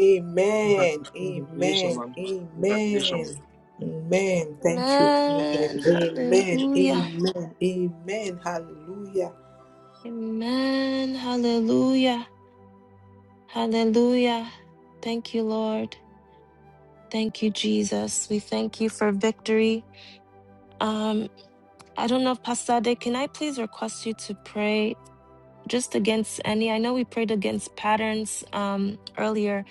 S5: Amen.
S9: Congratulations,
S5: Amen.
S9: man. Congratulations. man.
S5: Amen. Amen. Thank you. Amen.
S1: Amen.
S5: Amen.
S1: Hallelujah.
S5: Amen. Amen. Hallelujah.
S1: Amen. Hallelujah. Hallelujah. Thank you, Lord. Thank you, Jesus. We thank you for victory. Um, I don't know, Pasade, can I please request you to pray just against any? I know we prayed against patterns um, earlier,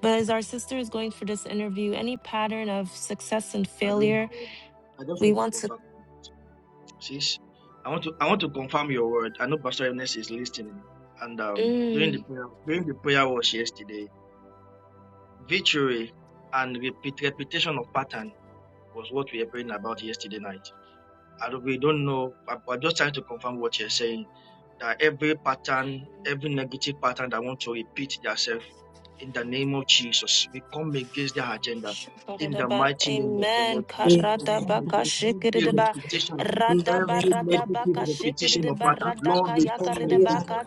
S1: but as our sister is going for this interview, any pattern of success and
S9: I don't know.
S1: failure
S9: I just
S1: We
S9: want to
S1: want to.
S9: confirm. you. Sis, I want to I want to confirm your word. I know Pastor Ernest is listening. And um, during the
S1: Mm.
S9: prayer during the prayer was yesterday, victory and repeat, repetition of pattern was what we were praying about yesterday night. And we don't know, but but just trying to confirm what you're saying. That every pattern, every negative pattern that want to repeat themselves in the name of Jesus. We come against their agenda in the
S1: Shakaradaba.
S9: mighty name of the
S1: Amen.
S9: Lord Jesus.
S5: Amen.
S9: We
S5: Amen.
S9: come
S1: Karadabaka
S9: against
S5: Amen.
S9: every
S5: Amen. Amen.
S1: shikididaba.
S9: repetition,
S1: Radaba
S5: Amen.
S9: every negative
S1: radabaka
S9: repetition of
S1: shikididaba.
S9: pattern.
S1: Radaka
S9: Lord, we come against
S1: yakaridabaka
S9: them.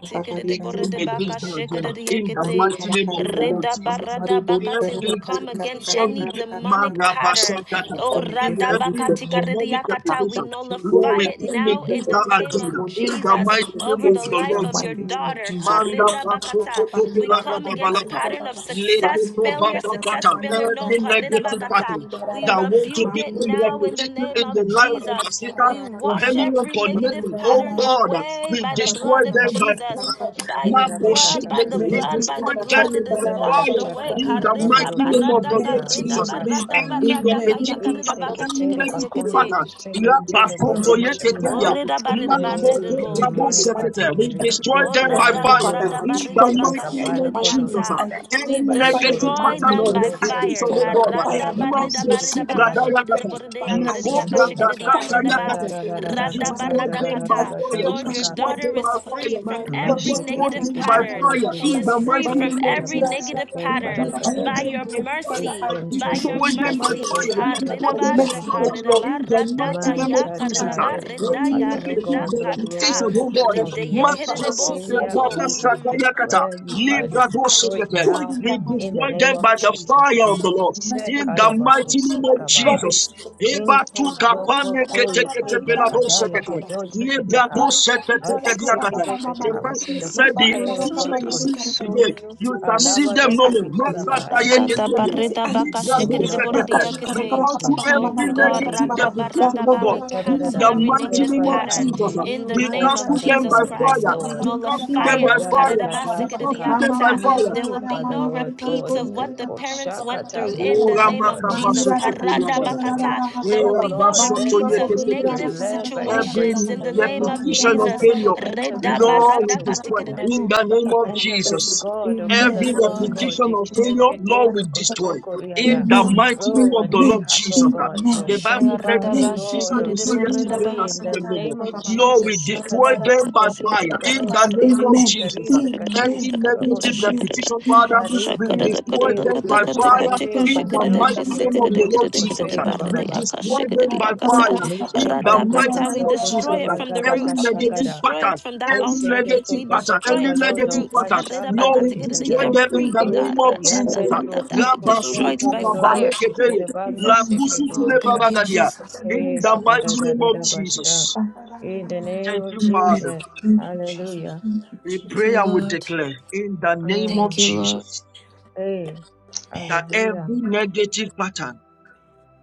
S9: We come
S1: tikididiboridabaka
S9: against their agenda in the
S1: shikididiyekiti.
S9: mighty name of the Lord
S1: Ridaba
S9: Jesus.
S1: radabakati. We
S9: Every
S1: come against any
S9: repetition,
S1: demonic pattern.
S9: marabashakata,
S1: Oh,
S5: Come against
S9: every,
S5: every
S9: every
S1: radabaka
S5: demonic
S9: demonic
S5: Father,
S1: tikaridiyakata. We
S9: repetition,
S5: we go
S9: Lord,
S1: nullify
S5: in
S9: we
S5: and
S1: it
S9: come
S5: every
S1: now in
S9: against
S1: the
S9: that
S5: presentation
S1: name
S5: of
S1: of
S5: the
S9: agenda
S5: money
S9: in the
S5: and
S1: Jesus
S9: mighty
S5: come
S9: name
S1: over
S9: of
S1: the
S5: against it
S9: the
S5: in the
S1: life
S9: Lord
S1: of your
S5: mighty
S9: Jesus.
S5: name of
S1: daughter.
S5: Jesus.
S9: Manda
S1: Karidabakata.
S9: basoto
S1: We come against pattern of success, failure, success,
S9: Lekotobatapata,
S1: failure. No,
S9: Every negative
S1: karirabakata.
S9: pattern
S1: we
S9: that want to
S1: rebuke it
S9: become
S1: now in the
S9: repetitive
S1: name
S9: in the
S1: of
S9: life of our
S1: Jesus.
S9: sister
S1: We
S9: or
S1: wash
S9: anyone
S1: every negative
S9: connected. Oh
S1: pattern
S5: Maria,
S9: God,
S11: This time,
S1: away
S9: we
S1: by
S5: Amen. Amen.
S1: the
S5: Amen.
S9: destroy
S1: blood of
S9: them by
S1: Jesus.
S5: Amen.
S9: power.
S1: By
S5: Amen.
S1: the blood, by
S9: Makoshikete,
S1: the
S5: Amen.
S9: We
S11: Rabakatakayabada,
S1: blood, by
S9: destroy
S1: the
S9: them
S1: blood, it
S9: in the
S1: is
S11: Remana
S1: washed
S9: fire
S1: away.
S9: in the
S1: Karida
S9: mighty
S11: Shakatakatabarodo
S9: name of
S1: barada,
S9: the Lord
S11: Shakata,
S1: karida
S9: Jesus.
S1: barada,
S11: Ribakasaya,
S9: Any
S1: barada, kaya,
S9: repetitive
S1: karida
S9: pattern,
S1: baka,
S9: any
S11: Riseketeri
S1: shikiri,
S9: negative
S11: Bakondo
S1: yakiti.
S9: pattern,
S5: And
S11: Koseketele Baroshakai.
S9: Rapasotoyeketeya,
S1: Orida barida,
S11: Every
S5: be
S1: barida,
S5: destroying the
S11: demonic
S5: mighty
S9: Mantokobrabosekete,
S5: name of
S11: pattern, we
S9: we
S5: the people, destroying the mighty name, be destroying the mighty name, every
S9: destroy
S11: rebuke
S1: Oh,
S11: you
S9: them
S5: defeated
S9: by
S11: now in
S5: evil
S11: the
S9: fire
S11: name
S5: pattern, I
S11: of
S9: in the
S5: destroy
S11: Jesus.
S5: by
S9: mighty
S5: fire in
S9: name
S5: the
S11: Kabara
S9: of
S5: mighty name
S9: Jesus.
S5: of,
S1: radda-ba-radda-ba-ridda-ba-ka-shikididiyanta.
S5: I
S11: Kodoskara,
S9: Any
S1: We
S5: destroy by fire in the
S11: Ritoro
S9: negative
S1: destroy
S5: mighty
S9: pattern
S5: name
S1: them
S9: of
S5: of,
S1: by
S11: Tontorobo
S5: I
S9: repetition,
S1: fire.
S11: Sentere
S5: destroy
S9: oh
S5: by
S9: God.
S5: fire
S11: Bakantara
S5: in the mighty
S9: Mando
S5: name, Every
S9: subrada
S11: Bakoseketekeraba,
S5: mistake,
S9: yakata.
S5: Father, I
S9: Leko
S5: destroy it
S9: branda
S5: by
S11: Kesentere
S9: kata
S5: fire in the
S1: Ka-radda-ba-ridda-ba-ridda-ba-ka-shikididiboridiyakadidiyakashikididiyariddaba.
S11: Kashandara
S9: yakata.
S5: mighty
S11: Rara
S5: name of
S9: We
S11: Rara
S5: Jesus.
S9: destroy
S5: Marika,
S11: Gadandara
S9: them by
S11: Rara
S1: Radda-ba-radda-kata.
S9: fire. We
S1: Lord,
S5: Marika,
S1: your
S11: Gadashaka.
S9: destroy
S1: daughter
S9: them
S1: is
S9: by
S1: free
S9: fire.
S5: Marika,
S1: from
S9: We
S1: every
S5: I
S9: destroy
S1: negative
S9: them by
S11: Masheketeketeke
S1: pattern.
S9: fire.
S1: She
S9: In
S1: is
S9: the mighty
S1: free
S11: shebelekete
S1: from
S9: name of
S1: every
S9: Jesus.
S1: negative
S11: keraboseke
S9: We
S1: pattern
S9: destroy
S1: by
S11: barakasha.
S9: them
S1: your
S9: by fire.
S1: mercy,
S9: We
S1: by
S11: Ekontobo
S5: destroy
S1: your
S9: destroy
S5: the
S9: them by
S5: mighty
S1: mercy.
S9: fire. We
S5: Father by
S11: sheketekete
S9: destroy
S5: your
S9: them by
S5: mercy,
S9: fire.
S5: oh
S11: bedosha.
S5: Lord.
S9: In the
S5: Destroy
S9: mighty
S5: every
S11: Man
S9: name of
S5: evil
S9: Jesus.
S5: pattern
S11: tata,
S5: in
S9: ah.
S5: Jesus'
S11: every
S9: Any
S5: mighty name.
S11: pattern
S5: I
S11: of
S5: pray.
S9: negative
S11: God, the
S5: Destroy every
S1: Ha-ridda-ba-shaka-ridda-ba-radda-kayaka-ridda-ba-riddaya-riddakata.
S9: reputation,
S11: Lord
S5: pattern
S9: oh
S5: of
S9: God.
S11: of
S5: rejection,
S1: Redeye
S5: every
S11: loss of
S9: Mato
S5: pattern
S1: kerede
S5: of
S9: Sobra
S11: failure,
S5: failure,
S9: Baba
S1: bosoto.
S11: we
S5: every
S1: Mm.
S5: pattern
S9: Sakayakata.
S11: declare you are
S5: Relationship.
S9: Libra
S5: I
S11: destroyed
S9: Bosekete.
S5: destroy
S11: now
S5: in the
S9: We
S11: in
S5: mighty
S11: the
S9: destroy
S5: name of
S11: name
S9: them
S11: of
S9: by
S5: Jesus.
S9: the
S5: I
S11: Jesus.
S9: fire
S11: We
S9: of the
S5: destroy by
S9: Lord.
S5: the
S11: check
S5: mercy
S9: In
S5: of God.
S9: the
S5: I
S9: mighty
S5: destroy
S9: name
S5: by
S9: of
S5: the blood
S11: Kadabakosikaba.
S5: of
S9: Jesus.
S5: Jesus Christ.
S9: Eba
S11: Into
S9: tu
S11: Zoko
S9: kapane kete
S11: Tole
S9: kete
S11: Keya
S9: pelado
S11: Kadaya Kodoza
S9: The
S11: Atsikibikita. We
S9: Bible
S11: send the
S9: said the
S11: fire of
S9: teacher
S11: God to
S9: you see it
S11: consume
S9: today,
S11: you.
S9: you
S5: Your
S9: shall see
S5: mercy,
S9: them
S5: Lord,
S11: Kalabado
S9: no
S5: I
S9: more.
S5: am
S9: Master
S5: delivered.
S11: shikarabaya.
S5: I
S9: paye
S5: am by
S9: keteria.
S5: mercy, I am
S9: Libra
S11: You
S5: set
S11: will
S9: do
S5: free.
S11: not walk
S5: Makashi
S11: in
S9: We
S1: Aradadabaridabakashikidiboridiakite.
S11: Jesus'
S9: cancel
S11: name.
S5: karakapapa mama
S1: Oh
S9: every
S1: God,
S9: negative
S5: marakarakapapa.
S11: Shikidididikiti.
S9: deputation, oh
S1: radabaradaba,
S9: God.
S1: we
S9: In
S1: cancel
S11: Atadadada,
S9: the
S11: We
S1: every
S9: mighty
S11: declare,
S1: negative
S9: name of
S11: Father,
S1: pattern
S9: Jesus,
S11: and
S5: Rapararakapapapapaparikarakapapa.
S1: in the
S11: you,
S9: we
S11: oh
S1: name of
S9: cancel
S11: Father
S9: them
S1: Jesus
S9: by
S11: God,
S1: Christ.
S9: fire.
S1: We
S11: Lord,
S9: We cancel
S1: nullify
S9: them
S5: Marikarakapapa.
S9: by
S5: I
S1: it.
S5: am
S11: Kazaya
S9: fire.
S5: delivered
S9: We cancel
S11: Gadasaka,
S9: them by
S1: Karidabasikididiakata.
S9: fire.
S1: There
S11: you,
S1: will be
S11: Father
S1: no
S11: Lord
S1: repeats
S11: God,
S1: of
S11: we
S1: what the parents went
S11: Koshakata,
S1: through in the
S11: move,
S9: Ora
S11: oh
S1: name
S11: God,
S1: of
S11: and
S1: Jesus.
S9: makabasoko
S11: you,
S9: toliagada.
S11: Koshekere,
S1: Karadabakata. There will
S11: oh
S1: be no
S11: Lord, led
S1: repeats
S11: by
S1: of
S11: your Spirit,
S1: negative
S9: Erabasotoyetetetete.
S11: led by your grace,
S1: situations
S11: in
S1: in
S9: Every
S11: the
S1: the
S11: name
S1: name
S11: of
S1: of
S9: repetition
S11: Jesus,
S9: of
S1: Jesus.
S11: that
S9: failure,
S11: she enters into a
S9: Lord,
S11: place
S9: we
S11: of
S9: destroy.
S11: fruitfulness.
S9: In
S1: Redabaradakatikididebo.
S9: the name
S11: She
S5: I
S9: of
S5: am
S11: enters, oh
S5: tested.
S9: Jesus,
S11: God, oh
S1: Thank
S11: Father
S9: every
S1: you,
S11: Lord
S1: Lord.
S5: Amen.
S11: God,
S9: repetition of failure,
S11: Shekere,
S9: Lord, we destroy.
S11: Kosoko
S9: In
S11: Riada,
S5: Amen.
S9: the
S5: Amen.
S9: mighty name
S11: oh, a
S9: of the
S11: new
S9: Lord
S5: Amen.
S11: path, oh
S9: Jesus.
S11: God,
S5: Amen.
S1: Da
S9: The
S11: Lord.
S9: Bible
S1: shaya
S9: said,
S1: rida
S11: Father,
S5: Amen.
S1: ba
S9: "We- Jesus,
S11: Lord
S1: shikiri
S11: of
S9: you
S1: di
S9: see
S1: burida
S9: yesterday, you
S1: ba.
S11: victory
S9: shall
S11: in
S9: see
S11: the
S9: them no more.
S11: name of
S9: Lord, we
S11: Jesus.
S9: destroy
S11: Kadis,
S9: them
S1: Shatatatata
S9: by
S11: kadis,
S1: shikiri da
S9: fire.
S1: da
S9: In
S1: gada
S9: the
S11: karos,
S9: name of
S11: kadis,
S5: Amen.
S9: Jesus.
S11: karis, kadis,
S9: Any
S5: Amen.
S1: da
S11: karamos,
S9: negative
S5: Amen.
S1: shikiri
S11: kiti.
S1: de.
S9: repetition, Father, we
S11: Parike,
S1: Shakada
S5: Every
S1: da gada
S9: destroy
S5: evil
S1: da.
S11: ser,
S9: them
S1: kata
S9: by
S5: persecution,
S11: doshi,
S1: kata
S5: I
S9: fire.
S1: kata
S5: destroy
S1: ka
S11: kadedeju,
S5: by
S9: In the
S1: shikiri
S5: fire
S1: de
S5: in
S11: kodoshi,
S5: the
S1: ka
S9: mighty name
S5: mighty
S1: sikiri
S9: of
S5: name
S1: de
S9: the
S11: kereboko,
S1: kiri
S5: of
S9: Lord
S1: de kiri
S5: Jesus.
S9: Jesus.
S1: de
S11: sokotera,
S1: bari de
S9: We
S11: bababa.
S1: yaka
S9: destroy
S1: shikiri
S9: them
S1: de
S9: by
S1: yakata.
S9: fire
S11: Miste
S9: in the
S11: kende
S9: mighty
S1: Radakata, we
S9: name of Jesus.
S1: destroy it from the
S11: gada
S9: Any
S5: Amen.
S1: roots. We
S9: negative
S11: gashagada.
S1: destroy it
S9: pattern,
S1: from that
S9: any
S11: Kese
S1: altar.
S11: kete
S9: negative
S1: We
S9: pattern,
S11: kete
S1: destroy
S9: any
S1: it from the
S9: negative
S11: balodo,
S1: roots.
S9: pattern,
S11: bashanda
S9: Lord, we
S1: Karedabakatigiridi,
S9: destroy
S11: gadigada.
S9: them in
S1: Every
S9: the
S11: E
S1: da,
S9: name of
S1: da, da, da,
S9: Jesus.
S11: kayanda
S1: da, da,
S11: rebo
S1: da, we destroy
S9: Rabasutu
S1: it
S11: sokotonto
S1: by fire.
S11: rororoshi,
S9: babaleketeye,
S11: kerebanda
S9: lakusutu
S1: Oh,
S11: seketokosha.
S1: thank you,
S9: lebaragadia.
S1: Jesus.
S11: Eh,
S9: In the mighty name of
S11: sapatadadadabasha.
S9: Jesus.
S11: In the name
S9: Thank
S11: of
S9: you, Father.
S11: Jesus. Hallelujah.
S9: We
S1: Thank you,
S9: pray and we
S1: Lord.
S9: declare in the name of
S1: Thank
S11: Mm.
S1: you, Lord.
S9: Jesus
S11: Hey.
S9: that
S11: Hallelujah.
S9: every negative pattern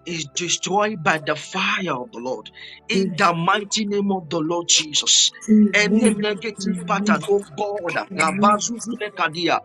S9: is destroyed by the fire of the Lord. In the mighty name of the Lord Jesus. Any negative pattern, oh God, Rabazuzule Kadia,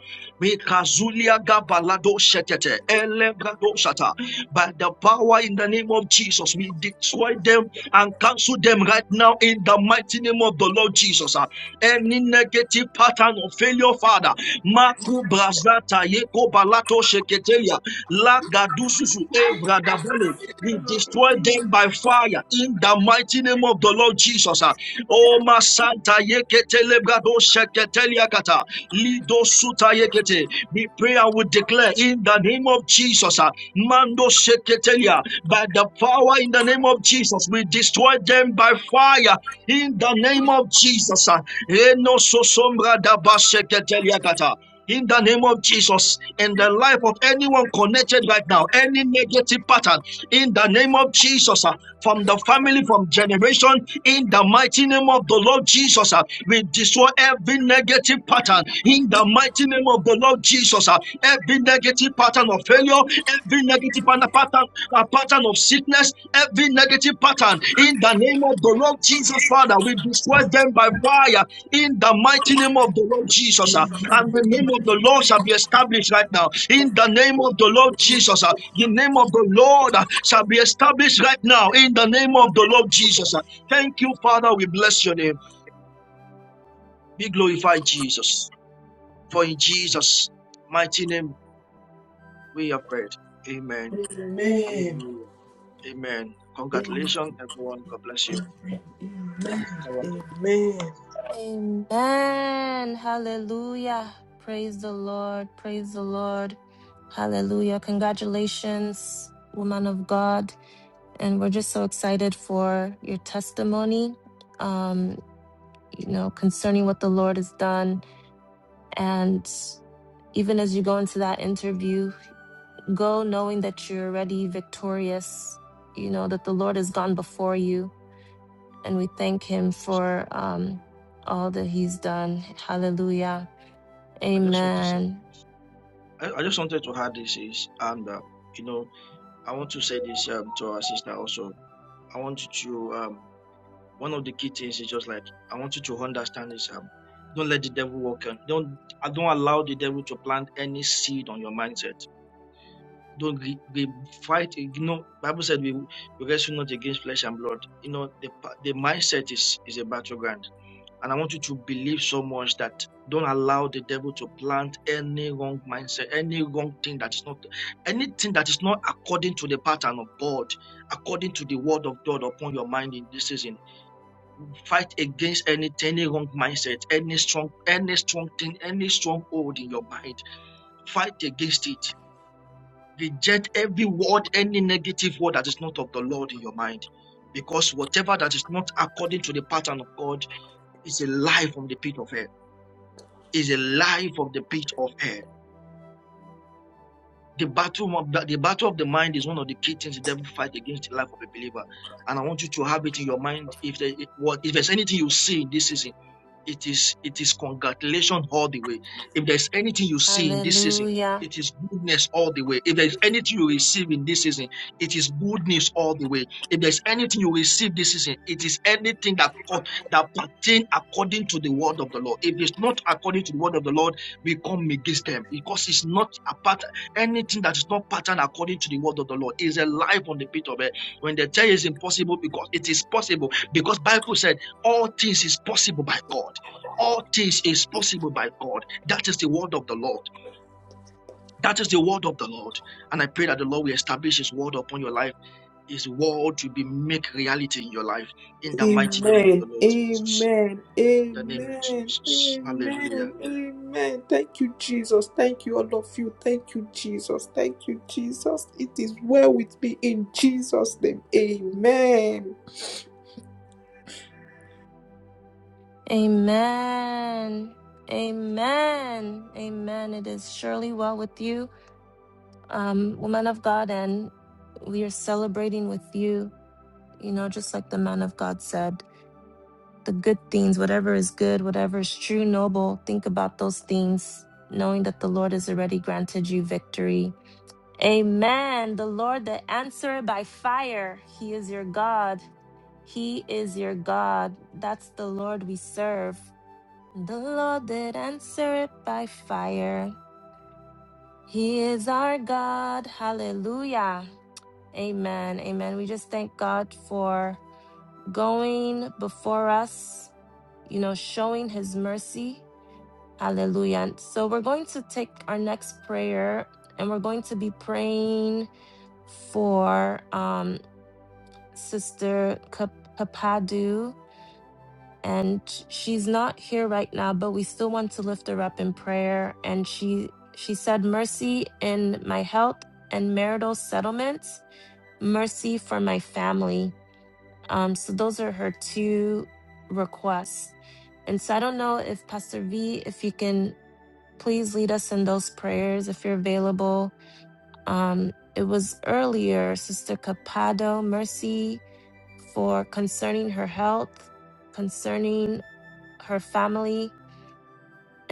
S9: Mikazulia Gabalado Shetete, Elebrado Shata, by the power in the name of Jesus, we destroy them and cancel them right now in the mighty name of the Lord Jesus any negative pattern of failure, Father. Maku brazata yeko balato sheketelia la gadususu evradabale. We destroy them by fire in the mighty name of the Lord Jesus. ah. Oh Masanta yeketelebrado Yakata. Lido Suta Yekete. We pray and we declare in the name of Jesus. ah, Mando Sheketelia. By the power in the name of Jesus, we destroy them by fire in the name of Jesus. ah. Eno Sosombra Daba Sheketelia Kata in the name of Jesus, in the life of anyone connected right now, any negative pattern, in the name of Jesus, ah, from the family, from generation, in the mighty name of the Lord Jesus, ah, we destroy every negative pattern, in the mighty name of the Lord Jesus, ah, every negative pattern of failure, every negative pattern, a pattern of sickness, every negative pattern, in the name of the Lord Jesus, Father, we destroy them by fire, in the mighty name of the Lord Jesus. uh, and the name of the Lord shall be established right now. In the name of the Lord Jesus, uh, the name of the Lord uh, shall be established right now. In the name of the Lord Jesus. uh. Thank you, Father. We bless your name. Be glorified, Jesus. For in Jesus' mighty name we have prayed. Amen. Hallelujah. Amen. Congratulations, everyone. God bless you.
S1: Amen. Hallelujah. Praise the Lord. Praise the Lord. Hallelujah. Congratulations, woman of God. And we're just so excited for your testimony, um, you know, concerning what the Lord has done. And even as you go into that interview, go knowing that you're already victorious, you know, that the Lord has gone before you and we thank him for um, all that he's done. Hallelujah.
S9: I just want to say,
S1: Amen.
S9: I, I just wanted to add this is, and um, you know, I want to say this um, to our sister also. I want you to um, one of the key things is just like I want you to understand is um, don't let the devil walk on. Don't uh, don't allow the devil to plant any seed on your mindset. Don't re- be fight. You know, Bible said we, we wrestle not against flesh and blood. You know, the the mindset is is a battleground, and I want you to believe so much that don't allow the devil to plant any wrong mindset, any wrong thing that is not anything that is not according to the pattern of God, according to the word of God upon your mind in this season Fight against any, any wrong mindset, any strong, any strong thing, any stronghold in your mind. Fight against it. Reject every word, any negative word that is not of the Lord in your mind. Because whatever that is not according to the pattern of God is a lie from the pit of hell. Is a lie from the pit of hell. The battle of the, the battle of the mind is one of the key things the devil fight against the life of a believer. And I want you to have it in your mind. If there, if, what, if there's anything you see in this season It is it is congratulation all the way. If there's anything you see in this season,
S1: Hallelujah.
S9: it is goodness all the way. If there's anything you receive in this season, it is goodness all the way. If there's anything you receive this season, it is anything that co- that pertain according to the word of the Lord. If it's not according to the word of the Lord, we come against them because it's not a part anything that is not patterned according to the word of the Lord is a lie on the pit of it. When they tell you it's impossible, because it is possible, because Bible said all things is possible by God. All things is possible by God. That is the word of the Lord. That is the word of the Lord. And I pray that the Lord will establish His word upon your life. His word will be make reality in your life. In the
S5: Amen.
S9: mighty name of the Lord Jesus.
S5: Amen.
S9: In the name of
S5: Amen.
S9: Jesus.
S5: Amen.
S9: Hallelujah
S5: Amen. Thank you, Jesus. Thank you, all of you. Thank you, Jesus. Thank you, Jesus. It is well with me in Jesus' name. Amen.
S1: Amen. Amen. Amen. It is surely well with you, um, woman of God, and we are celebrating with you, you know, just like the man of God said. The good things, whatever is good, whatever is true, noble, think about those things, knowing that the Lord has already granted you victory Amen. The Lord that answered by fire, He is your God. He is your God. That's the Lord we serve. The Lord that answered by fire, He is our God. Hallelujah. Amen. Amen. We just thank God for going before us, you know, showing His mercy. Hallelujah. And so we're going to take our next prayer and we're going to be praying for um. Sister Kap- Kapadu, and sh- she's not here right now, but we still want to lift her up in prayer. And she she said, "Mercy in my health and marital settlements, mercy for my family." Um, so those are her two requests. And so I don't know if Pastor V, if you can please lead us in those prayers if you're available. Um, it was earlier, Sister Capado, mercy for concerning her health, concerning her family,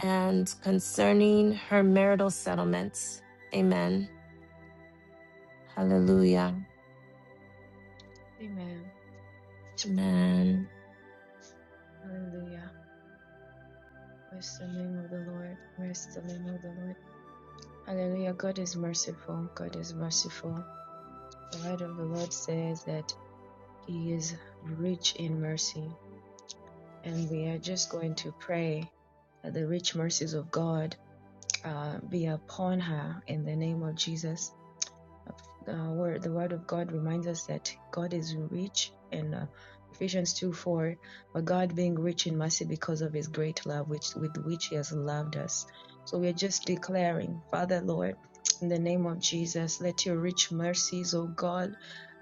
S1: and concerning her marital settlements. Amen. Hallelujah.
S11: Amen.
S1: Amen.
S11: Hallelujah. Bless the name of the Lord. Bless the name of the Lord. Hallelujah. God is merciful. God is merciful. The word of the Lord says that He is rich in mercy. And we are just going to pray that the rich mercies of God uh, be upon her in the name of Jesus. uh, where the word of God reminds us that God is rich and uh, Ephesians 2 4, but God being rich in mercy because of his great love which with which he has loved us. So we are just declaring, Father Lord, in the name of Jesus, let your rich mercies, O God,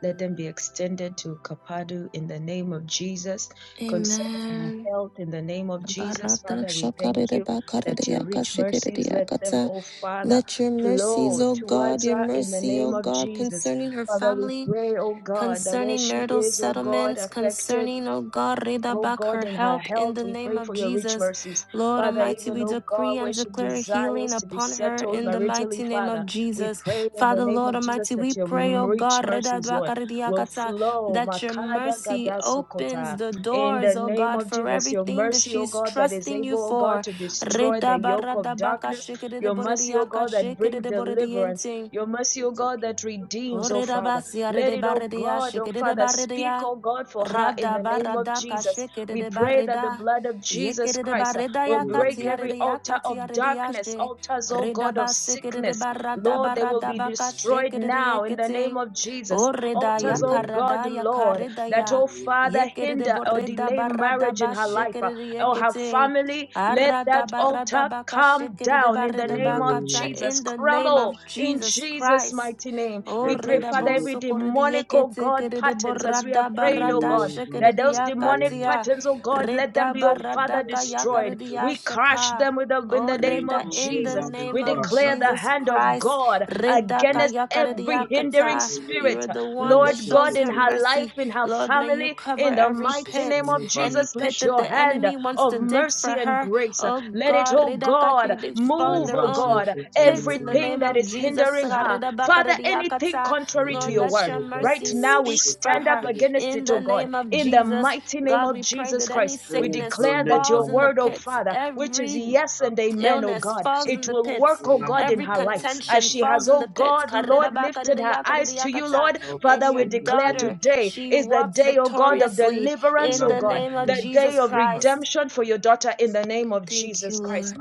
S11: let them be extended to Kapadu in the name of Jesus. Concerning my
S1: Amen.
S11: health, in the name of Jesus,
S1: Barata
S11: Father, we thank
S1: shakarede
S11: you that
S1: bakarede
S11: your
S1: yaka
S11: rich
S1: shikerede
S11: mercies, let them,
S1: yakata.
S11: O Father,
S1: Let your mercies,
S11: flow
S1: O God,
S11: towards
S1: your
S11: her in the
S1: mercy,
S11: name
S1: O
S11: of
S1: God,
S11: Jesus.
S1: concerning her
S11: Father, we
S1: family,
S11: pray, oh God, that where
S1: concerning
S11: she
S1: marital
S11: is, oh God,
S1: settlements,
S11: affected.
S1: concerning, oh God, Reda
S11: Oh
S1: back
S11: God,
S1: her
S11: in her
S1: health in
S11: health,
S1: the
S11: we
S1: name
S11: pray
S1: of
S11: for your rich
S1: Jesus.
S11: mercies.
S1: Lord
S11: Father,
S1: Almighty,
S11: even,
S1: we
S11: oh God,
S1: decree and
S11: where she
S1: declare healing
S11: desires to be
S1: upon her
S11: settled
S1: in the
S11: maritally,
S1: mighty name
S11: Father,
S1: of
S11: we
S1: Jesus.
S11: pray in the
S1: Father,
S11: name
S1: Lord
S11: of Jesus
S1: Almighty, we
S11: that your
S1: pray, oh
S11: rich
S1: God, Reda
S11: mercies,
S1: Dwaka
S11: Lord, will
S1: Ridiakata,
S11: flow.
S1: that your
S11: Makada
S1: mercy opens
S11: gadasokota.
S1: the
S11: In the
S1: doors, oh
S11: name
S1: God,
S11: of
S1: for
S11: Jesus, your
S1: everything that
S11: mercy, oh
S1: she's
S11: God, that is
S1: trusting you
S11: able, oh God,
S1: for.
S11: to destroy the
S1: Reda
S11: yoke of
S1: Barada Baka
S11: darkness.
S1: Shikede
S11: Your mercy, oh
S1: Borediaka
S11: God, that brings
S1: Shikede
S11: deliverance.
S1: Borediente.
S11: Your mercy, oh God, that redeems, oh
S1: Orida
S11: Father.
S1: basia
S11: Let
S1: de
S11: it, oh
S1: barredia,
S11: God, oh
S1: shikede de
S11: Father, speak,
S1: barredia,
S11: oh God, for her in
S1: rada
S11: the name of
S1: barada
S11: Jesus.
S1: kashikede
S11: We
S1: de
S11: pray that the
S1: barreda,
S11: blood of Jesus
S1: yekede de
S11: Christ uh,
S1: barreda
S11: will break
S1: yakatia
S11: every
S1: de
S11: altar
S1: yakatia
S11: of
S1: de
S11: darkness,
S1: yashe,
S11: altars, oh
S1: rida
S11: God, of
S1: basikede de
S11: sickness.
S1: barada
S11: Lord, they will
S1: barada
S11: be
S1: baka
S11: destroyed
S1: shikede
S11: now in the
S1: de
S11: name of Jesus
S1: Oreda ya
S11: altars, oh God,
S1: karada ya
S11: Lord,
S1: kareda
S11: that,
S1: ya
S11: oh Father,
S1: yekerede
S11: hinder or
S1: boreda
S11: delay
S1: barada
S11: marriage in
S1: ba
S11: her life uh,
S1: shekerede
S11: or her
S1: yekete
S11: family. Let
S1: arada
S11: that
S1: barada
S11: altar
S1: baka
S11: come
S1: shekerede
S11: down in the
S1: barada
S11: name of
S1: bakata
S11: Jesus.
S1: in the name of
S11: Crumble in
S1: Jesus
S11: Jesus'
S1: Christ.
S11: mighty name. We pray,
S1: Oreda
S11: Father, every
S1: boso korede
S11: demonic, oh
S1: yekete
S11: God,
S1: kerede
S11: patterns as we have
S1: borada
S11: prayed, oh
S1: barada
S11: God, that
S1: shekerede
S11: those demonic
S1: yakatia
S11: patterns, oh God, let them
S1: reda
S11: be, oh Father,
S1: barada kaya
S11: destroyed. We crush Touch
S1: yashaka.
S11: them with the, in the name
S1: Oreda
S11: of
S1: in the
S11: Jesus.
S1: name
S11: We
S1: of
S11: declare the
S1: Jesus
S11: hand of
S1: Christ.
S11: God
S1: Reda
S11: against
S1: kaya
S11: every hindering
S1: yakata. You
S11: spirit.
S1: are the one that
S11: Lord
S1: shows
S11: God, in
S1: her
S11: her life,
S1: mercy.
S11: in her
S1: Lord, may you
S11: family,
S1: cover
S11: in the
S1: every
S11: mighty
S1: pit,
S11: name of
S1: any
S11: Jesus,
S1: pit
S11: let
S1: that
S11: your
S1: the
S11: hand
S1: enemy wants
S11: of
S1: to dig
S11: mercy
S1: for
S11: and
S1: her.
S11: grace,
S1: Oh
S11: let it,
S1: God,
S11: oh God,
S1: redakashi, they fall in
S11: move,
S1: their
S11: oh
S1: own.
S11: God,
S1: Pits in the
S11: everything
S1: name
S11: that
S1: of
S11: is
S1: Jesus.
S11: hindering her. Father, anything contrary to
S1: Lord,
S11: your
S1: let
S11: word,
S1: your
S11: right
S1: mercy
S11: now we
S1: speak for
S11: stand up
S1: her
S11: against
S1: in
S11: it,
S1: the
S11: oh God.
S1: name of
S11: In the
S1: Jesus.
S11: mighty name
S1: God,
S11: of
S1: we pray
S11: Jesus
S1: that any
S11: Christ, we
S1: sickness
S11: declare that your
S1: falls in the
S11: word, oh
S1: pits.
S11: Father, which is
S1: Every
S11: yes and amen, oh
S1: illness
S11: God,
S7: so,
S1: falls in
S11: it
S1: the
S11: will work,
S1: pits.
S11: oh God, in
S1: Every
S11: her life. As
S1: contention
S11: she has,
S1: falls in
S11: oh
S1: the pits.
S11: God, Lord,
S1: Karidaba,
S11: lifted her
S1: karidaya,
S11: eyes to you,
S1: karidayakata.
S11: Lord.
S1: And
S11: Father, we
S1: your
S11: declare
S1: daughter,
S11: today
S1: she
S11: is the
S1: walks
S11: day, oh God, of
S1: victoriously
S11: deliverance,
S1: in
S11: oh
S1: the
S11: God,
S1: name of
S11: the day
S1: Jesus
S11: of
S1: Christ.
S11: redemption for your daughter in the name of
S1: Thank you,
S11: Jesus Christ.
S1: Lord.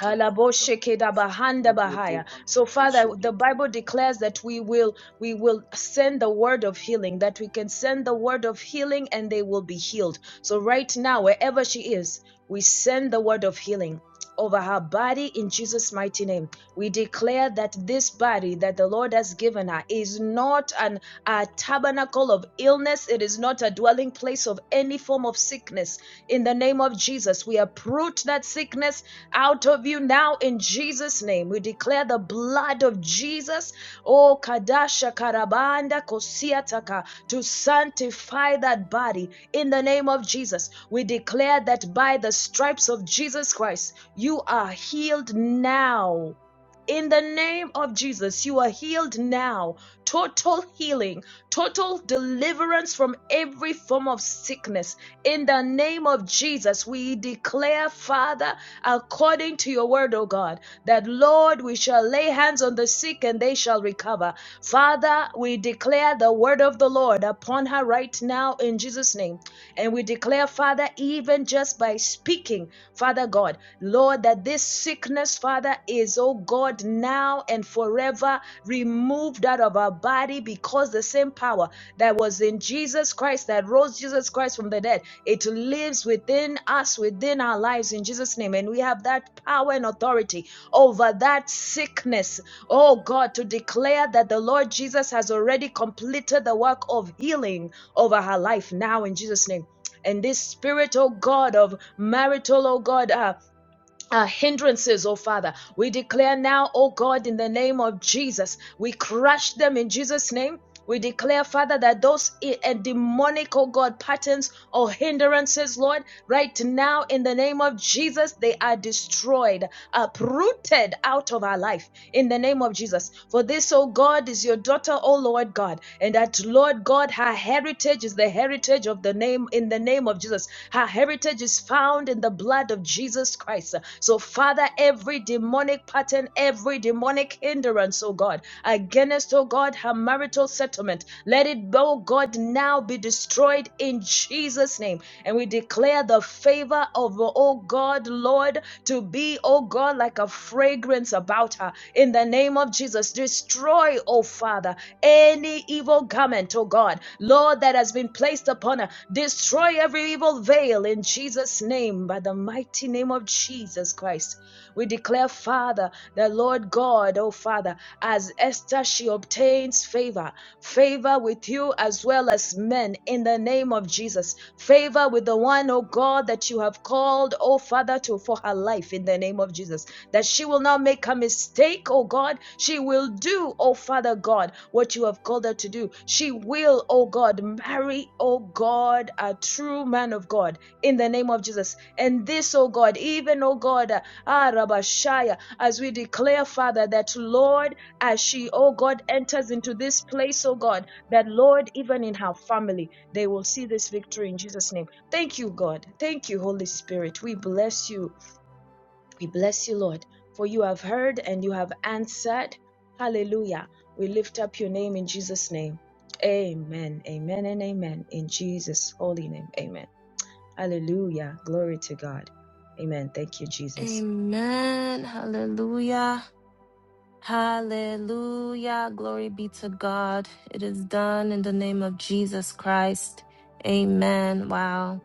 S11: Alaboshekedabahaya. So Father, the Bible declares that we will we will send the word of healing, that we can send the word of healing and they will be healed. So right now, wherever she is, we send the word of healing over her body in Jesus' mighty name. We declare that this body that the Lord has given her is not an, a tabernacle of illness, it is not a dwelling place of any form of sickness. In the name of Jesus, we uproot that sickness out of you now in Jesus' name. We declare the blood of Jesus, oh Kadasha Karabanda Kosiataka, to sanctify that body in the name of Jesus. We declare that by the stripes of Jesus Christ, you are healed now. In the name of Jesus, you are healed now. Total healing, total deliverance from every form of sickness. In the name of Jesus, we declare, Father, according to your word, O God, that Lord, we shall lay hands on the sick and they shall recover. Father, we declare the word of the Lord upon her right now in Jesus' name. And we declare, Father, even just by speaking, Father God, Lord, that this sickness, Father, is, oh God, now and forever removed out of our body because the same power that was in Jesus Christ, that rose Jesus Christ from the dead, it lives within us, within our lives in Jesus' name. And we have that power and authority over that sickness, oh God, to declare that the Lord Jesus has already completed the work of healing over her life now in Jesus' name. And this spirit, oh God, of marital, oh God, uh, uh, hindrances, oh Father, we declare now, oh God, in the name of Jesus, we crush them in Jesus' name. We declare, Father, that those i- and demonic, oh God, patterns or hindrances, Lord, right now in the name of Jesus, they are destroyed, uprooted out of our life in the name of Jesus. For this, O God, is your daughter, O Lord God, and that Lord God, her heritage is the heritage of the name in the name of Jesus. Her heritage is found in the blood of Jesus Christ. So, Father, every demonic pattern, every demonic hindrance, O God, against, O God, her marital settlement, let it, O God, now be destroyed destroyed in Jesus' name. And we declare the favor of, oh God, Lord, to be, oh God, like a fragrance about her. In the name of Jesus, destroy, oh Father, any evil garment, oh God, Lord, that has been placed upon her. Destroy every evil veil in Jesus' name, by the mighty name of Jesus Christ. We declare, Father, the Lord God, oh Father, as Esther, she obtains favor favor with you as well as men in the name of Jesus. Favor with the one, oh God, that you have called, oh Father, to for her life in the name of Jesus. That she will not make a mistake, oh God. She will do, oh Father God, what you have called her to do. She will, oh God, marry, oh God, a true man of God in the name of Jesus. And this, oh God, even, oh God, uh, ah, Rabashaya, as we declare, Father, that Lord, as she, oh God, enters into this place, oh God, that Lord, even in her family, they will see this victory in Jesus' name. Thank you, God. Thank you, Holy Spirit. We bless you. We bless you, Lord, for you have heard and you have answered. Hallelujah. We lift up your name in Jesus' name. Amen. Amen and amen. In Jesus' holy name. Amen. Hallelujah. Glory to God. Amen. Thank you, Jesus.
S1: Amen. Hallelujah. Hallelujah. Glory be to God. It is done in the name of Jesus Christ. Amen. Wow.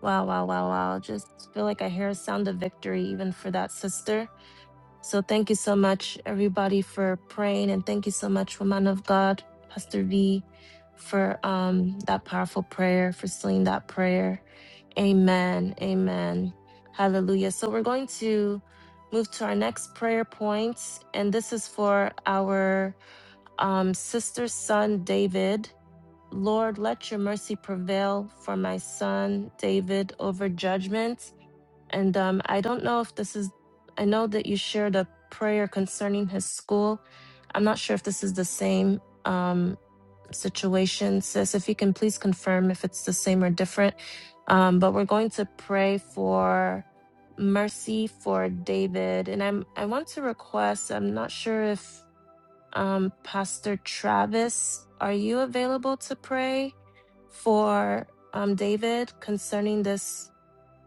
S1: Wow, wow, wow, wow. Just feel like I hear a sound of victory even for that sister. So thank you so much, everybody, for praying, and thank you so much, woman of God, Pastor V, for um that powerful prayer, for sealing that prayer. Amen. Amen. Hallelujah. So we're going to move to our next prayer point, and this is for our um, sister's son, David. Lord, let your mercy prevail for my son, David, over judgment and um, I don't know if this is, I know that you shared a prayer concerning his school. I'm not sure if this is the same um, situation. Sis, if you can please confirm if it's the same or different. Um, but we're going to pray for mercy for David. And I'm, I want to request, I'm not sure if um, Pastor Travis, are you available to pray for um, David concerning this?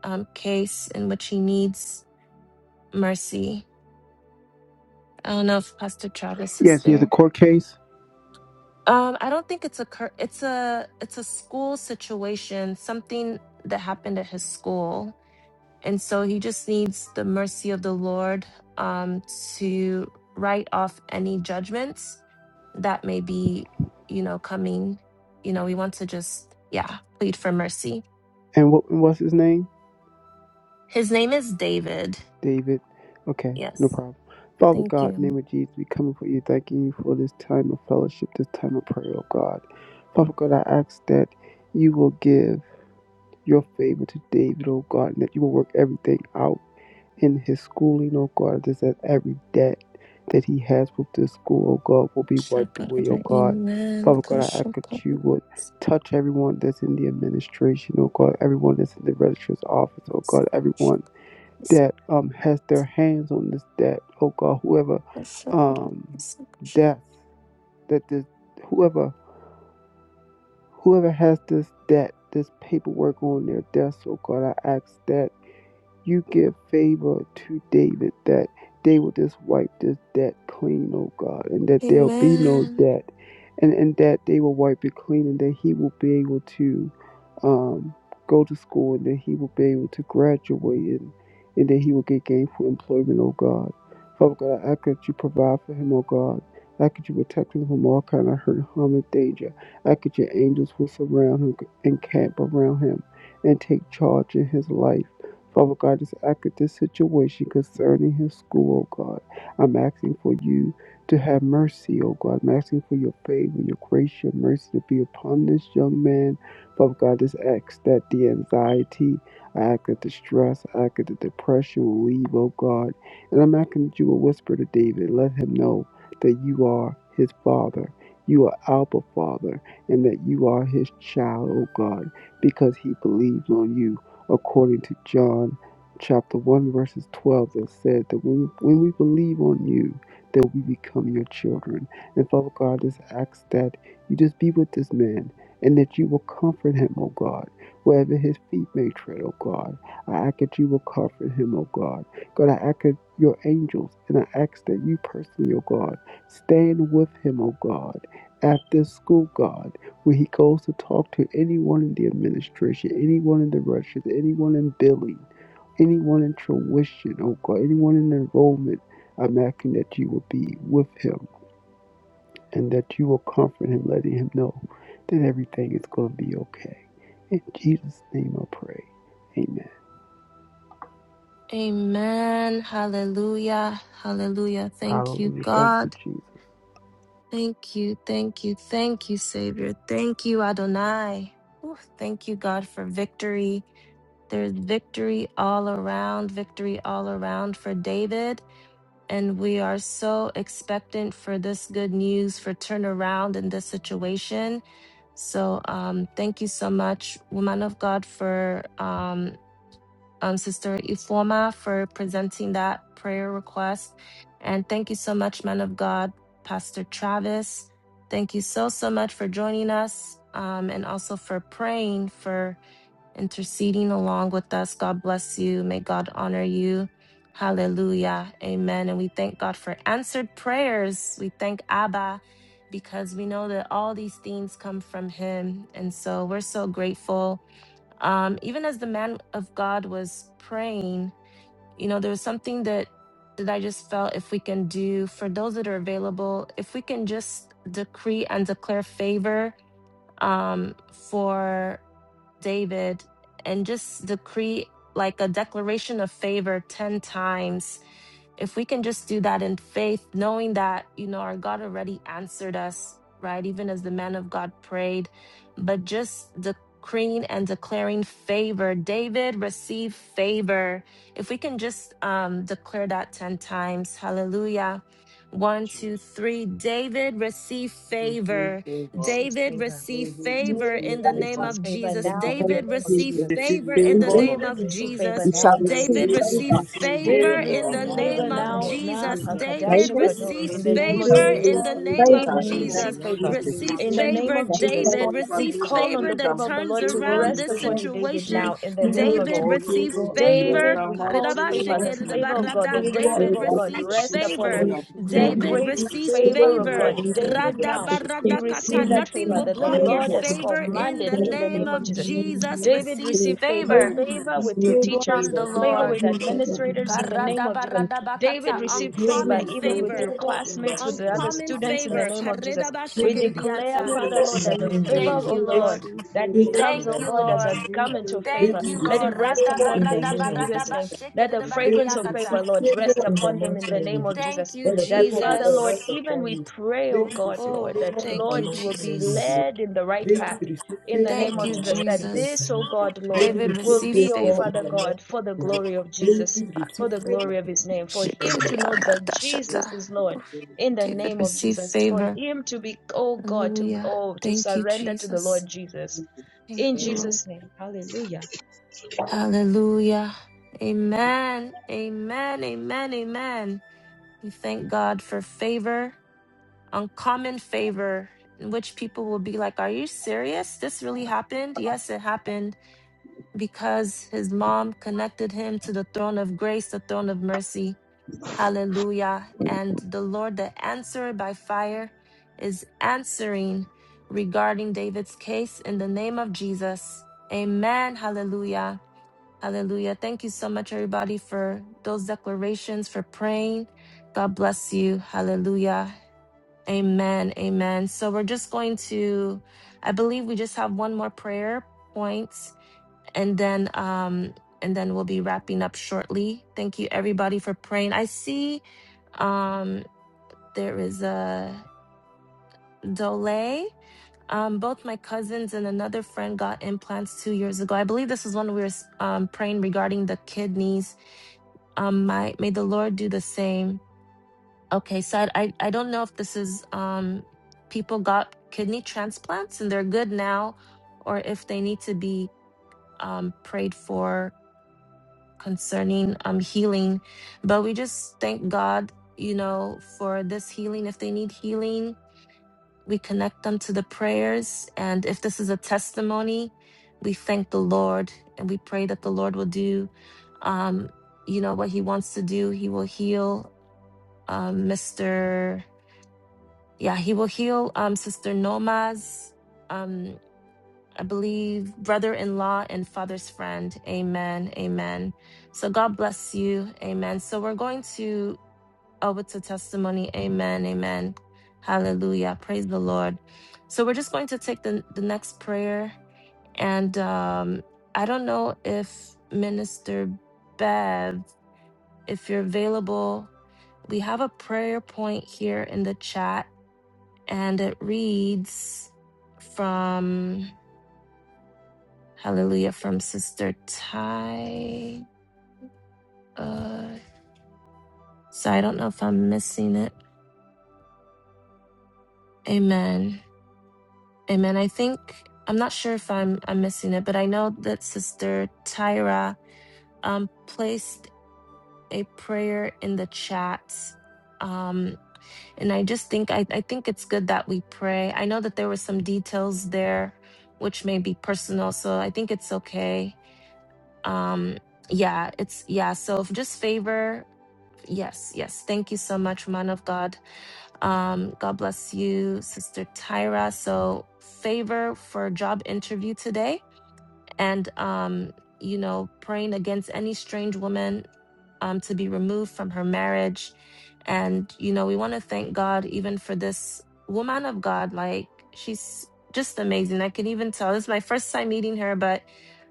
S1: um, case in which he needs mercy. I don't know if Pastor Travis is
S12: Yes, he has a
S1: there.
S12: court case.
S1: Um, I don't think it's a cur- it's a it's a school situation, something that happened at his school, and so he just needs the mercy of the Lord um, to write off any judgments that may be, you know, coming. You know, we want to just yeah plead for mercy.
S12: And what and what's his name?
S1: His name is David.
S12: David. Okay, no
S1: Yes,
S12: problem. Father
S1: thank
S12: God, in the
S1: you.
S12: name of Jesus, we come before you, thanking you for this time of fellowship, this time of prayer, oh God. Father God, I ask that you will give your favor to David, oh God, and that you will work everything out in his schooling, oh God. I just that every debt that he has with this school, oh God, will be wiped away, oh
S1: Shakarada
S12: God.
S1: Amen.
S12: Father God, I ask that
S1: Kashakarada.
S12: you would touch everyone that's in the administration, oh God, everyone that's in the registrar's office, oh God, everyone that um has their hands on this debt, oh God, whoever
S1: Shakarada.
S12: um debts that this whoever whoever has this debt, this paperwork on their desk, oh God, I ask that you give favor to David that they will just wipe this debt clean, oh God, and that there'll be no
S1: Amen.
S12: debt, and, and that they will wipe it clean, and that he will be able to um, go to school, and that he will be able to graduate, and, and that he will get gainful employment, oh God. Father God, I ask that you provide for him, oh God. I ask that you protect him from all kind of hurt, harm, and danger. I ask that your angels will surround him and camp around him and take charge in his life. Father God, just act at this situation concerning his school, oh God. I'm asking for you to have mercy, oh God. I'm asking for your favor, your grace, your mercy to be upon this young man. Father God, just ask that the anxiety, I ask that the stress, I ask that the depression will leave, oh God. And I'm asking that you will whisper to David, and let him know that you are his father. You are Alpha Father, and that you are his child, oh God, because he believes on you according to John chapter 1, verses 12, that said that when, when we believe on you, that we become your children. And Father God, I just ask that you just be with this man and that you will comfort him, O God, wherever his feet may tread, O God. I ask that you will comfort him, O God. God, I ask that your angels and I ask that you personally, O God, stand with him, O God, at this school, God when he goes to talk to anyone in the administration, anyone in the rushes, anyone in billing, anyone in tuition, oh God, anyone in enrollment, I'm asking that you will be with him and that you will comfort him, letting him know that everything is going to be okay. In Jesus' name I pray. Amen.
S1: Amen. Hallelujah. Hallelujah. Thank you,
S12: Hallelujah. Thank you,
S1: God.
S12: Jesus.
S1: Thank you. Thank you. Thank you, Savior. Thank you, Adonai. Ooh, thank you, God, for victory. There's victory all around, victory all around for David. And we are so expectant for this good news for turnaround in this situation. So um, thank you so much, woman of God, for um, um, Sister Ifoma for presenting that prayer request. And thank you so much, man of God, Pastor Travis. Thank you so, so much for joining us um, and also for praying for interceding along with us. God bless you. May God honor you. Hallelujah. Amen. And we thank God for answered prayers. We thank Abba because we know that all these things come from him. And so we're so grateful. Um, even as the man of God was praying, you know, there was something that that I just felt if we can do for those that are available, if we can just decree and declare favor um, for David and just decree like a declaration of favor 10 times. If we can just do that in faith, knowing that, you know, our God already answered us, right? Even as the man of God prayed, but just decreeing and declaring favor. David received favor. If we can just um, declare that 10 times, hallelujah. One, two, three. David received favor.
S11: Receive
S1: David,
S11: favor.
S1: receive favor
S11: David
S1: in the
S4: Thank you
S1: name
S11: receives
S1: of
S11: favor
S1: Jesus.
S4: in the
S11: now in the
S1: David,
S4: name of
S11: name of
S1: receive
S4: Jesus.
S11: Jesus.
S1: favor in the
S4: Baby,
S1: name
S11: David
S1: of
S5: name
S11: receive
S5: of
S11: favor
S1: Jesus.
S4: you
S5: Jesus
S11: now
S4: shall
S11: in the
S5: that
S11: name
S4: receive
S11: of
S1: David,
S5: David
S11: Jesus.
S1: receive
S4: favor.
S5: received
S4: In the
S1: favor
S11: David
S5: favor
S1: in
S11: receive
S1: the
S5: in
S4: name of
S5: the
S4: Jesus.
S11: favor
S1: name of
S5: name
S11: now,
S5: of
S1: Jesus.
S11: na
S5: Jesus.
S1: David,
S11: pakadasha
S4: Baby,
S5: David
S11: kado
S1: receive
S11: in the
S5: received
S4: you
S11: name of
S4: shall
S1: favor
S11: Jesus.
S4: receive
S1: in
S5: favor
S1: the
S5: in
S1: name
S5: the
S4: favor
S1: of
S11: David
S4: in
S5: name
S4: the
S5: of
S4: name
S11: receive
S1: Jesus.
S4: of
S5: Jesus.
S11: favor.
S4: Jesus.
S1: Receive
S11: In the
S5: David
S11: name
S1: favor,
S11: of
S4: Baby,
S5: received
S11: Jesus,
S5: favor
S1: David.
S4: favor
S5: in the
S11: we
S1: Receive
S5: name of
S11: call on
S1: favor
S11: the
S5: Jesus.
S1: that
S11: favor of the
S1: turns
S11: Lord to
S5: Favor,
S1: around
S11: rest
S1: this
S5: favor,
S11: upon
S5: favor.
S11: you, David,
S1: situation.
S11: now in the
S5: David
S11: name of
S1: David,
S5: received
S11: Jesus.
S1: receive
S5: favor in the
S1: favor.
S11: David, we call favor, the
S5: David
S11: favor of
S5: received
S4: and
S11: God, the great
S5: favor
S1: David,
S11: favor
S5: in the
S11: of
S10: you.
S5: name
S11: God,
S1: receive
S5: of
S11: rest upon
S5: Jesus.
S11: you.
S1: favor.
S10: Failure
S4: glory to
S10: and
S11: The
S10: the
S4: God.
S5: David
S1: David,
S11: great
S5: received
S4: Thank
S1: receive
S5: favor
S11: favor
S4: you.
S11: of
S5: in
S1: favor.
S5: the name
S11: God.
S5: of
S11: David,
S5: Jesus.
S11: now you receive
S1: Radabaradakata,
S5: David
S11: that
S1: nothing
S11: favor
S1: will
S5: received
S11: that
S5: favor
S11: the
S5: in
S1: block your
S11: Lord
S5: the
S11: has
S5: name of
S1: favor in
S5: Jesus.
S1: the
S11: commanded in the
S1: name
S11: name of
S1: of
S11: Jesus.
S1: Jesus.
S11: David,
S1: Receive
S11: receive favor,
S1: favor
S5: David
S11: favor
S5: received
S11: with your
S5: favor in
S11: teachers,
S1: from the
S5: the
S11: favor
S5: name of
S11: with
S1: Lord.
S5: Jesus.
S11: administrators in the name of Jesus David
S1: Karadabaradabakata,
S11: receive
S5: David
S11: favor
S1: uncommon
S5: receives
S11: even with your
S1: favor,
S5: favor in the
S11: classmates, with the
S5: name
S11: other
S1: uncommon
S5: of
S11: students in
S5: Jesus.
S11: the
S1: favor.
S11: name of Jesus. We
S5: David receives
S11: declare,
S1: Karedabashikiridianta.
S11: Father
S5: favor
S11: Lord,
S5: in the
S11: that the
S5: name of
S11: favor
S1: Thank
S5: Jesus.
S1: you,
S11: of
S4: Lord. Thank
S11: the Lord
S1: Lord.
S11: that
S5: David
S4: you.
S11: becomes,
S1: Thank
S11: oh
S1: you,
S11: God, as a
S1: Lord.
S11: garment of favor,
S1: Thank you,
S11: let it
S1: Lord.
S5: receives
S11: rest
S5: favor in
S11: upon
S5: the
S11: David in
S5: name of
S11: Jesus'
S5: Jesus.
S11: name. Let the
S4: Lord. Thank you.
S11: fragrance
S5: David
S11: of favor,
S1: Radabaradabashikiridibaridiyakata.
S5: receives
S11: Lord,
S5: favor
S11: rest
S5: in the name of Jesus. David receives favor in the
S11: upon him in
S5: mighty
S11: the
S5: name
S11: name
S5: of
S11: of
S5: Jesus.
S1: Thank
S11: Jesus.
S1: you,
S5: Let the
S11: That,
S5: favor of the
S11: Father
S5: Lord
S11: Lord,
S5: rest
S1: Jesus.
S11: even
S5: upon
S11: we
S5: you.
S11: pray, oh
S5: David
S11: God,
S5: receives
S1: Oh,
S11: Lord,
S5: favor
S11: that,
S5: in
S1: thank
S11: Lord,
S1: you,
S11: he
S5: the
S11: will
S5: mighty
S11: be
S5: name of
S1: Jesus.
S5: Jesus.
S11: led in the right
S5: David
S11: path.
S5: receives
S11: In the
S5: favor
S11: name
S5: in
S1: Thank
S11: of
S1: you,
S5: the
S11: Jesus,
S5: mighty
S11: that
S5: name
S11: this,
S1: Jesus.
S5: of Jesus.
S11: oh
S1: Oof,
S11: God, Lord,
S1: David,
S11: will
S1: receive
S11: be, oh
S1: favor.
S11: Father God, for the glory of Jesus for the glory of his name, for him to know that Jesus
S1: Shikadidiyadadashata.
S11: is Lord
S1: Oof,
S4: Lord.
S11: in the
S1: David,
S11: name of
S1: receive
S11: Jesus, for
S1: favor.
S11: him to be, oh God, to,
S1: Hallelujah.
S11: oh, to
S1: Thank you,
S11: surrender to the
S1: Jesus.
S11: Lord
S4: Thank
S11: Jesus
S4: you.
S1: Thank
S11: in
S1: you,
S4: Thank
S1: Lord.
S11: Jesus' name. Hallelujah.
S1: Hallelujah. Amen. Amen. Amen. Amen. We thank God for favor, uncommon favor, in which people will be like, Are you serious? This really happened? Yes, it happened because his mom connected him to the throne of grace, the throne of mercy. Hallelujah. And the Lord, the answer by fire, is answering regarding David's case in the name of Jesus. Amen. Hallelujah. Hallelujah. Thank you so much, everybody, for those declarations, for praying. God bless you. Hallelujah. Amen. Amen. So we're just going to, I believe we just have one more prayer point and then, um, and then we'll be wrapping up shortly. Thank you everybody for praying. I see um, there is a Dole. Um, both my cousins and another friend got implants two years ago. I believe this is when we were um, praying regarding the kidneys. Um, my, may the Lord do the same. Okay, so I, I, I don't know if this is um, people got kidney transplants and they're good now, or if they need to be um, prayed for concerning um, healing. But we just thank God, you know, for this healing if they need healing We connect them to the prayers. And if this is a testimony, we thank the Lord and we pray that the Lord will do, um, you know, what He wants to do. He will heal um, Mr. Yeah, He will heal um, Sister Noma's, um, I believe, brother in law and father's friend. Amen. Amen. So God bless you. Amen. So we're going to. Oh, it's a testimony. Amen. Amen. Hallelujah. Praise the Lord. So we're just going to take the, the next prayer. And um, I don't know if Minister Bev, if you're available, we have a prayer point here in the chat, and it reads from Hallelujah from Sister Ty. Uh, so I don't know if I'm missing it. Amen. Amen. I think I'm not sure if I'm I'm missing it, but I know that Sister Tyra um placed a prayer in the chat. Um and I just think I, I think it's good that we pray. I know that there were some details there which may be personal, so I think it's okay. Um yeah, it's yeah, so if just favor Yes, yes. Thank you so much, man of God. Um, God bless you, Sister Tyra. So favor for job interview today and um, you know, praying against any strange woman um, to be removed from her marriage. And you know, we want to thank God even for this woman of God. Like she's just amazing. I can even tell this is my first time meeting her, but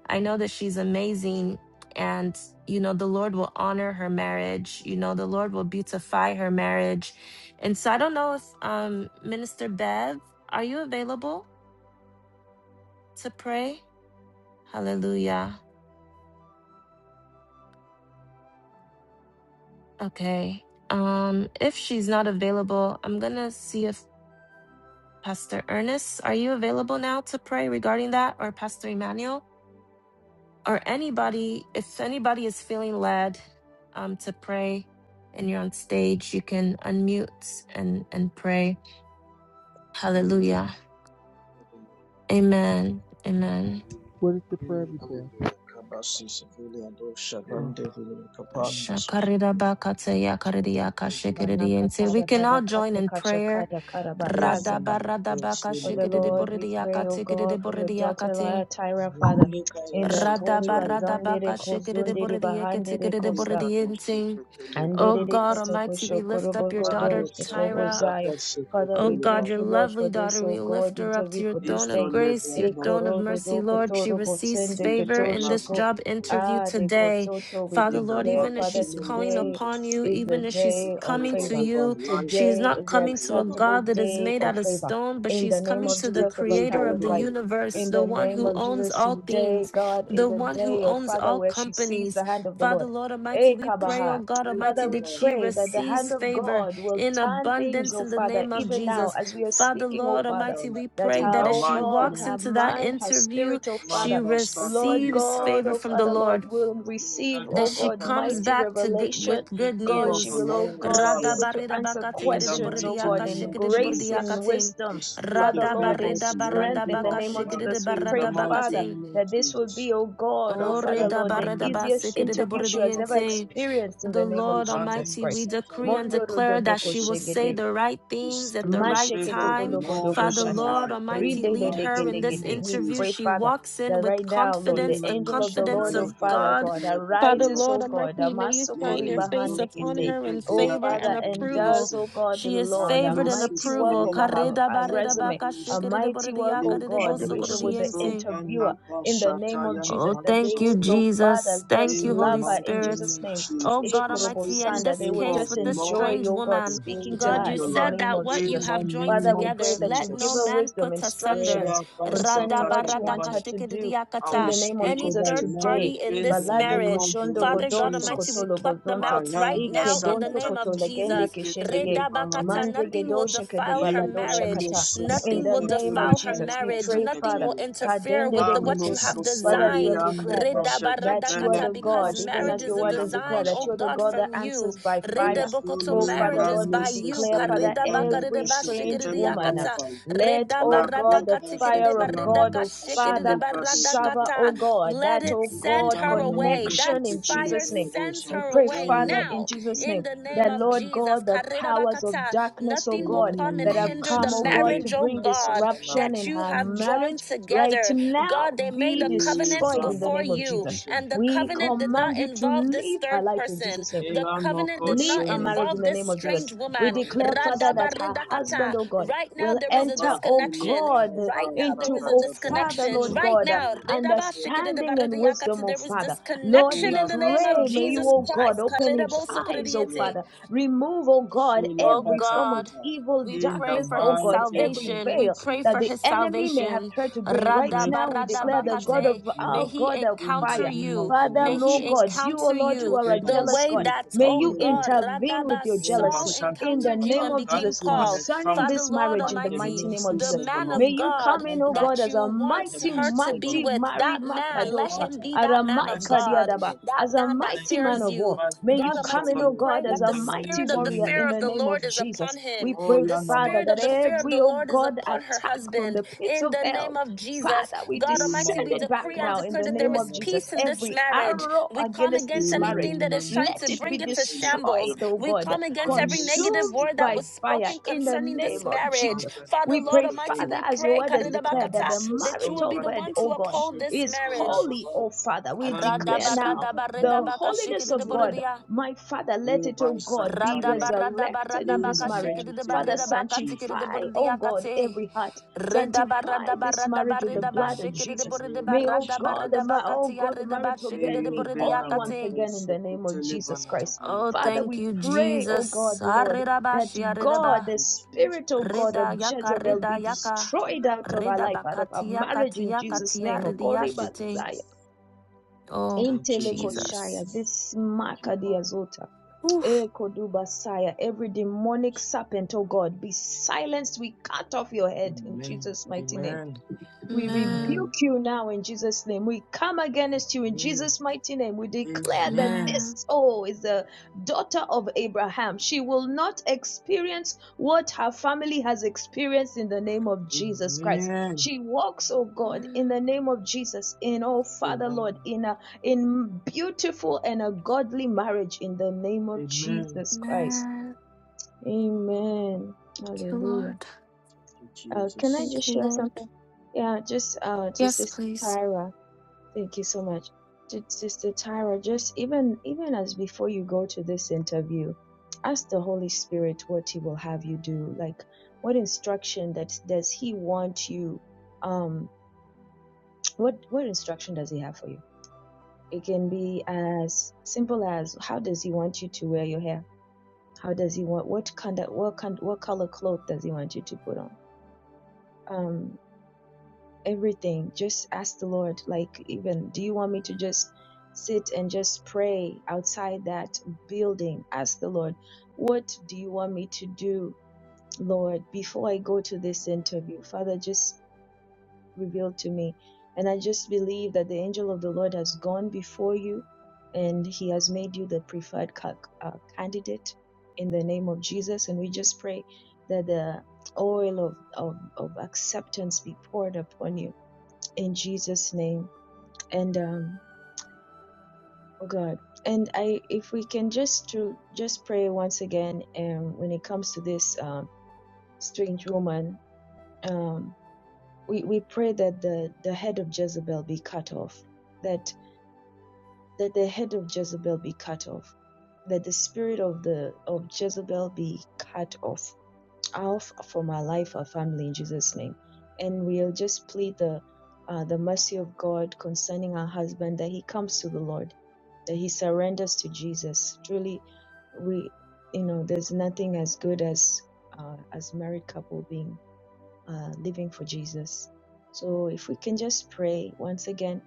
S1: I know that she's amazing. And you know, the Lord will honor her marriage. You know, the Lord will beautify her marriage. And so I don't know if um, Minister Bev, are you available to pray? Hallelujah. Okay. Um, if she's not available, I'm gonna see if Pastor Ernest, are you available now to pray regarding that, or Pastor Emmanuel, or anybody? If anybody is feeling led, um, to pray, and you're on stage, you can unmute and and pray. Hallelujah. Amen. Amen.
S12: What is the prayer before? Oh,
S11: Jesus.
S1: Shakarirabakatayakaririyakashikiririyense. We can all join in prayer.
S11: For the Lord, we pray, O God, for your daughter,
S1: Radabaradabakashikiridiboridiyakatikiridiboridiyakati.
S11: Tyra, Father, in the Kori Bazandere Kozundere Bahandere Kosta.
S1: Radabaradabakashikiridiboridiyeketikiridiboridiyense. Oh God Almighty, we lift up your daughter Tyra.
S11: Andererikotokoshokorobogodostokobozaya. Father,
S1: Oh
S11: we
S1: God,
S11: thank
S1: your
S11: you, Lord, for
S1: lovely
S11: this,
S1: daughter,
S11: oh
S1: we lift
S11: God,
S1: her up to
S11: interview
S1: your
S11: for this
S1: throne of
S11: day.
S1: grace, your throne of mercy, Lord. She receives favor in this
S11: Ikorododokotorobotsendekedoshako.
S1: job interview
S11: Ah,
S1: today.
S11: dekosoto, we
S1: Father, Lord,
S11: declare,
S1: even as
S11: Father,
S1: she's calling
S11: today
S1: upon you,
S11: is the
S1: even as she's
S11: day of
S1: coming to
S11: favor.
S1: you, she is
S11: Today
S1: not
S11: is the
S1: coming to a
S11: acceptable
S1: God that is
S11: day
S1: made
S11: of
S1: out of
S11: favor.
S1: stone, but
S11: In the
S1: she's
S11: name
S1: coming
S11: of
S1: to the
S11: Jesus of
S1: creator of
S11: Atara's
S1: the
S11: life.
S1: universe,
S11: In
S1: the
S11: the
S1: one
S11: name
S1: who
S11: of
S1: owns
S11: Jesus,
S1: all
S11: today,
S1: things,
S11: God,
S1: the
S11: is a
S1: one who
S11: day, oh
S1: owns
S11: Father,
S1: all
S11: where she sees the
S1: companies.
S11: hand of the
S1: Father,
S11: Lord.
S1: Lord Almighty,
S11: Eh,
S1: we pray, oh
S11: Kabaha.
S1: God Almighty,
S11: Father, we
S1: that she
S11: pray that the hand
S1: receives
S11: of
S1: favor
S11: God will
S1: in
S11: turn things,
S1: abundance
S11: oh
S1: in the
S11: Father,
S1: name of
S11: even now
S1: Jesus.
S11: as we are
S1: Father,
S11: speaking, oh
S1: Lord
S11: Father,
S1: Almighty, we
S11: that
S1: pray
S11: her,
S1: that as
S11: oh
S1: she
S11: God,
S1: walks
S11: her
S1: into that
S11: mind, her
S1: interview,
S11: spirit, oh
S1: she
S11: Father, Lord
S1: receives
S11: God,
S1: favor
S11: oh
S1: from the
S11: Father, Lord,
S1: Lord,
S11: will receive,
S1: that
S11: oh
S1: she
S11: God,
S1: comes
S11: mighty
S1: back to good, with
S11: revelation.
S1: good
S11: God, she
S1: news.
S11: will, oh God, be able to answer questions, oh God, in grace, in
S1: Radabaridabakatikidiboridiakashikidiboridiakating.
S11: wisdom. Father, Lord, in strength, in the name of Jesus, we pray, Father
S1: Radabaridabakashikidiboridiakating.
S11: that this will be, oh God, oh Father Lord, the easiest interview she has ever
S1: Oredabaridabasikidiborodienting
S11: experienced in
S1: the
S11: the name of
S1: Lord
S11: Jesus
S1: Almighty, we
S11: Christ.
S1: decree and
S11: Mondo
S1: declare that
S11: rododoko
S1: she will say
S11: shegede.
S1: the right things at the right time. Father,
S11: Masheketogodogodogoshata.
S1: Lord Almighty, lead her in this
S11: Ridededegedegede. We
S1: interview.
S11: pray,
S1: She
S11: Father,
S1: walks in
S11: that right
S1: with
S11: now, Lord, the
S1: confidence, the
S11: angel of the
S1: confidence
S11: Lord, O
S1: of
S11: Father
S1: God.
S11: God,
S1: Father,
S11: arises, O
S1: Lord
S11: God,
S1: Almighty, may you shine your face upon
S11: Amasokoribahandekete.
S1: her in
S11: O
S1: favor and
S11: Father, and does,
S1: approval.
S11: O God, the
S1: She is
S11: Lord, a
S1: favored and
S11: mighty work
S1: approval.
S11: over her,
S1: Kareda
S11: her
S1: bareda
S11: resume,
S1: baka
S11: a
S1: shekerede
S11: mighty work, O
S1: borediaka
S7: so,
S11: God,
S1: dedebo
S7: good for
S11: even with the
S1: sokorediente.
S11: interviewer, in the name of Jesus,
S1: Oh,
S11: that they
S1: thank you,
S11: will, O Father,
S1: Jesus.
S11: just
S1: Thank you,
S11: love
S1: Holy
S11: her in
S1: Spirit.
S11: Jesus' name
S1: Oh, God Almighty, in
S11: Ekorobosanda.
S1: this
S11: They will
S1: case
S11: just
S1: with this
S11: enjoy,
S1: strange
S11: oh God,
S1: woman,
S11: speaking to
S1: God,
S11: her
S1: you
S11: in the
S1: said
S11: name
S1: that
S11: of
S1: what you
S11: Jesus.
S1: have joined
S11: Father, we pray
S1: together,
S11: that you
S1: let
S11: give
S1: no
S11: her
S1: man
S11: wisdom,
S1: put asunder.
S11: instructions concerning what you want her to do in
S1: Radabaradakashtikidiyakata
S11: the name of
S1: any
S11: Jesus
S1: third party
S11: today.
S1: in this
S11: Balade
S1: marriage.
S11: koshondo
S1: Father God
S11: godoso
S1: Almighty, we
S11: kotolo
S1: pluck them
S11: bozonto.
S1: out right now
S11: Ike
S1: in the
S11: donto
S1: name of
S11: kotolegende
S1: Jesus.
S11: keshedege.
S1: Redabakata,
S11: Manze
S1: nothing will
S11: gedosha
S1: defile her marriage.
S11: kata. In
S1: Nothing
S11: the
S1: will
S11: name of
S1: defile her
S11: Jesus, we
S1: marriage.
S11: pray,
S1: Nothing
S11: Father.
S1: will interfere
S11: Kadende
S1: with
S11: de
S1: the, what you
S11: kososa.
S1: have
S11: Father, as you have
S1: designed.
S11: declared, Lord that you are
S1: Redabaradakata,
S11: the God,
S1: Because
S11: even
S1: marriage
S11: as your
S1: is a
S11: word has declared,
S1: design,
S11: that
S1: oh
S11: you are the
S1: God,
S11: God that
S1: from you.
S11: answers by fire.
S1: Redabokoto,
S11: Oh, Father,
S1: Marriage is challenges
S11: Lord, we
S1: by you.
S11: declare, Father,
S1: Karida
S11: every
S1: bakarida ba
S11: strange
S1: shikiridi
S11: woman, uh,
S1: yakata.
S11: let,
S1: Rida
S11: oh
S1: barada
S11: God, the
S1: katikiridi
S11: fire of
S1: barida
S11: God,
S1: ka
S11: oh Father,
S1: barada
S11: suffer, oh
S1: kata.
S11: God,
S1: Let
S11: that,
S1: it
S11: oh
S1: send
S11: God,
S1: her away. That
S11: connection in
S1: fire
S11: Jesus' name.
S1: sends
S11: We
S1: her
S11: pray,
S1: away
S11: Father, in
S1: now
S11: Jesus'
S1: in
S11: name,
S1: the name
S11: that,
S1: of
S11: Lord God,
S1: Jesus.
S11: the
S1: Karida
S11: powers of
S1: bakata.
S11: darkness, oh
S1: Nothing will
S11: God,
S1: come and
S11: that have
S1: hinder the
S11: come, oh God, to
S1: marriage, oh
S11: bring
S1: God,
S11: disruption
S1: that
S11: in
S1: you
S11: her
S1: have joined
S11: marriage, right
S1: together. God,
S11: now
S1: God, they made
S11: be
S1: a covenant
S11: destroyed in the
S1: before
S11: name of
S1: you,
S11: Jesus.
S1: and the
S11: We
S1: covenant did not
S11: command you to
S1: involve this
S11: leave her
S1: third
S11: life in
S1: person.
S11: Jesus' name.
S1: The covenant did
S11: Leave
S1: not
S11: her marriage
S1: involve
S11: in the
S1: this
S11: name of Jesus.
S1: strange
S11: We
S1: woman.
S11: declare, Father, that her
S1: Radabaridakata.
S11: husband, oh God,
S1: Right now,
S11: will
S1: there is a
S11: enter, oh
S1: disconnection.
S11: God,
S1: Right now, there
S11: into,
S1: is a
S11: oh Father,
S1: disconnection.
S11: Lord
S1: Right
S11: God, uh,
S1: now,
S11: understanding and
S1: redabashikidibaridiyakati,
S11: wisdom, oh
S1: there is
S11: Father. Lord, we
S1: disconnection in the name of
S11: pray, may you,
S1: Jesus
S11: oh
S1: Christ.
S11: God, open his eyes, oh
S1: Karidabosokoridieti.
S11: Father. Remove, oh God,
S1: Oh
S11: every form of
S1: God,
S11: evil,
S1: we pray
S11: darkness,
S1: for
S11: oh
S1: his
S11: God, every
S1: salvation. We
S11: veil
S1: pray
S11: that
S1: for
S11: the
S1: his
S11: enemy may have
S1: salvation.
S11: tried to bring. Right now, we declare the God
S1: Radabaradabakate.
S11: of our
S1: May he
S11: God of
S1: encounter
S11: fire.
S1: you.
S11: Father,
S1: May
S11: no
S1: he
S11: God, you, O
S1: encounter
S11: Lord, who
S1: you
S11: are a
S1: the
S11: jealous
S1: way
S11: God,
S1: that,
S11: may
S1: oh
S11: you
S1: God,
S11: intervene with
S1: Radaba
S11: your
S1: Saul
S11: jealousy in the
S1: encountered you
S11: name
S1: and
S11: of
S1: became
S11: Jesus
S1: Paul.
S11: concerning
S1: Father,
S11: this
S1: Lord
S11: marriage in the
S1: Almighty,
S11: mighty name of
S1: the
S11: Jesus.
S1: man
S11: May
S1: of
S11: you
S1: God
S11: come in, O God,
S1: that
S11: as
S1: you
S11: a
S1: want
S11: mighty,
S1: her to be
S11: mighty
S1: with,
S11: Mari
S1: that man, let
S11: Makadosa,
S1: him be that man
S11: Aramai
S1: of God,
S11: Kadiadaba,
S1: that
S11: as a
S1: man that
S11: mighty man
S1: fears
S11: of
S1: you.
S11: war. May
S1: God
S11: you come
S1: Almighty,
S11: in,
S1: we
S11: O
S1: pray
S11: God,
S1: that
S11: as a
S1: the
S11: mighty
S1: spirit of the
S11: warrior in
S1: fear of
S11: the
S1: the
S11: name
S1: Lord
S11: of
S1: is upon
S11: Jesus. We
S1: him.
S11: pray,
S1: The
S11: Father,
S1: spirit
S11: that
S1: of the fear of
S11: every,
S1: the
S11: O
S1: Lord is
S11: God,
S1: upon her
S11: attack from
S1: husband
S11: the pits
S1: in
S11: of
S1: the
S11: hell
S1: name of Jesus.
S11: Father, we
S1: God Almighty,
S11: descend
S1: we
S11: it back
S1: decree and
S11: now in
S1: declare
S11: the
S1: that there
S11: name of
S1: is
S11: Jesus.
S1: peace in this
S11: Every
S1: marriage.
S11: arrow
S1: We come
S11: against
S1: against
S11: this marriage,
S1: anything that is trying
S11: let
S1: to
S11: it be
S1: bring it to shambles.
S11: destroyed, oh
S1: We
S11: God,
S1: come against every negative
S11: consumed
S1: word that
S11: by
S1: was
S11: fire
S1: spoken
S11: in the
S1: concerning this
S11: name of
S1: marriage.
S11: Jesus.
S1: Father,
S11: We
S1: Lord
S11: pray,
S1: Almighty,
S11: Father,
S1: we
S11: as your
S1: pray
S11: word has declared, that
S1: karidabakata,
S11: the
S1: that you will
S11: marital
S1: be the
S11: bed,
S1: one to
S11: oh God,
S1: uphold this
S11: is
S1: marriage.
S11: holy, oh Father. We declare now
S1: Radabaradaba,
S11: the
S1: redabaka,
S11: holiness of God. My Father, let it, oh God, be
S1: Radaba radaba
S11: resurrected in
S1: radaba
S11: this marriage.
S1: kashikiri de
S11: Father,
S1: barida baka tikiri de
S11: sanctify, oh
S1: burdiya
S11: God,
S1: kate.
S11: every heart.
S1: Redaba
S11: Sanctify
S1: radaba
S11: this
S1: radaba
S11: marriage with the
S1: redaba
S11: blood of
S1: shikiri de
S11: Jesus.
S1: burida
S11: May, oh
S1: baradaba
S11: God, the
S1: radaba
S11: ma- oh
S1: katiya
S11: God, the
S1: redaba
S11: marital
S1: shikiri
S11: bed
S1: de
S11: be
S1: burdiya
S11: holy once
S1: kate.
S11: again in the name of Jesus Christ.
S1: Oh,
S11: Father,
S1: thank
S11: we
S1: you,
S11: pray, oh God,
S1: Jesus.
S11: Lord,
S1: Ariraba
S11: that God,
S1: shiaridaba.
S11: the spirit, oh God, of
S1: Reda yaka
S11: Jezebel be
S1: reda yaka.
S11: destroyed out of our
S1: Reda
S11: life, out of our
S1: bakatia
S11: marriage in
S1: katia
S11: Jesus'
S1: katia
S11: name.
S1: redia
S11: Okori
S1: shite.
S11: bazaya.
S1: Oh, Jesus.
S11: Intelekoshaya. This makadiazota.
S1: Oof.
S11: Ekodubasaya, every demonic serpent, oh God, be silenced. We cut off your head in Jesus' mighty name. We
S1: Amen.
S11: rebuke you now in Jesus' name. We come against you in Jesus' mighty name. We declare that
S1: Amen.
S11: this soul is a daughter of Abraham. She will not experience what her family has experienced in the name of Jesus Christ. She walks, oh God, in
S1: Amen.
S11: the name of Jesus, in oh Father Lord, in a in beautiful and a godly marriage in the name of Jesus Christ.
S1: Amen.
S11: Amen.
S1: Thank you,
S11: Hallelujah.
S1: Lord.
S11: Uh, can I
S1: Thank
S11: just
S1: you,
S11: share
S1: Lord.
S11: something? Yeah, just uh, just
S1: Yes,
S11: this
S1: please.
S11: Tyra. Thank you so much, Ju- Sister Tyra. Just even even as before you go to this interview, ask the Holy Spirit what He will have you do. Like, what instruction that does He want you? Um, what what instruction does He have for you? It can be as simple as how does He want you to wear your hair? How does He want what kind of what kind what color cloth does He want you to put on? Um. everything just ask the lord like even do you want me to just sit and just pray outside that building ask the lord what do you want me to do lord before i go to this interview father just reveal to me and i just believe that the angel of the lord has gone before you and he has made you the preferred ca- uh, candidate in the name of jesus and we just pray that the oil of, of, of acceptance be poured upon you in Jesus' name. And um, oh God, and I, if we can just to just pray once again, um, when it comes to this um, strange woman, um, we we pray that the the head of Jezebel be cut off, that that the head of Jezebel be cut off, that the spirit of the of Jezebel be cut off out for my life, our family, in Jesus' name. And we'll just plead the uh, the mercy of God concerning our husband that he comes to the Lord, that he surrenders to Jesus. Truly, we you know there's nothing as good as uh, as married couple being uh, living for Jesus. So if we can just pray once again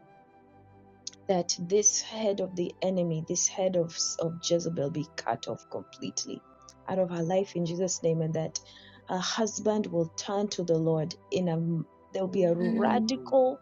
S11: that this head of the enemy, this head of, of Jezebel be cut off completely out of her life in Jesus' name, and that her husband will turn to the Lord in a there'll be a
S1: Amen.
S11: radical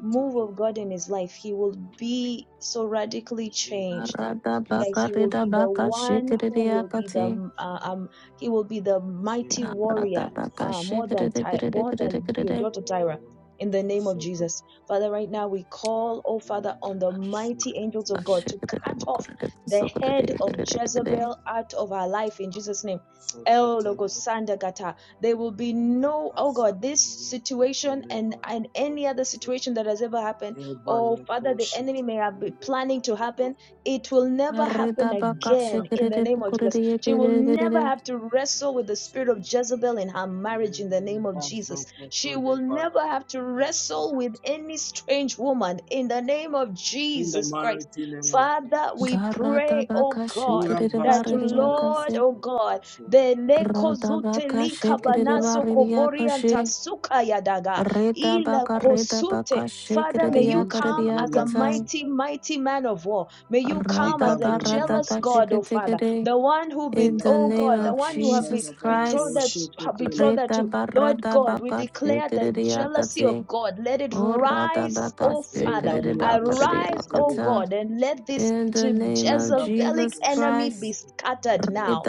S11: move of God in his life. He will be so radically changed
S1: Arada
S11: that
S1: baka
S11: he will
S1: reda
S11: be the
S1: baka
S11: one who
S1: shikiridi
S11: will be
S1: akati.
S11: the uh, um he will be the mighty warrior
S1: Arada baka
S11: uh, more than
S1: shikiridi
S11: Ty-
S1: giridi
S11: more
S1: giridi
S11: than your
S1: giridi.
S11: daughter Tyra in the name of Jesus Father right now we call oh Father on the mighty angels of God to
S1: Shikiridi
S11: cut off
S1: bukuridi
S11: the
S1: bukuridi
S11: head of
S1: giridi giridi.
S11: Jezebel out of our life in Jesus name El Logosanda Gata. There will be no, oh God, this situation and, and any other situation that has ever happened. Oh Father, the enemy may have been planning to happen it will never happen
S1: Arida baka
S11: again in the
S1: shikiridi
S11: name of Jesus.
S1: bukuridi
S11: She will
S1: giridi
S11: never
S1: giridi.
S11: have to wrestle with the spirit of Jezebel in her marriage in the name of Jesus. She will never have to wrestle with any strange woman in the name of Jesus Christ. Father, we
S1: Garada
S11: pray, oh
S1: baka
S11: God.
S1: shikiridi
S11: That
S1: baridi
S11: Lord,
S1: akasi.
S11: oh God, the leko
S1: Rada
S11: zute
S1: baka
S11: lika
S1: shikiridi
S11: banaso
S1: baridi
S11: kobori anta
S1: akashi.
S11: suka yadaga.
S1: Rida
S11: Ila
S1: baka rida
S11: kosute.
S1: baka
S11: Father, may
S1: shikiridi
S11: you
S1: akaridi
S11: come as a
S1: akatan.
S11: mighty, mighty man of war. May you come as a jealous God, oh Father,
S1: Radabaradakatikere.
S11: the one who be,
S1: In the
S11: oh
S1: name
S11: God, the
S1: of
S11: one you have be,
S1: Jesus Christ.
S11: betrothed, betrothed to. Lord God, we declare the jealousy
S1: Radabaradabakatikeriakate.
S11: of God. Let it rise, oh Father. Arise, oh
S1: Oradabakatikeriakariakata.
S11: God, and let this
S1: In the
S11: Je-
S1: name of
S11: Jezebelic
S1: Jesus
S11: enemy be
S1: Christ.
S11: scattered now.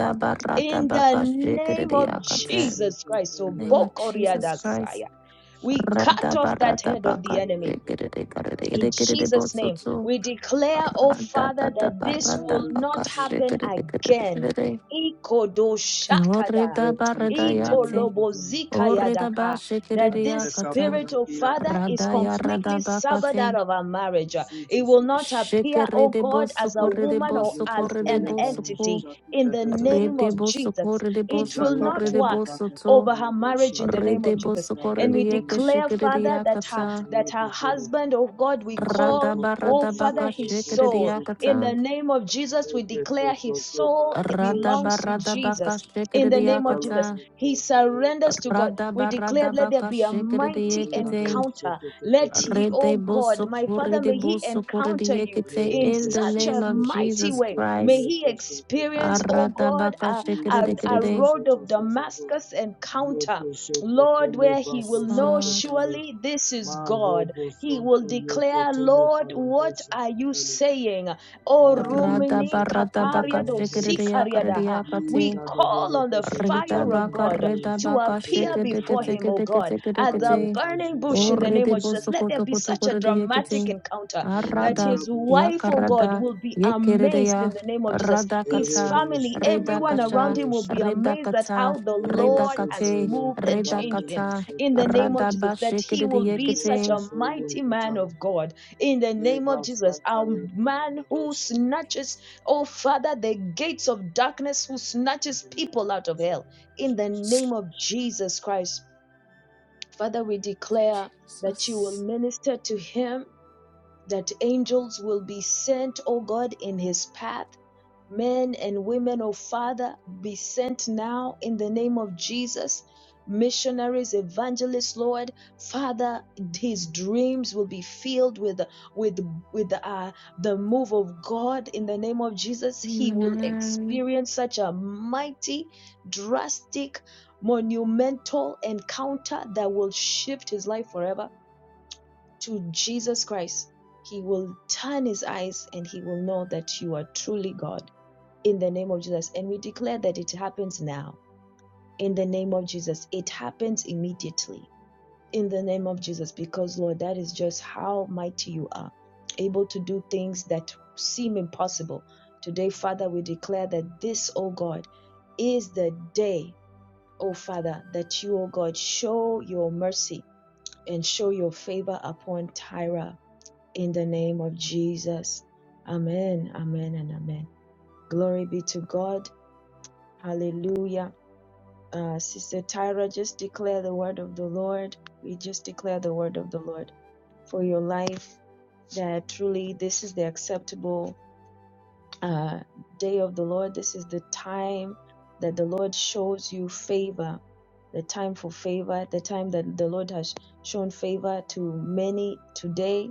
S11: In the name of
S1: In
S11: Jesus Christ,
S1: the
S11: oh
S1: name of Jesus Christ.
S11: Bokoriadasaya. We cut off that head of the enemy. In
S1: Radabaradabakatikeriakate.
S11: Jesus' name, we declare, oh Father,
S1: Radata
S11: that this
S1: barata
S11: will not
S1: bakashi
S11: happen
S1: kirede kirede
S11: again.
S1: kirede.
S11: Ikodoshakada,
S1: Orida baradayati, orida ba
S11: itolobozikayadaka, That this
S1: shikiriyakata,
S11: spirit, oh Father, is
S1: radaya radā,
S11: completely severed out
S1: radabakati,
S11: of our marriage. It will not appear,
S1: shikiri
S11: oh
S1: de
S11: God, as a
S1: bosokori de
S11: woman or as
S1: bosokori de
S11: an
S1: po.
S11: entity in the name
S1: rede
S11: of Jesus.
S1: bosokori de
S11: It will
S1: bosokori
S11: not
S1: de
S11: work
S1: to.
S11: over her marriage in the name of
S1: rede
S11: Jesus.
S1: bosokori
S11: And
S1: de
S11: we
S1: yeke
S11: declare, Father, that her that her husband, oh God, we
S1: Radā, radā,
S11: call, oh Father,
S1: radabaradabaka
S11: his soul.
S1: shikiriyakata,
S11: In the name of Jesus, we declare his soul belongs to
S1: radabaradabaka
S11: Jesus. In the name of
S1: shikiriyakata,
S11: Jesus, he surrenders to God.
S1: Rada
S11: We declare,
S1: barada
S11: let there
S1: baka
S11: be a
S1: shikere de
S11: mighty
S1: yekete.
S11: encounter. Let ye,
S1: Rede
S11: oh
S1: boso
S11: God, my
S1: kore
S11: Father,
S1: de
S11: may he
S1: boso kore de
S11: encounter you
S1: yekete.
S11: in
S1: In the
S11: such
S1: name
S11: a
S1: of
S11: mighty
S1: Jesus
S11: way. May
S1: Christ.
S11: he experience, oh
S1: Arada
S11: God,
S1: baka
S11: a,
S1: shikere
S11: a,
S1: de kere
S11: a
S1: de.
S11: road of Damascus encounter Lord, where he will know
S1: Lord.
S11: surely this is God. He will declare, Lord, what are you saying? Oh,
S1: Rada
S11: Rumini
S1: barada baka
S11: Kapariado
S1: shikere de yakare de
S11: Sikariadaha. We
S1: yakate.
S11: call on the
S1: Rida
S11: fire of
S1: baka
S11: God
S1: rida
S11: to
S1: baka
S11: appear
S1: shikere de
S11: before
S1: kete
S11: him, O
S1: kete
S11: God,
S1: kete kete
S11: as
S1: kete.
S11: a burning bush in the
S1: Ore
S11: name
S1: de
S11: of Jesus.
S1: boso
S11: Let there
S1: koto
S11: be
S1: koto
S11: such a
S1: kore de yekete.
S11: dramatic encounter that
S1: Arada,
S11: his wife, oh God,
S1: Yakarada,
S11: will be amazed
S1: Yekeredeya,
S11: in the name of Jesus. His
S1: Radakata,
S11: family, everyone around
S1: Redakasha,
S11: him will be amazed at
S1: Redakata,
S11: how the Lord has
S1: Redakate,
S11: moved and changed him
S1: Redakata,
S11: in the name of Jesus. That he will be such
S1: Radabashikidiyekete.
S11: a mighty man of God in the name of Jesus. A man who snatches, oh Father, the gates of darkness, who snatches people out of hell in the name of Jesus Christ. Father, we declare that you will
S1: Jesus.
S11: minister to him that angels will be sent, O God, in his path. Men and women, O Father, be sent now in the name of Jesus. Missionaries, evangelists, Lord, Father, his dreams will be filled with with with uh, the move of God in the name of Jesus. He will
S1: Amen.
S11: experience such a mighty, drastic, monumental encounter that will shift his life forever to Jesus Christ, he will turn his eyes and he will know that you are truly God in the name of Jesus. And we declare that it happens now in the name of Jesus. It happens immediately in the name of Jesus because, Lord, that is just how mighty you are, able to do things that seem impossible. Today, Father, we declare that this, oh God, is the day, oh Father, that you, oh God, show your mercy and show your favor upon Tyra in the name of Jesus. Amen, amen, and amen. Glory be to God. Hallelujah. Uh, Sister Tyra, just declare the word of the Lord. We just declare the word of the Lord for your life that truly this is the acceptable uh, day of the Lord. This is the time that the Lord shows you favor, the time for favor, the time that the Lord has shown favor to many today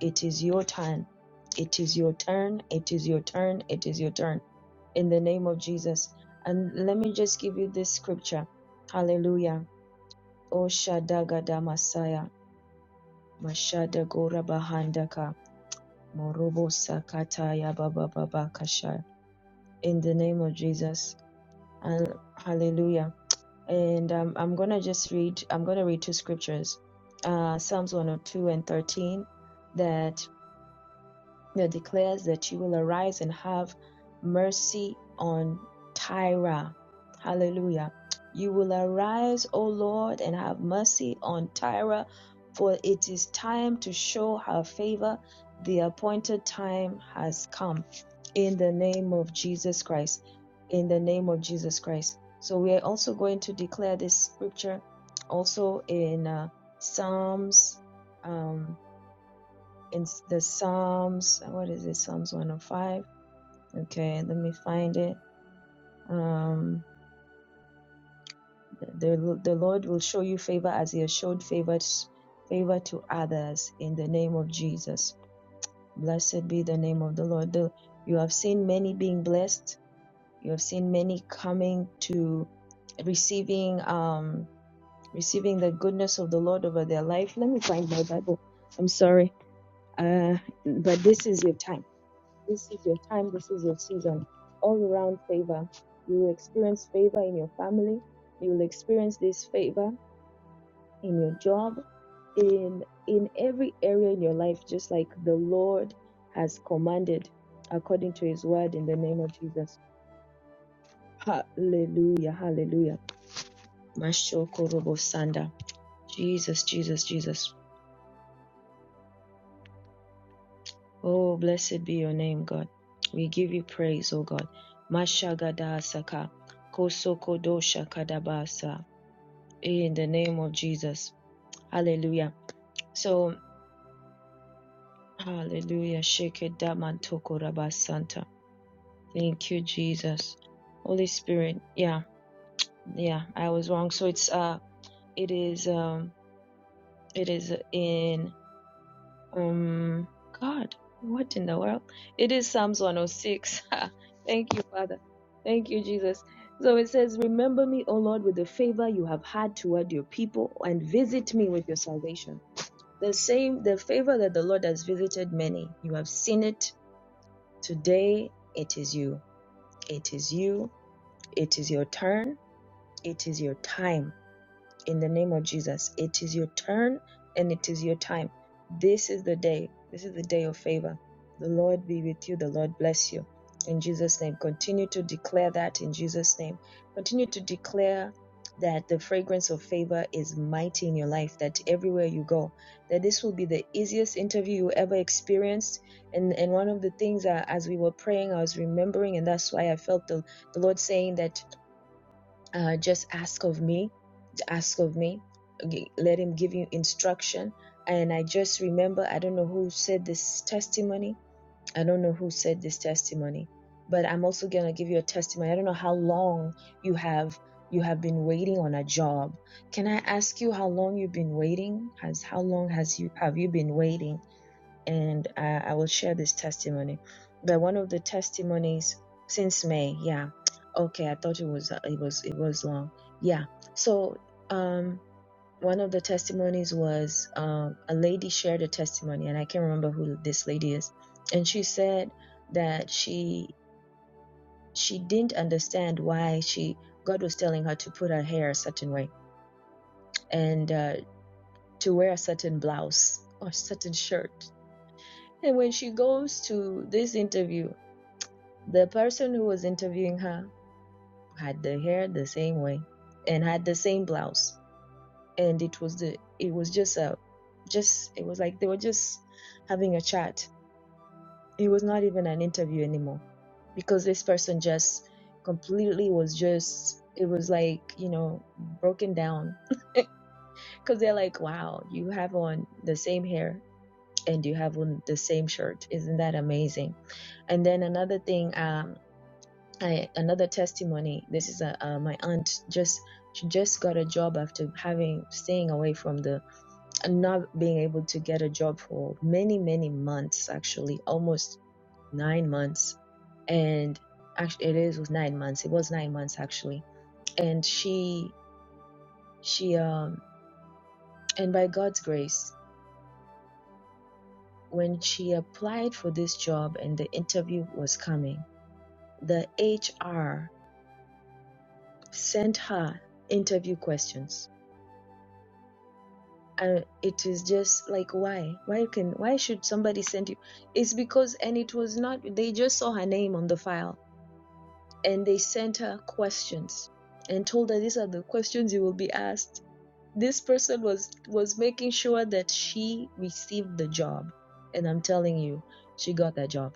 S11: It is your time. It is your turn. It is your turn. It is your turn. In the name of Jesus. And let me just give you this scripture. Hallelujah. O Shadagada Masaya. Mashada Gora Bahandaka. Morobo Sakataya Baba Baba Kasha. In the name of Jesus. And hallelujah. And um, I'm gonna just read I'm gonna read two scriptures. Uh Psalms 102 and 13 that that declares that you will arise and have mercy on Tyra. Hallelujah. You will arise, O Lord, and have mercy on Tyra, for it is time to show her favor. The appointed time has come. In the name of Jesus Christ. In the name of Jesus Christ. So we are also going to declare this scripture also in uh, Psalms. um, in the Psalms. uh, What is it? Psalms 105. Okay, let me find it. Um, the the Lord will show you favor as He has showed favor favor to others in the name of Jesus. Blessed be the name of the Lord. The- you have seen many being blessed. You have seen many coming to receiving um receiving the goodness of the Lord over their life. Let me find my Bible. I'm sorry, uh, but this is your time This is your time. This is your season. All around favor. You will experience favor in your family. You will experience this favor in your job, in in every area in your life, just like the Lord has commanded according to his word in the name of Jesus. Hallelujah. Hallelujah. Mashokorobo sanda. Jesus, Jesus, Jesus. Oh, blessed be your name, God. We give you praise, O God. Mashagada Mashagadasaka, kosokodosha kadabasa. In the name of Jesus. Hallelujah. So, hallelujah. Shekedamantoko rabasanta. Thank you, Jesus. Holy Spirit. Yeah, yeah, I was wrong. So it's, uh, it is, um, it is in Um, God, what in the world? It is Psalms 106. Ha! Thank you, Father. Thank you, Jesus. So it says, Remember me, O Lord, with the favor you have had toward your people, and visit me with your salvation. The same, the favor that the Lord has visited many. You have seen it today. It is you. It is you. It is your turn. It is your time in the name of Jesus. It is your turn and it is your time. This is the day. This is the day of favor. The Lord be with you. The Lord bless you. In Jesus' name, continue to declare that in Jesus' name. Continue to declare that the fragrance of favor is mighty in your life, that everywhere you go, that this will be the easiest interview you ever experienced. And, and one of the things uh, as we were praying, I was remembering, and that's why I felt the, the Lord saying that uh, just ask of me ask of me. G- Let him give you instruction. And I just remember, I don't know who said this testimony. I don't know who said this testimony, but I'm also going to give you a testimony. I don't know how long you have you have been waiting on a job. Can I ask you how long you've been waiting? Has how long has you have you been waiting? And uh, I will share this testimony. But one of the testimonies since May, yeah. Okay, I thought it was it was it was long. Yeah. So um one of the testimonies was um, a lady shared a testimony and i can't remember who this lady is and she said that she she didn't understand why she god was telling her to put her hair a certain way and uh, to wear a certain blouse or certain shirt and when she goes to this interview the person who was interviewing her had the hair the same way and had the same blouse and it was the it was just a just it was like they were just having a chat it was not even an interview anymore because this person just completely was just it was like you know broken down because they're like wow you have on the same hair and you have on the same shirt isn't that amazing and then another thing um I, another testimony this is a, uh, my aunt just she just got a job after having staying away from the not being able to get a job for many, many months, actually, almost nine months. And actually, it is was nine months. It was nine months actually. And she, she, um, and by God's grace, when she applied for this job and the interview was coming, the HR sent her interview questions. And it is just like why? Why can why should somebody send you? It's because and it was not they just saw her name on the file and they sent her questions and told her these are the questions you will be asked this person was was making sure that she received the job and i'm telling you she got that job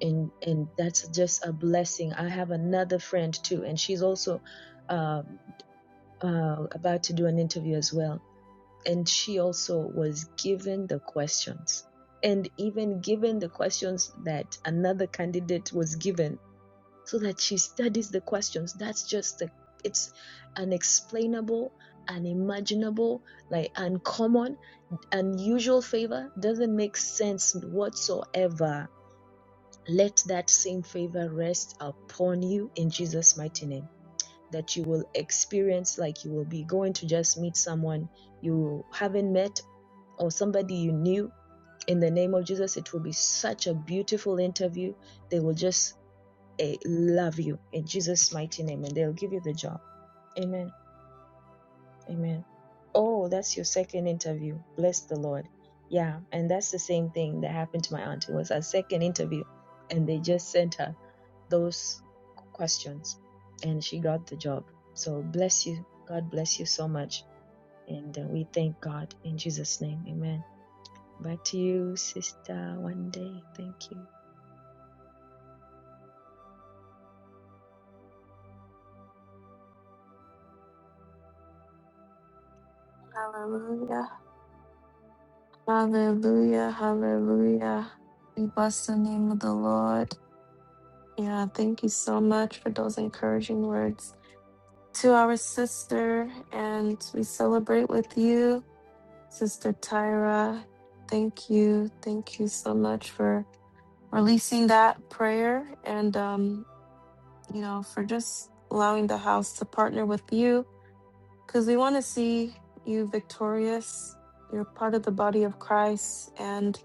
S11: and and that's just a blessing i have another friend too and she's also um, uh, about to do an interview as well and she also was given the questions and even given the questions that another candidate was given so that she studies the questions. That's just the it's unexplainable, unimaginable, like uncommon, unusual favor doesn't make sense whatsoever. Let that same favor rest upon you in Jesus' mighty name. That you will experience like you will be going to just meet someone you haven't met or somebody you knew in the name of Jesus. It will be such a beautiful interview. They will just eh, love you in Jesus' mighty name, and they'll give you the job. Amen. Amen. Oh, that's your second interview. Bless the Lord. Yeah, and that's the same thing that happened to my aunt. It was her second interview, and they just sent her those questions, and she got the job. So bless you. God bless you so much, and uh, we thank God in Jesus' name. Amen. Back to you, sister. One day. Thank you.
S1: Hallelujah. Hallelujah. Hallelujah. We bless the name of the Lord. Yeah, thank you so much for those encouraging words. To our sister, and we celebrate with you. Sister Tyra, thank you. Thank you so much for releasing that prayer and, um, you know, for just allowing the house to partner with you because we want to see you victorious. You're part of the body of Christ. And,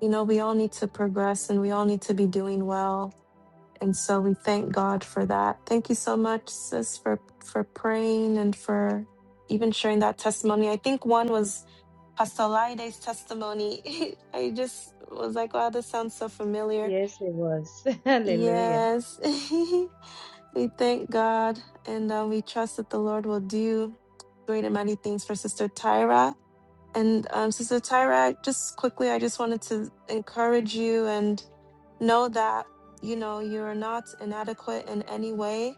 S1: you know, we all need to progress and we all need to be doing well. And so we thank God for that. Thank you so much, sis, for, for praying and for even sharing that testimony. I think one was Pastor Laide's testimony. I just was like, wow, this sounds so familiar.
S11: Yes, it was. Hallelujah.
S1: Yes. we thank God and uh, we trust that the Lord will do great and mighty things for Sister Tyra. And um, Sister Tyra, I- just quickly, I just wanted to encourage you and know that, you know, you are not inadequate in any way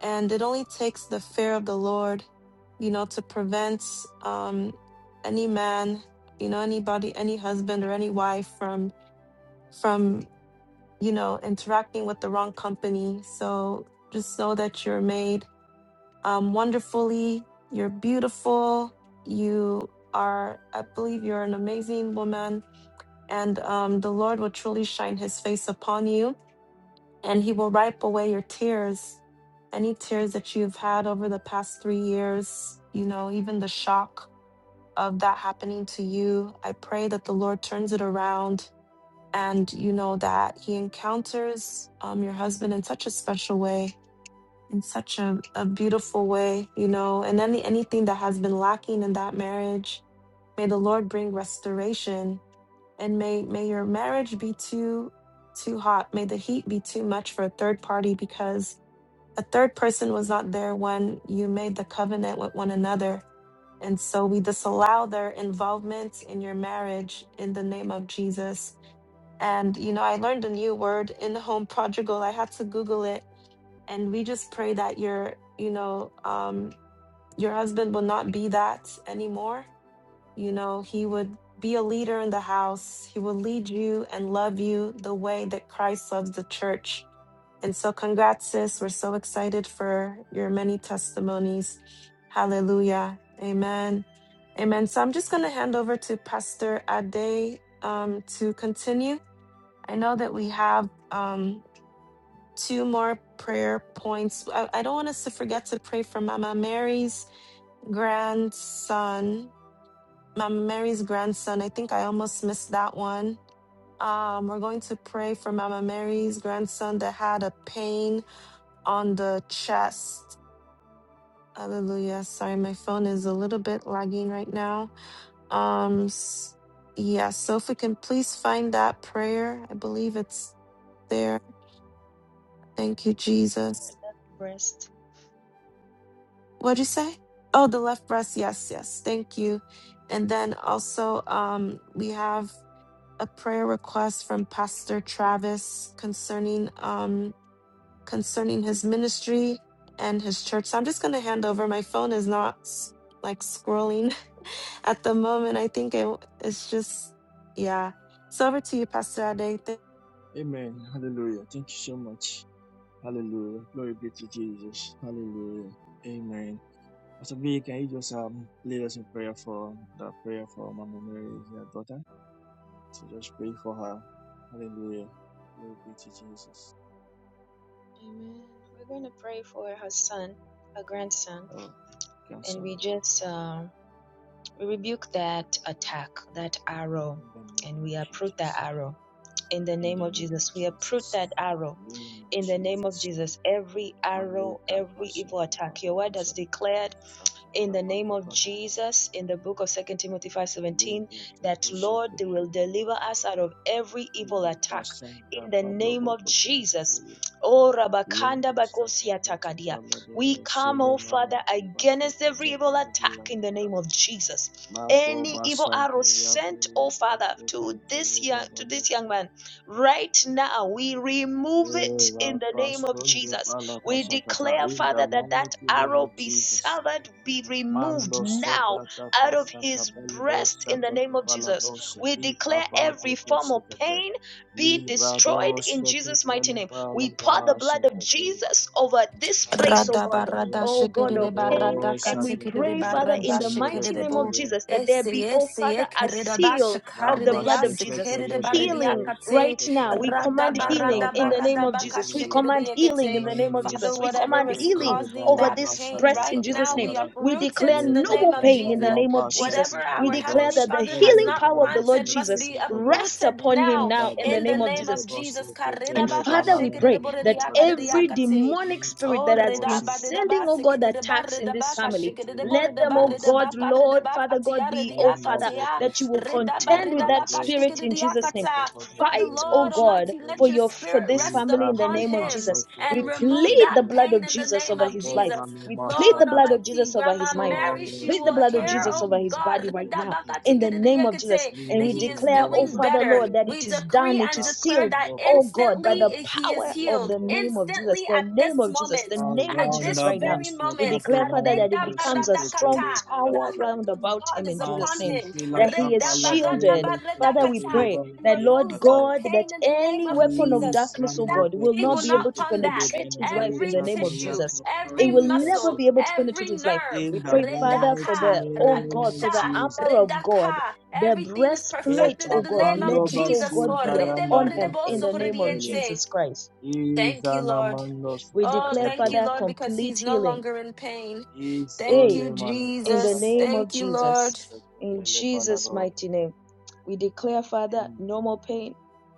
S1: and it only takes the fear of the Lord, you know, to prevent um, any man, you know, anybody, any husband or any wife from from you know interacting with the wrong company. So just know that you're made um, wonderfully. You're beautiful. You are, I believe, you're an amazing woman, and um, the Lord will truly shine His face upon you and he will wipe away your tears any tears that you've had over the past three years you know even the shock of that happening to you i pray that the lord turns it around and you know that he encounters um, your husband in such a special way in such a, a beautiful way you know and any anything that has been lacking in that marriage may the lord bring restoration and may may your marriage be too too hot may the heat be too much for a third party because a third person was not there when you made the covenant with one another. And so we disallow their involvement in your marriage in the name of Jesus. And, you know, I learned a new word in home prodigal. I had to Google it. And we just pray that your, you know, um, your husband will not be that anymore you know, he would be a leader in the house. He will lead you and love you the way that Christ loves the church. And so, congrats, sis. We're so excited for your many testimonies. Hallelujah. Amen. Amen. So, I'm just going to hand over to Pastor Ade um, to continue. I know that we have um, two more prayer points. I, I don't want us to forget to pray for Mama Mary's grandson Mama Mary's grandson. I think I almost missed that one. Um, we're going to pray for Mama Mary's grandson that had a pain on the chest. Hallelujah. Sorry, my phone is a little bit lagging right now. Um, s- yeah, so if we can please find that prayer, I believe it's there. Thank you, Jesus.
S11: Blessed.
S1: What'd you say? Oh, the left breast. Yes, yes. Thank you. And then also, um, we have a prayer request from Pastor Travis concerning um concerning his ministry and his church. So I'm just going to hand over. My phone is not s- like scrolling at the moment. I think it, it's just yeah. So over to you, Pastor Ade.
S11: Amen. We're going to pray for her son, her grandson, and we just uh, we rebuke that attack, that arrow, and we uproot that arrow in the name of Jesus. We uproot that arrow in the name of Jesus. Every arrow, every evil attack. Your word has declared in the name of Jesus in the book of Second Timothy 5:17 that Lord they will deliver us out of every evil attack in the name of Jesus. Oh Rabakanda Bakosi Atakadia. We come, oh Father, against every evil attack in the name of Jesus. Any evil arrow sent, oh Father, to this young to this young man, right now we remove it in the name of Jesus. We declare, Father, that that arrow be severed, be removed now out of his breast in the name of Jesus. We declare every form of pain be destroyed in Jesus' mighty name. We pour the blood of Jesus over this place, oh
S1: Rada
S11: God,
S1: barada
S11: oh God
S1: shikere
S11: of
S1: de
S11: pain.
S1: barada
S11: And we
S1: katikere de
S11: pray, Father, in
S1: barada
S11: the
S1: shikere
S11: mighty
S1: de
S11: name of
S1: bo.
S11: Jesus, that there
S1: Ese
S11: be, oh
S1: ese
S11: Father, a
S1: ekere de
S11: seal
S1: basha
S11: of
S1: kare
S11: the
S1: de
S11: blood
S1: ya
S11: of Jesus
S1: sekere de bare de ya
S11: healing
S1: kate.
S11: right now. We
S1: Rada
S11: command healing
S1: barada
S11: in the name
S1: barada
S11: of
S1: baka
S11: Jesus. We
S1: shikere de
S11: command healing in
S1: yekete.
S11: the name of
S1: Father,
S11: Jesus. We
S1: whatever
S11: command
S1: is
S11: healing
S1: causing
S11: over
S1: that
S11: this
S1: pain
S11: breast in
S1: right
S11: Jesus'
S1: now,
S11: name.
S1: we
S11: We
S1: uproot it
S11: declare
S1: in the
S11: no
S1: name
S11: more
S1: of
S11: pain in the
S1: Jesus.
S11: name of Jesus.
S1: Whatever
S11: We
S1: our
S11: declare
S1: Heavenly
S11: that the
S1: Father has
S11: healing
S1: not
S11: power of the Lord
S1: planted must
S11: Jesus
S1: be
S11: rest
S1: uprooted
S11: upon him
S1: now
S11: now in the
S1: in the
S11: name of
S1: name
S11: Jesus.
S1: of Jesus. Karida
S11: And
S1: baka
S11: Father, we
S1: shikere de
S11: pray
S1: bore de
S11: that
S1: ya kare de ya
S11: every
S1: kate.
S11: demonic spirit
S1: Oh,
S11: that has
S1: reda
S11: been
S1: ba reda
S11: sending,
S1: ba
S11: oh God,
S1: sikede de de ba
S11: attacks in
S1: reda
S11: this
S1: ba ka
S11: family,
S1: shikede de de bo
S11: let
S1: reda
S11: them,
S1: ba
S11: oh
S1: reda
S11: God,
S1: ba ka reda
S11: Lord,
S1: ba ka
S11: Father God,
S1: tia
S11: be,
S1: reda
S11: oh
S1: ya ka
S11: Father,
S1: tia
S11: that you will
S1: reda ba
S11: contend with
S1: reda ba
S11: that
S1: ka shikede
S11: spirit
S1: de
S11: in
S1: de ya ka
S11: Jesus' name.
S1: ta. Father
S11: Fight, oh
S1: Lord
S11: God,
S1: Almighty,
S11: for
S1: let your
S11: your for
S1: spirit
S11: this
S1: rest
S11: family in the
S1: upon
S11: name of
S1: him
S11: Jesus. We
S1: and remove
S11: plead
S1: that
S11: the blood
S1: pain
S11: of
S1: in the
S11: Jesus
S1: name
S11: over
S1: of
S11: his life.
S1: Jesus.
S11: We plead the
S1: Lord
S11: blood of
S1: Almighty,
S11: Jesus over
S1: Grandma
S11: his mind.
S1: Mary,
S11: We
S1: she
S11: plead the
S1: will
S11: blood of
S1: hear,
S11: Jesus
S1: oh
S11: over his
S1: God,
S11: body right
S1: reda
S11: now
S1: ba ka
S11: in the
S1: tikede de de
S11: name
S1: ya ka
S11: of Jesus.
S1: te
S11: And
S1: that
S11: we
S1: he is
S11: declare, oh
S1: doing
S11: Father,
S1: better.
S11: Lord, that it
S1: We
S11: is
S1: decree
S11: done, it
S1: and
S11: is
S1: declare
S11: sealed
S1: that
S11: Oh God, by
S1: instantly
S11: the
S1: he is
S11: power of
S1: healed.
S11: the name of Jesus,
S1: Instantly
S11: the
S1: at this
S11: name of Jesus, the
S1: moment,
S11: name of
S1: at
S11: Jesus
S1: this
S11: right now,
S1: very
S11: we
S1: moment.
S11: declare, Father, that
S1: Kareda
S11: it becomes a strong
S1: baradakata. The
S11: tower
S1: hand
S11: round
S1: of
S11: about him
S1: God is
S11: in Jesus'
S1: upon
S11: name.
S1: him.
S11: That he is
S1: Reda barada
S11: shielded. Father, we
S1: baradakata,
S11: pray
S1: And
S11: that, Lord
S1: removes that
S11: God, that
S1: pain in the name
S11: any
S1: of
S11: weapon of
S1: Jesus.
S11: darkness,
S1: And
S11: oh
S1: that
S11: God, will
S1: pain
S11: not
S1: will
S11: be
S1: not
S11: able to
S1: come back
S11: penetrate his life in
S1: every
S11: the name of
S1: tissue,
S11: Jesus. It
S1: every
S11: will never
S1: muscle,
S11: be able to penetrate
S1: every
S11: his life.
S1: nerve.
S11: We pray, Father, for
S1: Redaka,
S11: the, oh God, for
S1: radasha,
S11: the armor of God
S1: redaka.
S11: the
S1: Everything is
S11: breastplate,
S1: perfected
S11: oh
S1: in the
S11: God,
S1: name of
S11: let it, oh
S1: Jesus,
S11: God,
S1: Lord.
S11: be
S1: Redebo,
S11: upon him
S1: redebo,
S11: in the name of
S1: socorriente.
S11: Jesus Christ.
S1: Thank you, Lord.
S11: We
S1: Oh,
S11: declare,
S1: thank you,
S11: Father,
S1: Lord, because
S11: complete
S1: he's no
S11: healing.
S1: longer in pain. Thank
S11: Hey,
S1: you,
S11: in the
S1: Jesus.
S11: name of
S1: Thank you,
S11: Jesus.
S1: Lord.
S11: In Jesus' mighty name, we declare, Father, no more pain.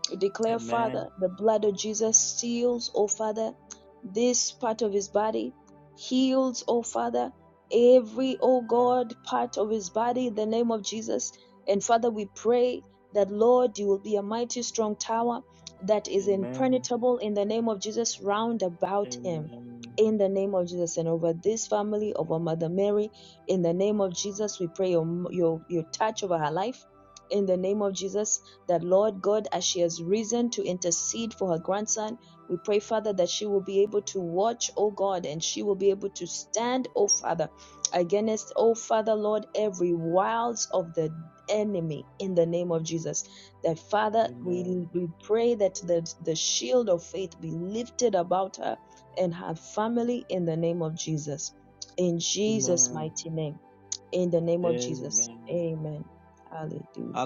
S11: We declare, Father, the blood of Jesus seals, oh Father, this part of his body, heals, oh Father, every, oh God, part of his body in the name of Jesus. And Father, we pray that, Lord, you will be a mighty strong tower that is impenetrable in the name of Jesus round about him. In the name of Jesus and over this family, over Mother Mary in the name of Jesus, we pray your, your, your touch over her life. In the name of Jesus, that Lord God, as she has risen to intercede for her grandson, we pray, Father, that she will be able to watch, oh God, and she will be able to stand, oh Father, against, oh Father, Lord, every wiles of the enemy in the name of Jesus. That Father, we, we pray that the, the shield of faith be lifted about her and her family in the name of Jesus in Jesus' mighty name. In the name of Jesus. Amen. Hallelujah.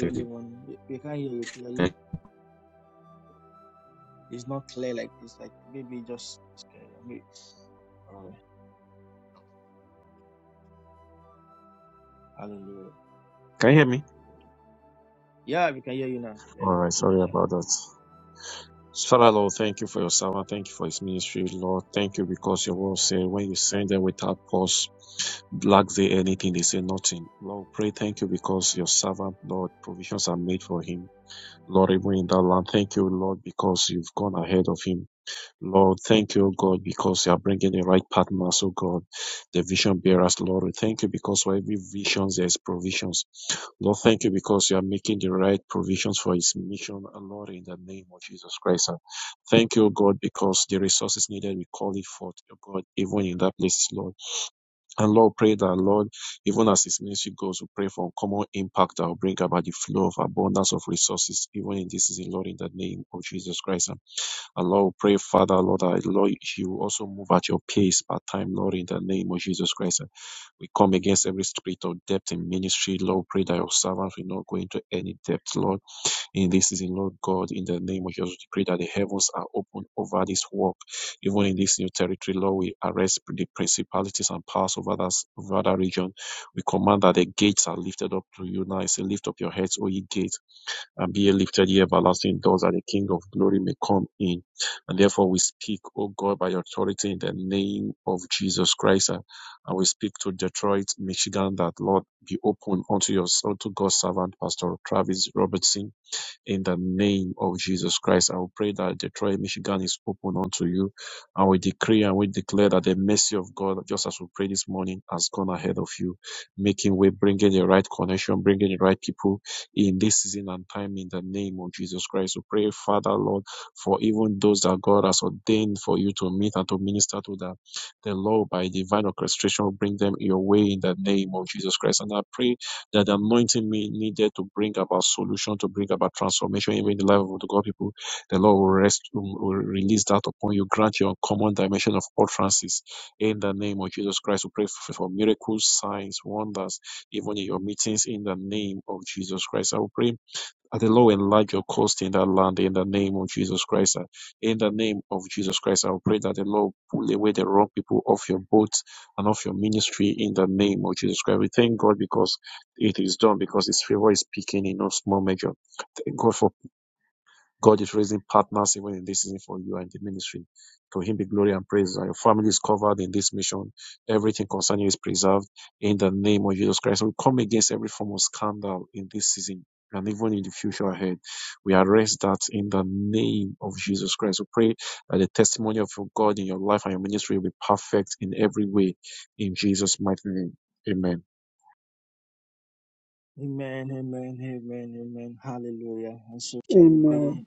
S7: Thank you. Can you hear me? All right, sorry about that. Father, Lord, thank you for your servant. Thank you for his ministry, Lord. Thank you because your word said when you send them without pause, lack they anything, they say nothing. Lord, pray thank you because your servant, Lord, provisions are made for him. Lord, even in that land, thank you, Lord, because you've gone ahead of him. Lord, thank you, O God, because you are bringing the right partners, O God, the vision bearers, Lord. We thank you because for every vision there is provisions. Lord, thank you because you are making the right provisions for his mission, uh, Lord, in the name of Jesus Christ. And Thank you, O God, because the resources needed, we call it forth, O God, even in that place, Lord. And Lord, pray that, Lord, even as his ministry goes, we pray for common impact that will bring about the flow of abundance of resources, even in this season, Lord, in the name of Jesus Christ. Lord, pray, Father, Lord, I, Lord, you also move at your pace by time, Lord, in the name of Jesus Christ. We come against every spirit of depth in ministry, Lord. Pray that your servants will not go into any depth, Lord, in this season, Lord God, in the name of Jesus. Pray that the heavens are open over this work, even in this new territory, Lord. We arrest the principalities and powers over that, over that region. We command that the gates are lifted up to you now. I say, lift up your heads, O ye gates and be lifted ye everlasting doors that the King of glory may come in. And therefore we speak, O God, by authority in the name of Jesus Christ. uh, And we speak to Detroit, Michigan, that Lord be open unto your unto God's servant, Pastor Travis Robertson in the name of Jesus Christ. I will pray that Detroit, Michigan is open unto you. And we decree and we declare that the mercy of God, just as we pray this morning, has gone ahead of you, making way, bringing the right connection, bringing the right people in this season and time in the name of Jesus Christ. We pray, Father, Lord, for even those that God has ordained for you to meet and to minister to them. The Lord, by divine orchestration, will bring them your way in the name of Jesus Christ. And I pray that the anointing me needed to bring about solution, to bring about transformation even in the life of the God people. The Lord will rest, um, will release that upon you. Grant you common dimension of utterances in the name of Jesus Christ. We pray for, for miracles, signs, wonders, even in your meetings in the name of Jesus Christ. I will pray at the low and larger cost in that land in the name of Jesus Christ. uh, In the name of Jesus Christ, I will pray that the Lord pull away the wrong people off your boat and off your ministry in the name of Jesus Christ. We thank God because it is done, because His favor is speaking in no small measure. Thank God for God is raising partners even in this season for you and the ministry. To him be glory and praise. Your family is covered in this mission. Everything concerning you is preserved in the name of Jesus Christ. We come against every form of scandal in this season and even in the future ahead. We arrest that in the name of Jesus Christ. We pray that the testimony of your God in your life and your ministry will be perfect in every way in Jesus' mighty name. Amen.
S12: amen.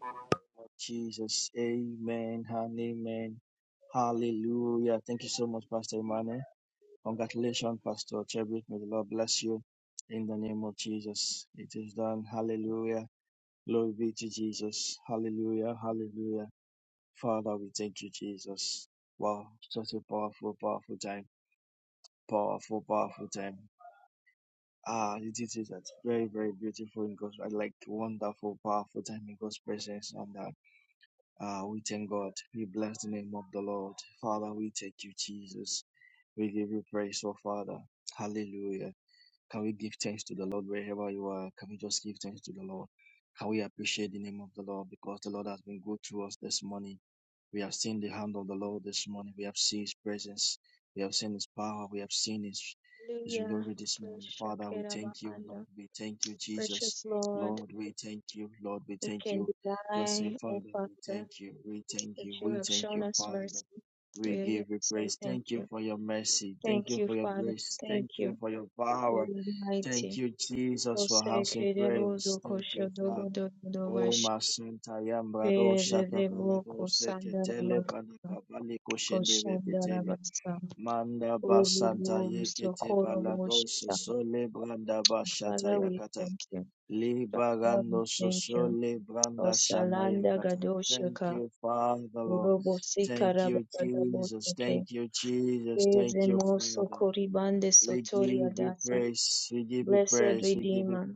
S11: Hallelujah. Praise Shakira Bahanda. Precious Lord, who can deny, O Father, that you have shown us mercy. We are here to say thank you. Thank you, Father. Thank you. You are mighty. Koshandarabasa. Urubu, Sokoro, Woshita. Father, we thank you. Father, we thank you. Osalanda Gadoshaka, Urobo Sikarabadaboshake, Ezemo Sokoribande Sotori Adasa. Blessed Redeemer,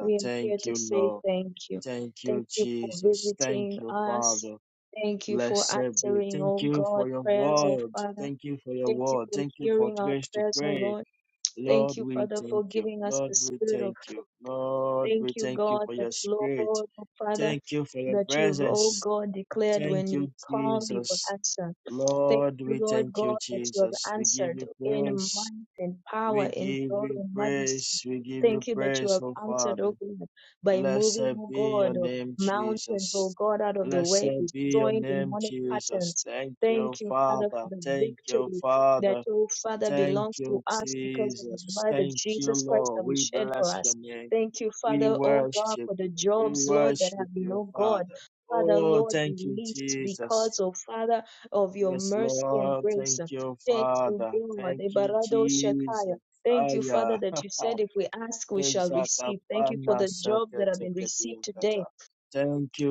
S11: we are here to say thank you. Thank you for visiting us. Thank you for answering, oh God, prayers, oh Father. Thank you for hearing our prayers, oh Lord. Thank you, Father, for giving us the spirit of faith. Thank you, God, that Lord, oh Father, that you, oh God, declared when you called, you will answer. Thank you, Lord God, that you have answered in might and power, in glory and majesty. Thank you that you have answered, oh God, by moving, oh God, of mountains, oh God, out of the way, destroying demonic patterns. Thank you, Father, for the victory that, oh Father, belongs to us because of the blood of Jesus Christ that was shed for us. Thank you, Father, oh God, for the jobs, Lord, that have been, oh God, Father, Lord, released because, oh Father, of your mercy and grace. Thank you, God. Ebarado Shakaya. Thank you, Father, that you said if we ask, we shall receive. Thank you for the jobs that have been received today.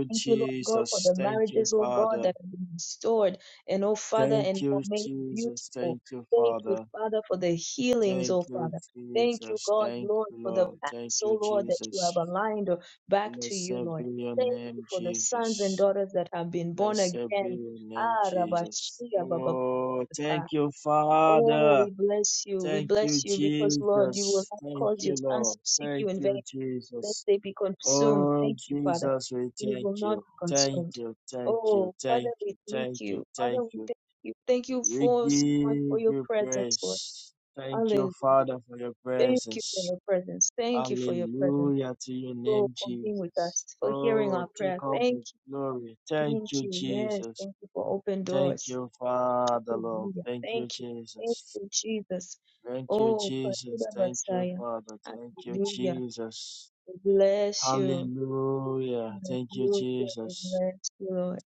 S11: Thank you, Lord God, for the marriages, oh God, that have been restored and, oh Father, and are made beautiful. Thank you, Father, for the healings, oh Father. Thank you, God, Lord, for the paths, oh Lord, that you have aligned uh, back to you, Lord. Thank you for the sons and daughters that have been born again. Ah, Rabashia Bababata. Oh, you. We bless you because, Lord, you will not cause your sons to seek you in vain, lest they be consumed. Thank you, Father we will not be consumed. Oh, Father, we thank you. Father, we thank you. Thank you for so much for your presence, Lord. Hallelujah. Thank you for your presence. Thank you for your presence. Oh, for being with us, for hearing our prayer. Thank you. Thank you. Yes. Thank you for open doors. Hallelujah. Thank you. Thank you, Jesus. Oh, Father Messiah. Hallelujah. We bless you. Hallelujah. We bless you, Lord.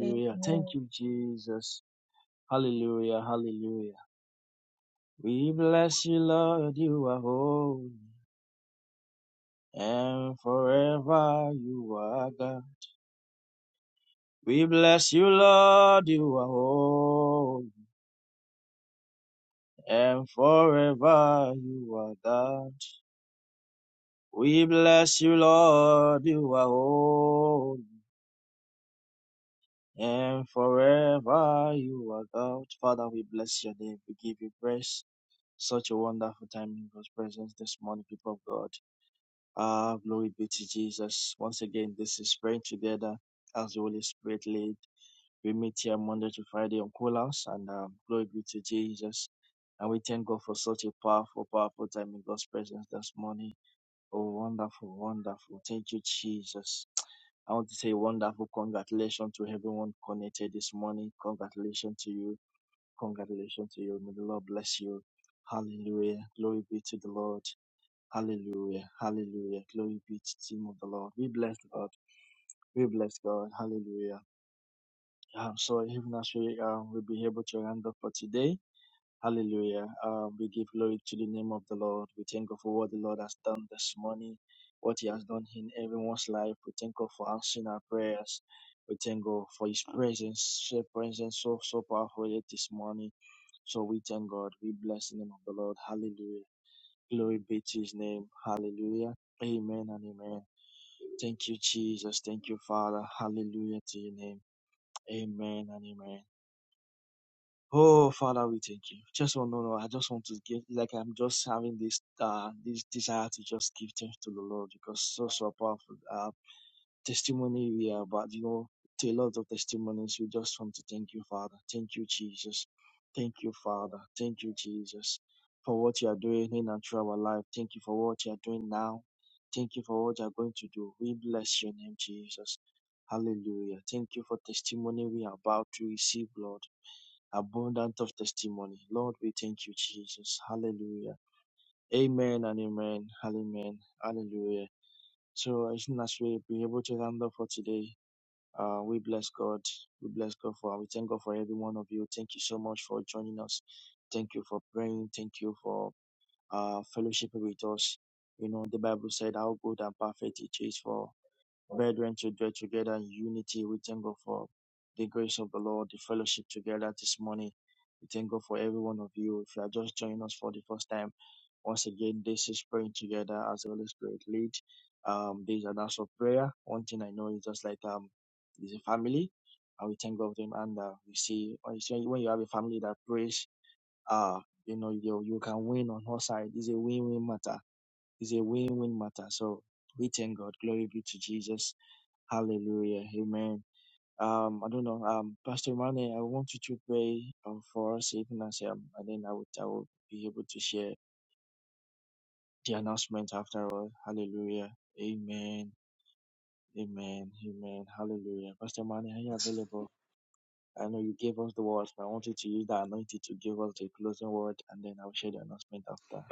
S11: Amen.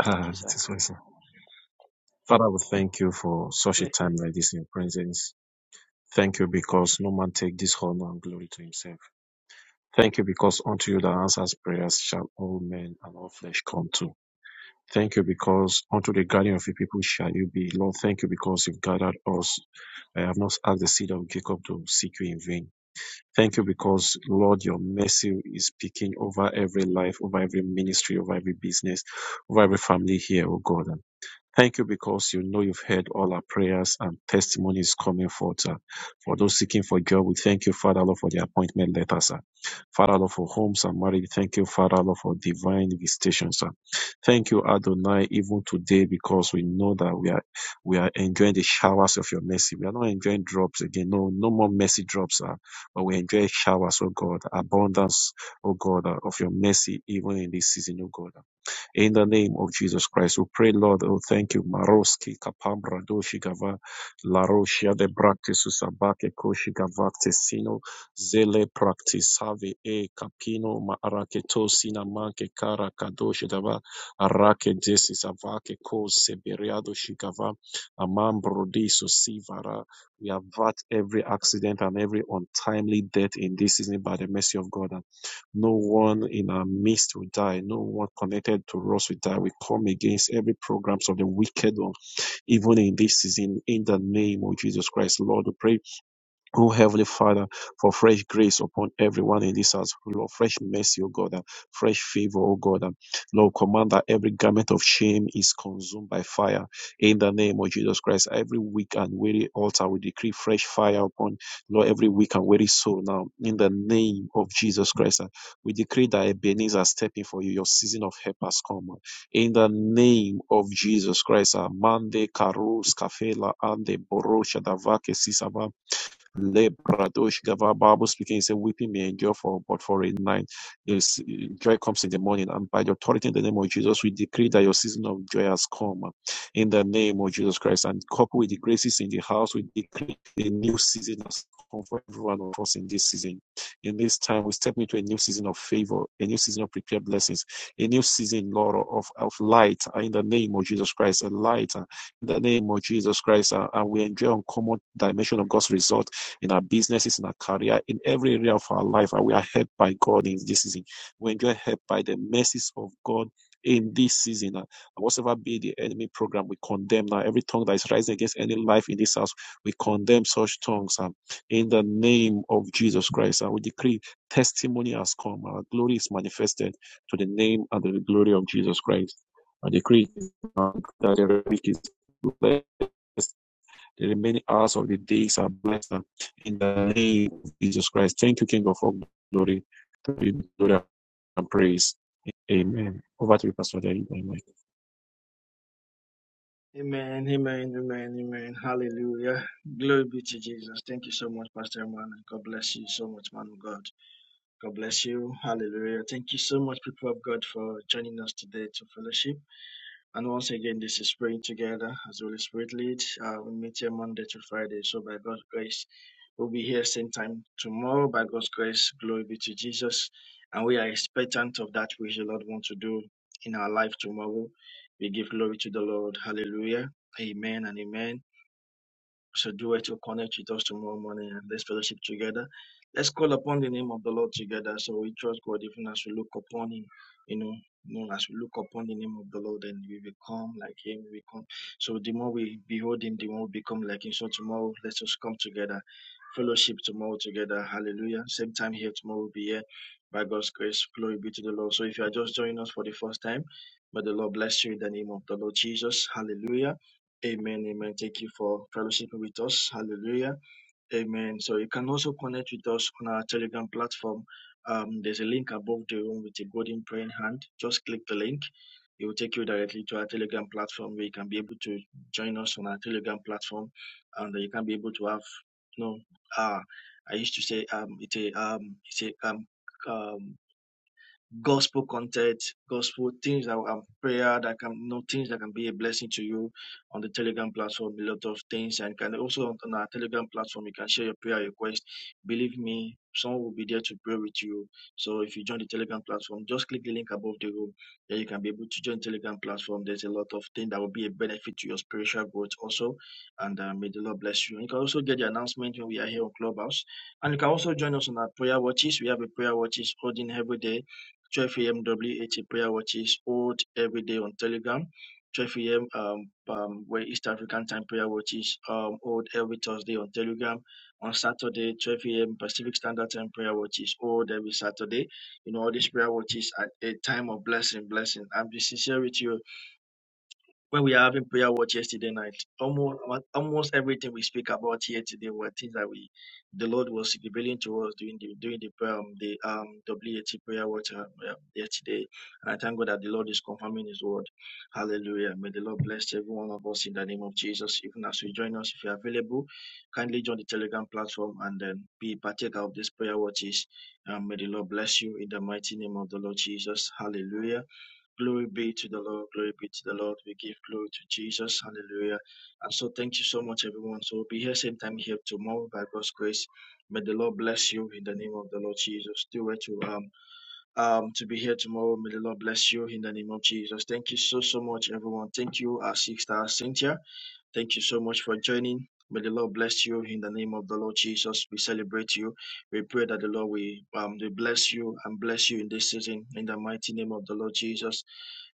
S7: Ah, it is well Father, we thank you for such a time like this in your presence. Thank you because no man take this honor and glory to himself. Thank you because unto you that answers prayers shall all men and all flesh come to. Thank you because unto the guardian of your people shall you be. Lord, thank you because you've gathered us. I have not asked the seed of Jacob to seek you in vain. Thank you because, Lord, your mercy is speaking over every life, over every ministry, over every business, over every family here, oh God. Thank you because you know you've heard all our prayers and testimonies coming forth. uh, For those seeking for job, we thank you, Father Lord, for the appointment letters. uh. Father Lord, for homes and marriage, thank you, Father Lord, for divine visitations. uh. Thank you, Adonai, even today because we know that we are we are enjoying the showers of your mercy. We are not enjoying drops again. No, no more mercy drops, uh, but we enjoy showers, oh God, abundance, oh God, uh, of your mercy even in this season, oh God. In the name of Jesus Christ, we pray, Lord, oh, thank you. Maroski, Kapambra, Doshigava, Laroshia, de Bractis, Usabake, Koshigavakte, Zele, Practis, Have, E, Capino, Maraketo, Sinamanke, Kara, Kadoshidava, Arake, Desis, Avake, Ko, Seberiado, Shigava, Amambro, Diso, Sivara. We avert every accident and every untimely death in this season by the mercy of God. And no one in our midst will die. No one connected to us will die. We come against every programs of the wicked one, even in this season, in the name of Jesus Christ. Lord, we pray O Heavenly Father, for fresh grace upon everyone in this house, Lord, fresh mercy, O God, and fresh favor, O God. and Lord, command that every garment of shame is consumed by fire. In the name of Jesus Christ, every weak and weary altar, we decree fresh fire upon, Lord, every weak and weary soul now. In the name of Jesus Christ, and we decree that Ebenezer stepping for you, your season of help has come. uh. In the name of Jesus Christ, and Mande Karus Kafela Ande Borosha Davake Sisaba Lebradosh Gava Bible speaking, he said, Weeping may endure for but for a night. Yes, joy comes in the morning. And by the authority in the name of Jesus, we decree that your season of joy has come uh, in the name of Jesus Christ. And coupled with the graces in the house, we decree a new season has come for everyone of us in this season. In this time, we step into a new season of favor, a new season of prepared blessings, a new season, Lord, of, of light uh, in the name of Jesus Christ, a light uh, in the name of Jesus Christ. uh, and we enjoy uncommon dimension of God's resources in our businesses, in our career, in every area of our life. And we are helped by God in this season. We enjoy help by the mercies of God in this season. And whatsoever be the enemy program, we condemn now every tongue that is rising against any life in this house. We condemn such tongues and in the name of Jesus Christ. And we decree testimony has come. Our glory is manifested to the name and the glory of Jesus Christ. I decree uh, that the week is blessed the remaining hours of the days are blessed in the name of Jesus Christ. Thank you, King of all glory. To be glory and praise. Amen. Over to you, Pastor David. Amen.
S9: to the Lord. Hallelujah. Amen and amen. So do it to connect with us tomorrow morning and let's fellowship together. Let's call upon the name of the Lord together. So we trust God even as we look upon Him, you know, you know, as we look upon the name of the Lord and we become like Him, we become. So the more we behold Him, the more we become like Him. So tomorrow, let's just come together, fellowship tomorrow together. Hallelujah. Same time here tomorrow, we'll be here by God's grace. Glory be to the Lord. So if you are just joining us for the first time, may the Lord bless you in the name of the Lord Jesus. Hallelujah. Amen, amen. Thank you for fellowshipping with us. Hallelujah. Amen. So you can also connect with us on our Telegram platform. Um, there's a link above the room with a golden praying hand. Just click the link. It will take you directly to our Telegram platform where you can be able to join us on our Telegram platform and you can be able to have, you know, uh, I used to say, um, it's a, um, it's a, um, um, gospel content, gospel things that are prayer that can you know things that can be a blessing to you on the Telegram platform, a lot of things, and can also on our Telegram platform you can share your prayer request. Believe me, someone will be there to pray with you. So if you join the Telegram platform, just click the link above the room. Then you can be able to join Telegram platform. There's a lot of things that will be a benefit to your spiritual growth also, and uh, may the Lord bless you. You can also get the announcement when we are here on Clubhouse, and you can also join us on our prayer watches. We have a prayer watches holding every day 12 a.m. WAT prayer watch is old every day on Telegram. 12 a.m. Um, um, where East African time prayer watch is um, old every Thursday on Telegram. On Saturday, 12 a.m. Pacific Standard Time prayer watch is old every Saturday. You know, all these prayer watches at a time of blessing, blessing. I'm be sincere with you when we are having prayer watch yesterday night, almost almost everything we speak about here today were things that we the Lord was revealing to us during the during the prayer um, the um WAT prayer watch uh, uh, yesterday. And I thank God that the Lord is confirming His word. Hallelujah! May the Lord bless every one of us in the name of Jesus. Even as you join us, if you're available, kindly join the Telegram platform and then be partaker of this prayer watches. Um, may the Lord bless you in the mighty name of the Lord Jesus. Hallelujah. Glory be to the Lord. Glory be to the Lord. We give glory to Jesus. Hallelujah. And so thank you so much, everyone. So we'll be here same time here tomorrow by God's grace. May the Lord bless you in the name of the Lord Jesus. Do it to um um to be here tomorrow. May the Lord bless you in the name of Jesus. Thank you so so much, everyone. Thank you, our six star Cynthia. Thank you so much for joining. May the Lord bless you in the name of the Lord Jesus. We celebrate you. We pray that the Lord will, um, will bless you and bless you in this season in the mighty name of the Lord Jesus.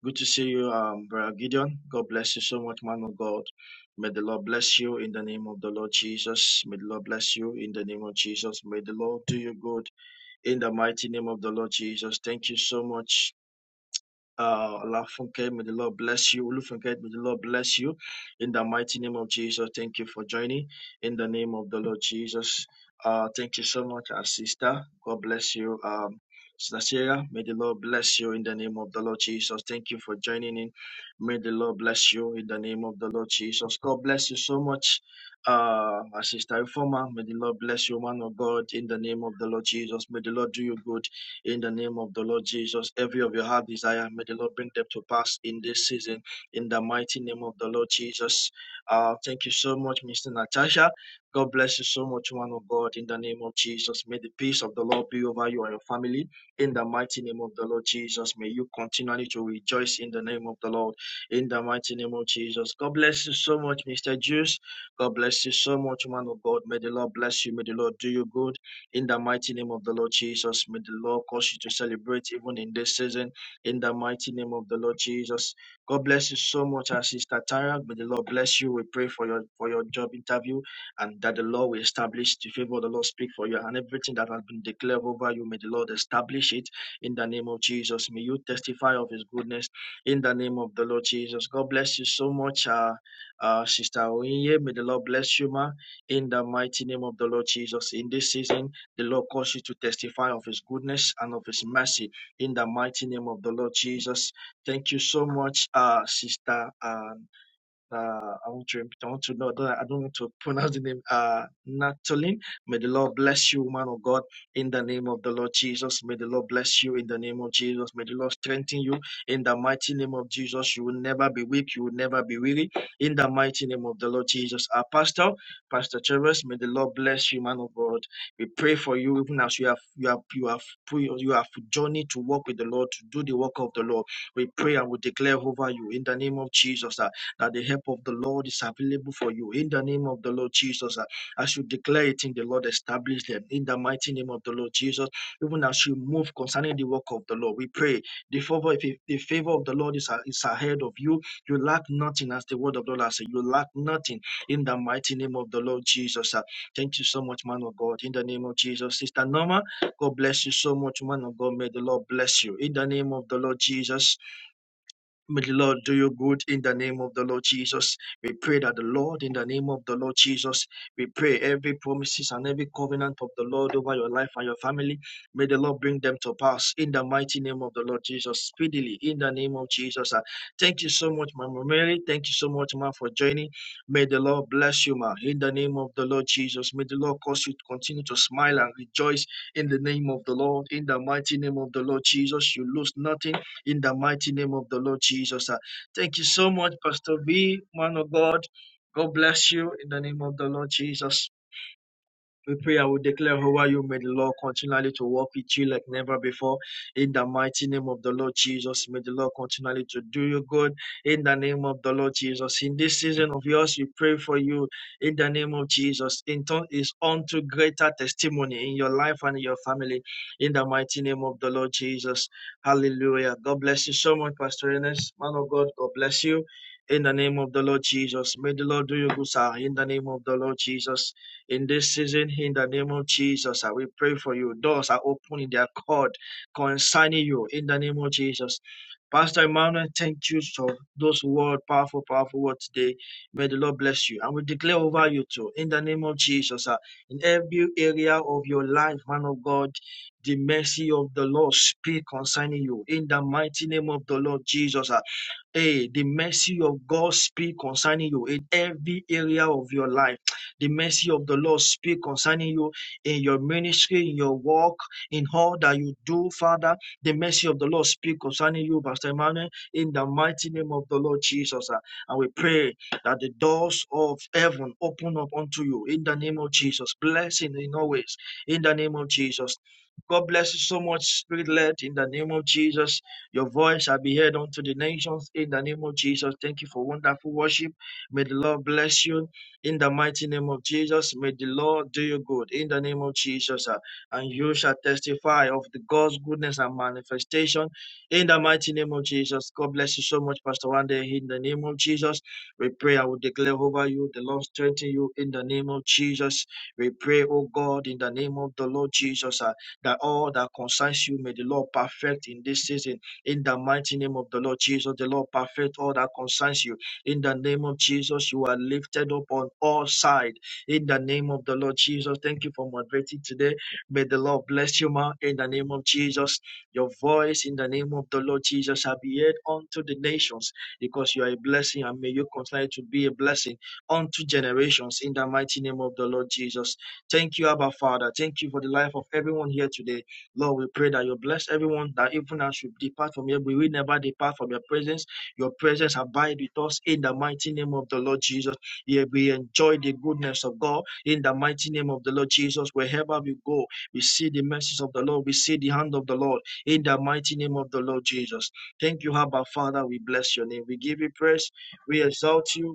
S9: Good to see you, um, Brother Gideon. God bless you so much, man of God. May the Lord bless you in the name of the Lord Jesus. May the Lord bless you in the name of Jesus. May the Lord do you good in the mighty name of the Lord Jesus. Thank you so much. Uh, Lafunke, may the Lord bless you. Olufunke, may the Lord bless you. In the mighty name of Jesus, thank you for joining. In the name of the Lord Jesus, uh, thank you so much, our sister. God bless you. Um, Sister Sarah, may the Lord bless you in the name of the Lord Jesus. Thank you for joining in. May the Lord bless you in the name of the Lord Jesus. God bless you so much, uh, our sister Reformer. May the Lord bless you, man of God, in the name of the Lord Jesus. May the Lord do you good in the name of the Lord Jesus. Every of your heart desire, may the Lord bring them to pass in this season in the mighty name of the Lord Jesus. Uh, thank you so much, Mr. Natasha. God bless you so much, one of God, in the name of Jesus. May the peace of the Lord be over you and your family in the mighty name of the Lord Jesus. May you continually to rejoice in the name of the Lord in the mighty name of Jesus. God bless you so much, Mr. Juice. God bless you so much, man of God. May the Lord bless you. May the Lord do you good. In the mighty name of the Lord Jesus, may the Lord cause you to celebrate even in this season. In the mighty name of the Lord Jesus. God bless you so much, our sister Tara. May the Lord bless you. We pray for your for your job interview and that the Lord will establish the favor of the Lord speak for you and everything that has been declared over you. May the Lord establish it in the name of Jesus. May you testify of his goodness in the name of the Lord Jesus. God bless you so much, uh, uh, Sister Oyinye. May the Lord bless you, ma, in the mighty name of the Lord Jesus. In this season, the Lord calls you to testify of his goodness and of his mercy in the mighty name of the Lord Jesus. Thank you so much, uh, Sister. uh, uh, I want to I want to know that I don't want to pronounce the name uh Natalie. May the Lord bless you, man of God, in the name of the Lord Jesus. May the Lord bless you in the name of Jesus. May the Lord strengthen you in the mighty name of Jesus. You will never be weak, you will never be weary in the mighty name of the Lord Jesus. Our pastor, Pastor Travis, may the Lord bless you, man of God. We pray for you even as you have you have you have pre- you have journeyed to walk with the Lord, to do the work of the Lord. We pray and we declare over you in the name of Jesus. uh, that the help of the Lord is available for you in the name of the Lord Jesus. Uh, As you declare it in the Lord, establish them in the mighty name of the Lord Jesus. Even as you move concerning the work of the Lord, we pray the favor, if the favor of the Lord is, uh, is ahead of you. You lack nothing, as the word of the Lord says. You lack nothing in the mighty name of the Lord Jesus. Uh, Thank you so much, man of God, in the name of Jesus. Sister Norma, God bless you so much, man of God. May the Lord bless you in the name of the Lord Jesus. May the Lord do you good in the name of the Lord Jesus. We pray that the Lord, in the name of the Lord Jesus, we pray every promises and every covenant of the Lord over your life and your family. May the Lord bring them to pass in the mighty name of the Lord Jesus, speedily in the name of Jesus. Ah, Thank you so much, Mama Mary. Thank you so much, Ma, for joining. May the Lord bless you, Ma, in the name of the Lord Jesus. May the Lord cause you to continue to smile and rejoice in the name of the Lord, in the mighty name of the Lord Jesus. You lose nothing in the mighty name of the Lord Jesus. ah. Thank you so much, Pastor B, man of God. God bless you in the name of the Lord Jesus. We pray, I will declare over you. May the Lord continually to walk with you like never before. In the mighty name of the Lord Jesus, may the Lord continually to do you good. In the name of the Lord Jesus, in this season of yours, we pray for you. In the name of Jesus, in turn is unto greater testimony in your life and in your family. In the mighty name of the Lord Jesus, Hallelujah. God bless you so much, Pastor Ernest. Man of God, God bless you. In the name of the Lord Jesus, may the Lord do you good, sir. In the name of the Lord Jesus in this season in the name of Jesus. I will pray for you. Doors are open in their court concerning you in the name of Jesus. Pastor Emmanuel, thank you for those words, powerful, powerful words today. May the Lord bless you. And we declare over you too in the name of Jesus. ah, In every area of your life, man of God, the mercy of the Lord speak concerning you in the mighty name of the Lord Jesus. uh, Hey, the mercy of God speak concerning you in every area of your life. The mercy of the Lord speak concerning you in your ministry, in your work, in all that you do, Father. The mercy of the Lord speak concerning you, Pastor Emmanuel, in the mighty name of the Lord Jesus. ah. And we pray that the doors of heaven open up unto you in the name of Jesus. Blessing in always in the name of Jesus. God bless you so much, Spirit led, in the name of Jesus. Your voice shall be heard unto the nations in the name of Jesus. Thank you for wonderful worship. May the Lord bless you in the mighty name of Jesus. May the Lord do you good in the name of Jesus. ah, And you shall testify of the God's goodness and manifestation in the mighty name of Jesus. God bless you so much, Pastor Wande. In the name of Jesus, we pray. I will declare over you. The Lord strengthen you in the name of Jesus. We pray, oh God, in the name of the Lord Jesus, ah, that all that concerns you may the Lord perfect in this season in the mighty name of the Lord Jesus, the Lord perfect all that concerns you. In the name of Jesus, you are lifted up on all sides. In the name of the Lord Jesus, thank you for moderating today. May the Lord bless you, ma. In the name of Jesus, your voice in the name of the Lord Jesus shall be heard unto the nations because you are a blessing and may you continue to be a blessing unto generations in the mighty name of the Lord Jesus. Thank you, Abba Father. Thank you for the life of everyone here today. Lord, we pray that you bless everyone that even as we depart from here, we will never depart from your presence. Your presence abide with us in the mighty name of the Lord Jesus. Yeah, we enjoy the goodness of God in the mighty name of the Lord Jesus. Wherever we go, we see the mercies of the Lord. We see the hand of the Lord in the mighty name of the Lord Jesus. Thank you, Abba Father. We bless your name. We give you praise. We exalt you.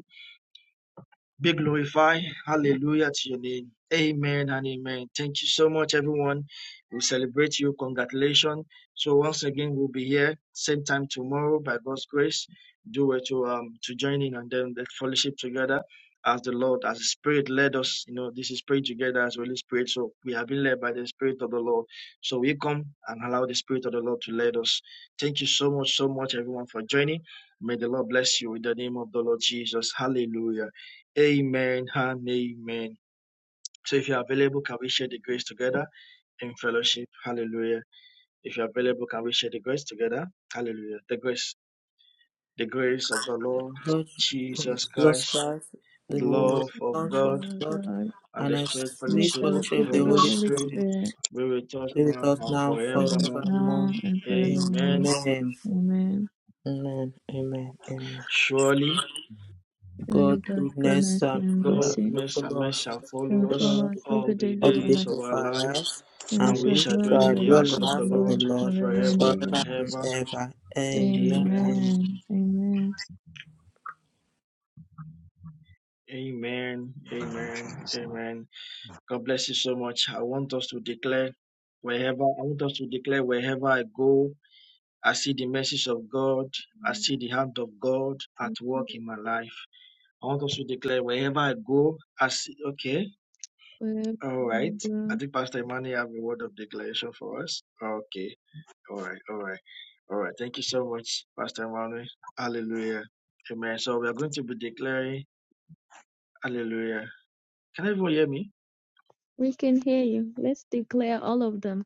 S9: Be glorified. Hallelujah to your name. Amen and amen. Thank you so much, everyone. We celebrate you. Congratulations. So once again, we'll be here same time tomorrow by God's grace. Do it to um to join in and then the fellowship together as the Lord, as the Spirit led us. You know, this is praying together as Holy Spirit. So we have been led by the Spirit of the Lord. So we come and allow the Spirit of the Lord to lead us. Thank you so much, so much, everyone, for joining. May the Lord bless you in the name of the Lord Jesus. Hallelujah. Amen and amen. So if you're available, can we share the grace together in fellowship? Hallelujah. If you're available, can we share the grace together? Hallelujah. The grace, the grace of the Lord
S5: Lord
S9: Jesus
S5: Jesus
S9: Christ.
S5: Christ, the love
S11: Yes,
S5: of
S11: Lord
S5: God,
S11: God.
S5: and a
S11: in the
S5: sweet fellowship of
S11: fellowship
S5: the
S11: of the
S5: Holy
S11: Holy
S5: Spirit
S11: Spirit,
S5: Be with us now
S11: with
S5: forevermore.
S11: now and forevermore.
S5: Amen. Amen.
S11: Amen.
S5: Amen. Amen. God
S11: Surely God's
S5: goodness
S11: goodness
S5: and
S11: and
S5: favor
S11: mercy
S5: will follow us
S11: shall
S5: follow
S11: follow
S5: us
S11: us all the days
S5: all
S11: of
S5: the
S11: our
S5: days
S11: life,
S5: of our lives,
S11: and we
S5: and
S11: shall
S5: we
S11: dwell in
S5: shall
S11: the
S5: dwell in
S11: house
S5: the
S11: of the
S5: house of the
S11: Lord
S5: Lord
S11: forever and ever.
S5: forever and ever. Amen.
S11: Amen. Amen. Forever and ever. We shall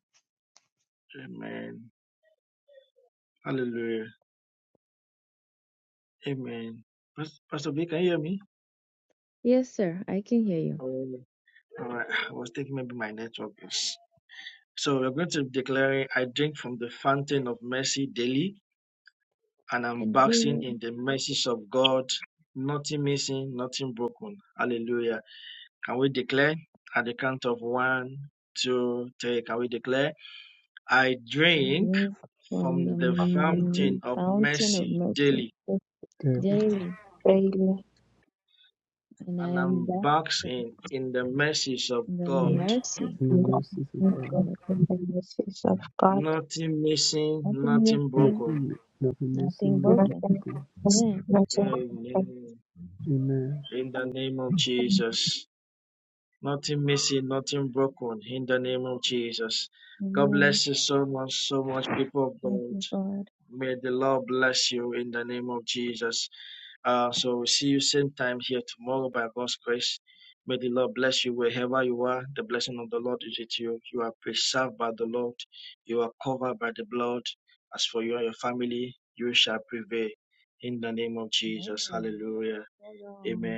S11: hear you and drink from the fountain of mercy
S12: There
S11: daily, and I am back in the
S12: we go.
S11: mercy
S12: In the mercies of
S11: of God.
S12: God.
S10: mercies of God,
S11: Nothing missing,
S12: Nothing, nothing
S11: nothing
S12: missing, nothing
S11: broken.
S10: nothing,
S12: broken.
S10: nothing,
S11: Amen.
S12: Amen.
S11: Amen. Thank you, God. Amen. Hold on.